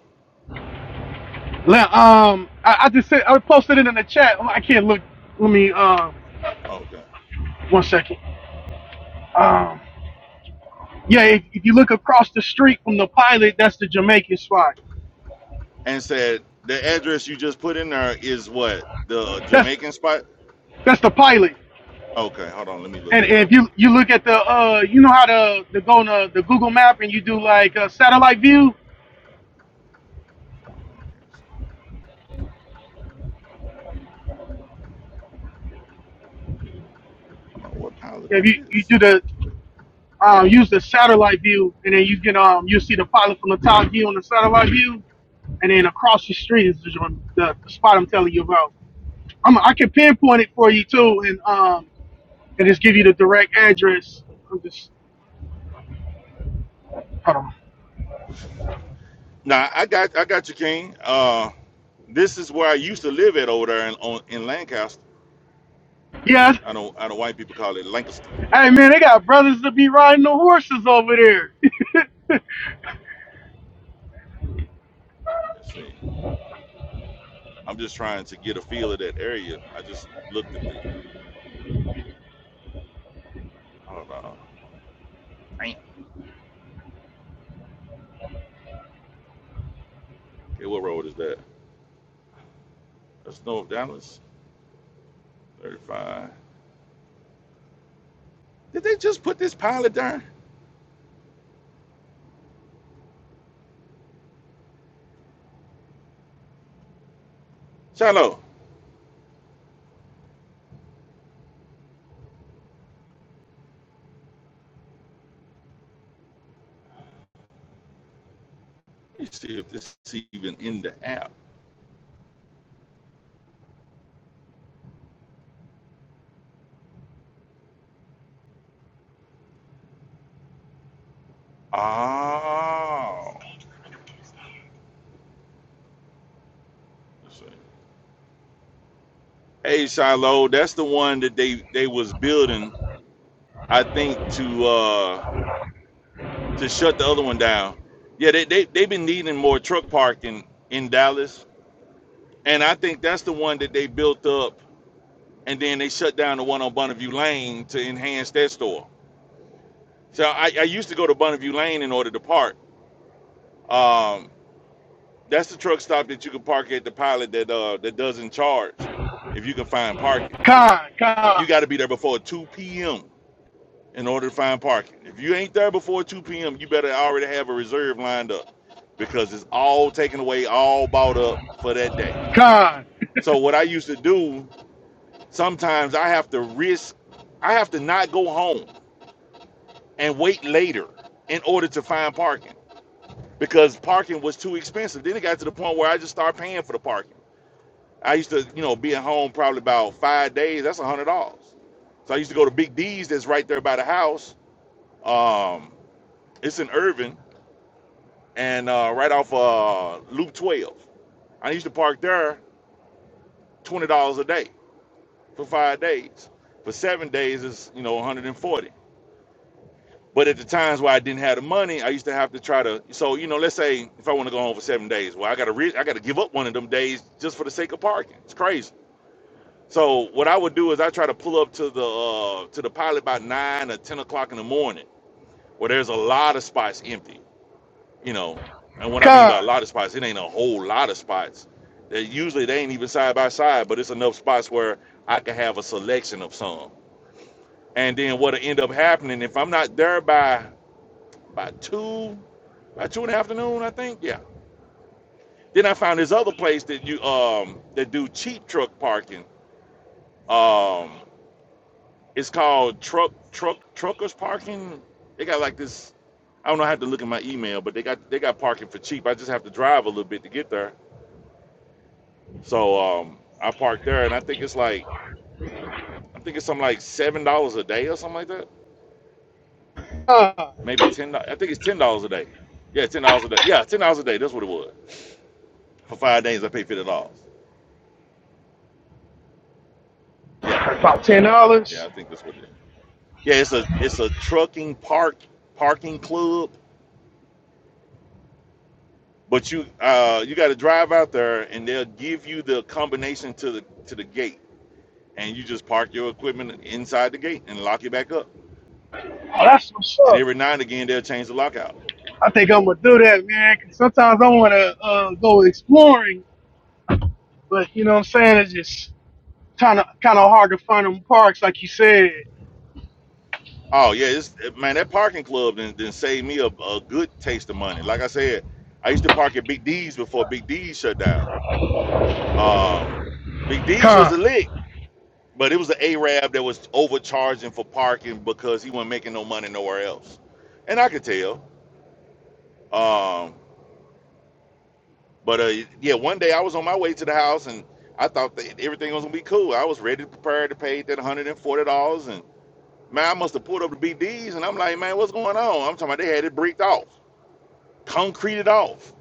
Speaker 7: Let, um, I, I just said I posted it in the chat. Oh, I can't look. Let me um
Speaker 3: Okay.
Speaker 7: one second. Um, yeah, if, if you look across the street from the pilot, that's the Jamaican spot.
Speaker 3: And said the address you just put in there is what the
Speaker 7: That's
Speaker 3: Jamaican spot.
Speaker 7: that's the pilot.
Speaker 3: Okay, hold on, let me look
Speaker 7: And
Speaker 3: that up.
Speaker 7: if you you look at the uh, you know how to to go on the, the Google Map and you do like a satellite view.
Speaker 3: I don't know what pilot is
Speaker 7: If you you
Speaker 3: this.
Speaker 7: do the um, use the satellite view and then you can um you see the pilot from the top view on the satellite view, and then across the street is the, the, the spot I'm telling you about. I'm I can pinpoint it for you too, and um and just give you the direct address. I'm just hold on.
Speaker 3: Nah, I got I got you, King. Uh, this is where I used to live at over there in on, in Lancaster.
Speaker 7: Yes,
Speaker 3: I don't I know white people call it Lancaster.
Speaker 7: hey man, they got brothers to be riding the horses over there.
Speaker 3: Let's see. I'm just trying to get a feel of that area. I just looked at the. Hold on. Damn. Okay, what road is that? That's North Dallas, 35. Did they just put this pilot down? Shiloh, let me see if this is even in the app. Oh. Let's see. Hey, Shiloh, that's the one that they, they was building, I think, to uh to shut the other one down. Yeah, they, they, they've been needing more truck parking in Dallas. And I think that's the one that they built up and then they shut down the one on Bonneview Lane to enhance that store. So I, I used to go to Bonneview Lane in order to park Um, that's the truck stop that you can park at the pilot that uh that doesn't charge if you can find parking.
Speaker 7: Con, con,
Speaker 3: You got to be there before 2 p.m. in order to find parking. If you ain't there before 2 p.m., you better already have a reserve lined up because it's all taken away, all bought up for that day.
Speaker 7: con,
Speaker 3: So what I used to do, sometimes I have to risk I have to not go home and wait later in order to find parking because parking was too expensive. Then it got to the point where I just started paying for the parking. I used to, you know, be at home probably about five days. That's a hundred dollars. So I used to go to Big D's. That's right there by the house. Um, it's in Irvin and uh, right off uh, Loop 12. I used to park there twenty dollars a day for five days. For seven days is you know 140. But at the times where I didn't have the money, I used to have to try to. So you know, let's say if I want to go home for seven days, well, I gotta re- I gotta give up one of them days just for the sake of parking. It's crazy. So what I would do is I try to pull up to the uh, to the pilot by nine or ten o'clock in the morning, where there's a lot of spots empty. You know, and what I mean
Speaker 7: con,
Speaker 3: by a lot of spots, it ain't a whole lot of spots. They, usually they ain't even side by side, but it's enough spots where I can have a selection of some. And then what'll end up happening if I'm not there by by two, by two in the afternoon, I think, yeah. Then I found this other place that you um that do cheap truck parking. Um, It's called truck truck truckers parking. They got like this. I don't know. I have to look at my email, but they got they got parking for cheap. I just have to drive a little bit to get there. So um, I parked there, and I think it's like I think it's something like seven dollars a day or something like that.
Speaker 7: con.
Speaker 3: Maybe ten. I think it's ten dollars a day. Yeah, ten dollars a day. Yeah, ten dollars a day. That's what it was. For five days, I paid fifty dollars. Yeah,
Speaker 7: About ten
Speaker 3: yeah.
Speaker 7: dollars.
Speaker 3: I think that's what it is. Yeah, it's a it's a trucking park parking club But you uh you got to drive out there and they'll give you the combination to the to the gate and you just park your equipment inside the gate and lock it back up.
Speaker 7: Oh, that's what's
Speaker 3: And
Speaker 7: up.
Speaker 3: every now and again they'll change the lockout.
Speaker 7: I think I'm gonna do that, man. Cause sometimes I wanna uh, go exploring, but you know what I'm saying? It's just kind of kind of hard to find them parks, like you said.
Speaker 3: Oh yeah, it's man that parking club then then saved me a, a good taste of money. Like I said, I used to park at Big D's before Big D's shut down. Um Big D's was a
Speaker 7: Con,
Speaker 3: lick, but it was an Arab that was overcharging for parking because he wasn't making no money nowhere else. And I could tell. Um But uh, yeah, one day I was on my way to the house and I thought that everything was gonna be cool. I was ready to prepare to pay that hundred and forty dollars, and man, I must have pulled up the B D's and I'm like, man, what's going on? I'm talking about they had it bricked off, concreted off.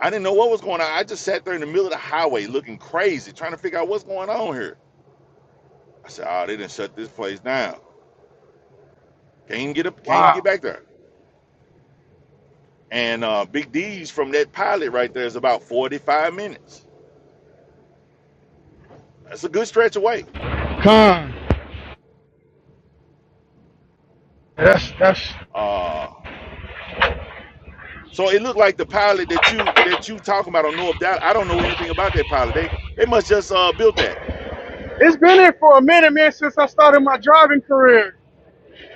Speaker 3: I didn't know what was going on. I just sat there in the middle of the highway looking crazy, trying to figure out what's going on here. I said, oh, they didn't shut this place down. Can't even get up, can't even
Speaker 7: wow,
Speaker 3: get back there. And uh, Big D's from that pilot right there is about 45 minutes. That's a good stretch away.
Speaker 7: con. That's that's.
Speaker 3: Uh, So it looked like the pilot that you that you talking about. I don't know if that. I don't know anything about that pilot. They they must just uh, built that.
Speaker 7: It's been there for a minute, man, since I started my driving career.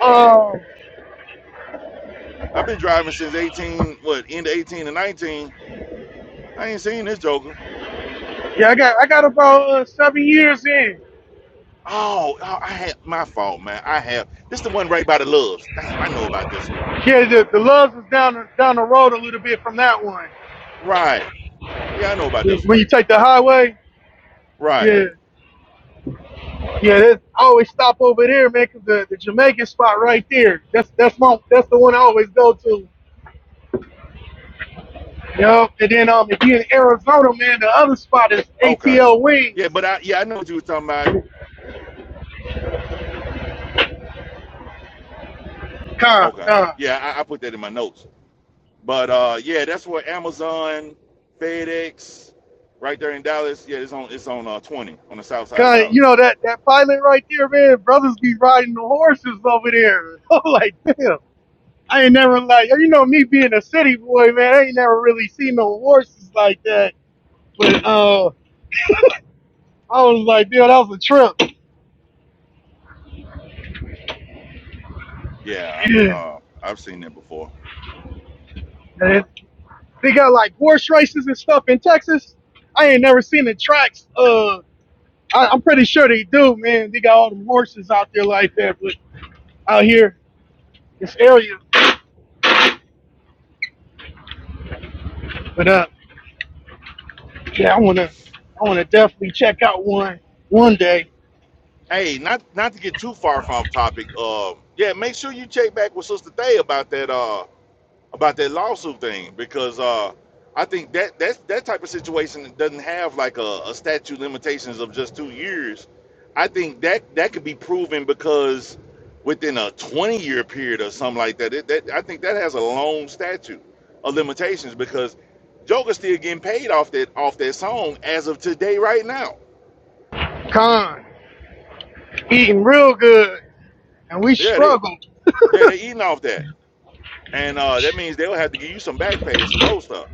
Speaker 7: Um,
Speaker 3: I've been driving since eighteen. What end of eighteen and nineteen? I ain't seen this Joker.
Speaker 7: yeah, I got I got about uh, seven years in.
Speaker 3: Oh, oh, I had my fault, man. I have this the one right by the loves. Damn, I know about this one.
Speaker 7: Yeah, the, the loves is down down the road a little bit from that one.
Speaker 3: Right. Yeah, I know about this one.
Speaker 7: When you take the highway,
Speaker 3: Right.
Speaker 7: yeah. Yeah, that, I always stop over there, man, 'cause the, the Jamaican spot right there. That's that's my that's the one I always go to. Yep. And then um, if you're in Arizona, man, the other spot is
Speaker 3: Okay.
Speaker 7: ATL
Speaker 3: Yeah,
Speaker 7: Wings.
Speaker 3: but I yeah I know what you were talking about.
Speaker 7: Con,
Speaker 3: Okay.
Speaker 7: con,
Speaker 3: Yeah, I, I put that in my notes. But uh, yeah, that's where Amazon, FedEx, right there in Dallas. Yeah, it's on it's on uh, 20 on the south side of
Speaker 7: con. You
Speaker 3: Dallas.
Speaker 7: know that that pilot right there, man. Brothers be riding the horses over there. I'm like, damn. I ain't never like you know me being a city boy, man. I ain't never really seen no horses like that. But uh, I was like, damn, that was a trip.
Speaker 3: Yeah, I've
Speaker 7: Yeah.
Speaker 3: uh, I've seen that before.
Speaker 7: And They got like horse races and stuff in Texas. I ain't never seen the tracks. Uh, I, I'm pretty sure they do, man. They got all the horses out there like that, but out here this area. But uh, yeah, I wanna, I wanna definitely check out one one day.
Speaker 3: Hey, not not to get too far from off topic. Uh, yeah, make sure you check back with Sister Day about that. Uh, about that lawsuit thing because uh, I think that that's that type of situation doesn't have like a, a statute limitations of just two years. I think that that could be proven because within a 20 year period or something like that, it, that I think that has a long statute of limitations because Joker's still getting paid off that off that song as of today right now.
Speaker 7: Con eating real good, and we
Speaker 3: Yeah, they
Speaker 7: struggled.
Speaker 3: yeah they eating off that, and uh, that means they'll have to give you some back pay and some more stuff.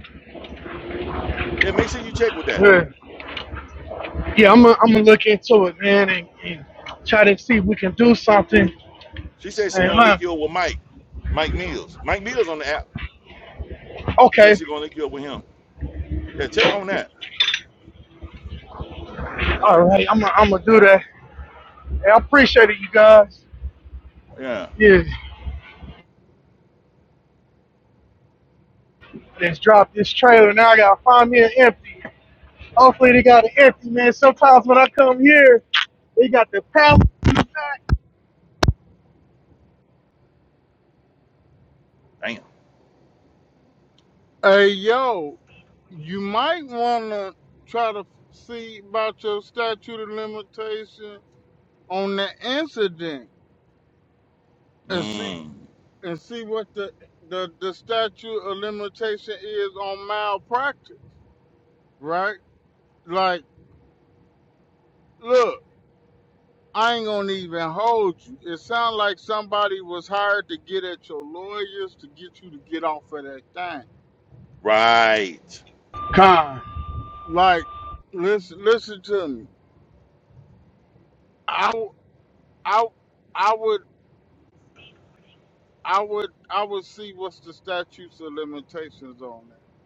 Speaker 3: Yeah, make sure you check with that.
Speaker 7: Yeah, yeah I'm gonna I'm gonna look into it, man, and, and try to see if we can do something.
Speaker 3: She said she
Speaker 7: And,
Speaker 3: gonna
Speaker 7: uh,
Speaker 3: link you up with Mike, Mike Mills. Mike Mills on the app. She said
Speaker 7: okay,
Speaker 3: she gonna link you up with him. Yeah, check on that.
Speaker 7: all right, I'm gonna I'm gonna do that. Hey, I appreciate it, you guys.
Speaker 3: Yeah.
Speaker 7: Yeah. Let's drop this trailer. Now I gotta find me an empty. Hopefully they got an empty, man. Sometimes when I come here, they got the pallet in the back.
Speaker 3: Damn.
Speaker 10: Hey yo, you might wanna try to see about your statute of limitation on the incident and see.
Speaker 3: Mm.
Speaker 10: and see what the the, the statute of limitation is on malpractice, right? Like, look, I ain't gonna even hold you. It sounds like somebody was hired to get at your lawyers to get you to get off of that thing.
Speaker 3: Right.
Speaker 7: Con,
Speaker 10: Like, listen, listen to me. I, w- I, w- I would, I would, I would see what's the statutes of limitations on that.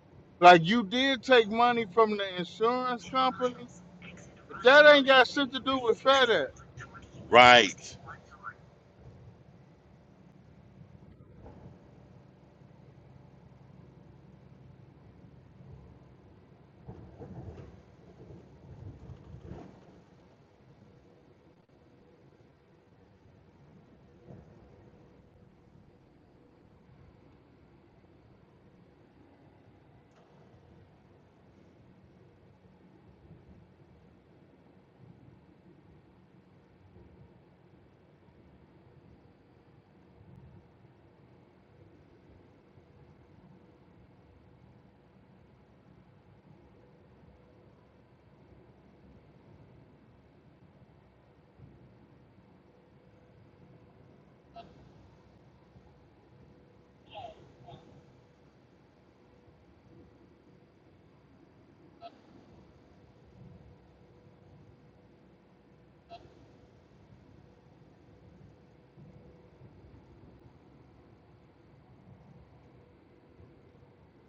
Speaker 10: Like, you did take money from the insurance company, but that ain't got shit to do with FedEx.
Speaker 3: Right.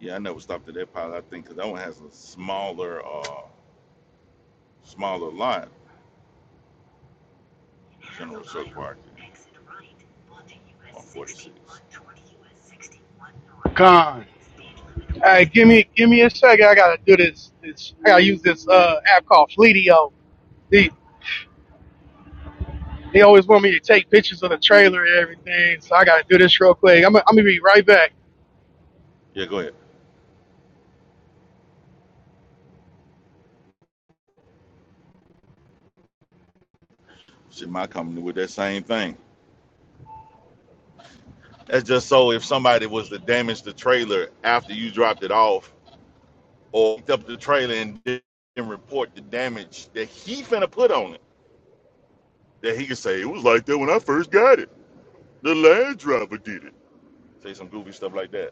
Speaker 3: Yeah, I never stopped at that pilot. I think because that one has a smaller, uh, smaller lot. General Circle Park. On 46.
Speaker 7: con. All right, give me, give me a second. I gotta do this. This I gotta use this uh, app called Fleetio. They they always want me to take pictures of the trailer and everything, so I gotta do this real quick. I'm I'm gonna be right back.
Speaker 3: Yeah, go ahead. Shit, my company with that same thing. That's just so if somebody was to damage the trailer after you dropped it off or picked up the trailer and didn't report the damage that he finna put on it, that he could say, it was like that when I first got it. The Land Driver did it. Say some goofy stuff like that.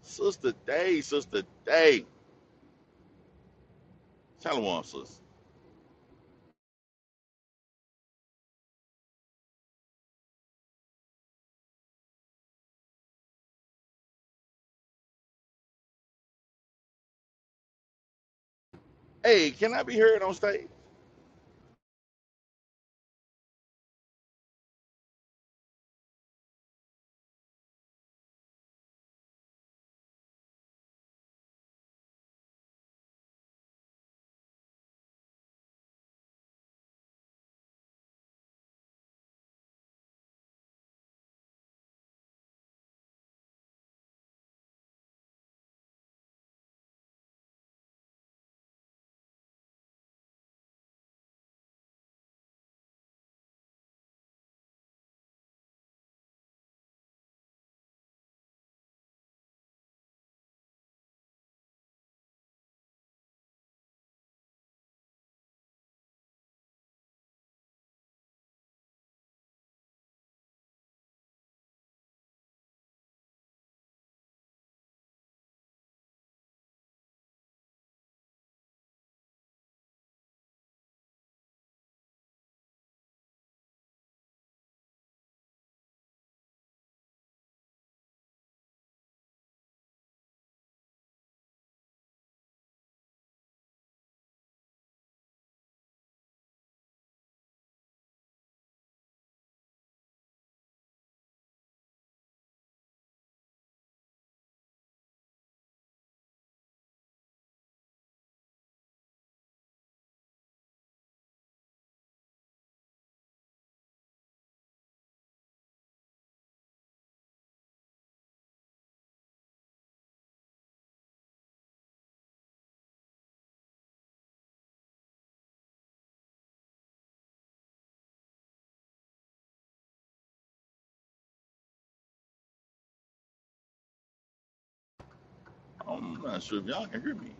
Speaker 3: Sister Day, Sister Day. Tell him, sis. Hey, can I be heard on stage? I'm not sure if y'all can hear me.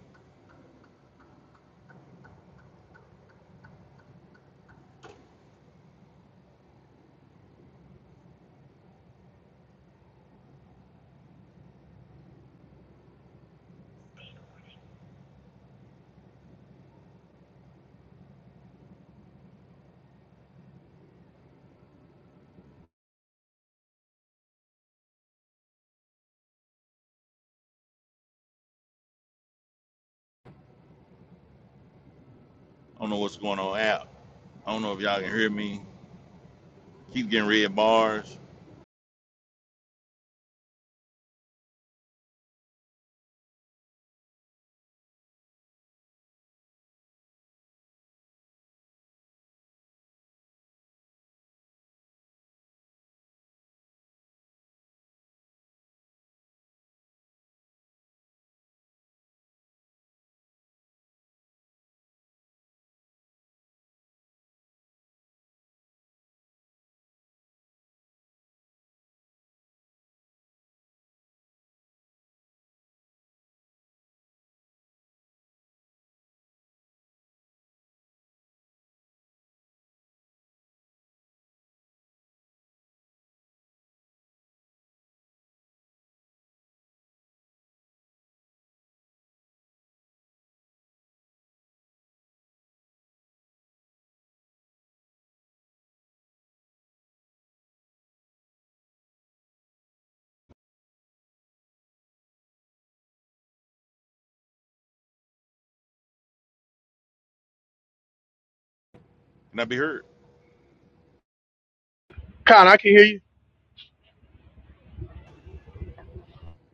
Speaker 3: I don't know what's going on out. I don't know if y'all can hear me. Keep getting red bars. Can I be heard?
Speaker 7: Con, I can hear you.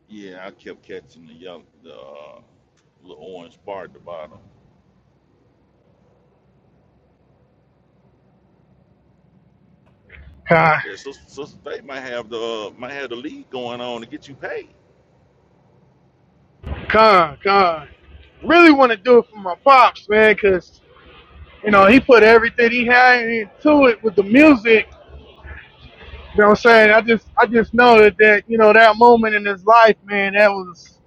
Speaker 3: Yeah, I kept catching the yellow, the uh, little orange bar at the bottom.
Speaker 7: Con,
Speaker 3: Yeah, so so they might have the uh, might have the lead going on to get you paid.
Speaker 7: con, con. Really want to do it for my pops, man, 'cause You know, he put everything he had into it with the music. You know what I'm saying? I just I just know that, that you know, that moment in his life, man, that was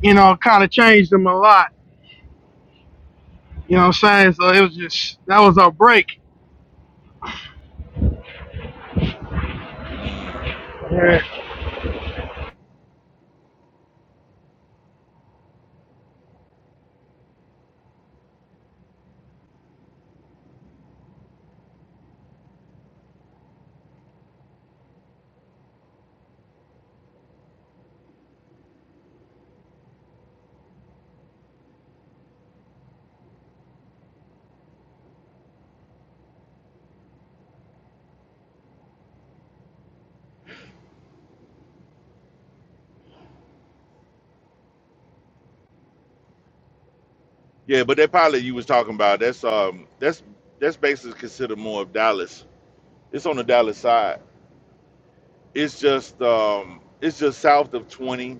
Speaker 7: you know, kinda changed him a lot. You know what I'm saying? So it was just that was our break.
Speaker 3: Mm.
Speaker 7: Yeah.
Speaker 3: Yeah, but that pilot you was talking about, that's um that's that's basically considered more of Dallas. It's on the Dallas side. It's just um it's just south of twenty,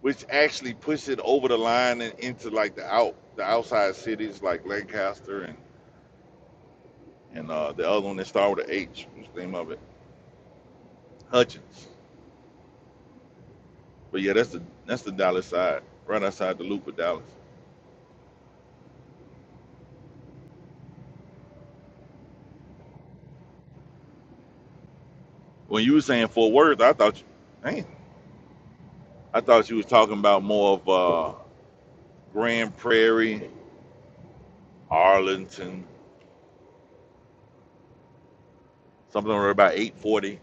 Speaker 3: which actually pushes it over the line and into like the out the outside cities like Lancaster and and uh, the other one that started with a H. What's the name of it? Hutchins. But yeah, that's the that's the Dallas side, right outside the loop of Dallas. When you were saying Fort Worth, I thought, you, man, I thought you was talking about more of uh, Grand Prairie, Arlington, something around about eight forty.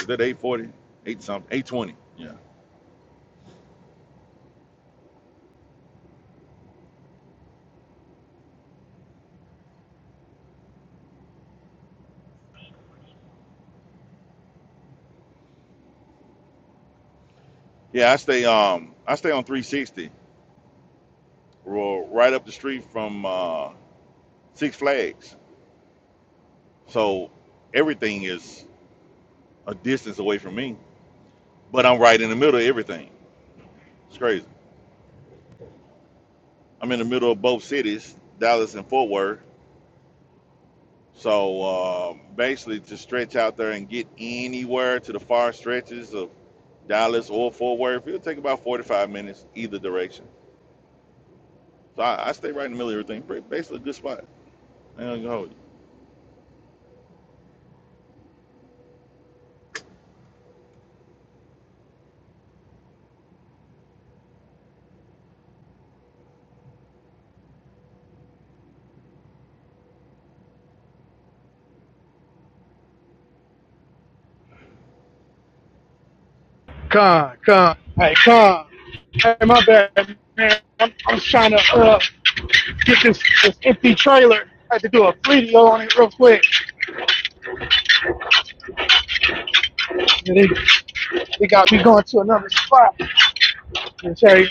Speaker 3: Is that eight forty? Eight something, eight twenty. Yeah, yeah. I stay um I stay on three sixty, right up the street from uh, Six Flags. So everything is a distance away from me, but I'm right in the middle of everything. It's crazy. I'm in the middle of both cities, Dallas and Fort Worth. So uh, basically, to stretch out there and get anywhere to the far stretches of Dallas or Fort Worth, it'll take about 45 minutes either direction. So I, I stay right in the middle of everything. Basically, a good spot. I ain't gonna hold
Speaker 7: Con, con. Hey, con. Hey, my bad, man. I'm, I'm trying to uh, get this, this empty trailer. I had to do a video on it real quick. And they, they got me going to another spot. And say,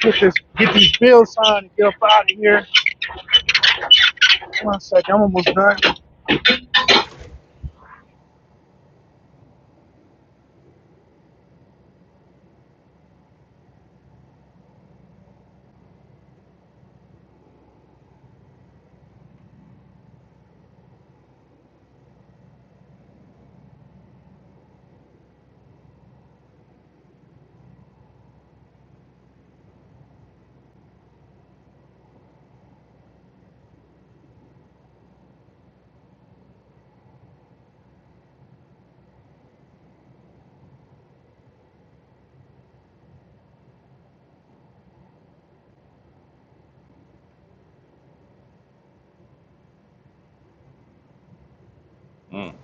Speaker 7: get this, get these bills signed and get up out of here. One second, I'm almost done.
Speaker 3: you. Mm.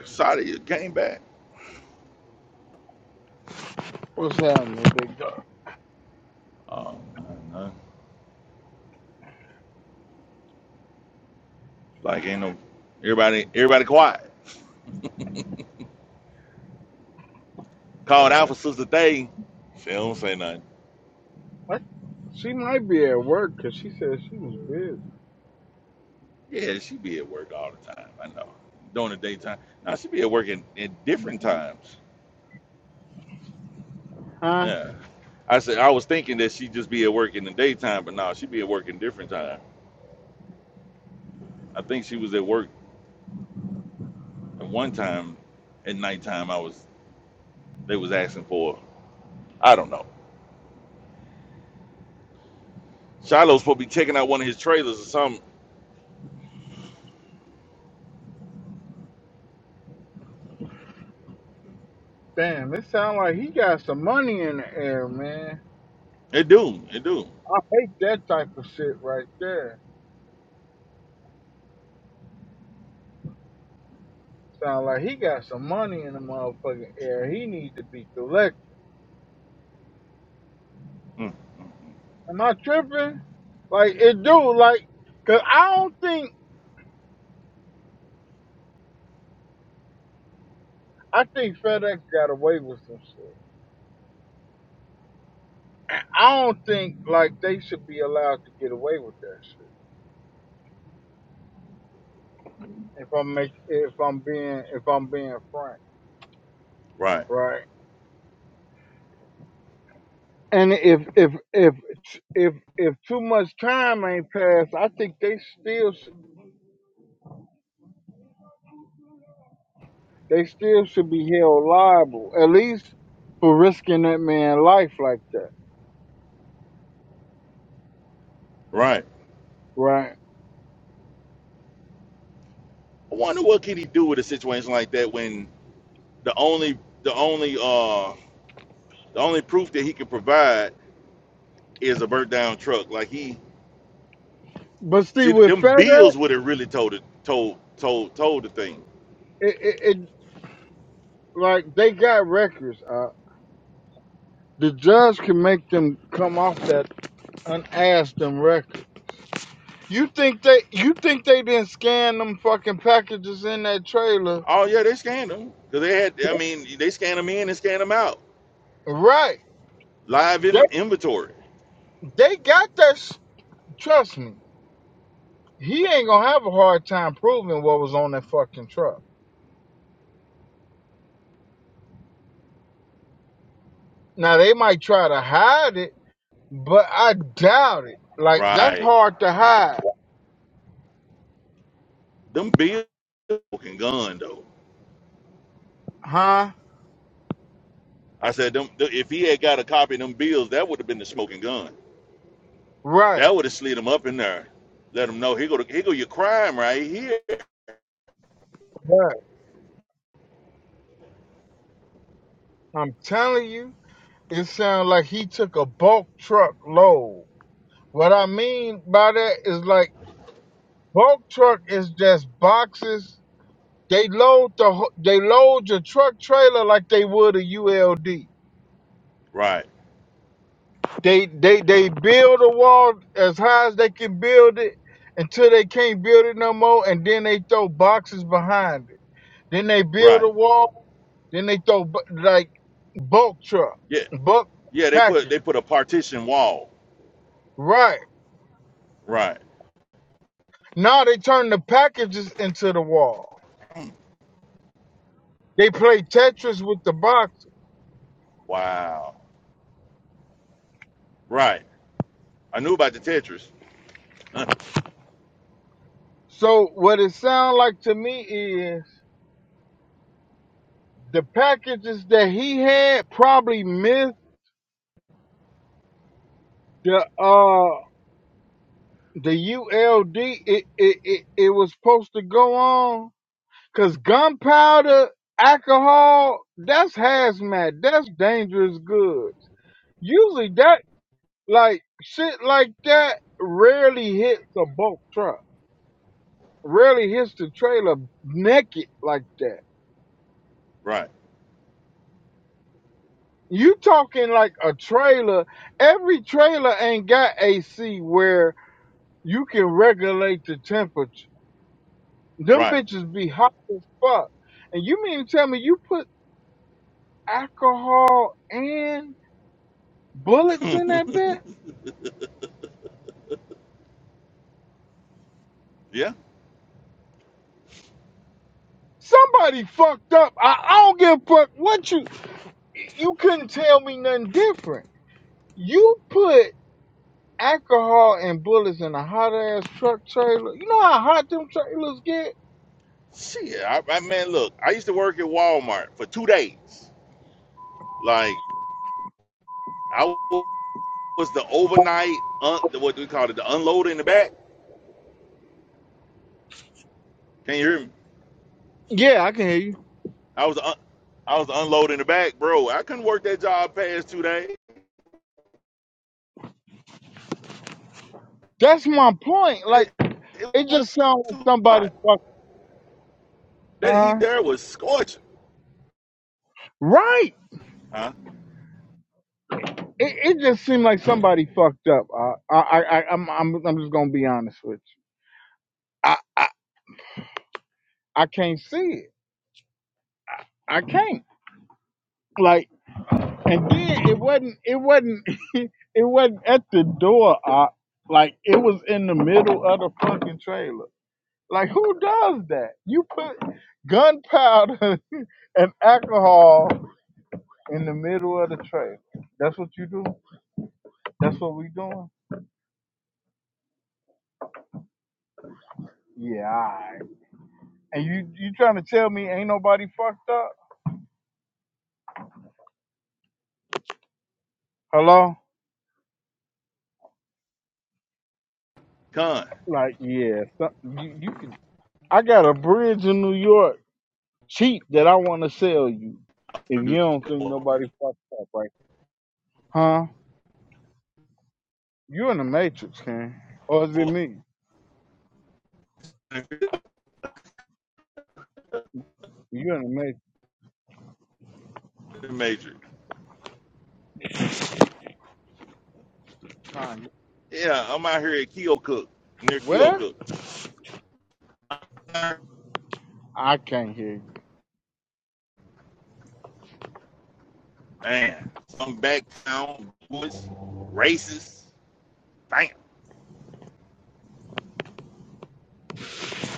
Speaker 3: Excited, you came back.
Speaker 1: was having a big dog.
Speaker 3: Oh, no, no. Like, ain't no, everybody, everybody quiet.
Speaker 1: I
Speaker 3: Called
Speaker 1: got
Speaker 3: out
Speaker 1: it.
Speaker 3: for Sister Day. She don't say nothing.
Speaker 1: What? She might be at work because she said she was busy.
Speaker 3: Yeah, she be at work all the time. I know. During the daytime. Now, she be at work in, in different times.
Speaker 1: Huh?
Speaker 3: Yeah. I said I was thinking that she'd just be at work in the daytime, but no, she'd be at work in different time. I think she was at work at one time at nighttime I was they was asking for her. I don't know. Shiloh's supposed to be checking out one of his trailers or something.
Speaker 1: Damn, it sound like he got some money in the air, man.
Speaker 3: It do, it do.
Speaker 1: I hate that type of shit right there. Sound like he got some money in the motherfucking air. He need to be collected.
Speaker 3: Mm, mm, mm.
Speaker 1: Am I tripping? Like it do like, cause I don't think I think FedEx got away with some shit. I don't think like they should be allowed to get away with that shit. If I'm make if I'm being if I'm being frank,
Speaker 3: Right,
Speaker 1: right? And if if if if if too much time ain't passed, I think they still they still should be held liable, at least for risking that man's life like that,
Speaker 3: right.
Speaker 1: right?
Speaker 3: I wonder what can he do with a situation like that when the only the only uh the only proof that he can provide is a burnt down truck. Like he
Speaker 1: But see,
Speaker 3: see
Speaker 1: with
Speaker 3: them
Speaker 1: FedEx,
Speaker 3: bills would have really told it told told told the thing.
Speaker 1: it, it, it like they got records. Uh, the judge can make them come off that unasked them record. You think they? You think they didn't scan them fucking packages in that trailer?
Speaker 3: Oh yeah, they scanned them because they had. I mean, they scan them in and scan them out.
Speaker 1: Right.
Speaker 3: Live in
Speaker 1: They
Speaker 3: inventory,
Speaker 1: they got that. s trust me, he ain't gonna have a hard time proving what was on that fucking truck. Now they might try to hide it But I doubt it. Like that's
Speaker 3: right?
Speaker 1: hard to hide,
Speaker 3: Them bills were smoking gun though.
Speaker 1: huh?
Speaker 3: I said them. th- If he had got a copy of them bills, that would have been the smoking gun.
Speaker 1: Right.
Speaker 3: That would have slid him up in there. Let him know here go the- here go your crime right here.
Speaker 1: But I'm telling you, it sounds like he took a bulk truck load. What I mean by that is like bulk truck is just boxes. They load the wh- they load your truck trailer like they would a ULD.
Speaker 3: Right,
Speaker 1: They they they build a wall as high as they can build it until they can't build it no more, and then they throw boxes behind it. Then they build a
Speaker 3: right.
Speaker 1: wall. Then they throw bu- like bulk truck,
Speaker 3: Yeah,
Speaker 1: bulk
Speaker 3: yeah. They put
Speaker 1: package.
Speaker 3: they put a partition wall.
Speaker 1: Right
Speaker 3: Right.
Speaker 1: now they turn the packages into the wall. They play Tetris with the boxes.
Speaker 3: Wow. Right. I knew about the Tetris.
Speaker 1: So what it sounds like to me is the packages that he had probably missed the uh the ULD it it, it, it was supposed to go on because gunpowder, alcohol, that's hazmat, that's dangerous goods. Usually that like shit like that rarely hits a bulk truck, rarely hits the trailer naked like that.
Speaker 3: right.
Speaker 1: You talking like a trailer? Every trailer ain't got AC where you can regulate the temperature. Them
Speaker 3: Right.
Speaker 1: bitches be hot as fuck. And you mean to tell me you put alcohol and bullets in that bit?
Speaker 3: yeah.
Speaker 1: Somebody fucked up. I, I don't give a fuck what you you couldn't tell me nothing different. You put alcohol and bullets in a hot ass truck trailer. You know how hot them trailers get?
Speaker 3: Shit, I, I man, look, I used to work at Walmart for two days. Like I was the overnight, un, what do we call it, the unload in the back. Can you hear me?
Speaker 1: Yeah, I can hear you.
Speaker 3: I was, the un, I was the unload in the back, bro. I couldn't work that job past two days.
Speaker 1: That's my point. Like
Speaker 3: It, it
Speaker 1: it
Speaker 3: was
Speaker 1: just sounds like
Speaker 3: too
Speaker 1: somebody
Speaker 3: hot.
Speaker 1: fucked
Speaker 3: That heat
Speaker 1: huh?
Speaker 3: there was scorching,
Speaker 1: Right.
Speaker 3: huh?
Speaker 1: It, it just seemed like somebody fucked up. I, I, I, I- I'm, I'm, I'm just gonna be honest with you. I, I, I can't see it. I can't. Like, and then it wasn't, it wasn't, it wasn't at the door. I, like, it was in the middle of the fucking trailer. Like, who does that? You put gunpowder and alcohol in the middle of the trailer. That's what you do. That's what we doing. Yeah. all right. And you, you trying to tell me ain't nobody fucked up? Hello.
Speaker 3: Con
Speaker 1: Like, yeah, so, you, you can. I got a bridge in New York cheap that I want to sell you. If you
Speaker 3: producer
Speaker 1: don't think nobody fucked up, right? Huh? You in the Matrix, Ken? Or is it me? You in the Matrix?
Speaker 3: Matrix.
Speaker 1: Kanye.
Speaker 3: Yeah, I'm out here at Keokuk, near
Speaker 1: Where?
Speaker 3: Keokuk.
Speaker 1: I can't hear you.
Speaker 3: Man, some back town, Jewish, racist, bam.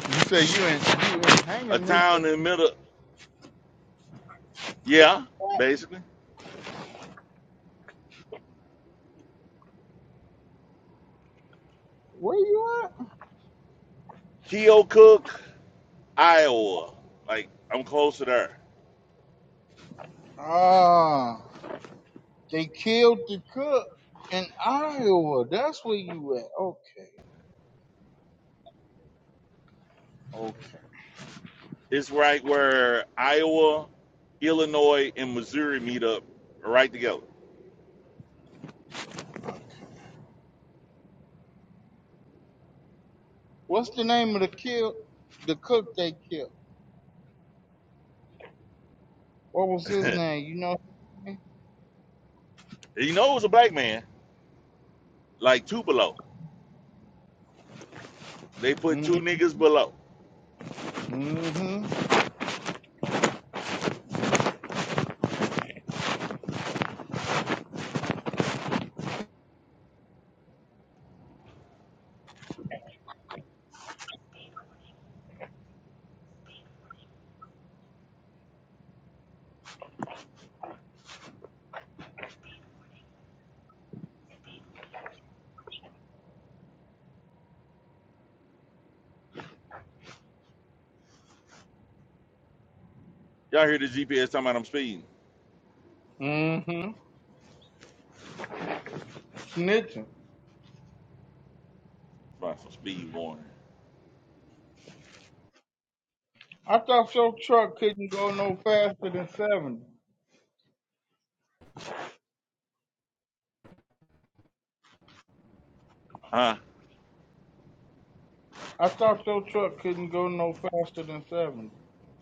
Speaker 1: You say you in you in
Speaker 3: A
Speaker 1: hanging, nigga.
Speaker 3: town in the middle,
Speaker 1: Where
Speaker 3: yeah,
Speaker 1: you at?
Speaker 3: basically.
Speaker 1: Where you at?
Speaker 3: Keokuk, Iowa. Like, I'm close to there.
Speaker 1: Ah, they killed the cook in Iowa. That's where you at. Okay, okay.
Speaker 3: It's right where Iowa, Illinois, and Missouri meet up right together.
Speaker 1: What's the name of the kill? The cook they killed. What was his name? You know his
Speaker 3: you know it was a black man, like two below. They put
Speaker 1: name?
Speaker 3: two niggas below.
Speaker 1: Mm-hmm.
Speaker 3: Y'all hear the GPS talking about I'm speeding.
Speaker 1: Mm-hmm. Snitching.
Speaker 3: Right, for speed warning.
Speaker 1: I thought your truck couldn't go no faster than 70.
Speaker 3: Huh?
Speaker 1: I thought your truck couldn't go no faster than 70.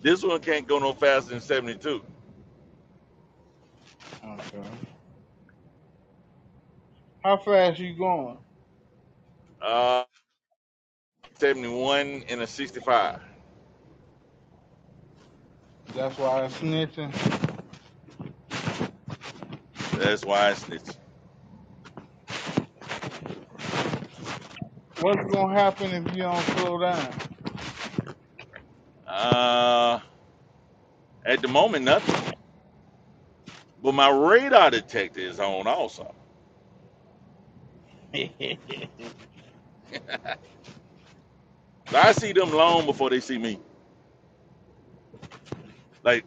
Speaker 3: This one can't go no faster than 72.
Speaker 1: Okay. How fast you going?
Speaker 3: Uh. 71 and a 65.
Speaker 1: That's why it's snitching.
Speaker 3: That's why I snitch.
Speaker 1: What's gonna happen if you don't slow down?
Speaker 3: Uh, at the moment, nothing. But my radar detector is on also. So I see them long before they see me. Like,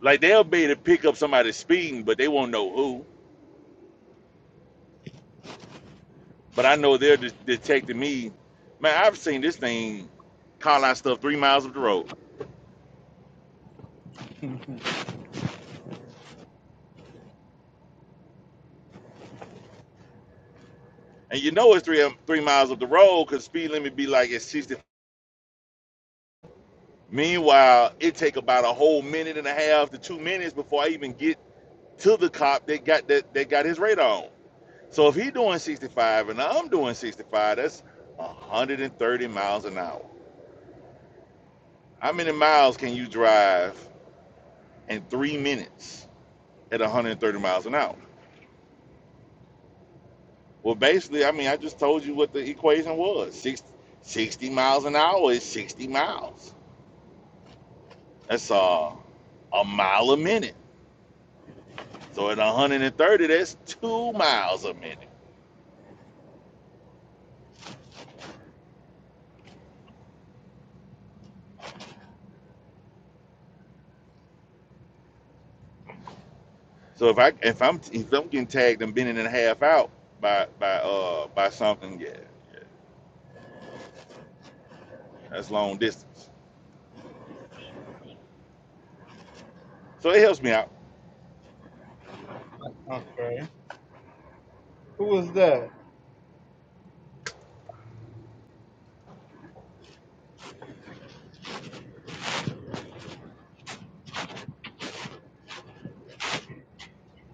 Speaker 3: like they'll be able to pick up somebody speeding, but they won't know who. But I know they're de- detecting me. Man, I've seen this thing call out stuff three miles up the road. And you know it's three um, three miles up the road because speed limit be like at 60. Meanwhile, it take about a whole minute and a half to two minutes before I even get to the cop that got that that got his radar on. So if he doing 65 and I'm doing 65, that's 130 miles an hour. How many miles can you drive in three minutes at 130 miles an hour? Well, basically, I mean, I just told you what the equation was. Six, miles an hour is 60 miles. That's uh, a mile a minute. So at 130, that's two miles a minute. So if I if I'm if I'm getting tagged and bending and a half out by by uh by something, yeah, yeah, that's long distance. So it helps me out.
Speaker 1: Okay. Who is that?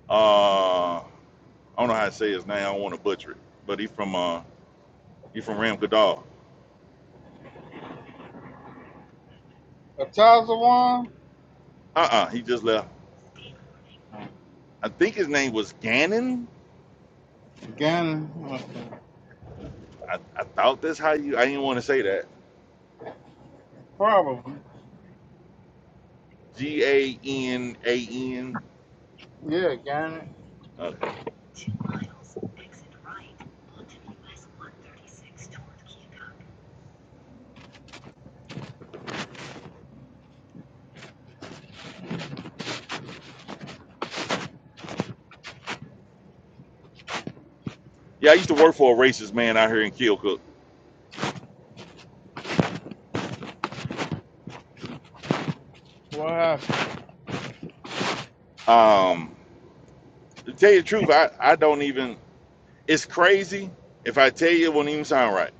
Speaker 3: Uh, I don't know how to say his name. I don't want to butcher it. But he from uh he from Ram Kadal.
Speaker 1: A Tazawan?
Speaker 3: Uh uh he just left. I think his name was Gannon.
Speaker 1: Gannon. Okay.
Speaker 3: I, I thought that's how you. I didn't want to say that.
Speaker 1: Probably.
Speaker 3: G A N A N.
Speaker 1: Yeah, Gannon.
Speaker 3: Okay. Yeah, I used to work for a racist man out here in Keokuk.
Speaker 1: What happened?
Speaker 3: Um, to tell you the truth, I I don't even. It's crazy. If I tell you, it won't even sound right.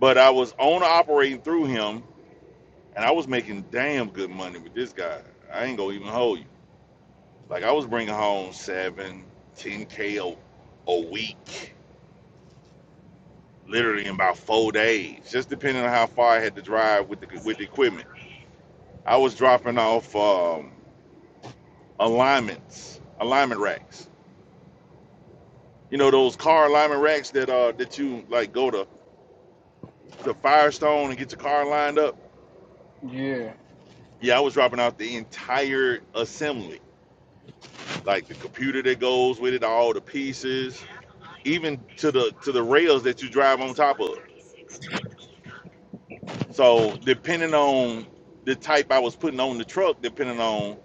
Speaker 3: But I was owner operating through him, and I was making damn good money with this guy. I ain't gonna even hold you. Like I was bringing home seven, ten k a, a week, literally in about four days, just depending on how far I had to drive with the with the equipment. I was dropping off um, alignments, alignment racks. You know those car alignment racks that uh that you like go to to Firestone and get your car lined up.
Speaker 1: Yeah.
Speaker 3: Yeah, I was dropping out the entire assembly, like the computer that goes with it, all the pieces, even to the to the rails that you drive on top of. So depending on the type I was putting on the truck, depending on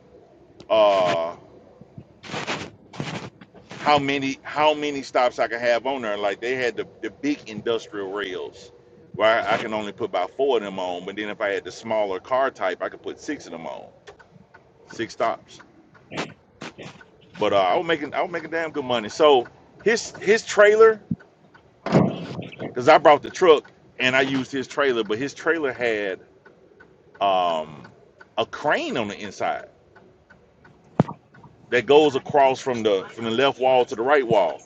Speaker 3: uh how many how many stops I could have on there, like they had the, the big industrial rails where I can only put about four of them on, but then if I had the smaller car type, I could put six of them on, six stops. But uh, I was making I was making damn good money. So his his trailer, because I brought the truck and I used his trailer, but his trailer had um, a crane on the inside that goes across from the from the left wall to the right wall,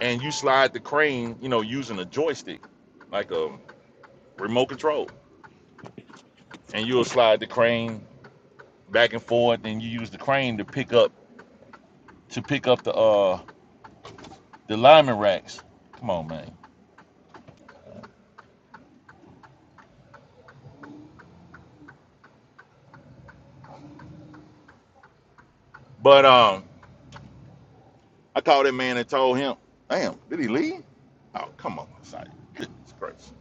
Speaker 3: and you slide the crane, you know, using a joystick, like a remote control, and you'll slide the crane back and forth, and you use the crane to pick up to pick up the uh the lineman racks. Come on, man. But um, I called that man and told him, damn, did he leave? Oh, come on, site. Goodness gracious.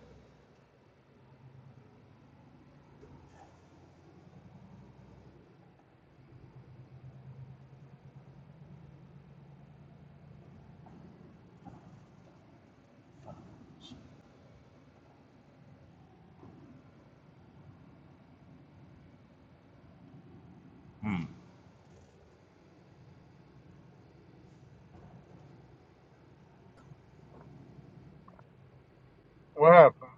Speaker 3: Hmm.
Speaker 1: What happened?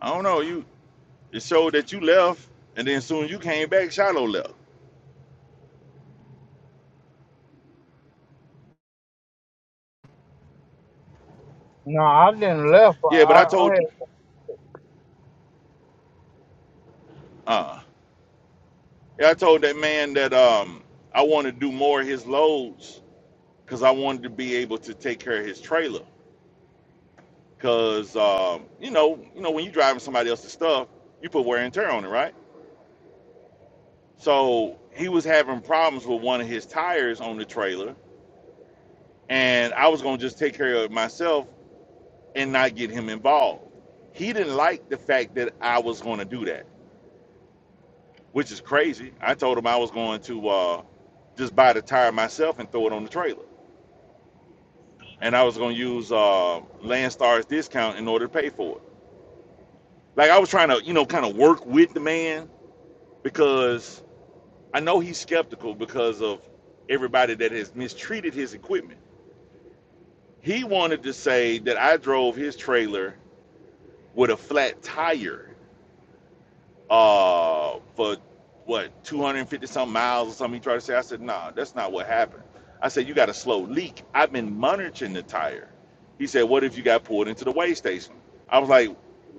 Speaker 3: I don't know. You it showed that you left and then soon as you came back, Shiloh left.
Speaker 1: No, I didn't left.
Speaker 3: Yeah, but I
Speaker 1: I, I
Speaker 3: told
Speaker 1: had
Speaker 3: uh yeah, I told that man that um I wanted to do more of his loads because I wanted to be able to take care of his trailer. Cause um, you know, you know, when you driving somebody else's stuff, you put wear and tear on it, right? So he was having problems with one of his tires on the trailer and I was gonna just take care of it myself and not get him involved. He didn't like the fact that I was gonna do that, which is crazy. I told him I was going to uh, just buy the tire myself and throw it on the trailer, and I was gonna use uh, Landstar's discount in order to pay for it. Like I was trying to, you know, kind of work with the man because I know he's skeptical because of everybody that has mistreated his equipment. He wanted to say that I drove his trailer with a flat tire uh for what 250 some miles or something he tried to say i said nah that's not what happened i said you got a slow leak i've been monitoring the tire he said what if you got pulled into the weigh station i was like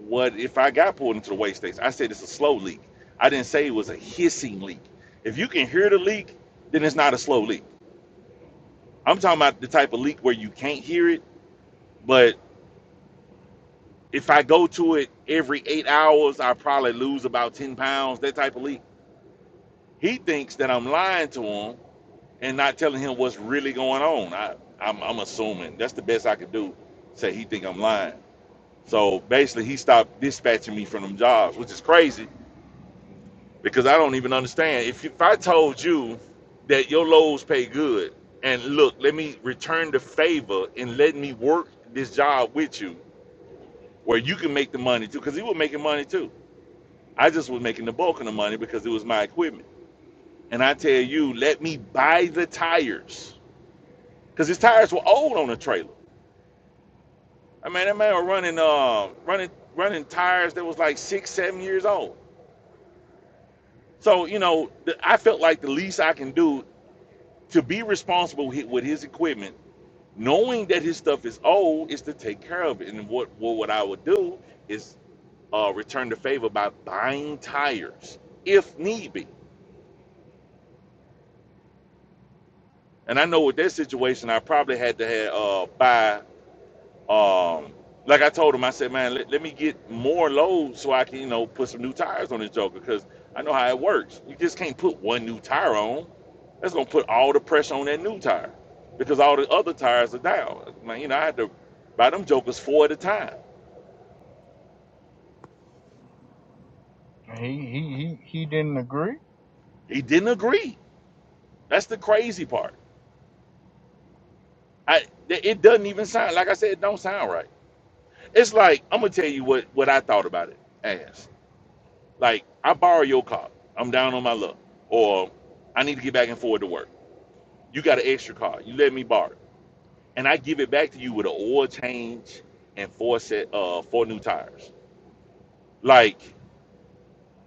Speaker 3: what if i got pulled into the weigh station i said it's a slow leak i didn't say it was a hissing leak if you can hear the leak then it's not a slow leak i'm talking about the type of leak where you can't hear it but if i go to it every eight hours i probably lose about 10 pounds that type of leak He thinks that I'm lying to him and not telling him what's really going on. I, I'm, I'm assuming that's the best I could do. Say he think I'm lying. So basically, he stopped dispatching me from them jobs, which is crazy because I don't even understand. If you, if I told you that your loads pay good, and look, let me return the favor and let me work this job with you, where you can make the money too, because he was making money too. I just was making the bulk of the money because it was my equipment. And I tell you, let me buy the tires because his tires were old on the trailer. I mean, that man was running, uh, running, running tires that was like six, seven years old. So you know, the, I felt like the least I can do to be responsible with, with his equipment, knowing that his stuff is old, is to take care of it. And what what, what I would do is uh, return the favor by buying tires if need be. And I know with that situation, I probably had to have, uh, buy Um, like I told him, I said, man, let, let me get more load so I can, you know, put some new tires on this Joker because I know how it works. You just can't put one new tire on. That's gonna put all the pressure on that new tire because all the other tires are down. Man, you know, I had to buy them Jokers four at a time.
Speaker 1: He he he, he didn't agree.
Speaker 3: He didn't agree. That's the crazy part. I th- it doesn't even sound like I said. It don't sound right. It's like I'm gonna tell you what what I thought about it. Ass. Like, I borrow your car. I'm down on my luck. Or I need to get back and forth to work. You got an extra car. You let me borrow. it. And I give it back to you with an oil change and four set uh four new tires. Like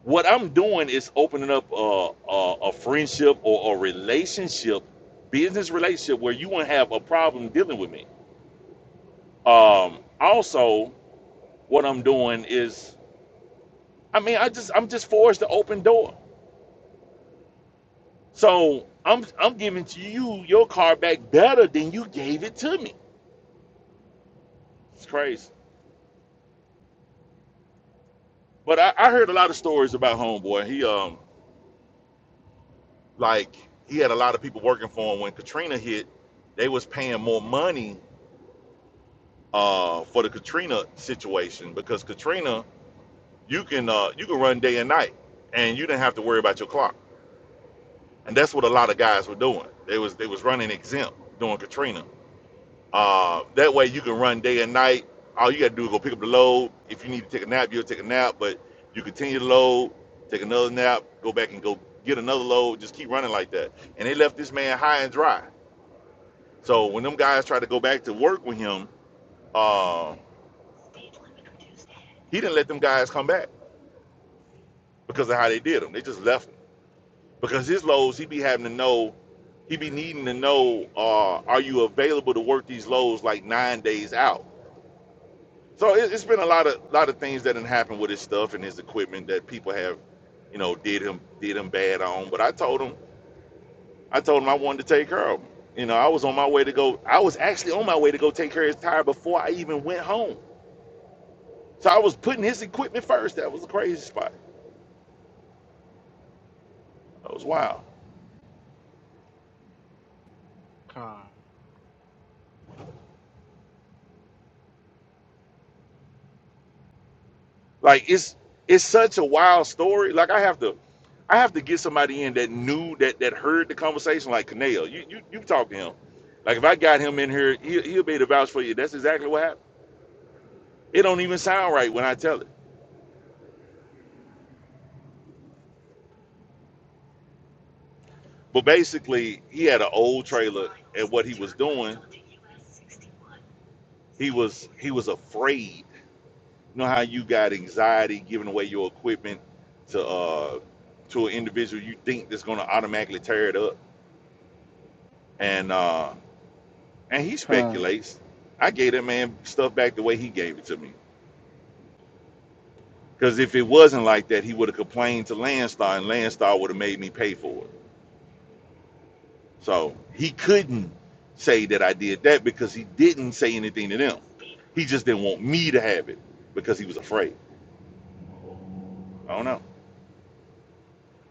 Speaker 3: what I'm doing is opening up a, a, a friendship or a relationship, business relationship where you won't have a problem dealing with me. Um also what I'm doing is I mean I just I'm just forced to open door. So I'm I'm giving to you your car back better than you gave it to me. It's crazy. But I, I heard a lot of stories about homeboy. He um like he had a lot of people working for him when Katrina hit. They was paying more money uh for the Katrina situation because Katrina you can uh you can run day and night and you didn't have to worry about your clock. And that's what a lot of guys were doing. They was they was running exempt during Katrina Uh, that way you can run day and night. All you gotta do is go pick up the load. If you need to take a nap, you'll take a nap, but you continue to load, take another nap, go back and go get another load, just keep running like that. And they left this man high and dry. So when them guys tried to go back to work with him, uh, he didn't let them guys come back because of how they did him. They just left him. Because his loads, he be having to know, he be needing to know, uh, are you available to work these loads like nine days out? So it, it's been a lot of lot of things that didn't happen with his stuff and his equipment that people have, you know, did him did him bad on. But I told him I told him I wanted to take care of him. You know, I was on my way to go. I was actually on my way to go take care of his tire before I even went home. So I was putting his equipment first. That was a crazy spot. That was wild.
Speaker 1: Con
Speaker 3: Like it's it's such a wild story. Like I have to I have to get somebody in that knew that that heard the conversation. Like Kaneo, you you you talk to him. Like if I got him in here, he, he'll be able to vouch for you. That's exactly what happened. It don't even sound right when I tell it. But basically, he had an old trailer, and what he was doing, he was he was afraid. You know how you got anxiety giving away your equipment to uh to an individual you think that's going to automatically tear it up, and uh and he
Speaker 1: Con.
Speaker 3: speculates. I gave that man stuff back the way he gave it to me, because if it wasn't like that, he would have complained to Landstar, and Landstar would have made me pay for it. So he couldn't say that I did that because he didn't say anything to them. He just didn't want me to have it because he was afraid. I don't know.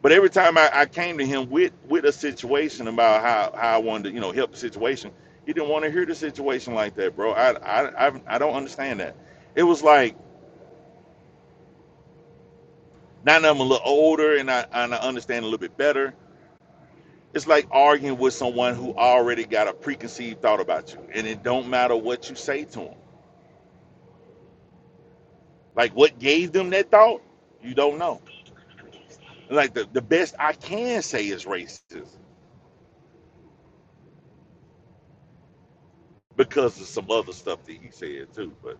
Speaker 3: But every time I, I came to him with with a situation about how, how I wanted to, you know, help the situation, he didn't want to hear the situation like that, bro. I I I, I don't understand that. It was like now that I'm a little older and I and I understand a little bit better. It's like arguing with someone who already got a preconceived thought about you, and it don't matter what you say to them Like what gave them that thought, you don't know. Like the, the best I can say is racism because of some other stuff that he said too. But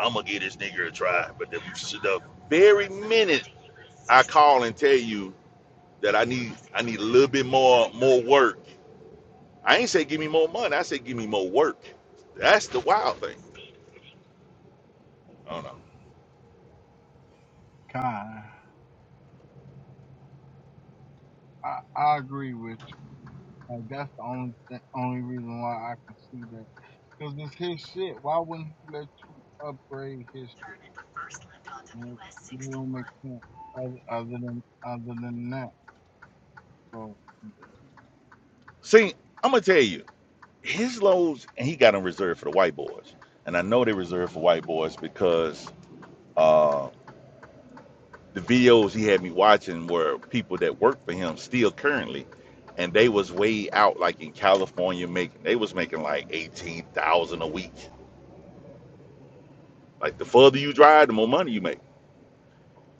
Speaker 3: I'm gonna give this nigga a try. But the, the very minute I call and tell you that I need I need a little bit more more work, I ain't say give me more money. I say give me more work. That's the wild thing. I don't know.
Speaker 1: con. I, I agree with you. Like that's the only th- only reason why I can see that. Cause it's his shit. Why wouldn't he let you upgrade his shit? Like, It don't make sense. Other, other than other than that. So
Speaker 3: See, I'm gonna tell you, his lows and he got them reserved for the white boys. And I know they reserved for white boys because uh. the videos he had me watching were people that work for him still currently and they was way out like in california making they was making like 18000 a week like the further you drive the more money you make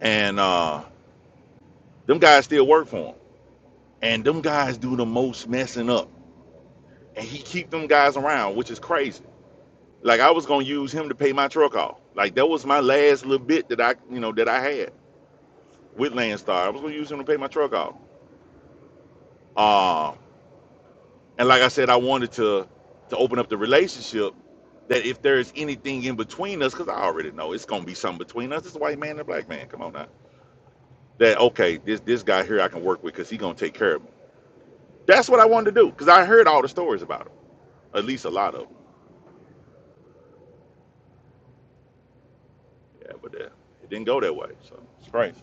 Speaker 3: and uh them guys still work for him and them guys do the most messing up and he keep them guys around which is crazy like i was gonna use him to pay my truck off like that was my last little bit that i you know that i had with landstar i was gonna use him to pay my truck off Uh, And like I said, I wanted to to open up the relationship that if there is anything in between us, because I already know it's gonna be something between us. It's a white man and a black man. Come on now. That okay, this this guy here I can work with because he gonna take care of me. That's what I wanted to do because I heard all the stories about him, at least a lot of them. Yeah, but uh, it didn't go that way, so it's crazy.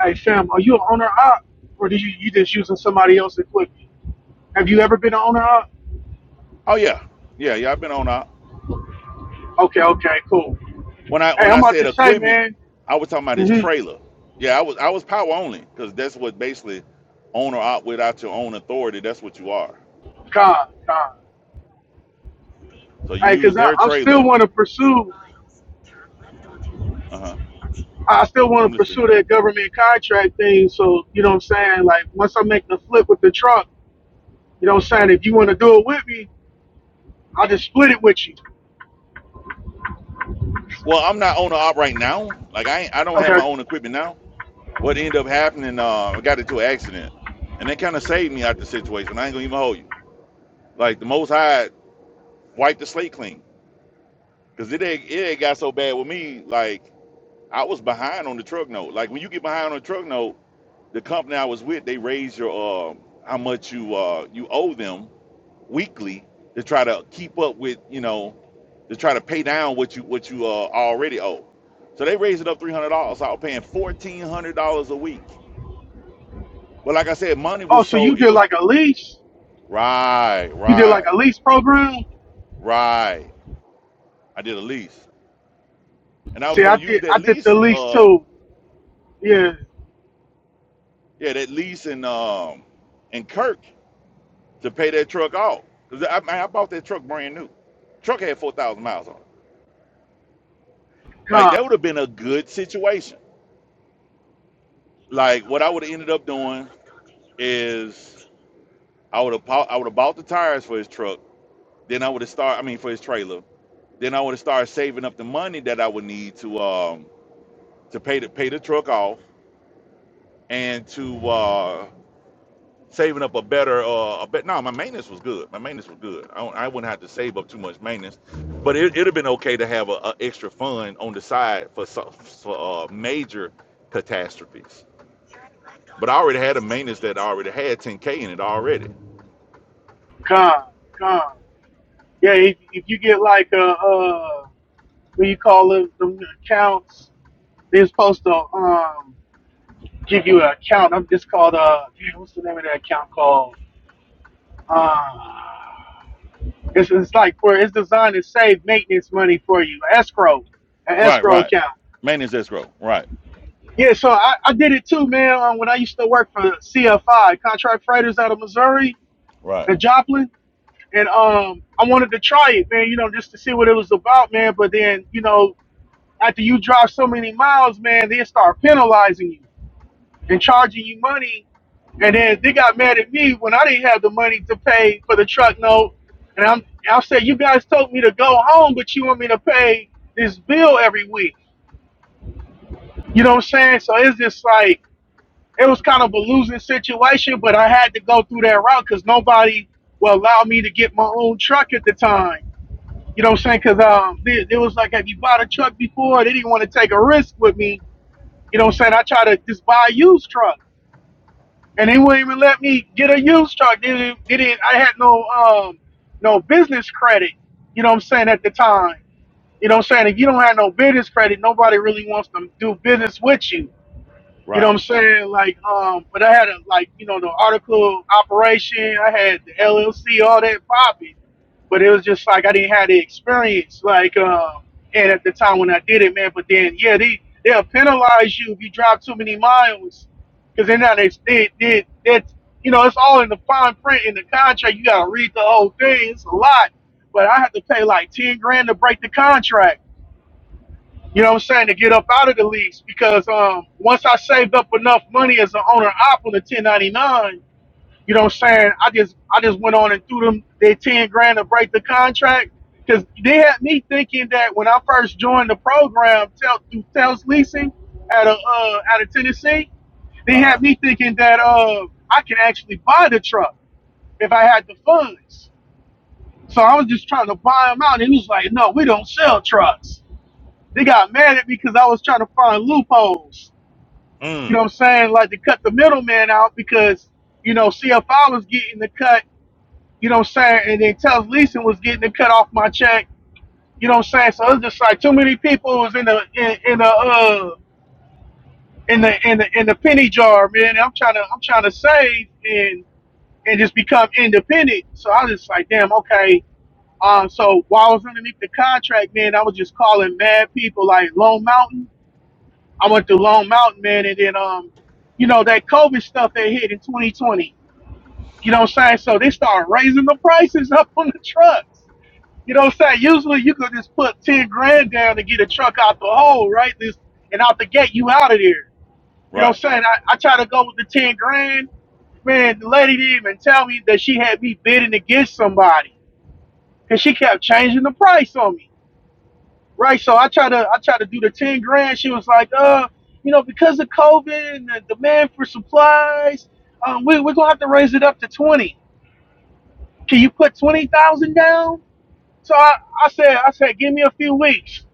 Speaker 7: Hey, fam, are you an owner op, or did you you just using somebody else's equipment? Have you ever been an owner op?
Speaker 3: Oh yeah, yeah, yeah. I've been on. Uh,
Speaker 7: Okay, okay, cool.
Speaker 3: when I
Speaker 7: Hey,
Speaker 3: when I
Speaker 7: I'm about
Speaker 3: said
Speaker 7: to say,
Speaker 3: equipment,
Speaker 7: man.
Speaker 3: I was talking about this
Speaker 7: Mm-hmm.
Speaker 3: trailer. Yeah, I was I was power only because that's what basically owner op without your own authority. That's what you are.
Speaker 7: Con, con.
Speaker 3: So you
Speaker 7: Hey,
Speaker 3: use
Speaker 7: cause I,
Speaker 3: their
Speaker 7: I still
Speaker 3: trailer.
Speaker 7: want to pursue.
Speaker 3: Uh huh.
Speaker 7: I still want
Speaker 3: I'm
Speaker 7: to
Speaker 3: listening.
Speaker 7: pursue that government contract thing. So you know what I'm saying? Like once I make the flip with the truck, you know what I'm saying? If you want to do it with me, I'll just split it with you.
Speaker 3: Well, I'm not owner op right now. Like I, ain't, I don't have my
Speaker 7: Okay.
Speaker 3: own equipment now. What ended up happening? Uh, I got into an accident, and that kind of saved me out the situation. I ain't gonna even hold you. Like the Most High wiped the slate clean, cause it ain't- it ain't got so bad with me. Like I was behind on the truck note. Like when you get behind on the truck note, the company I was with, they raise your uh, how much you uh, you owe them weekly to try to keep up with you know to try to pay down what you what you uh, already owe. So they raised it up three hundred dollars. So I was paying fourteen hundred dollars a week. But like I said, money
Speaker 7: Oh,
Speaker 3: was
Speaker 7: so
Speaker 3: so
Speaker 7: you
Speaker 3: it
Speaker 7: did
Speaker 3: was
Speaker 7: like a lease?
Speaker 3: right,
Speaker 7: You did like
Speaker 3: right,
Speaker 7: a lease program?
Speaker 3: right. I did a lease, and I was
Speaker 7: See, I
Speaker 3: gonna use
Speaker 7: did.
Speaker 3: that
Speaker 7: I did the
Speaker 3: lease,
Speaker 7: lease
Speaker 3: uh,
Speaker 7: too. Yeah,
Speaker 3: yeah, that lease in um in Kirk to pay that truck off. Cause I, man, I bought that truck brand new. Truck had four thousand miles on it.
Speaker 7: con,
Speaker 3: Like that would have been a good situation. Like what I would have ended up doing is I would have bought, I would have bought the tires for his truck. Then I would have started. I mean, for his trailer. Then I would have started saving up the money that I would need to um to pay the pay the truck off and to uh saving up a better uh a bet. No, my maintenance was good. My maintenance was good. I, don't- I wouldn't have to save up too much maintenance, but it it'd have been okay to have a, a extra fund on the side for so- for uh, major catastrophes. But I already had a maintenance that I already had 10k in it already.
Speaker 7: con, con. Yeah, if, if you get like a uh, what do you call it, them accounts, they're supposed to um give you an account. I'm just called uh, damn, what's the name of that account called? Uh, it's it's like for it's designed to save maintenance money for you, escrow, an
Speaker 3: Right,
Speaker 7: escrow
Speaker 3: right.
Speaker 7: account.
Speaker 3: Maintenance escrow. Right,
Speaker 7: Yeah, so I, I did it too, man. Um, when I used to work for CFI, Contract Freighters out of Missouri
Speaker 3: right,
Speaker 7: and Joplin. and um, I wanted to try it, man. You know, just to see what it was about, man. But then, you know, after you drive so many miles, man, they start penalizing you and charging you money. And then they got mad at me when I didn't have the money to pay for the truck note. And I'm, I said, you guys told me to go home, but you want me to pay this bill every week. You know what I'm saying? So it's just like it was kind of a losing situation, but I had to go through that route because nobody will allow me to get my own truck at the time You know what I'm saying? Because um, it, it was like, have you bought a truck before? They didn't want to take a risk with me. You know what I'm saying? I tried to just buy a used truck, and they wouldn't even let me get a used truck. They didn't. They didn't I had no um, no business credit. You know what I'm saying? At the time, you know what I'm saying? If you don't have no business credit, nobody really wants to do business with you. You know what
Speaker 3: right.
Speaker 7: I'm saying? Like, um, but I had a like, you know, the article operation, I had the LLC, all that popping. But it was just like I didn't have the experience, like, um, and at the time when I did it, man. But then, yeah, they they'll penalize you if you drive too many miles, because they're not they they they that's you know it's all in the fine print in the contract. You gotta read the whole thing. It's a lot, but I had to pay like ten grand to break the contract you know what I'm saying, to get up out of the lease because um, once I saved up enough money as an owner op on the 1099, you know what I'm saying, I just I just went on and threw them their 10 grand to break the contract because they had me thinking that when I first joined the program tel- through Tel's Leasing out of uh, out of Tennessee, they
Speaker 3: Uh
Speaker 7: had
Speaker 3: huh.
Speaker 7: me thinking that uh, I can actually buy the truck if I had the funds. So I was just trying to buy them out, and he was like, "No, we don't sell trucks." They got mad at me because I was trying to find loopholes. You
Speaker 3: Mm.
Speaker 7: know what I'm saying? Like to cut the middleman out because, you know, CFI was getting the cut, you know what I'm saying? And then Tels Leeson was getting the cut off my check. You know what I'm saying? So it's just like too many people was in the in, in the uh in the in the in the penny jar, man. And I'm trying to I'm trying to save and and just become independent. So I was just like, damn, okay. Um, so while I was underneath the contract, man, I was just calling mad people like Lone Mountain. I went through Long Mountain, man, and then um, you know, that COVID stuff that hit in 2020. You know what I'm saying? So they started raising the prices up on the trucks. You know what I'm saying? Usually you could just put 10 grand down to get a truck out the hole, right? This and out the gate, you out of there. You know
Speaker 3: Right,
Speaker 7: what I'm saying? I, I try to go with the 10 grand. Man, the lady didn't even tell me that she had me bidding against somebody because she kept changing the price on me. Right. So I try to I try to do the ten grand. She was like, uh, you know, because of COVID and the demand for supplies, um, we we're gonna have to raise it up to twenty. Can you put twenty thousand down? So I, I said I said give me a few weeks.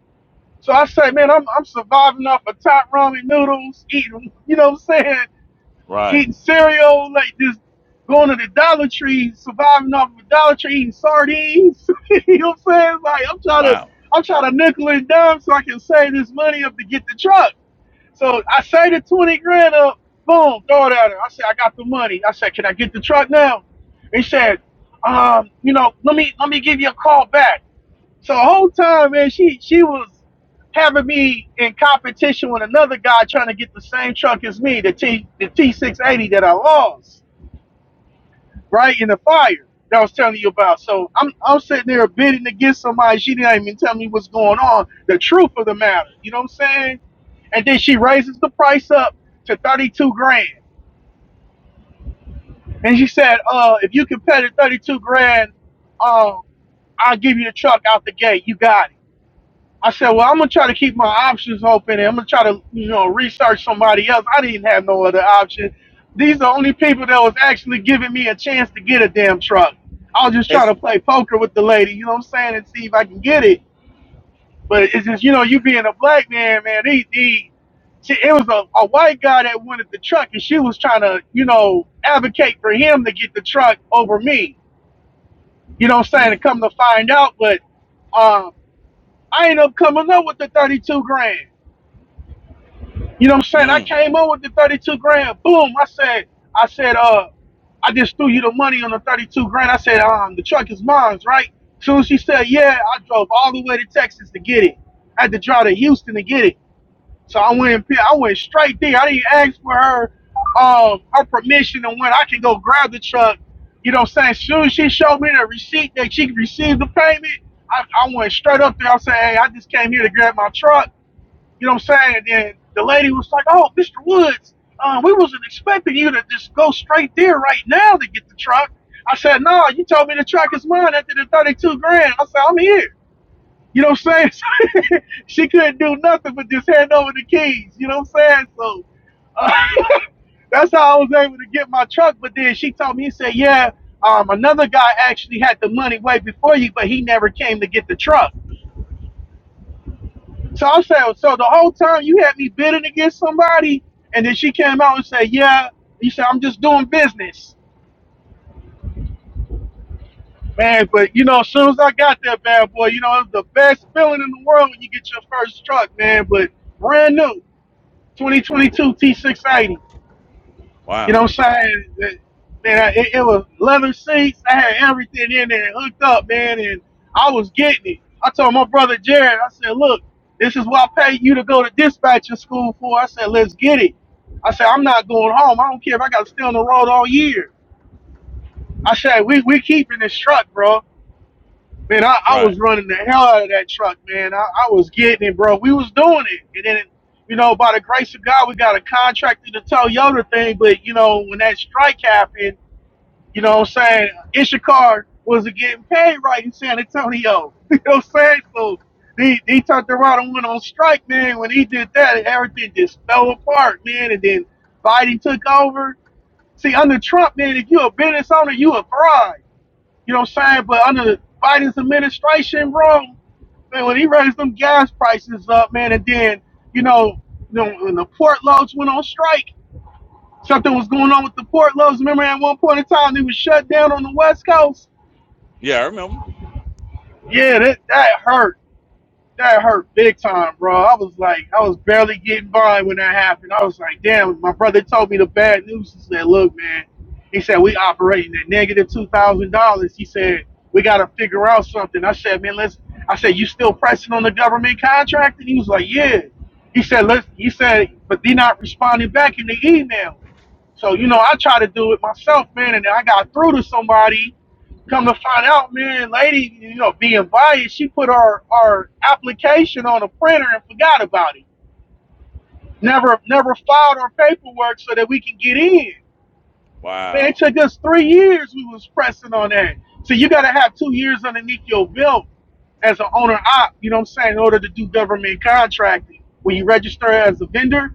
Speaker 7: So I said, man, I'm I'm surviving off of top ramen noodles, eating, you know what I'm saying?
Speaker 3: right.
Speaker 7: eating cereal, like just going to the Dollar Tree, surviving off of the Dollar Tree, eating sardines. you know what I'm saying? Like I'm trying to,
Speaker 3: Wow.
Speaker 7: I'm trying to nickel and dime so I can save this money up to get the truck. So I saved the twenty grand up. Boom, throw it at her. I said, I got the money. I said, can I get the truck now? He said, um, you know, let me let me give you a call back. So the whole time, man, she she was having me in competition with another guy trying to get the same truck as me, the T the T six eighty that I lost, right in the fire that I was telling you about. So I'm I'm sitting there bidding against somebody. She didn't even tell me what's going on, the truth of the matter. You know what I'm saying? And then she raises the price up to thirty two grand. And she said, uh, if you can pay the thirty two grand, um, I'll give you the truck out the gate. You got it. I said, well, I'm gonna try to keep my options open, and I'm gonna try to, you know, research somebody else. I didn't have no other option. These are the only people that was actually giving me a chance to get a damn truck. I was just trying
Speaker 3: It's
Speaker 7: to play poker with the lady, you know what I'm saying, and see if I can get it. But it's just, you know, you being a black man, man, he, he she, it was a, a white guy that wanted the truck, and she was trying to, you know, advocate for him to get the truck over me. You know what I'm saying? To
Speaker 3: mm,
Speaker 7: come to find out, but um, I ended up coming up with the 32 grand. You know what I'm saying? I
Speaker 3: mm.
Speaker 7: came up with the 32 grand. Boom. I said, I said, uh, I just threw you the money on the 32 grand. I said, um, the truck is mine's, right? Soon as she said, yeah, I drove all the way to Texas to get it. I had to drive to Houston to get it. So I went, I went straight there. I didn't ask for her, um, her permission and when I can go grab the truck. You know what I'm saying? Soon as she showed me the receipt that she received the payment, I, I went straight up there. I said, hey, I just came here to grab my truck. You know what I'm saying? And the lady was like, "Oh, Mr. Woods, uh, we wasn't expecting you to just go straight there right now to get the truck." I said, "No, you told me the truck is mine after the 32 grand." I said, "I'm here." You know what I'm saying? she couldn't do nothing but just hand over the keys. You know what I'm saying? So uh, that's how I was able to get my truck. But then she told me, he said, "Yeah, um, another guy actually had the money way before you, but he never came to get the truck." So I'm saying, so the whole time you had me bidding against somebody, and then she came out and said, "Yeah," He said, "I'm just doing business, man." But you know, as soon as I got that bad boy, you know, it was the best feeling in the world when you get your first truck, man. But brand new, 2022 T680. You know
Speaker 3: Wow.
Speaker 7: what I'm saying? That- Man, it, it was leather seats. I had everything in there hooked up, man, and I was getting it. I told my brother Jared, I said, look, this is what I paid you to go to dispatching school for. I said, let's get it. I said, I'm not going home. I don't care if I got to stay on the road all year. I said, we, we keeping this truck, bro. Man, I, I
Speaker 3: Right.
Speaker 7: was running the hell out of that truck, man. I, I was getting it, bro. We was doing it. And then you know, by the grace of God, we got a contract to the Toyota thing. But you know, when that strike happened, you know what I'm saying? Ishikar wasn't getting paid right in San Antonio. you know what I'm saying? So he, he turned around and went on strike, man. When he did that, everything just fell apart, man. And then Biden took over. See, under Trump, man, if you a business owner, you a thrive. You know what I'm saying? But under Biden's administration, bro, man, when he raised them gas prices up, man, and then, you know, you know, when the port loads went on strike, Something was going on with the Port Lows. Remember at one point in time they was shut down on the West Coast?
Speaker 3: Yeah, I remember.
Speaker 7: Yeah, that that hurt. That hurt big time, bro. I was like, I was barely getting by when that happened. I was like, damn, my brother told me the bad news. He said, look, man, he said, we operating at $2,000. He said, we got to figure out something. I said, man, let's, I said, you still pressing on the government contract? And he was like, yeah. He said, let's, he said, but they not responding back in the email. So, you know, I try to do it myself, man, and then I got through to somebody. Come to find out, man, lady, you know, being biased, she put our, our application on a printer and forgot about it. Never never filed our paperwork so that we can get in. Man, it
Speaker 3: Wow.
Speaker 7: took us three years we was pressing on that. So you gotta have two years underneath your belt as an owner op, you know what I'm saying, in order to do government contracting. When you register as a vendor,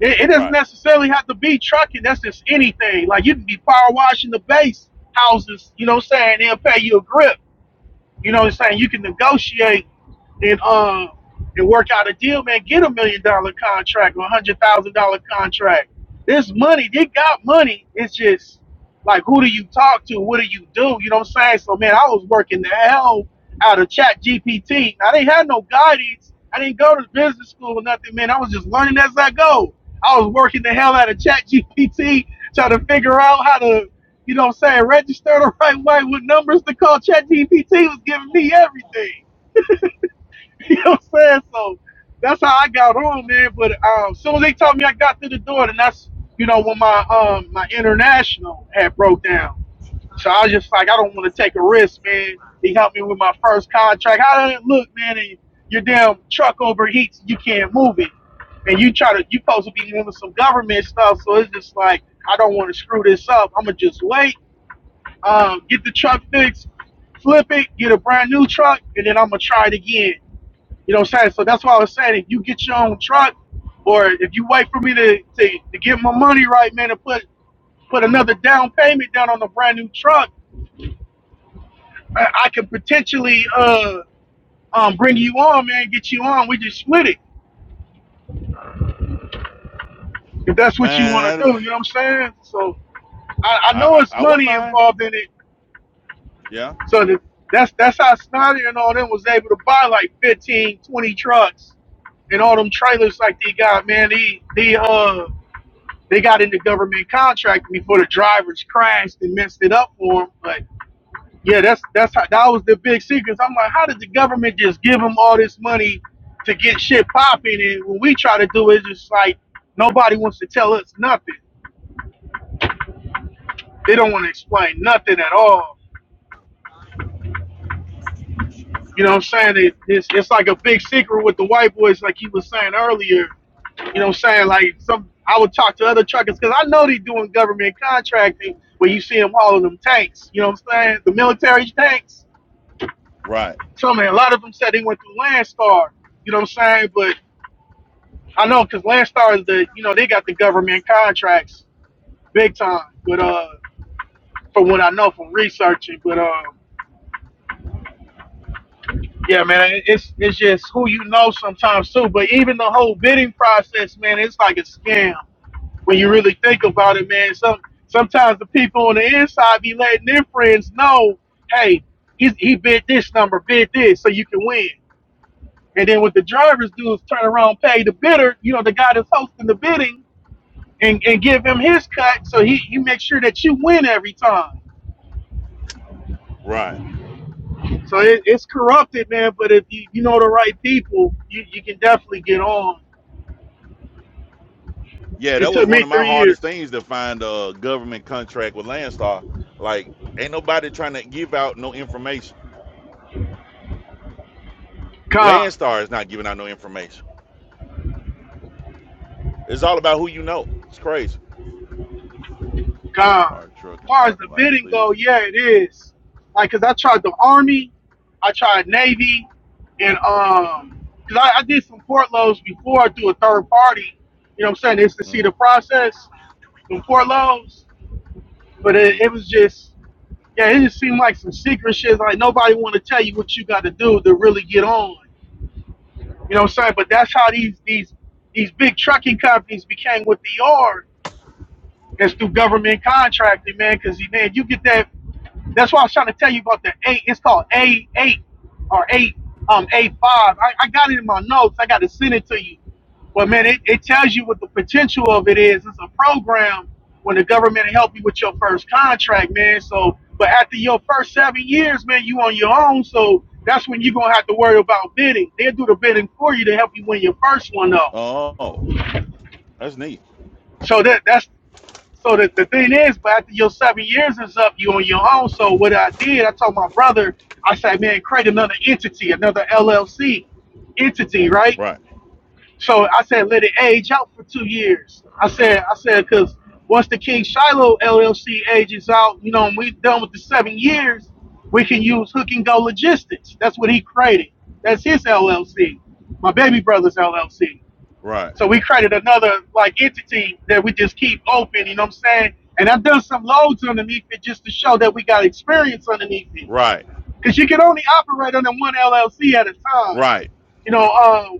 Speaker 7: it, it doesn't
Speaker 3: Right.
Speaker 7: necessarily have to be trucking. That's just anything. Like you can be power washing the base houses. You know what I'm saying? They'll pay you a grip. You know what I'm saying? You can negotiate and uh and work out a deal, man. Get a million dollar contract or a hundred thousand dollar contract. This money, they got money. It's just like who do you talk to? What do you do? You know what I'm saying? So man, I was working the hell out of Chat GPT. I didn't have no guidance. I didn't go to business school or nothing, man. I was just learning as I go. I was working the hell out of Chat GPT, trying to figure out how to you know what I'm saying? Register the right way with numbers to call ChatGPT was giving me everything. You know what I'm saying? So that's how I got on, man. But um soon as they told me I got through the door, then that's you know when my um my international had broke down. So I was just like, I don't want to take a risk, man. He helped me with my first contract. How did it look, man? And your damn truck overheats and you can't move it. And you try to you supposed to be doing some government stuff, so it's just like I don't want to screw this up. I'ma just wait um, get the truck fixed, flip it, get a brand new truck, and then I'm gonna try it again. You know what I'm saying? So that's why I was saying if you get your own truck, or if you wait for me to, to, to get my money right, man, and put put another down payment down on a brand new truck, I, I can potentially uh um bring you on, man, get you on. We just split it if that's what you want
Speaker 3: Man,
Speaker 7: to do.
Speaker 3: that
Speaker 7: You know what I'm saying? So I, I
Speaker 3: I,
Speaker 7: know
Speaker 3: I
Speaker 7: it's
Speaker 3: I wouldn't
Speaker 7: money
Speaker 3: mind.
Speaker 7: involved in it,
Speaker 3: Yeah.
Speaker 7: So the, that's that's how Snyder and all them was able to buy like 15, 20 trucks and all them trailers like they got, man. They they uh they got into government contract before the drivers crashed and messed it up for them. But yeah, that's that's how that was the big secret. I'm like, how did the government just give them all this money to get shit popping? And when we try to do it, it's just like nobody wants to tell us nothing. They don't want to explain nothing at all. You know what I'm saying? It, it's, it's like a big secret with the white boys, like you was saying earlier. You know what I'm saying? Like some, I would talk to other truckers because I know they doing government contracting where you see them hauling them tanks. You know what I'm saying? The military tanks.
Speaker 3: Right.
Speaker 7: So man, a lot of them said they went through Landstar. You know what I'm saying? But I know because Landstar is the, you know, they got the government contracts big time. But uh, from what I know from researching, but um Yeah, man, it- it's it's just who you know sometimes too. But even the whole bidding process, man, it's like a scam when you really think about it, man. Some sometimes the people on the inside be letting their friends know, hey, he he bid this number, bid this, so you can win. And then what the drivers do is turn around, pay the bidder, you know, the guy that's hosting the bidding, and, and give him his cut, so he he makes sure that you win every time.
Speaker 3: Right.
Speaker 7: So it, it's corrupted, man. But if you, you know the right people, you, you can definitely get on.
Speaker 3: Yeah,
Speaker 7: It
Speaker 3: that was
Speaker 7: took
Speaker 3: one
Speaker 7: me
Speaker 3: of my
Speaker 7: three
Speaker 3: hardest
Speaker 7: years.
Speaker 3: things to find a government contract with Landstar. Like, ain't nobody trying to give out no information.
Speaker 7: God,
Speaker 3: Landstar is not giving out no information. It's all about who you know. It's crazy.
Speaker 7: God.
Speaker 3: Park truck
Speaker 7: As
Speaker 3: in
Speaker 7: far as the
Speaker 3: parking lot,
Speaker 7: bidding
Speaker 3: please.
Speaker 7: go, yeah, it is. Like, cause I tried the army, I tried navy, and um, cause I, I did some port loads before I do a third party. You know what I'm saying? It's to see the
Speaker 3: mm
Speaker 7: process some port loads, but it,
Speaker 3: mm.
Speaker 7: it was just, yeah, it just seemed like some secret shit. Like nobody want to tell you what you got to do to really get on. You know what I'm saying? But that's how these these these big trucking companies became what they are It's through government contracting, man. Because man, you get that. That's why I was trying to tell you about the eight. It's called A eight or eight um A five. I, I got it in my notes. I got to send it to you. But man, it, it tells you what the potential of it is. It's a program when the government help you with your first contract, man. So, but after your first seven years, man, you on your own. So that's when you're gonna have to worry about bidding. They'll do the bidding for you to help you win your first one, though.
Speaker 3: Oh, that's neat.
Speaker 7: So that that's so the, the thing is, but after your seven years is up, you on your own. So what I did, I told my brother, I said, man, create another entity, another LLC entity, right?
Speaker 3: Right,
Speaker 7: So I said, let it age out for two years. I said, I said, because once the King Shiloh LLC ages out, you know, and we done with the seven years, we can use Hook and Go Logistics. That's what he created. That's his LLC, my baby brother's LLC.
Speaker 3: right,
Speaker 7: So we created another like entity that we just keep open, you know what I'm saying? And I've done some loads underneath it just to show that we got experience underneath it.
Speaker 3: right,
Speaker 7: Because you can only operate under one LLC at a time.
Speaker 3: right,
Speaker 7: You know, um,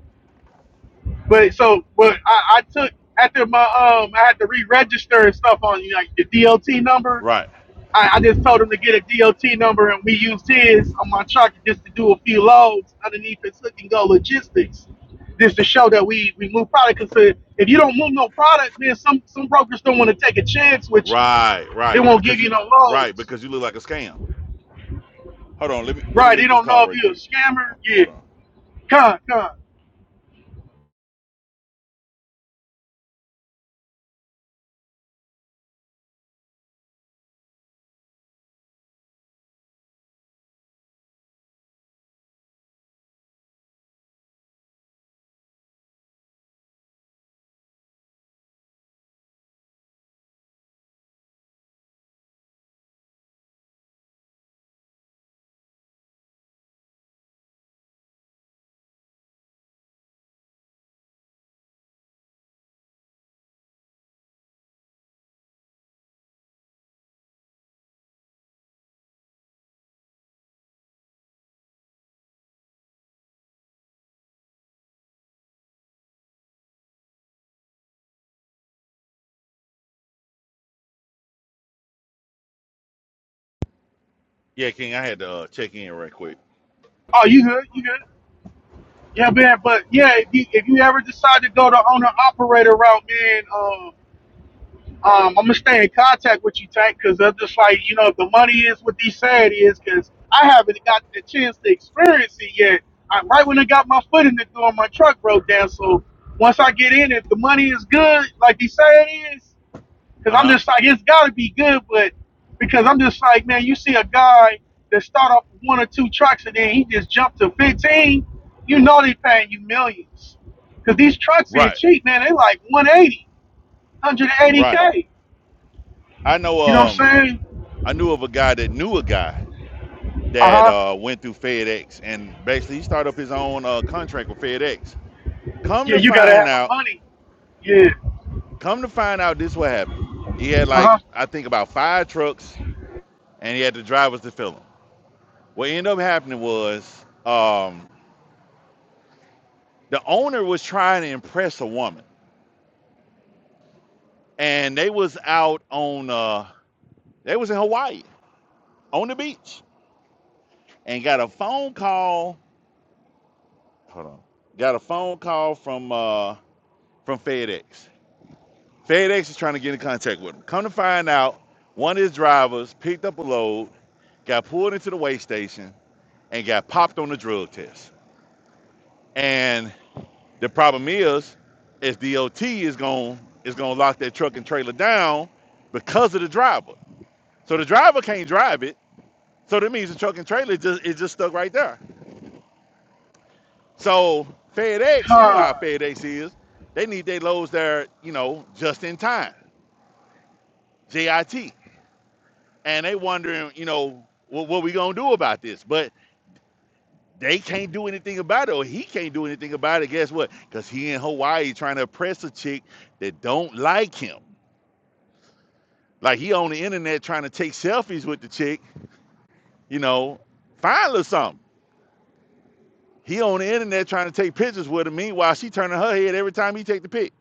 Speaker 7: but so but I, I took after my um I had to re register and stuff on you know, like the DLT number.
Speaker 3: right,
Speaker 7: I, I just told him to get a DOT number and we used his on my truck just to do a few loads underneath his hook and go logistics. Just to show that we, we move product because if you don't move no product, man, some, some brokers don't want to take a chance with you.
Speaker 3: right,
Speaker 7: They
Speaker 3: right.
Speaker 7: won't give
Speaker 3: Because you,
Speaker 7: you no
Speaker 3: right,
Speaker 7: loads.
Speaker 3: because you look like a scam. Hold on, let me let me
Speaker 7: Right, they
Speaker 3: make this
Speaker 7: don't
Speaker 3: call
Speaker 7: know if
Speaker 3: right
Speaker 7: you're a
Speaker 3: quick.
Speaker 7: scammer.
Speaker 3: Ho-
Speaker 7: Yeah.
Speaker 3: Hold on.
Speaker 7: Con, con.
Speaker 3: Yeah, King, I had to uh, check in right quick.
Speaker 7: Oh, you good, you good. Yeah, man, but yeah, if you if you ever decide to go the owner operator route, man, uh, um, I'm gonna stay in contact with you, Tank, because I'm just like, you know, if the money is what they say it is, because I haven't got the chance to experience it yet. I, right when I got my foot in the door, my truck broke down. So once I get in, if the money is good, like they say it is,
Speaker 3: Uh
Speaker 7: because I'm
Speaker 3: huh.
Speaker 7: just like, it's gotta be good, but because I'm just like, man, you see a guy that start off with one or two trucks and then he just jumped to 15, you know they paying you millions. Because these trucks here
Speaker 3: Right,
Speaker 7: cheap, man, they like 180,
Speaker 3: right.
Speaker 7: k
Speaker 3: I
Speaker 7: you know
Speaker 3: know.
Speaker 7: what
Speaker 3: Um,
Speaker 7: I'm saying?
Speaker 3: I knew of a guy that knew a guy
Speaker 7: Uh
Speaker 3: that
Speaker 7: huh.
Speaker 3: uh went through FedEx and basically he started up his own uh contract with FedEx. Come
Speaker 7: Yeah,
Speaker 3: to
Speaker 7: you gotta
Speaker 3: find
Speaker 7: have the
Speaker 3: out,
Speaker 7: money. Yeah.
Speaker 3: come to find out, this what happened. He had like
Speaker 7: Uh huh.
Speaker 3: I think about five trucks and he had the drivers to fill them. What ended up happening was um, the owner was trying to impress a woman, and they was out on uh, they was in Hawaii on the beach, and got a phone call. Hold on, got a phone call from uh, from FedEx. FedEx is trying to get in contact with him. Come to find out, one of his drivers picked up a load, got pulled into the weigh station, and got popped on the drug test. And The problem is, is DOT is going is going to lock that truck and trailer down because of the driver. So the driver can't drive it. So that means the truck and trailer just is just stuck right there. So FedEx, you know how
Speaker 7: God.
Speaker 3: FedEx is, they need their loads there, you know, just in time, JIT, and they wondering, you know, what, what we gonna do about this? But they can't do anything about it, or he can't do anything about it. Guess what? Because he in Hawaii trying to oppress a chick that don't like him. Like he on the internet trying to take selfies with the chick, you know, find or something. He on the internet trying to take pictures with her. Meanwhile, she turning her head every time he take the pic.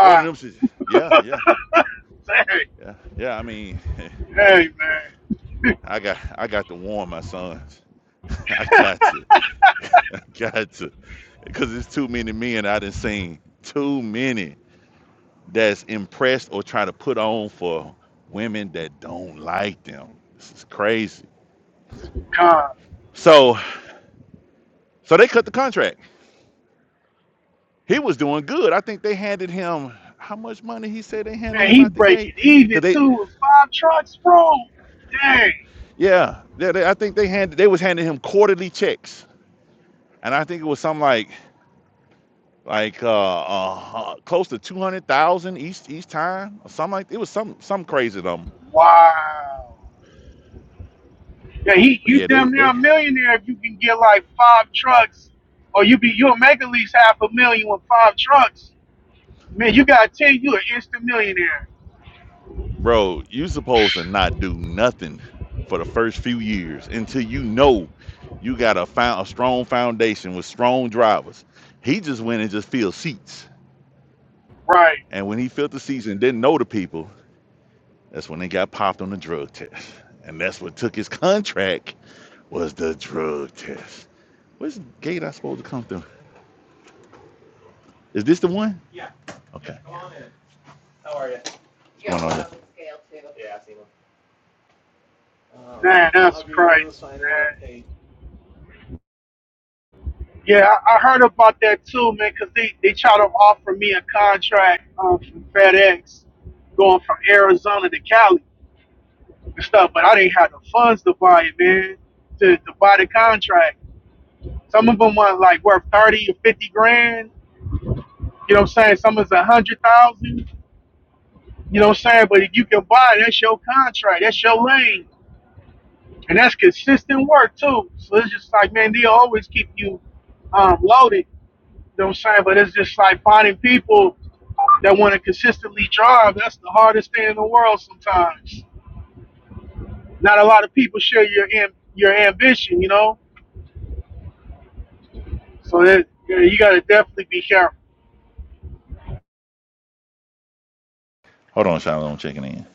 Speaker 3: One of them says, "Yeah, yeah,
Speaker 7: Dang.
Speaker 3: yeah, yeah." I mean,
Speaker 7: Hey man.
Speaker 3: I got I got to warn my sons. I got to, I got to, because it's too many men I done seen. Too many that's impressed or trying to put on for women that don't like them. This is crazy.
Speaker 7: God.
Speaker 3: So, so they cut the contract. he was doing good. I think they handed him how much money he said they handed
Speaker 7: Man,
Speaker 3: him
Speaker 7: he
Speaker 3: out the
Speaker 7: breaking
Speaker 3: gate
Speaker 7: even
Speaker 3: because they,
Speaker 7: too with five trucks, bro. Dang.
Speaker 3: yeah, they, they- I think they handed they was handing him quarterly checks, and I think it was something like like uh, uh uh, close to two hundred thousand each each time or something like it was some some crazy number.
Speaker 7: Wow. Yeah, he
Speaker 3: But
Speaker 7: you
Speaker 3: yeah, they
Speaker 7: damn near a
Speaker 3: they
Speaker 7: millionaire if you can get like five trucks. Or you be you'll make at least half a million with five trucks. Man, you got ten, you an instant millionaire.
Speaker 3: bro, you supposed to not do nothing for the first few years until you know you got a found a strong foundation with strong drivers. He just went and just filled seats
Speaker 7: Right.
Speaker 3: And when he filled the seats and didn't know the people, that's when they got popped on the drug test. And that's what took his contract was the drug test. What's gate I supposed to come through? Is this the one? Okay. Yeah. Hold on here?
Speaker 7: Man, that's crazy, man. Yeah, I, I heard about that too, man. Cause they, they tried to offer me a contract um, from FedEx going from Arizona to Cali and stuff, but I didn't have the funds to buy it, man, to, to buy the contract. Some of them was like worth 30 or 50 grand. You know what I'm saying? Some is a 100,000. You know what I'm saying? But if you can buy it, that's your contract. That's your lane. And that's consistent work, too. So it's just like, man, they always keep you um, loaded You know what I'm saying? But it's just like finding people that want to consistently drive. That's the hardest thing in the world sometimes. Not a lot of people share your am- your ambition, you know. So that yeah, you gotta definitely be careful.
Speaker 3: Hold on, Shiloh. I'm checking in.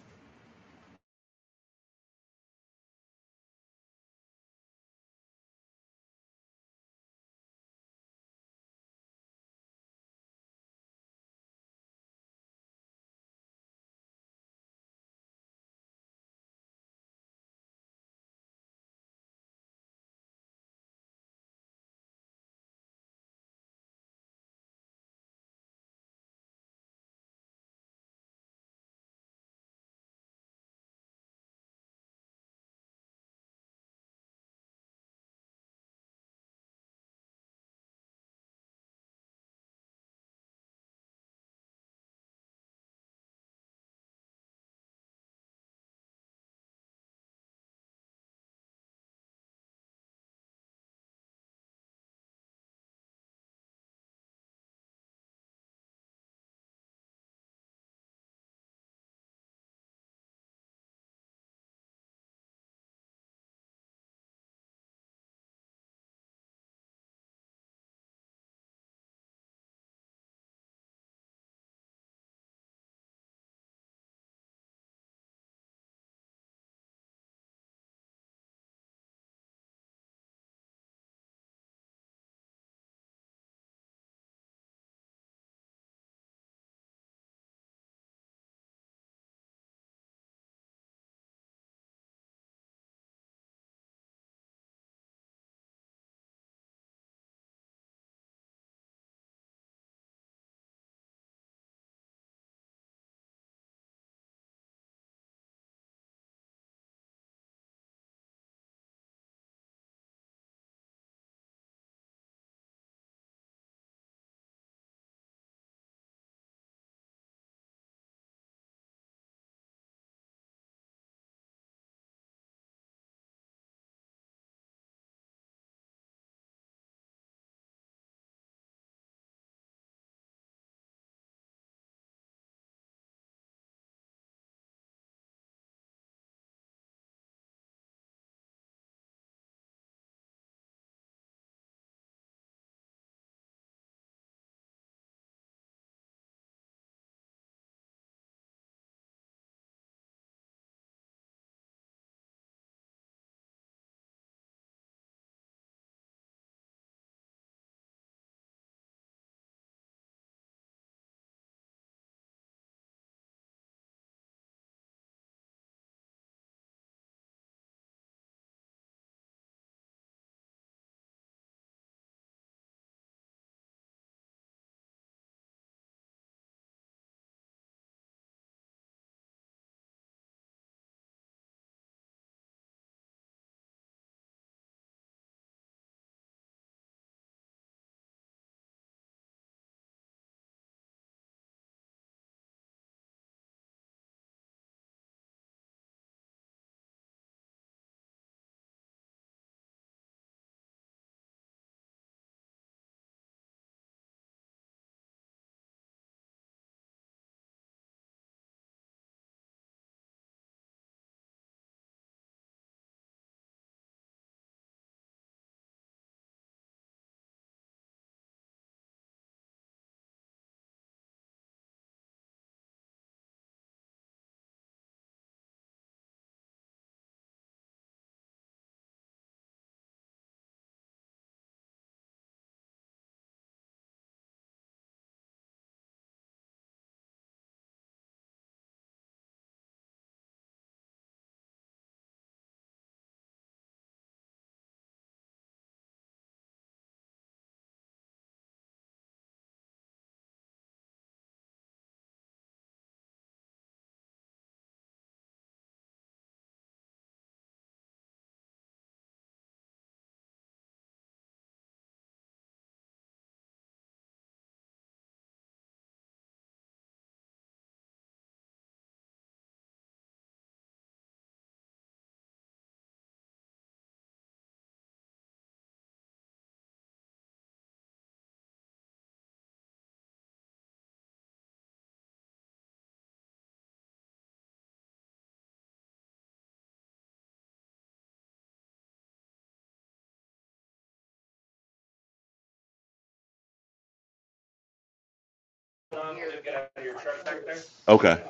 Speaker 3: Okay. Okay.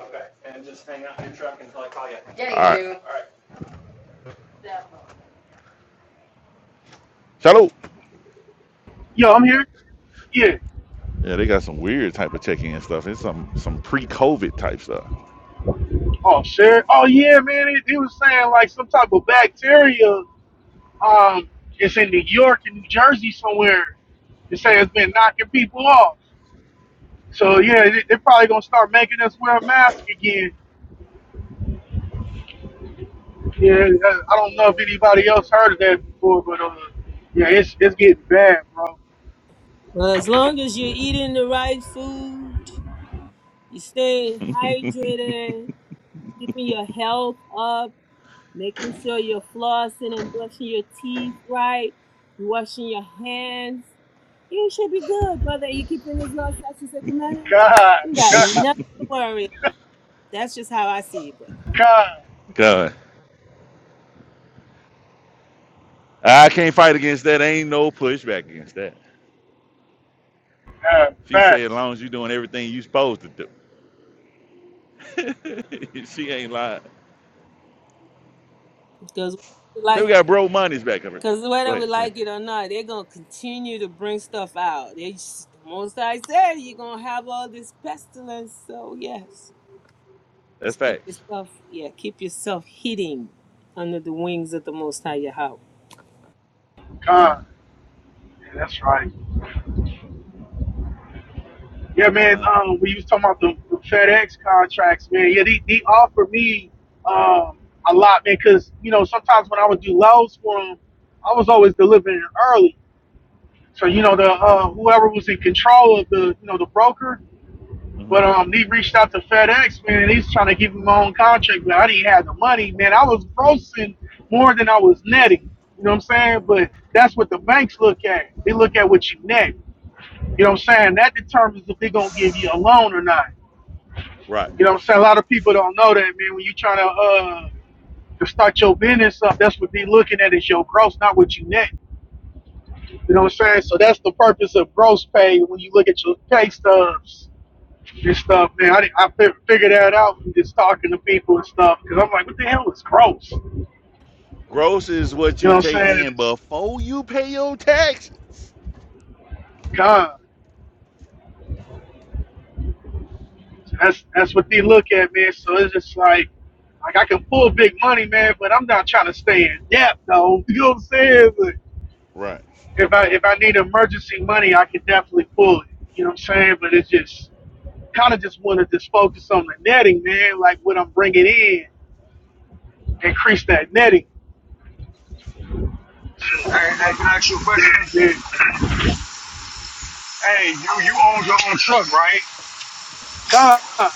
Speaker 3: And just hang out in your truck until I call you. Yeah, you All right. do. Shiloh.
Speaker 7: Yo, I'm here. Yeah.
Speaker 3: Yeah, they got some weird type of check-in stuff. It's some some pre-COVID type stuff.
Speaker 7: Oh, sure. Oh, yeah, man. He, he was saying like some type of bacteria. Um, it's in New York and New Jersey somewhere. They say
Speaker 3: Yeah.
Speaker 7: it's been knocking people off. So yeah, they, they're probably gonna start making us wear a mask again. Yeah, uh, I don't know if anybody else heard of that before, but uh, yeah, it's it's getting bad, bro.
Speaker 9: Well, as long as you're eating the right food, you stay hydrated, keeping your health up. making sure you're flossing and brushing your teeth right, you washing your hands. You should be good, brother. You keeping this law, statutes, and commandments.
Speaker 7: God,
Speaker 9: You got
Speaker 7: God,
Speaker 9: nothing to worry about. That's just how I see it, brother.
Speaker 7: God,
Speaker 3: God. I can't fight against that. Ain't no pushback against that.
Speaker 7: God,
Speaker 3: She said, as
Speaker 7: facts,
Speaker 3: long as you're doing everything you supposed to do. she ain't lied.
Speaker 9: Because we
Speaker 3: So
Speaker 9: like,
Speaker 3: we got bro money's back covered.
Speaker 9: because
Speaker 3: Go
Speaker 9: whether we
Speaker 3: ahead, go ahead.
Speaker 9: like it or not, they're gonna continue to bring stuff out. They just, the most I said, you're gonna have all this pestilence. So yes,
Speaker 3: That's
Speaker 9: just keep
Speaker 3: facts.
Speaker 9: yourself, yeah, keep yourself hidden under the wings of the Most High Yahweh.
Speaker 3: Done,
Speaker 7: God. Yeah, that's right. Yeah, man.
Speaker 3: done.
Speaker 7: Um, we was talking about the, the FedEx contracts, man. Yeah, they, they offered me um a lot, man, because you know sometimes when I would do loads for them, I was always delivering early. So you know the uh, whoever was in control of the you know the broker,
Speaker 3: hmm
Speaker 7: But um, he reached out to FedEx, man, and he's trying to give me my own contract, but I didn't have the money, man. I was grossing more than I was netting. You know what I'm saying? But that's what the banks look at. They look at what you net. You know what I'm saying? That determines if they're gonna give you a loan or not.
Speaker 3: Right.
Speaker 7: You know what I'm saying? A lot of people don't know that, man. When you're trying to uh to start your business up, that's what they're looking at is your gross, not what you net. You know what I'm saying? So that's the purpose of gross pay when you look at your pay stubs and stuff, man. I, I figured that out from just talking to people and stuff because I'm like, what the hell is gross? You
Speaker 3: Gross is what
Speaker 7: know
Speaker 3: you
Speaker 7: what I'm
Speaker 3: take
Speaker 7: saying? And
Speaker 3: in
Speaker 7: has
Speaker 3: before you pay your taxes.
Speaker 7: gone. That's that's what they look at, man. So it's just like, like I can pull big money, man, but I'm not trying to stay in debt, though. You know what I'm saying? But
Speaker 3: Right.
Speaker 7: if I if I need emergency money,
Speaker 3: Oof,
Speaker 7: I can definitely pull it. You know what I'm saying? But it's just kind of just want to just focus on the netting, man. Like what I'm bringing in, increase that netting. So
Speaker 4: Hey, I can ask you a question.
Speaker 7: yeah,
Speaker 4: Hey, you you owned your own truck, right?
Speaker 7: God.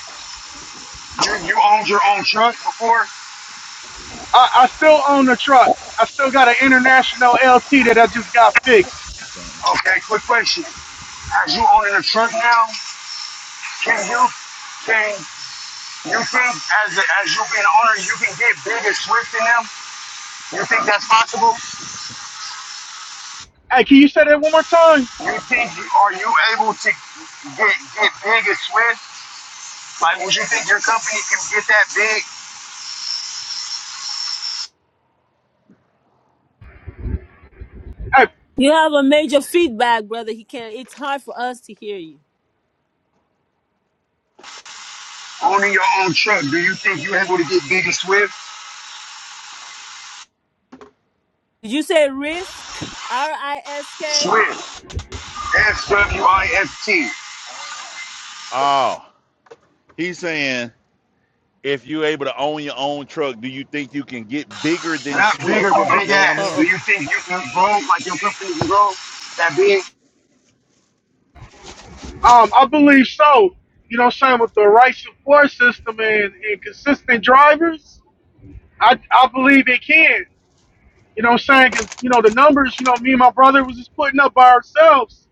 Speaker 4: You you owned your own truck before?
Speaker 7: I, I still own the truck. I still got an international LT that I just got fixed.
Speaker 3: son.
Speaker 4: Okay, quick question. As you owning a truck now, can you can you think as a, as you being an owner, you can get big and swift in them? You think that's possible?
Speaker 7: Hey, can you say that one more time?
Speaker 4: You think are you able to get get big and Swift? Like, would you think your company can get that big
Speaker 7: Hey,
Speaker 9: You have a major feedback, brother. He can't. It's hard for us to hear you.
Speaker 4: owning your own truck? Do you think you're able to get big and Swift?
Speaker 9: Did you say risk? R I S K.
Speaker 4: Swift, S W I F T,
Speaker 3: Oh, he's saying if you're able to own your own truck, do you think you can get bigger than
Speaker 4: not bigger
Speaker 3: Swift?
Speaker 4: but
Speaker 3: Is
Speaker 4: big
Speaker 3: that what I'm
Speaker 4: ass.
Speaker 9: Oh,
Speaker 4: Do
Speaker 3: hearing?
Speaker 9: okay.
Speaker 4: you think you can grow like your company can grow that big?
Speaker 7: um, I believe so. You know what I'm saying? With the right support system and, and consistent drivers, I, I believe it can. You know what I'm saying? Because, you know, the numbers, you know, me and my brother was just putting up by ourselves.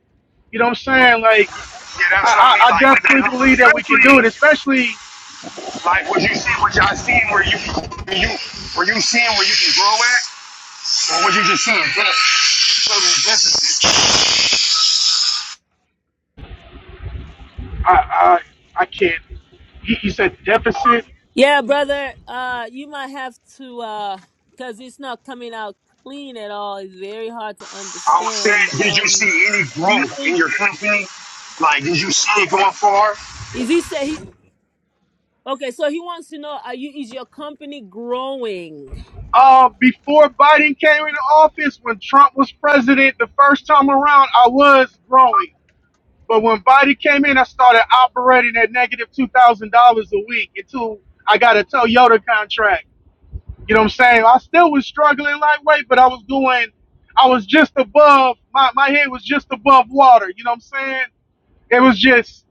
Speaker 7: You know what I'm saying? Like,
Speaker 4: Yeah,
Speaker 7: I,
Speaker 4: that's what I mean.
Speaker 7: I, I
Speaker 4: Like, with
Speaker 7: definitely
Speaker 4: that
Speaker 7: believe that we can
Speaker 4: company,
Speaker 7: do it, especially,
Speaker 4: like would you see, what y'all seen? where you where you were you seeing where you can grow at, or would you just seeing that? So the deficit.
Speaker 7: I, I, I can't. He, he said deficit.
Speaker 9: Yeah, brother. Uh, you might have to, uh, cause it's not coming out clean at all. It's very hard to
Speaker 4: I was
Speaker 9: understand.
Speaker 4: saying, did you
Speaker 9: Um,
Speaker 4: see any
Speaker 9: you
Speaker 4: growth in
Speaker 9: think
Speaker 4: your company? Like, did you see it going far?
Speaker 9: is he say he? Okay, so he wants to know: Are you is your company growing?
Speaker 7: uh, before Biden came into office, when Trump was president the first time around, I was growing. But when Biden came in, I started operating at $2,000 a week until I got a Toyota contract. You know what I'm saying? I still was struggling lightweight, but I was doing, I was just above, my, my head was just above water. You know what I'm saying? It was just,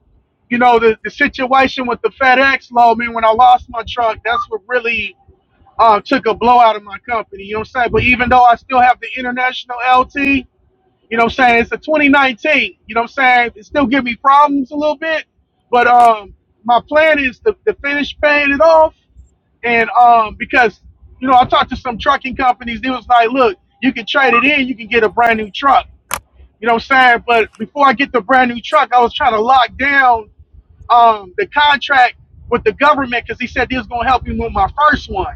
Speaker 7: you know, the, the situation with the FedEx law, I mean, when I lost my truck, that's what really um, took a blow out of my company. You know what I'm saying? But even though I still have the international LT, you know what I'm saying? It's a 2019. You know what I'm saying? It still give me problems a little bit. But um, my plan is to, to finish paying it off. And um, because, you know, I talked to some trucking companies. They was like, look, you can trade it in. You can get a brand new truck. You know what I'm saying? But before I get the brand new truck, I was trying to lock down um, the contract with the government because he said he was going to help me with my first one.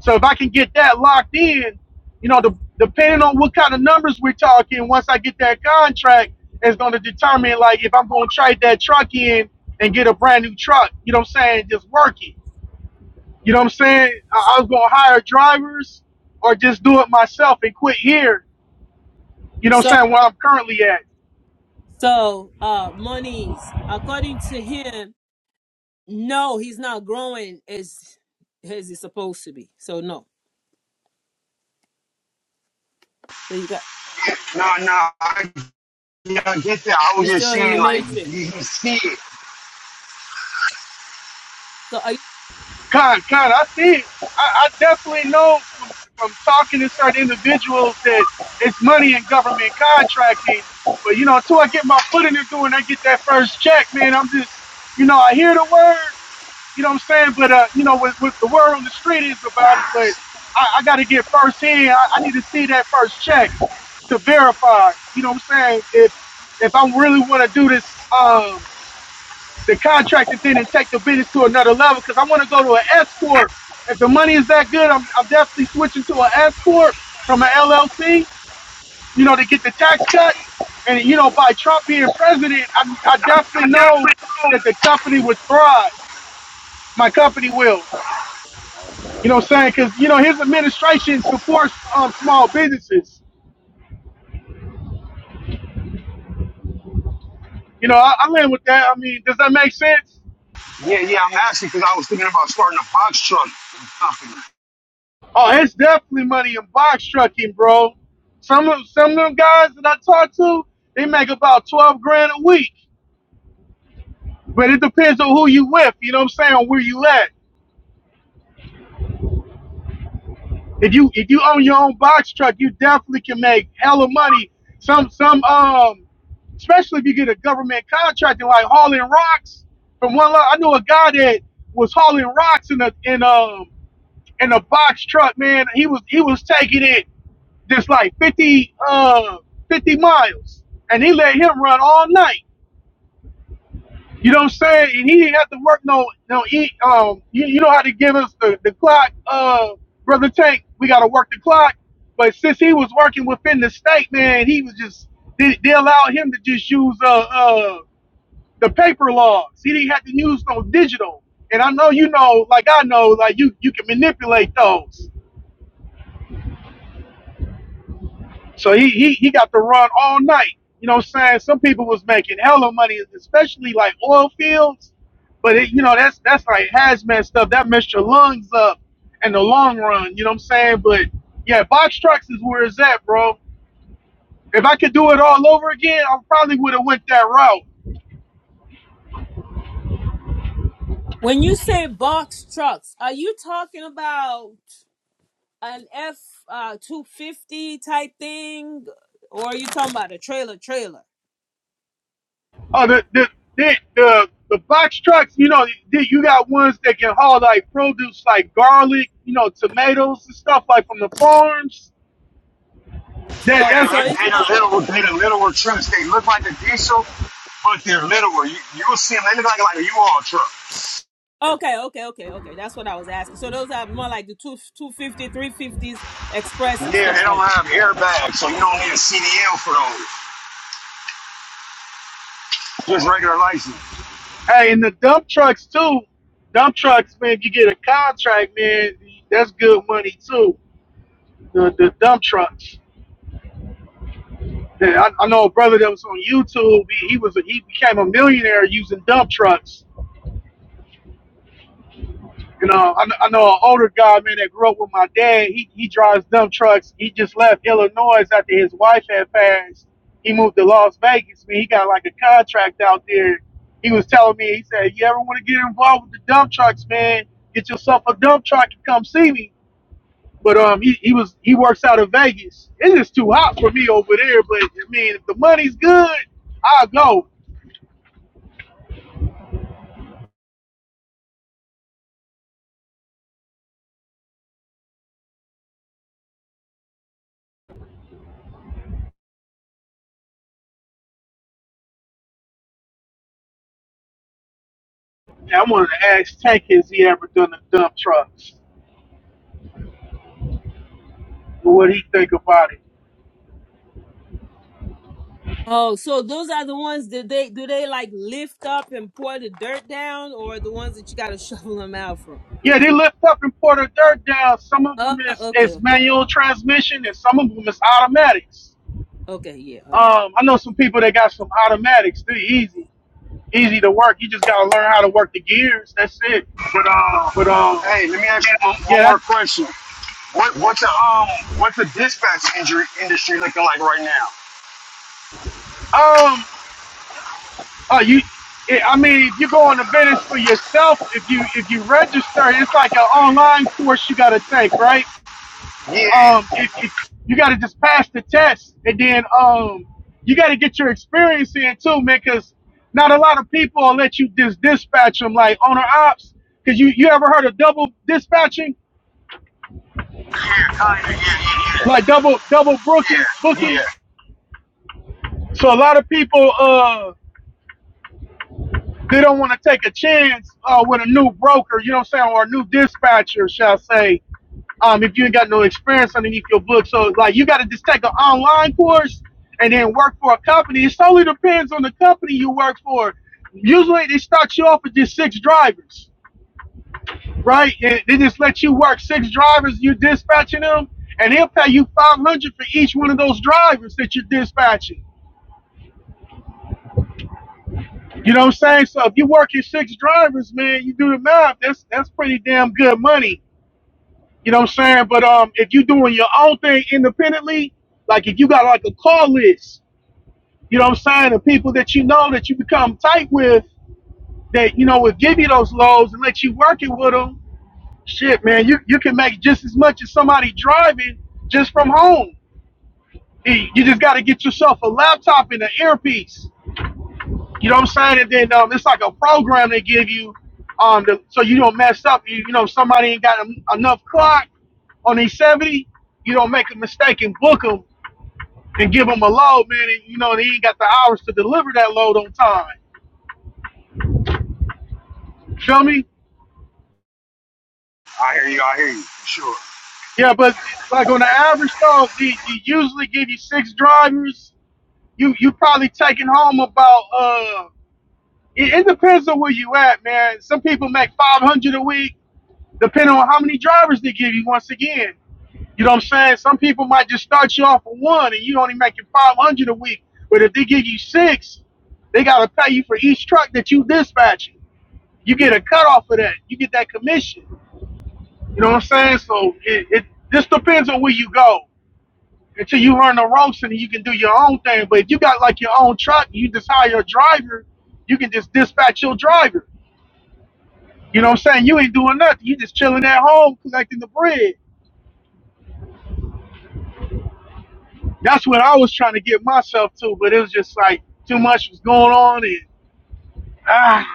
Speaker 7: So if I can get that locked in, you know, the, depending on what kind of numbers we're talking, once I get that contract, it's going to determine like if I'm going to trade that truck in and get a brand new truck. You know what I'm saying? Just work it. You know what I'm saying? I, I was going to hire drivers or just do it myself and quit here. You know what
Speaker 9: So,
Speaker 7: I'm saying? Where I'm currently at.
Speaker 9: so uh, monies according to him, no, he's not growing as as it's supposed to be. So no. So you got
Speaker 4: Nah, nah, I, yeah, I get that. I was
Speaker 9: you
Speaker 4: just
Speaker 9: still in
Speaker 4: saying,
Speaker 9: the
Speaker 4: like,
Speaker 9: matrix.
Speaker 4: did you see it?
Speaker 9: So are you,
Speaker 7: Con, con, I see it. I, I definitely know from, from talking to certain individuals that it's money in government contracting. But you know, until I get my foot in the door and I get that first check, man, I'm just, you know, I hear the word, you know what I'm saying? But uh, you know, with with the word on the street is about it, but I, I got to get first hand. I, I need to see that first check to verify. You know what I'm saying? If if I really want to do this, um, the contractor didn't take the business to another level because I want to go to an S corp. If the money is that good, I'm, I'm definitely switching to an S corp from an LLC. You know, to get the tax cuts. And you know, by Trump being president, I, I definitely know that the company would thrive. My company will. You know, what I'm saying because you know his administration supports um, small businesses. You know, I, I land with that. I mean, does that make sense?
Speaker 4: Yeah, yeah, I'm asking because I was thinking about starting a box truck company.
Speaker 7: Oh, it's definitely money in box trucking, bro. Some of some of them guys that I talk to, they make about twelve grand a week. But it depends on who you with, you know what I'm saying, or where you at. If you if you own your own box truck, you definitely can make hella money. Some some um especially if you get a government contract and like hauling rocks from one lot. I know a guy that was hauling rocks in a in um in a box truck, man. He was he was taking it just like 50, uh, 50 miles, and he let him run all night. You know what I'm saying? And he didn't have to work no no eat. Um, you, you know how to give us the the clock, uh, brother Tank. We got to work the clock. But since he was working within the state, man, he was just they, they allowed him to just use uh uh the paper logs. He didn't have to use no digital. And I know you know, like I know, like you you can manipulate those. So he, he he got to run all night. You know what I'm saying? Some people was making hella money, especially like oil fields. But it, you know, that's that's like hazmat stuff. That messed your lungs up in the long run, you know what I'm saying? But yeah, box trucks is where it's at, bro. If I could do it all over again, I probably would have went that route.
Speaker 9: when you say box trucks, are you talking about an F uh, two fifty type thing, or are you talking about a trailer trailer?
Speaker 7: Oh, the the the the, the box trucks, you know, the- you got ones that can haul like produce like garlic, you know, tomatoes and stuff like from the farms that
Speaker 9: So
Speaker 4: They
Speaker 7: that's
Speaker 9: so
Speaker 4: the, they
Speaker 9: it's not
Speaker 4: the little, they the littler trucks. They look like a diesel, but they're littler. You, you'll see them. They look like, like a U-Haul truck.
Speaker 9: okay okay okay okay. That's what I was asking. So those are more like the two two fifty three fifties express and
Speaker 4: Yeah, they
Speaker 9: stuff like
Speaker 4: don't
Speaker 9: that.
Speaker 4: have airbags, so you don't need a CDL for those. Just regular license.
Speaker 7: Hey, and the dump trucks too. Dump trucks, man. If you get a contract, man, that's good money too. The the dump trucks. Yeah, I, I know a brother that was on YouTube. He, he was a, he became a millionaire using dump trucks. You know, I, kn- I know an older guy, man, that grew up with my dad. He he drives dump trucks. He just left Illinois after his wife had passed. He moved to Las Vegas. Man, he got like a contract out there. He was telling me, he said, "You ever want to get involved with the dump trucks, man? Get yourself a dump truck and come see me." But um, he, he was he works out of Vegas. It's just too hot for me over there. But I mean, if the money's good, I'll go. And I wanted to ask Tank, has he ever done the dump trucks? What he think about it?
Speaker 9: Oh, so those are the ones that they do they like lift up and pour the dirt down, or the ones that you got to shovel them out from?
Speaker 7: Yeah, they lift up and pour the dirt down. Some of
Speaker 9: Oh,
Speaker 7: them is,
Speaker 9: okay,
Speaker 7: is
Speaker 9: okay,
Speaker 7: manual transmission, and some of them is automatics.
Speaker 9: okay, yeah, all right.
Speaker 7: Um, I know some people that got some automatics. They're easy, easy to work. You just gotta learn how to work the gears. That's it.
Speaker 4: But uh,
Speaker 7: But um,
Speaker 4: hey, let me ask you one, one
Speaker 7: yeah,
Speaker 4: more question. What what's a um what's the dispatch injury industry looking like right now?
Speaker 7: that, um, uh, you. yeah, I mean, if you go on the business for yourself, if you if you register, it's like an online course you got to take, right?
Speaker 4: Yeah,
Speaker 7: um it, it you got to just pass the test and then um you got to get your experience in too man because not a lot of people will let you dis- dispatch them like owner ops because you you ever heard of double dispatching
Speaker 4: yeah, kinda, yeah,
Speaker 7: like double double
Speaker 4: yeah,
Speaker 7: booking
Speaker 4: yeah, yeah,
Speaker 7: booking
Speaker 4: yeah.
Speaker 7: so a lot of people uh they don't want to take a chance uh with a new broker you know what i'm saying or a new dispatcher shall I say um, if you ain't got no experience underneath your book. So like you got to just take an online course and then work for a company. It solely depends on the company you work for. Usually they start you off with just six drivers, right? And they just let you work six drivers. You dispatching them, and they'll pay you five hundred dollars for each one of those drivers that you're dispatching. You know what I'm saying? So if you're working six drivers, man, you do the math. That's that's pretty damn good money You know what I'm saying? But um, if you're doing your own thing independently, like if you got like a call list, you know what I'm saying, and people that you know that you become tight with, that you know will give you those lows and let you work it with them. Shit, man, you you can make just as much as somebody driving just from home. you just got to get yourself a laptop and an earpiece You know what I'm saying? And then um, it's like a program they give you, um, to, so you don't mess up. You, you know, somebody ain't got en- enough clock on these 70. You don't make a mistake and book them and give them a load, man. And you know they ain't got the hours to deliver that load on time. Feel me?
Speaker 4: I hear you, I hear you, sure.
Speaker 7: Yeah, but like on the average though, they, you usually give you six drivers. You you probably taking home about uh. It, it depends on where you at, man. Some people make 500 a week, depending on how many drivers they give you. Once again. You know what I'm saying? Some people might just start you off with one, and you only making five hundred a week. But if they give you six, they gotta pay you for each truck that you dispatch. You get a cut off of that. You get that commission. You know what I'm saying? So it, it just depends on where you go until you learn the ropes and you can do your own thing. But if you got like your own truck, you just hire a driver. You can just dispatch your driver. You know what I'm saying? You ain't doing nothing. You just chilling at home collecting the bread. That's what I was trying to get myself to, but it was just like too much was going on and ah,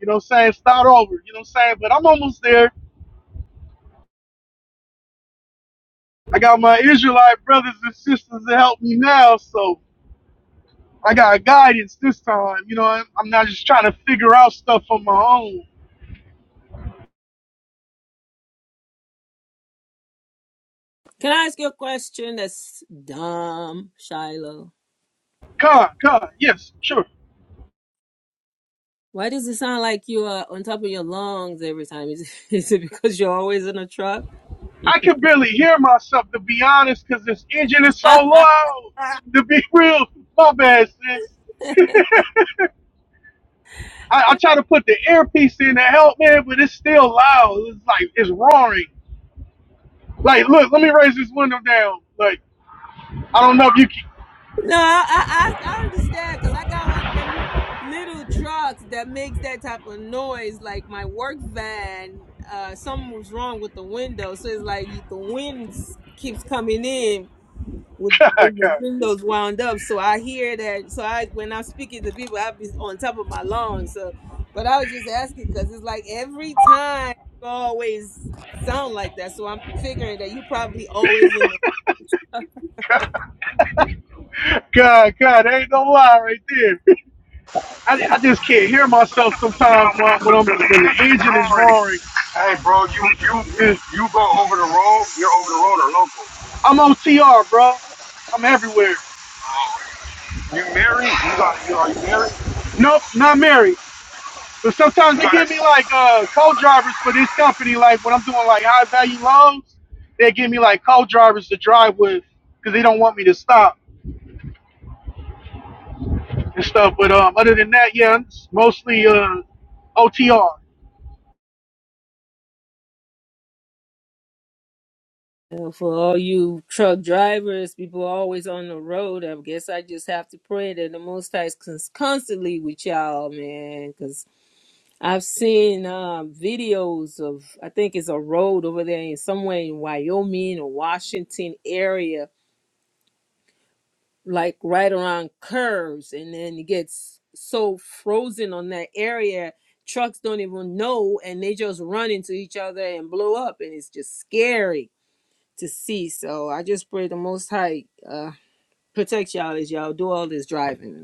Speaker 7: you know what I'm saying? Start over, you know what I'm saying? But I'm almost there. I got my Israelite brothers and sisters to help me now, so I got guidance this time. You know, I'm not just trying to figure out stuff on my own.
Speaker 9: Can I ask you a question that's dumb, Shiloh?
Speaker 7: Con, con, yes, sure.
Speaker 9: Why does it sound like you are on top of your lungs every time? Is it, is it because you're always in a truck?
Speaker 7: I can barely hear myself to be honest, cause this engine is so
Speaker 9: no, I,
Speaker 7: loud. To be real, my bad, sis. I, I try to put the earpiece in to help, man, but it's still loud. It's like it's roaring. Like, look, let me raise this window down. Like, I don't know if you can.
Speaker 9: I, I understand because I got one of them little trucks that makes that type of noise. Like my work van, uh, something was wrong with the window. So it's like you- the wind keeps coming in with
Speaker 7: God,
Speaker 9: when the
Speaker 7: God,
Speaker 9: windows wound up. So I hear that. So I when I'm speaking to people, I be on top of my lungs. So, but I was just asking because it's like every time you always sound like that. So I'm figuring that you probably always in the.
Speaker 7: God, God, there ain't no lie right there. I, I just can't hear myself
Speaker 4: No,
Speaker 7: sometimes when
Speaker 4: man,
Speaker 7: I'm, when
Speaker 4: but the
Speaker 7: I'm when the
Speaker 4: engine is
Speaker 7: engine is
Speaker 4: already.
Speaker 7: roaring.
Speaker 4: Hey, bro, you you
Speaker 7: Eh,
Speaker 4: you go over the road, you're over the road or local.
Speaker 7: I'm on TR, bro. I'm everywhere.
Speaker 4: You married? You got you are you married?
Speaker 7: Nope, not married. But sometimes
Speaker 4: You
Speaker 7: they
Speaker 4: got a.
Speaker 7: give me like uh co-drivers for this company. Like when I'm doing like high value loads, they give me like co-drivers to drive with because they don't want me to stop and stuff. But um, other than that, yeah, it's mostly uh OTR
Speaker 9: Uh, For all you truck drivers, people always on the road. I guess I just have to pray that the Most High is cons- constantly with y'all, man. I've seen um, videos of I think it's a road over there in somewhere in Wyoming or Washington area, like right around curves, and then it gets so frozen on that area, trucks don't even know, and they just run into each other and blow up, and it's just scary to see. So I just pray the Most High uh, protect y'all as y'all do all this driving,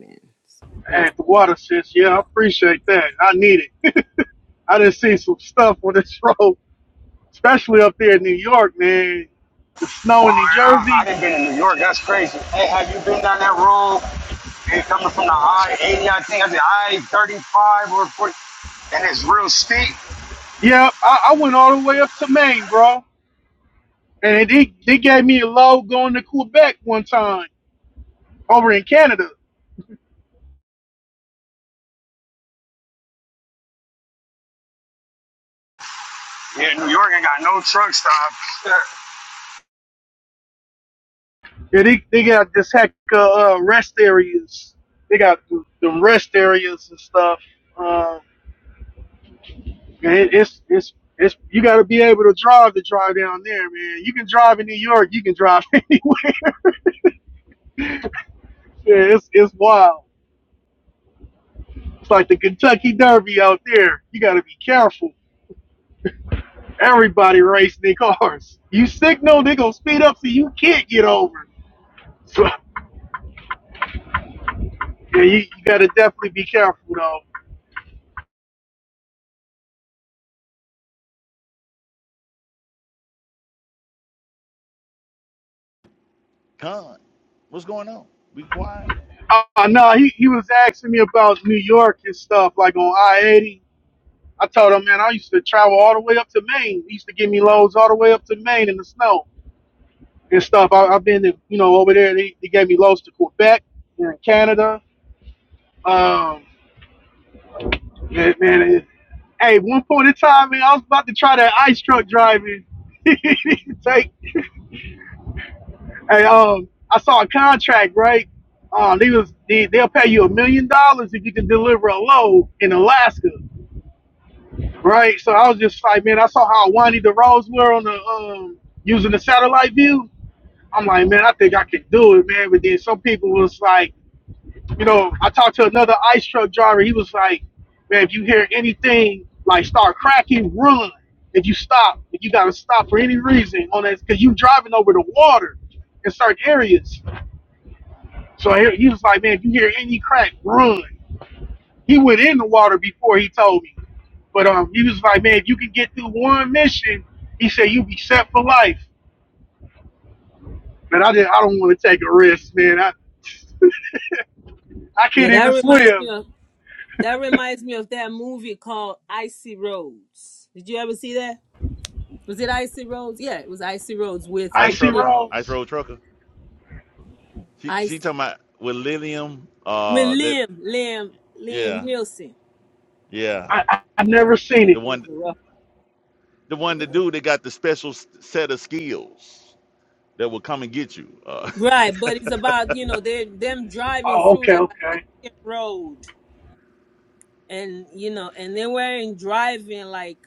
Speaker 9: man.
Speaker 7: at the water sis. Yeah, I appreciate that. I need it. I done seen some stuff on this road, especially up there in New York, man. The snow
Speaker 4: Wow,
Speaker 7: in New
Speaker 4: I, I, I
Speaker 7: Jersey.
Speaker 4: didn't been in New York. That's crazy. Hey, have you been down that road? And coming from the I 80, I think I said I 35 or 40, and it's real steep.
Speaker 7: Yeah, I, I went all the way up to Maine, bro. And they they gave me a load going to Quebec one time over in Canada.
Speaker 4: Yeah, New York ain't got no truck stop.
Speaker 7: Yeah, they, they got this heck uh, uh, rest areas. They got th- them rest areas and stuff. Uh, man, it- it's it's it's you got to be able to drive to drive down there, man. You can drive in New York. You can drive anywhere. yeah, it's it's wild. It's like the Kentucky Derby out there. You got to be careful. Everybody racing their cars. You signal, they gonna speed up so you can't get over. So yeah, you, you got to definitely be careful though.
Speaker 3: Con, what's going on? Be quiet.
Speaker 7: Oh no, he, he was asking me about New York and stuff, like on I eighty. I told him, man, I used to travel all the way up to Maine. He used to give me loads all the way up to Maine in the snow and stuff. I, I've been, to, you know, over there. They, they gave me loads to Quebec and Canada. Um, man, man it, hey, one point in time, man, I was about to try that ice truck driving. Take, hey, um, I saw a contract, right? Um, they was they, they'll pay you a million dollars if you can deliver a load in Alaska. Right. So I was just like, man, I saw how windy the roads were on the um using the satellite view. I'm like, man, I think I could do it, man. But then some people was like, you know, I talked to another ice truck driver. He was like, man, if you hear anything like start cracking, run. If you stop, if you gotta stop for any reason on that, because you driving over the water in certain areas. So he he was like, man, if you hear any crack, run. He went in the water before he told me. But um, he was like, man, if you can get through one mission, he said you'll be set for life. Man, I did. I don't want to take a risk, man. I I
Speaker 9: Yeah,
Speaker 7: can't
Speaker 9: that
Speaker 7: even
Speaker 9: reminds me
Speaker 7: swim.
Speaker 9: of that reminds me of that movie called Icy Roads. Did you ever see that? Was it Icy Roads? Yeah, it was Icy Roads with
Speaker 3: Ice
Speaker 7: Icy
Speaker 9: Lim,
Speaker 3: trucker, ice
Speaker 7: roads.
Speaker 3: road trucker. She she
Speaker 9: Ice
Speaker 3: talking about with lithium.
Speaker 9: with
Speaker 3: Uh, that
Speaker 9: Lim Lim Lim
Speaker 3: yeah,
Speaker 9: Nielsen.
Speaker 3: yeah.
Speaker 7: I, I I've never seen
Speaker 9: Yeah,
Speaker 7: it.
Speaker 3: The
Speaker 9: that was
Speaker 3: one,
Speaker 9: a rough.
Speaker 3: the one, the
Speaker 9: Yeah.
Speaker 3: dude that got the special s- set of skills that will come and get you. Uh,
Speaker 9: Right, but it's about you know they them driving
Speaker 7: Oh,
Speaker 9: through
Speaker 7: okay,
Speaker 9: that
Speaker 7: okay.
Speaker 9: Alaskan road and you know, and they weren't driving like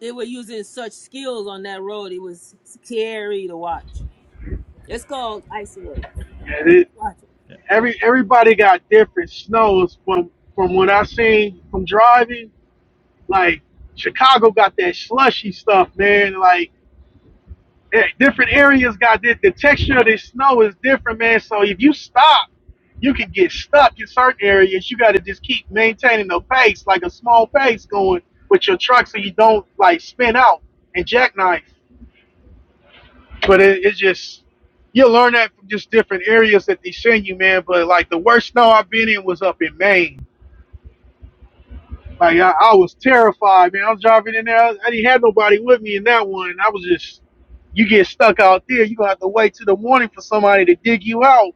Speaker 9: they were using such skills on that road. It was scary to watch. It's called Icy Road.
Speaker 7: Yeah, it,
Speaker 9: Watch it.
Speaker 7: every everybody got different snows from from what I seen from driving. Like Chicago got that slushy stuff, man. Like eh, different areas got the, the texture of the snow is different, man. So if you stop, you can get stuck in certain areas. You got to just keep maintaining the pace, like a small pace going with your truck, so you don't like spin out and jackknife. But it, it's just you learn that from just different areas that they send you, man. But like the worst snow I've been in was up in Maine Like I, I was terrified, man. I was driving in there. I didn't have nobody with me in that one. I was just, you get stuck out there. You gonna have to wait till the morning for somebody to dig you out.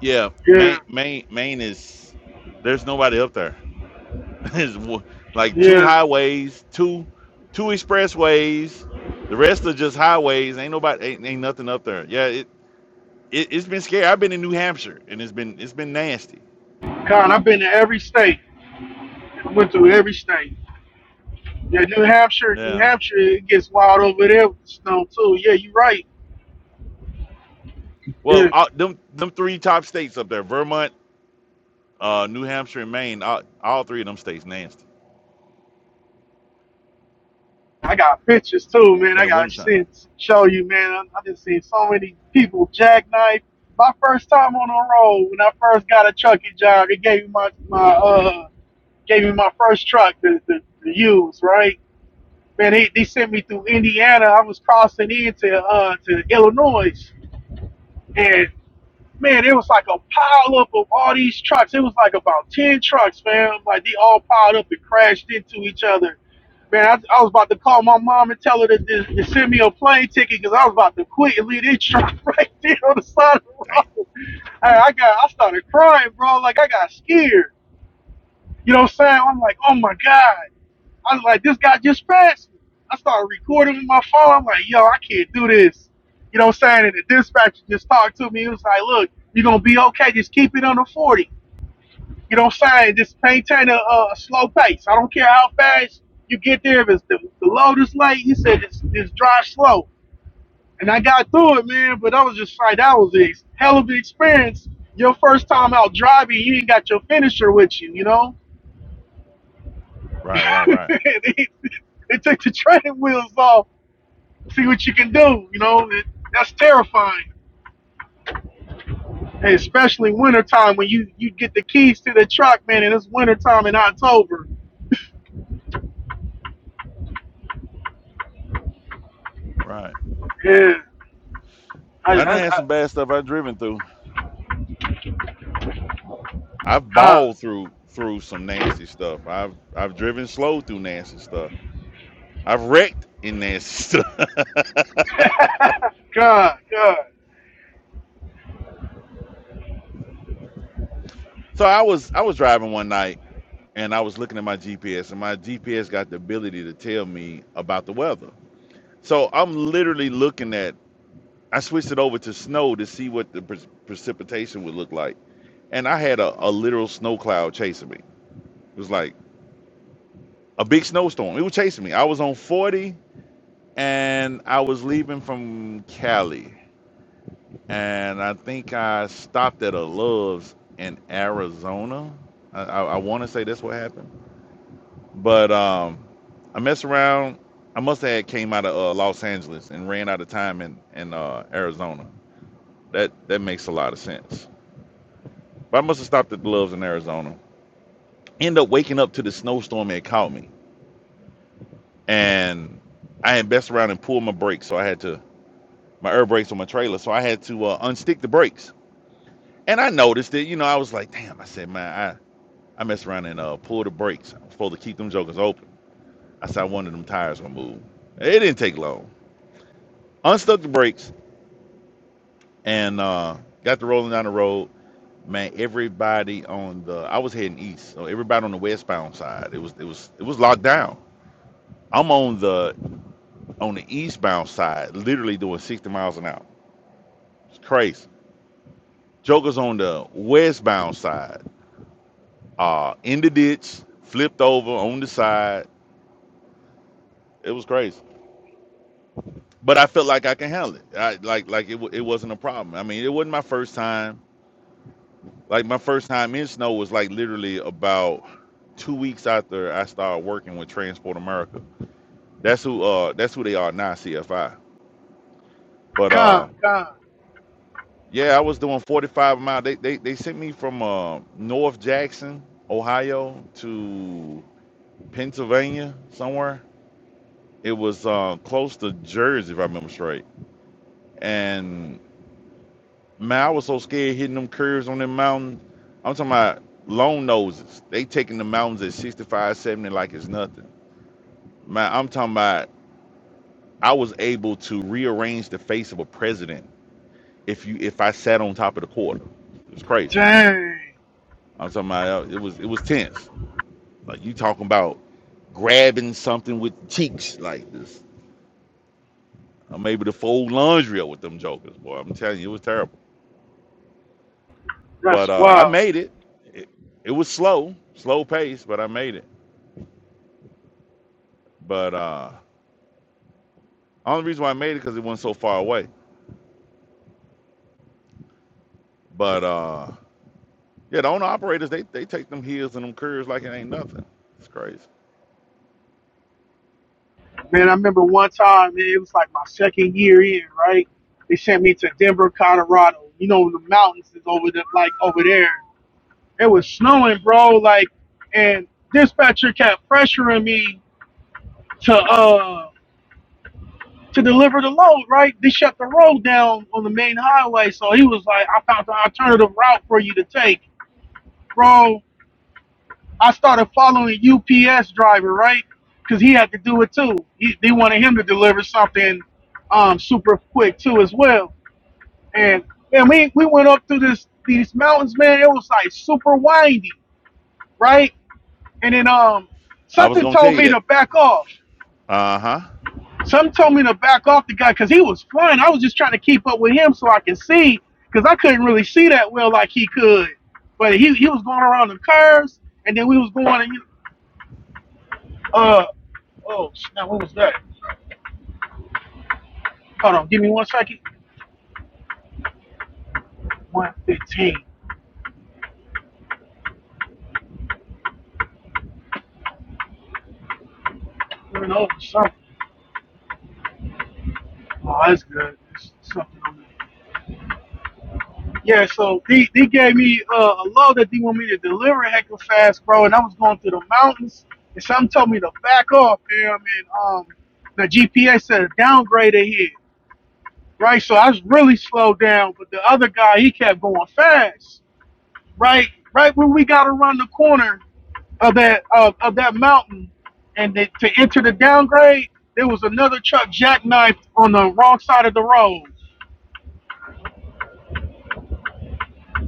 Speaker 3: yeah,
Speaker 7: Yeah,
Speaker 3: Maine, Maine, Maine is. There's nobody up there. There's wo- like two
Speaker 7: yeah.
Speaker 3: highways, two, two expressways. The rest are just highways. Ain't nobody, ain't, ain't nothing up there. Yeah, it, it it's been scary. I've been in New Hampshire and it's been it's been nasty.
Speaker 7: Con, I've been to every state. I went through every state. Yeah, New Hampshire, New
Speaker 3: Yeah.
Speaker 7: Hampshire, it gets wild over there with the snow too. Yeah, you're right. Yeah.
Speaker 3: Well, all, them them three top states up there: Vermont, uh, New Hampshire, and Maine. All, all three of them states nasty
Speaker 7: I got pictures too, man. I
Speaker 3: in the
Speaker 7: got
Speaker 3: wintertime.
Speaker 7: to show you, man. I, I just seen so many people jackknife. My first time on the road when I first got a trucking job, they gave me my my uh gave me my first truck to, to, to use, right? Man, they, they sent me through Indiana. I was crossing into uh to Illinois, and man, it was like a pile up of all these trucks. It was like about ten trucks, man. Like they all piled up and crashed into each other. Man, I, I was about to call my mom and tell her to, to, to send me a plane ticket because I was about to quit and leave this truck right there on the side of the road. Hey, I got, I started crying, bro. Like I got scared. You know what I'm saying? I'm like, oh my god. I was like, this guy just passed me. I started recording with my phone. I'm like, yo, I can't do this. You know what I'm saying? And the dispatcher just talked to me. He was like, look, you're going to be okay. Just keep it under 40. You know what I'm saying? Just maintain a, a slow pace. I don't care how fast you get there. If it's the, the load is late, he said, just, just drive slow. And I got through it, man. But I was just like, that was a hell of an experience. Your first time out driving, you ain't got your finisher with you, you know?
Speaker 3: Right, right,
Speaker 7: they,
Speaker 3: right,
Speaker 7: they took the training wheels off See what you can do. You know, it, that's terrifying. Hey, especially wintertime when you you get the keys to the truck, man, and it's wintertime in October.
Speaker 3: right.
Speaker 7: Yeah. I,
Speaker 3: I done
Speaker 7: I,
Speaker 3: had some bad stuff I've driven through. I've
Speaker 7: I, God.
Speaker 3: balled through through some nasty stuff. I've I've driven slow through nasty stuff. I've wrecked in nasty stuff.
Speaker 7: God, God,
Speaker 3: so I was I was driving one night and I was looking at my GPS and my GPS got the ability to tell me about the weather. So I'm literally looking at I switched it over to snow to see what the pre- precipitation would look like. And I had a, a literal snow cloud chasing me. It was like a big snowstorm. It was chasing me. I was on 40 and I was leaving from Cali, and I think I stopped at a Love's in Arizona. I, I, I want to say that's what happened, but um, I messed around. I must have had came out of uh, Los Angeles and ran out of time in in uh, Arizona. That that makes a lot of sense. But I must have stopped at the Love's in Arizona. End up waking up to the snowstorm that caught me, and I had messed around and pulled my brakes, so I had to my air brakes on my trailer, so I had to uh, unstick the brakes And I noticed it. You know, I was like, damn. I said, man, I I messed around and uh, pulled the brakes. I was supposed to keep them jokers open. I said, I wanted them tires removed. It didn't take long. Unstuck the brakes and uh, got to rolling down the road. Man, everybody on the I was heading east, so everybody on the westbound side. It was it was it was locked down. I'm on the on the eastbound side, literally doing 60 miles an hour. It's crazy. Joker's on the westbound side, uh, in the ditch, flipped over on the side It was crazy, but I felt like I can handle it. I like like it. wa- It wasn't a problem. I mean, it wasn't my first time. Like my first time in snow was like literally about two weeks after I started working with Transport America. That's who. Uh, that's who they are now, CFI. But
Speaker 7: God,
Speaker 3: uh,
Speaker 7: God.
Speaker 3: yeah, I was doing 45 mile. They they they sent me from uh North Jackson, Ohio, to Pennsylvania somewhere. It was uh close to Jersey, if I remember straight, and Man, I was so scared hitting them curves on them mountain. I'm talking about long noses. They taking the mountains at 65, 70 like it's nothing. Man, I'm talking about I was able to rearrange the face of a president if you if I sat on top of the quarter. It was crazy.
Speaker 7: Dang.
Speaker 3: I'm talking about uh, it was it was tense. Like you talking about grabbing something with cheeks like this. I'm able to fold laundry up with them jokers, boy. I'm telling you, it was terrible. But
Speaker 7: That's
Speaker 3: uh, I
Speaker 7: wild.
Speaker 3: made it. It, it was slow, slow pace, but I made it. But uh only reason why I made it because it wasn't so far away. But uh yeah, the owner operators they they take them hills and them curves like it ain't nothing. It's crazy.
Speaker 7: Man, I remember one time, man, it was like my second year in, right? They sent me to Denver, Colorado. You know, the mountains is over the, like over there. It was snowing, bro. Like, and dispatcher kept pressuring me to uh to deliver the load, right? They shut the road down on the main highway, so he was like, "I found an alternative route for you to take, bro." I started following UPS driver, right? Because he had to do it too. He, they wanted him to deliver something um super quick too as well. And man, we we went up through this these mountains, man. It was like super windy, right? And then um
Speaker 3: I was
Speaker 7: something
Speaker 3: gonna tell
Speaker 7: told
Speaker 3: you
Speaker 7: me to
Speaker 3: that.
Speaker 7: back off.
Speaker 3: Uh huh.
Speaker 7: Some told me to back off the guy because he was flying. I was just trying to keep up with him so I could see because I couldn't really see that well like he could. But he, he was going around the curves, and then we was going and you- uh oh now what was that? Hold on, give me one second. One fifteen. We're over something. Oh, that's good. There's something on there. Yeah, so they, they gave me uh, a load that they want me to deliver heckin' fast, bro, and I was going through the mountains, and some told me to back off, fam, and um, the GPS said downgrade ahead, right? So I was really slowed down, but the other guy, he kept going fast, right? Right when we got around the corner of that of, of that mountain, and the, to enter the downgrade, there was another truck jackknifed on the wrong side of the road.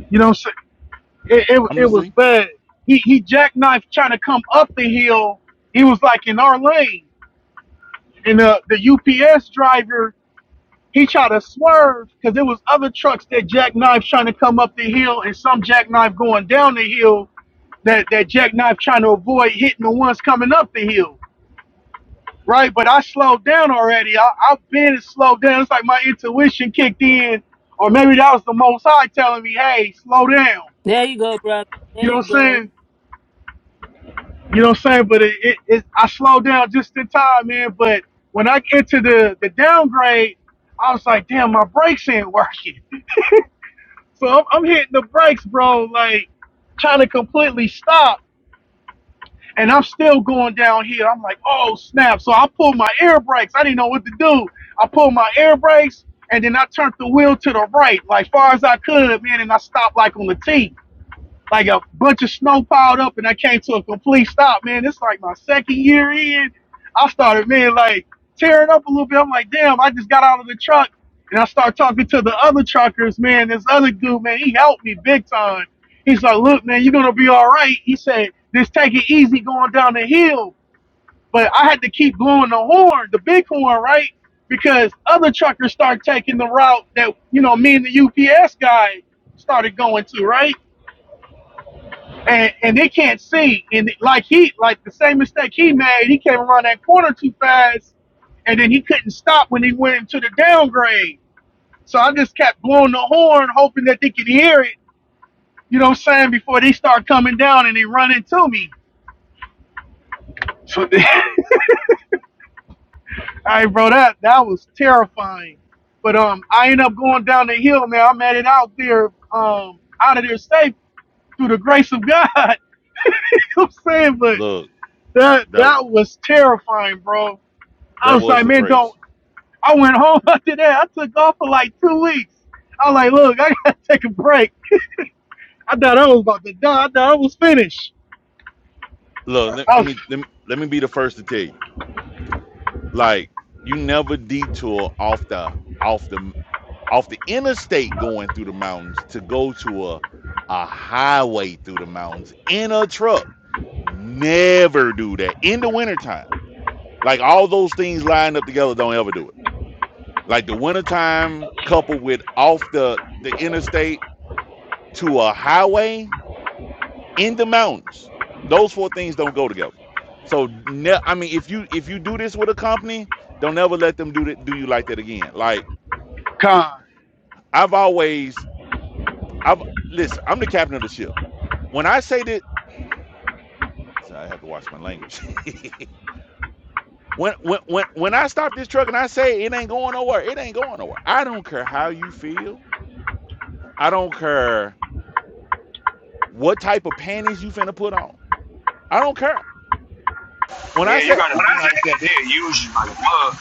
Speaker 7: You know, it, it,
Speaker 3: I'm gonna
Speaker 7: it was
Speaker 3: see.
Speaker 7: bad. He he jackknifed trying to come up the hill. He was like in our lane, and the the UPS driver he tried to swerve because there was other trucks that jackknife trying to come up the hill, and some jackknife going down the hill. That that jackknife trying to avoid hitting the ones coming up the hill, right? But I slowed down already. I, I've been slowed down. It's like my intuition kicked in, or maybe that was the Most High telling me, "Hey, slow down."
Speaker 9: There you go, brother. There
Speaker 7: You know
Speaker 9: you
Speaker 7: what I'm saying?
Speaker 9: go.
Speaker 7: You know what I'm saying? But it, it, it I slowed down just in time, man. But when I get to the, the downgrade, I was like, damn, my brakes ain't working. So I'm, I'm hitting the brakes, bro, like trying to completely stop. And I'm still going down here. I'm like, oh, snap. So I pulled my air brakes. I didn't know what to do. I pulled my air brakes and then I turned the wheel to the right, like far as I could, man. And I stopped like on the T like a bunch of snow piled up, and I came to a complete stop, man. It's like my second year in. I started, man, like tearing up a little bit. I'm like, damn, I just got out of the truck, and I start talking to the other truckers, man. This other dude, man, he helped me big time. He's like, look, man, you're gonna be all right. He said, just take it easy going down the hill. But I had to keep blowing the horn, the big horn, right? Because other truckers start taking the route that you know me and the UPS guy started going to, right? and and they can't see. And like he, like the same mistake he made, he came around that corner too fast, and then he couldn't stop when he went into the downgrade. So I just kept blowing the horn, hoping that they could hear it. You know what I'm saying? Before they start coming down and they run into me. So then, I bro, that that was terrifying. But um, I ended up going down the hill, man. I'm at it out there, um, out of there safe through the grace of God. you know what I'm saying? But
Speaker 3: Look,
Speaker 7: that
Speaker 3: that
Speaker 7: that was terrifying, bro I
Speaker 3: that
Speaker 7: was
Speaker 3: was
Speaker 7: like,
Speaker 3: the
Speaker 7: man, go.
Speaker 3: grace.
Speaker 7: I went home after that. I took off for like two weeks. I was like, look, I gotta take a break. I thought I was about to die. I thought I was finished.
Speaker 3: Look, let,
Speaker 7: I
Speaker 3: let
Speaker 7: was
Speaker 3: me let me let me be the first to tell you. Like you never detour off the off the off the interstate going through the mountains to go to a a highway through the mountains in a truck. Never do that in the wintertime Like all those things lined up together don't ever do it. Like the wintertime coupled with off the, the interstate to a highway in the mountains. Those four things don't go together. So ne- I mean if you if you do this with a company, don't ever let them do that do you like that again. Like
Speaker 7: con,
Speaker 3: I've always I've listen, I'm the captain of the ship. When I say that so I have to watch my language. when when when when I stop this truck and I say it ain't going nowhere, it ain't going nowhere. I don't care how you feel. I don't care what type of panties you finna put on. I don't care. When I
Speaker 4: Yeah, you
Speaker 3: said,
Speaker 4: gotta be like that. They'll use you like a mug.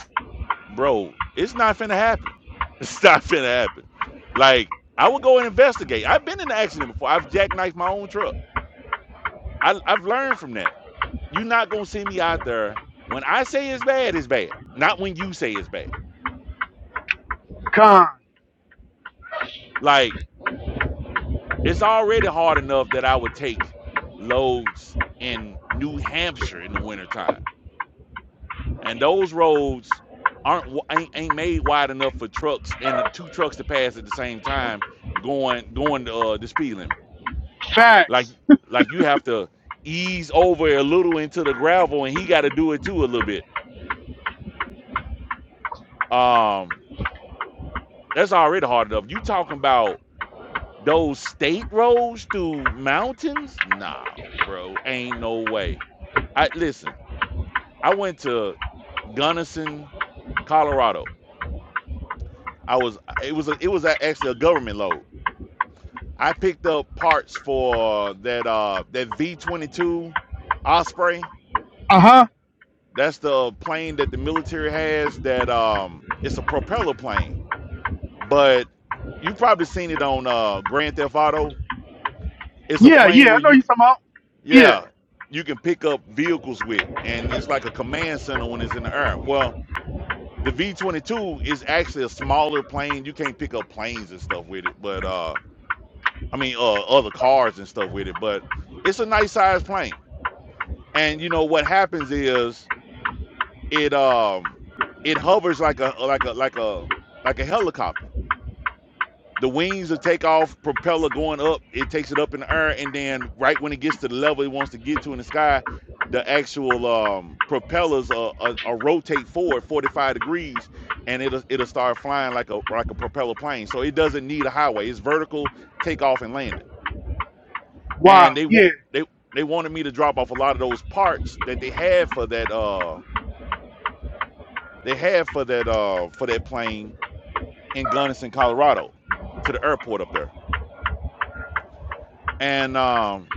Speaker 3: bro, it's not finna happen. It's not finna happen. Like, I would go and investigate. I've been in an accident before. I've jackknifed my own truck. I, I've learned from that. You're not gonna see me out there when I say it's bad, it's bad. Not when you say it's bad.
Speaker 7: con,
Speaker 3: Like, it's already hard enough that I would take loads in New Hampshire in the wintertime. and those roads aren't ain't, ain't made wide enough for trucks and the two trucks to pass at the same time going going to, uh, the speed limit. Like
Speaker 7: facts.
Speaker 3: like you have to ease over a little into the gravel, and he got to do it too a little bit. Um, that's already hard enough. You talking about those state roads through mountains? Nah, bro, ain't no way. I listen. I went to Gunnison, Colorado. I was it was a, it was actually a government load I picked up parts for that uh that V twenty two Osprey.
Speaker 7: Uh huh.
Speaker 3: That's the plane that the military has. That um, it's a propeller plane, but you probably seen it on uh Grand Theft Auto. It's a
Speaker 7: Yeah,
Speaker 3: plane
Speaker 7: yeah. I
Speaker 3: where
Speaker 7: know
Speaker 3: you
Speaker 7: you talking about. Yeah.
Speaker 3: yeah you can pick up vehicles with, and it's like a command center when it's in the air. Well, the V twenty two is actually a smaller plane. You can't pick up planes and stuff with it, but uh, I mean uh other cars and stuff with it, but it's a nice sized plane and you know what happens is it um it hovers like a like a like a like a helicopter the wings will take off propeller going up it takes it up in the air and then right when it gets to the level it wants to get to in the sky the actual um propellers uh, uh, uh rotate forward 45 degrees and it'll it'll start flying like a like a propeller plane so it doesn't need a highway it's vertical takeoff and landing
Speaker 7: Wow.
Speaker 3: and they want
Speaker 7: Yeah.
Speaker 3: they they wanted me to drop off a lot of those parts that they had for that uh they had for that uh for that plane in Gunnison, Colorado, to the airport up there. And um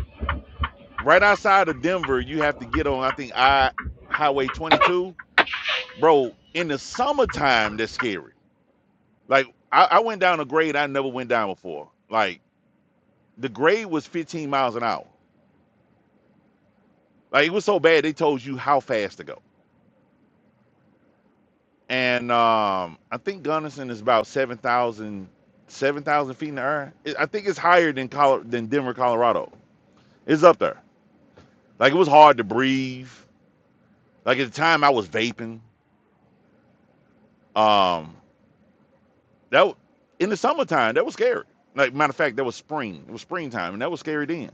Speaker 3: right outside of Denver, you have to get on I think I Highway 22, bro. In the summertime, that's scary. Like I, I went down a grade I never went down before. Like the grade was 15 miles an hour. Like it was so bad they told you how fast to go. And um I think Gunnison is about 7,000 7,000 feet in the air. It- I think it's higher than Colo- than Denver, Colorado. It's up there. Like it was hard to breathe. Like at the time I was vaping. Um, that in the summertime that was scary. Like matter of fact, that was spring. It was springtime, and that was scary then.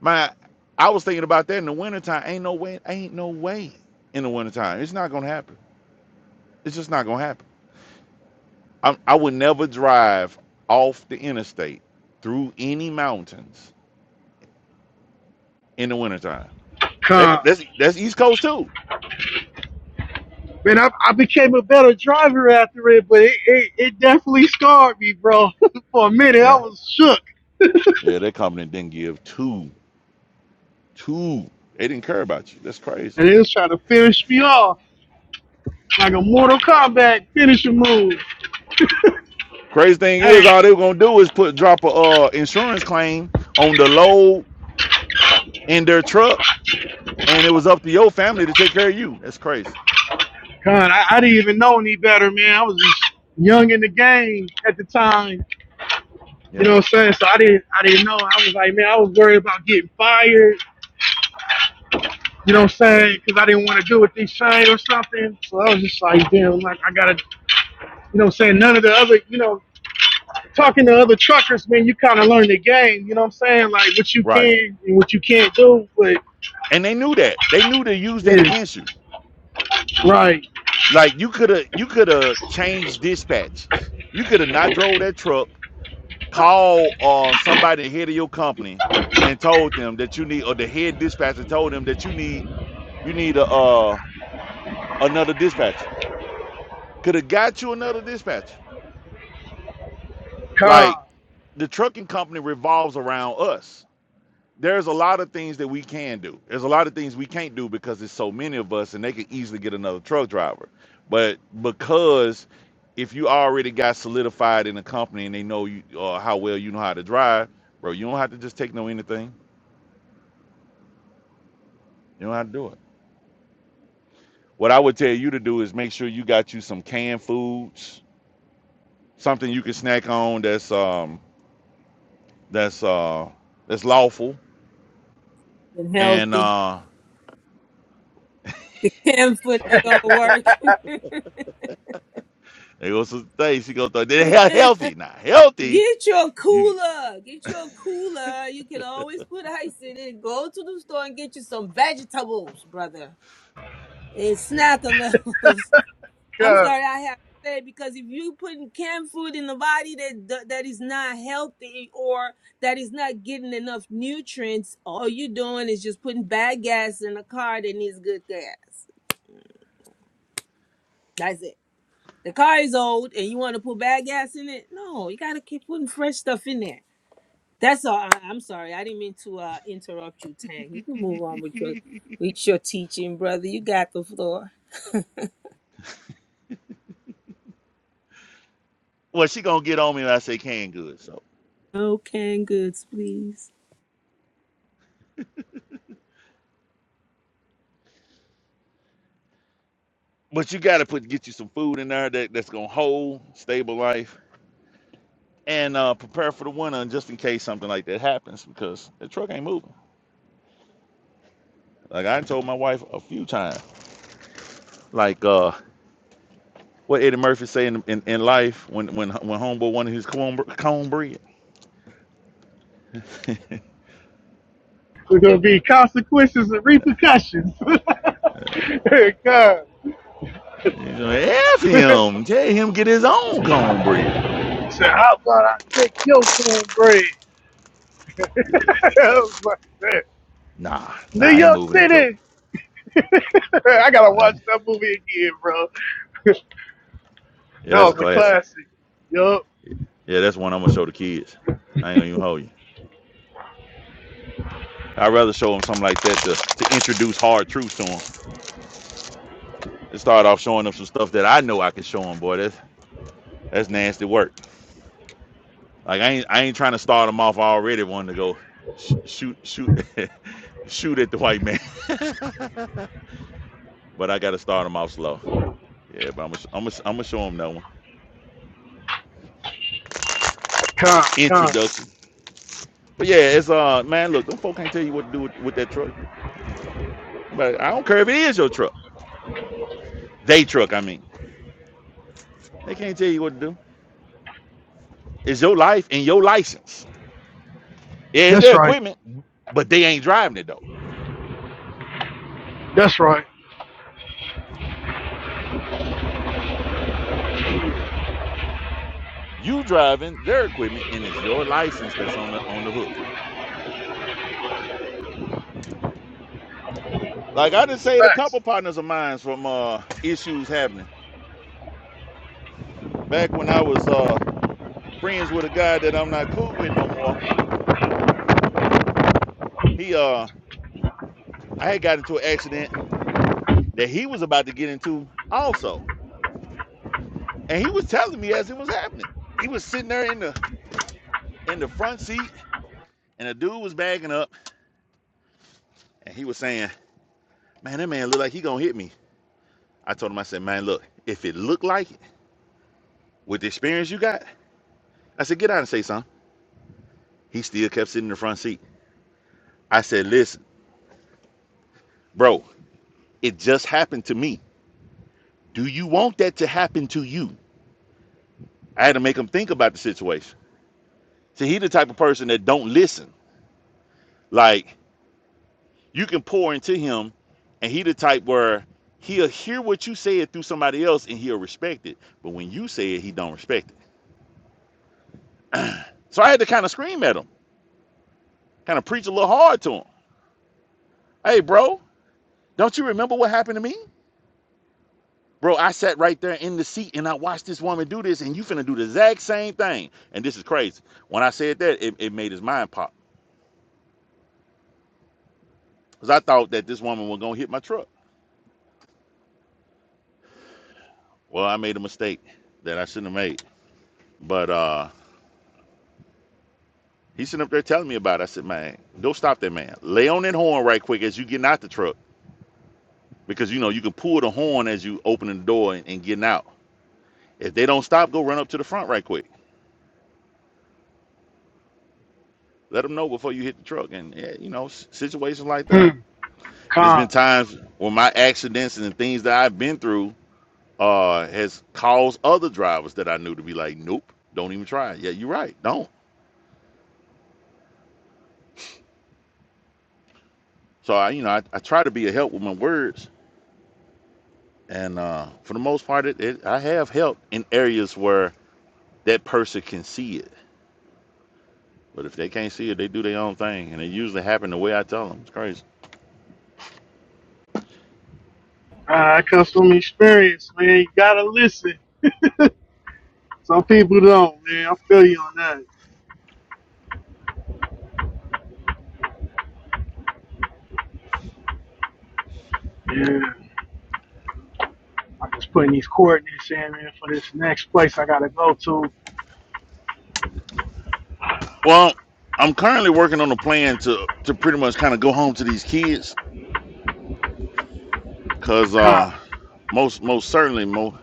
Speaker 3: My, I was thinking about that in the wintertime. Ain't no way. Ain't no way in the wintertime. It's not gonna happen. It's just not gonna happen. I, I would never drive off the interstate through any mountains in the wintertime. That,
Speaker 7: Con.
Speaker 3: that's that's East Coast too.
Speaker 7: Man, I, I became a better driver after it, but it, it, it definitely scarred me, bro. for a minute, I
Speaker 3: Yeah,
Speaker 7: was shook.
Speaker 3: yeah. That company didn't give two Two. They didn't care about you. That's crazy.
Speaker 7: And it was trying to finish me off like a Mortal Kombat finishing move.
Speaker 3: Crazy thing
Speaker 7: Hey,
Speaker 3: is, all they were gonna do is put drop a uh, insurance claim on the load in their truck, and it was up to your family to take care of you. That's crazy.
Speaker 7: God, I, I didn't even know any better, man. I was just young in the game at the time. You know
Speaker 3: Yeah,
Speaker 7: what I'm saying? So I didn't I didn't know. I was like, man, I was worried about getting fired, you know what I'm
Speaker 3: yeah,
Speaker 7: saying? Because I didn't want to do what they say or something. So I was just like, damn, like I gotta you know what I'm saying, none of the other you know, talking to other truckers, man, you kinda learn the game, you know what I'm saying? Like what you
Speaker 3: right.
Speaker 7: can and what you can't do, but
Speaker 3: And they knew that. They knew to use that
Speaker 7: yeah,
Speaker 3: against you.
Speaker 7: right,
Speaker 3: Like you could have, you could have changed dispatches. You could have not drove that truck. Call uh, somebody head of your company and told them that you need, or the head dispatcher told them that you need, you need a uh, another dispatcher could have got you another dispatcher.
Speaker 7: calm,
Speaker 3: Like the trucking company revolves around us. There's a lot of things that we can do. There's a lot of things we can't do because there's so many of us, and they could easily get another truck driver. But because if you already got solidified in a company and they know you uh, how well you know how to drive, bro, you don't have to just take no anything. You don't have to do it. What I would tell you to do is make sure you got you some canned foods, something you can snack on that's um that's uh that's lawful
Speaker 9: And
Speaker 3: And
Speaker 9: healthy.
Speaker 3: uh
Speaker 9: Camphor ain't gonna work.
Speaker 3: there goes the thing. She goes, through- they're he- healthy now. Healthy.
Speaker 9: Get your
Speaker 3: You
Speaker 9: cooler. Get your cooler. You can always put ice in it. Go to the store and get you some vegetables, brother. And snack on those. I'm
Speaker 7: God.
Speaker 9: sorry, I have to say it, because if you putting canned food in the body that that that is not healthy or that is not getting enough nutrients, all you're doing is just putting bad gas in a car that needs good gas. That's it. The car is old, and you want to put bad gas in it? No, you gotta keep putting fresh stuff in there. That's all. I, I'm sorry, I didn't mean to uh, interrupt you, Tang. You can move on with your with your teaching, brother. You got the floor.
Speaker 3: well, she gonna get on me when I say canned goods. So,
Speaker 9: No canned goods, please.
Speaker 3: but you gotta put get you some food in there that, that's gonna hold stable life and uh prepare for the winter and just in case something like that happens because the truck ain't moving. Like I told my wife a few times, like uh what Eddie Murphy say in, in, in life when when when homeboy wanted his corn, cornbread.
Speaker 7: There's gonna be consequences and repercussions. God.
Speaker 3: He's gonna F
Speaker 7: He
Speaker 3: him, tell him get his own cornbread.
Speaker 7: said, how about I take your cornbread? I
Speaker 3: Yeah.
Speaker 7: was like, "Man,
Speaker 3: Nah, nah,
Speaker 7: New
Speaker 3: I ain't
Speaker 7: York
Speaker 3: moving that joker.
Speaker 7: City. I gotta
Speaker 3: Oh, yeah.
Speaker 7: watch that movie again, bro.
Speaker 3: Yeah,
Speaker 7: That
Speaker 3: that's a
Speaker 7: was a
Speaker 3: classic.
Speaker 7: classic. Yup.
Speaker 3: Yeah, that's one I'm gonna show the kids. I ain't gonna even hold you. I'd rather show them something like that to, to introduce hard truths to them. And start off showing them some stuff that I know I can show them, boy. That's that's nasty work. Like I ain't I ain't trying to start them off already wanting to go sh- shoot shoot shoot at the white man. but I gotta start them off slow. Yeah, but I'm gonna I'm gonna I'm gonna show them that one
Speaker 7: Con, con.
Speaker 3: introduction. But yeah, it's uh man, look, them folk can't tell you what to do with, with that truck. But I don't care if it is your truck. Day truck, I mean. They can't tell you what to do. It's your life and your license. Yeah, it's
Speaker 7: That's
Speaker 3: their
Speaker 7: right.
Speaker 3: equipment, but they ain't driving it though.
Speaker 7: That's right.
Speaker 3: You driving their equipment and it's your license that's on the on the hook. Like I just
Speaker 7: It's
Speaker 3: saved a
Speaker 7: facts.
Speaker 3: couple partners of mine from uh issues happening. Back when I was uh friends with a guy that I'm not cool with no more, he uh I had got into an accident that he was about to get into also. And he was telling me as it was happening. He was sitting there in the in the front seat and a dude was backing up And he was saying, Man, that man look like he gonna hit me. I told him, I said, Man, look, if it looked like it, with the experience you got, I said, get out and say something. He still kept sitting in the front seat. I said, Listen, bro, it just happened to me. Do you want that to happen to you? I had to make him think about the situation. See, he the type of person that don't listen. Like, you can pour into him, and he the type where he'll hear what you say it through somebody else and he'll respect it. But when you say it, he don't respect it. So I had to kind of scream at him, kind of preach a little hard to him. Hey, bro, don't you remember what happened to me? Bro, I sat right there in the seat and I watched this woman do this, and you finna do the exact same thing. And this is crazy. When I said that, it, it made his mind pop. Because I thought that this woman was gonna hit my truck. Well, I made a mistake that I shouldn't have made. But uh he sitting up there telling me about it. I said, man, don't stop that man. Lay on that horn right quick as you getting out the truck. Because you know, you can pull the horn as you opening the door and, and getting out. If they don't stop, go run up to the front right quick. Let them know before you hit the truck, and yeah, you know s- situations like that.
Speaker 7: Hmm.
Speaker 3: And there's
Speaker 7: Con.
Speaker 3: been times when my accidents and the things that I've been through uh, has caused other drivers that I knew to be like, nope, don't even try. it." Yeah, you're right, don't. So I, you know, I, I try to be a help with my words, and uh, for the most part, it, it, I have helped in areas where that person can see it. But if they can't see it, they do their own thing, and it usually happen the way I tell them. It's crazy.
Speaker 7: Uh, that comes from experience, man. You gotta listen. Some people don't, man. I feel you on that. Yeah. I'm just putting these coordinates in, man, for this next place I gotta go to.
Speaker 3: Well, I'm currently working on a plan to to pretty much kind of go home to these kids Cause uh,
Speaker 7: Con,
Speaker 3: most most certainly, mo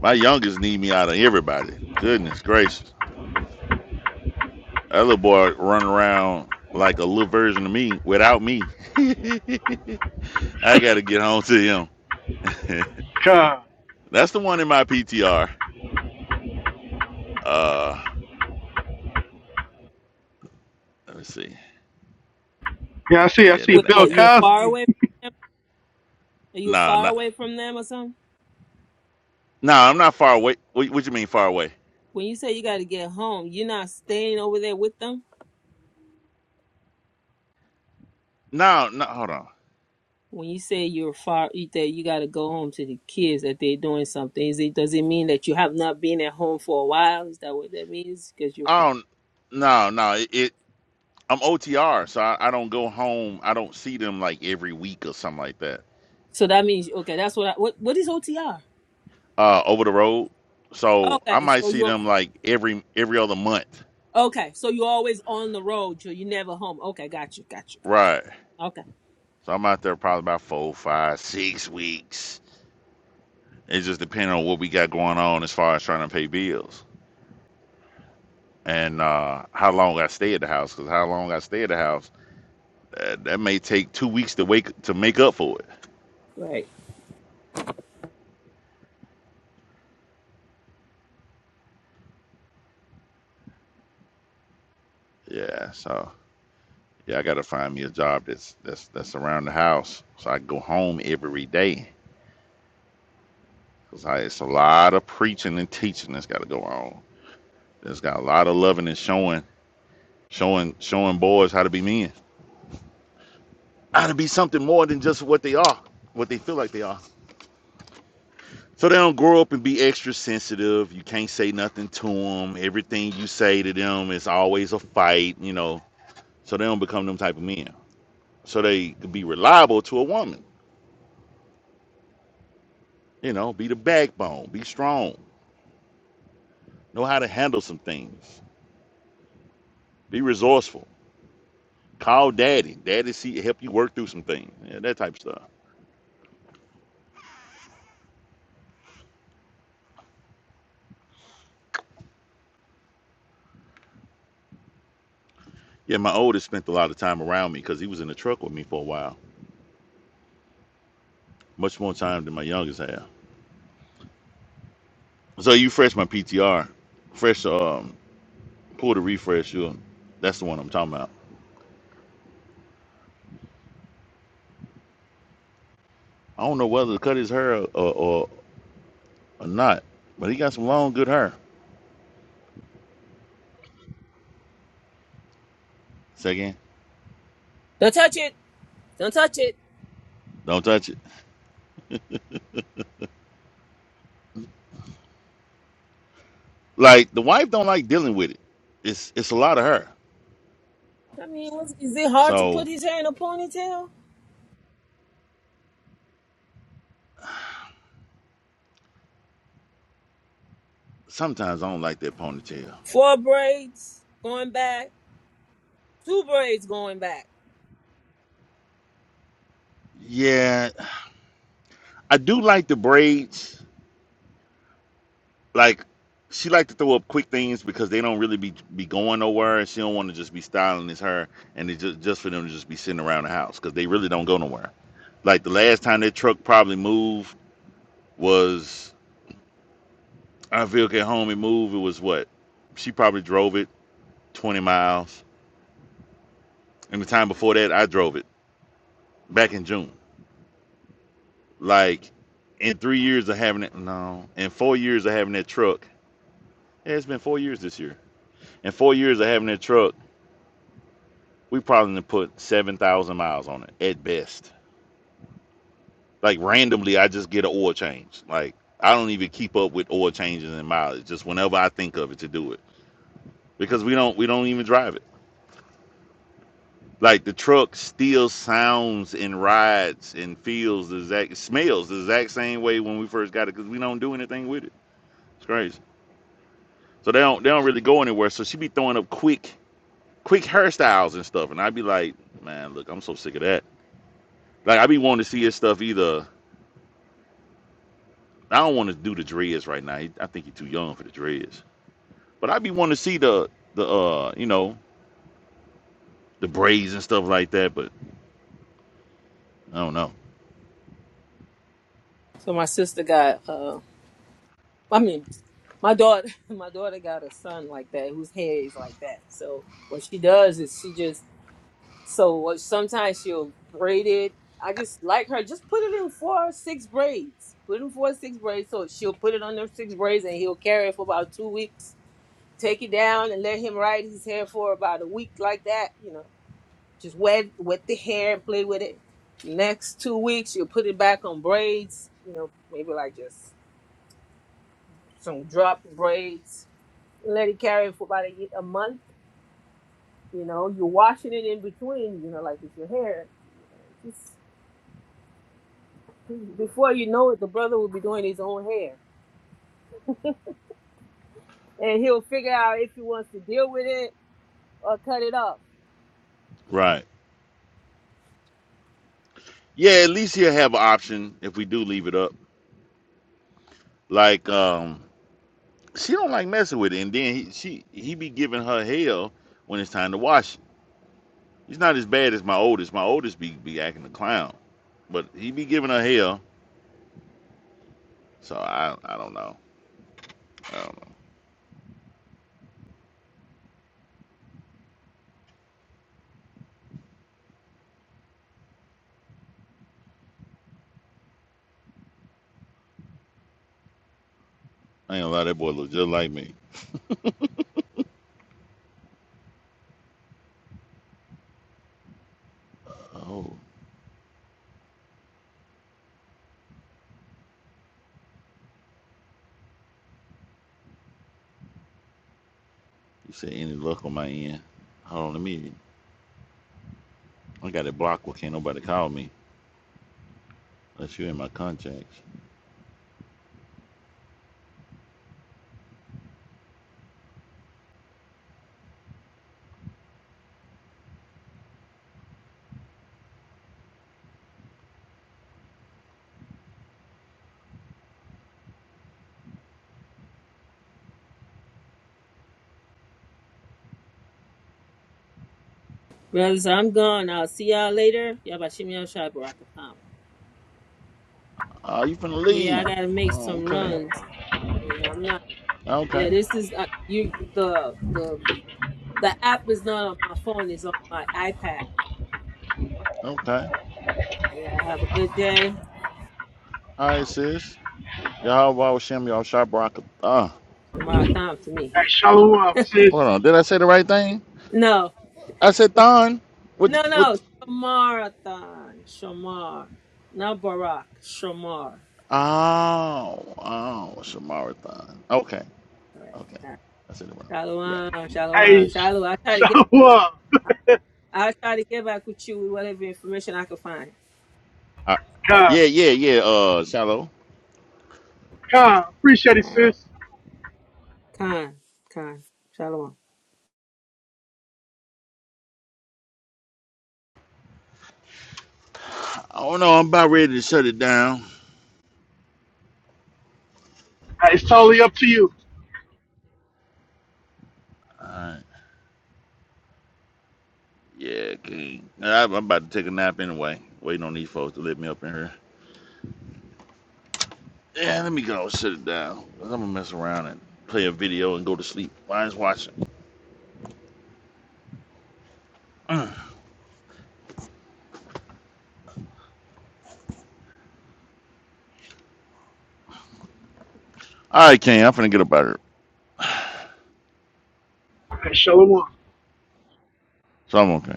Speaker 3: my youngest need me out of everybody. Goodness gracious, that little boy run around like a little version of me without me. I gotta get home to him.
Speaker 7: con.
Speaker 3: That's the one in my PTR. Uh, let me see.
Speaker 7: Yeah, I see. I
Speaker 3: Yeah,
Speaker 7: see
Speaker 3: that
Speaker 9: Wait,
Speaker 3: ain't
Speaker 7: Bill
Speaker 9: what?
Speaker 3: him.
Speaker 9: You're far
Speaker 7: Cosby.
Speaker 9: away. Are you
Speaker 3: Nah,
Speaker 9: far
Speaker 3: not.
Speaker 9: away from them or something?
Speaker 3: Nah, I'm not far away. What, what you mean far away?
Speaker 9: When you say you got to get home, you're not staying over there with them.
Speaker 3: No, no. Hold on.
Speaker 9: When you say you're far, that you got to go home to the kids that they're doing something. Is it does it mean that you have not been at home for a while? Is that what that means? Because you're far.
Speaker 3: I don't. No, no. It. it I'm OTR, so I, I don't go home. I don't see them like every week or something like that.
Speaker 9: So that means okay. That's what I what what is OTR?
Speaker 3: uh, over the road. So
Speaker 9: Okay,
Speaker 3: I might
Speaker 9: so
Speaker 3: see
Speaker 9: you're
Speaker 3: them like every every other month.
Speaker 9: okay. So you're always on the road. so You're you never home. Okay, got you, got you, got
Speaker 3: Right.
Speaker 9: you. Okay,
Speaker 3: So I'm out there probably about four, five, six weeks. It just depends on what we got going on as far as trying to pay bills and uh, how long I stay at the house. Because how long I stay at the house, uh, that may take two weeks to wake to make up for it.
Speaker 9: right.
Speaker 3: Yeah. So yeah, I got to find me a job that's that's that's around the house, so I can go home every day. Cause I, it's a lot of preaching and teaching that's got to go on. It's got a lot of loving and showing, showing, showing boys how to be men, how to be something more than just what they are, what they feel like they are. So they don't grow up and be extra sensitive. You can't say nothing to them. Everything you say to them is always a fight, you know. So they don't become them type of men. So they could be reliable to a woman, you know, be the backbone, be strong, know how to handle some things, be resourceful. Call daddy. Daddy see help you work through some things. Yeah, that type of stuff. Yeah, my oldest spent a lot of time around me because he was in the truck with me for a while, much more time than my youngest had. So you fresh my PTR, fresh um pull the refresh. You, that's the one I'm talking about. I don't know whether to cut his hair or, or or not, but he got some long good hair. Say again,
Speaker 9: Don't touch it. Don't touch it.
Speaker 3: don't touch it. Like the wife don't like dealing with it. It's it's a lot of hair.
Speaker 9: I mean, what's, is it hard to put
Speaker 3: So
Speaker 9: his hair in a ponytail?
Speaker 3: sometimes I don't like that ponytail.
Speaker 9: Four braids going back, two braids going back.
Speaker 3: Yeah, I do like the braids. like she like to throw up quick things because they don't really be be going nowhere and she don't want to just be styling as her and it's just just for them to just be sitting around the house because they really don't go nowhere like the last time that truck probably moved was our vehicle at home and moved it was what she probably drove it 20 miles and the time before that i drove it back in june like in three years of having it no in four years of having that truck yeah, it's been four years this year in four years of having that truck We probably put seven thousand miles on it at best. Like randomly, I just get an oil change. Like I don't even keep up with oil changes and mileage. Just whenever I think of it to do it, because we don't we don't even drive it. Like the truck still sounds and rides and feels the exact smells the exact same way when we first got it because we don't do anything with it. It's crazy. So they don't they don't really go anywhere. So she be throwing up quick quick hairstyles and stuff, and I'd be like, man, look, I'm so sick of that. Like I be wanting to see his stuff either I don't want to do the dreads right now. He- I think he's too young for the dreads. But I'd be wanting to see the the uh you know the braids and stuff like that. But I don't know.
Speaker 9: So my sister got uh I mean my daughter my daughter got a son like that whose hair is like that. So what she does is she just so what sometimes she'll braid it. I just like her, just put it in four six braids. Put it in four six braids. So she'll put it on those six braids and he'll carry it for about two weeks. Take it down and let him ride his hair for about a week like that, you know. Just wet wet the hair and play with it. Next two weeks, you'll put it back on braids. You know, maybe like just some drop braids. Let it carry for about a, ye- a month. You know, you're washing it in between. You know, like it's your hair. Just before you know it, the brother will be doing his own hair, and he'll figure out if he wants to deal with it or cut it off.
Speaker 3: Right. Yeah. At least he'll have an option if we do leave it up. Like um, she don't like messing with it, and then he, she he be giving her hell when it's time to wash it. He's not as bad as my oldest. My oldest be be acting a clown, but he be giving her hell. So I I don't know. I don't know. I ain't gonna lie, that boy look just like me. Oh. You said any luck on my end? Hold on, a minute. I got it blocked. Well, can't nobody call me unless you in my contacts.
Speaker 9: Brothers, I'm gone. I'll see y'all later. Y'all about Shimmy Shai Barakapam.
Speaker 3: Oh, you finna
Speaker 9: Yeah, I
Speaker 3: leave?
Speaker 9: gotta make
Speaker 3: Oh,
Speaker 9: some
Speaker 3: okay,
Speaker 9: runs. And I'm not Yeah,
Speaker 3: okay,
Speaker 9: this is uh, you. The the the app is not on my phone; it's on my iPad.
Speaker 3: okay.
Speaker 9: Yeah, have a
Speaker 3: All
Speaker 9: good day.
Speaker 3: right, sis. Y'all, why was Shem y'all sharp Barack? Ah,
Speaker 9: Shamar time to me.
Speaker 7: Hey, show up,
Speaker 3: hold
Speaker 7: sis.
Speaker 3: on. Did I say the right thing?
Speaker 9: No,
Speaker 3: I said Thon with
Speaker 9: no,
Speaker 3: with.
Speaker 9: no. Shamarathon, Shamar, not Barack. Shamar.
Speaker 3: Oh, oh, Shamara thon. Okay,
Speaker 9: All right.
Speaker 3: okay.
Speaker 9: All right.
Speaker 3: I said it wrong. You're right.
Speaker 9: Shalom, shalom,
Speaker 7: Hey,
Speaker 9: shalom. I try to get.
Speaker 7: show up.
Speaker 9: I try to get back with you with whatever information I can find.
Speaker 3: All right.
Speaker 7: Con,
Speaker 3: Yeah, yeah, yeah. Uh, shallow.
Speaker 7: con, appreciate it,
Speaker 9: All right.
Speaker 7: sis.
Speaker 9: Con, con, shalom.
Speaker 3: Oh no, I'm about ready to shut it down.
Speaker 7: Hey, it's totally up to you.
Speaker 3: Yeah, King. I, I'm about to take a nap anyway. Waiting on these folks to let me up in here. Yeah, let me go sit it down. 'Cause I'm gonna mess around and play a video and go to sleep. Why is watching? All right, King. I'm finna get up out of here,
Speaker 7: Hey, show up.
Speaker 3: so I'm okay.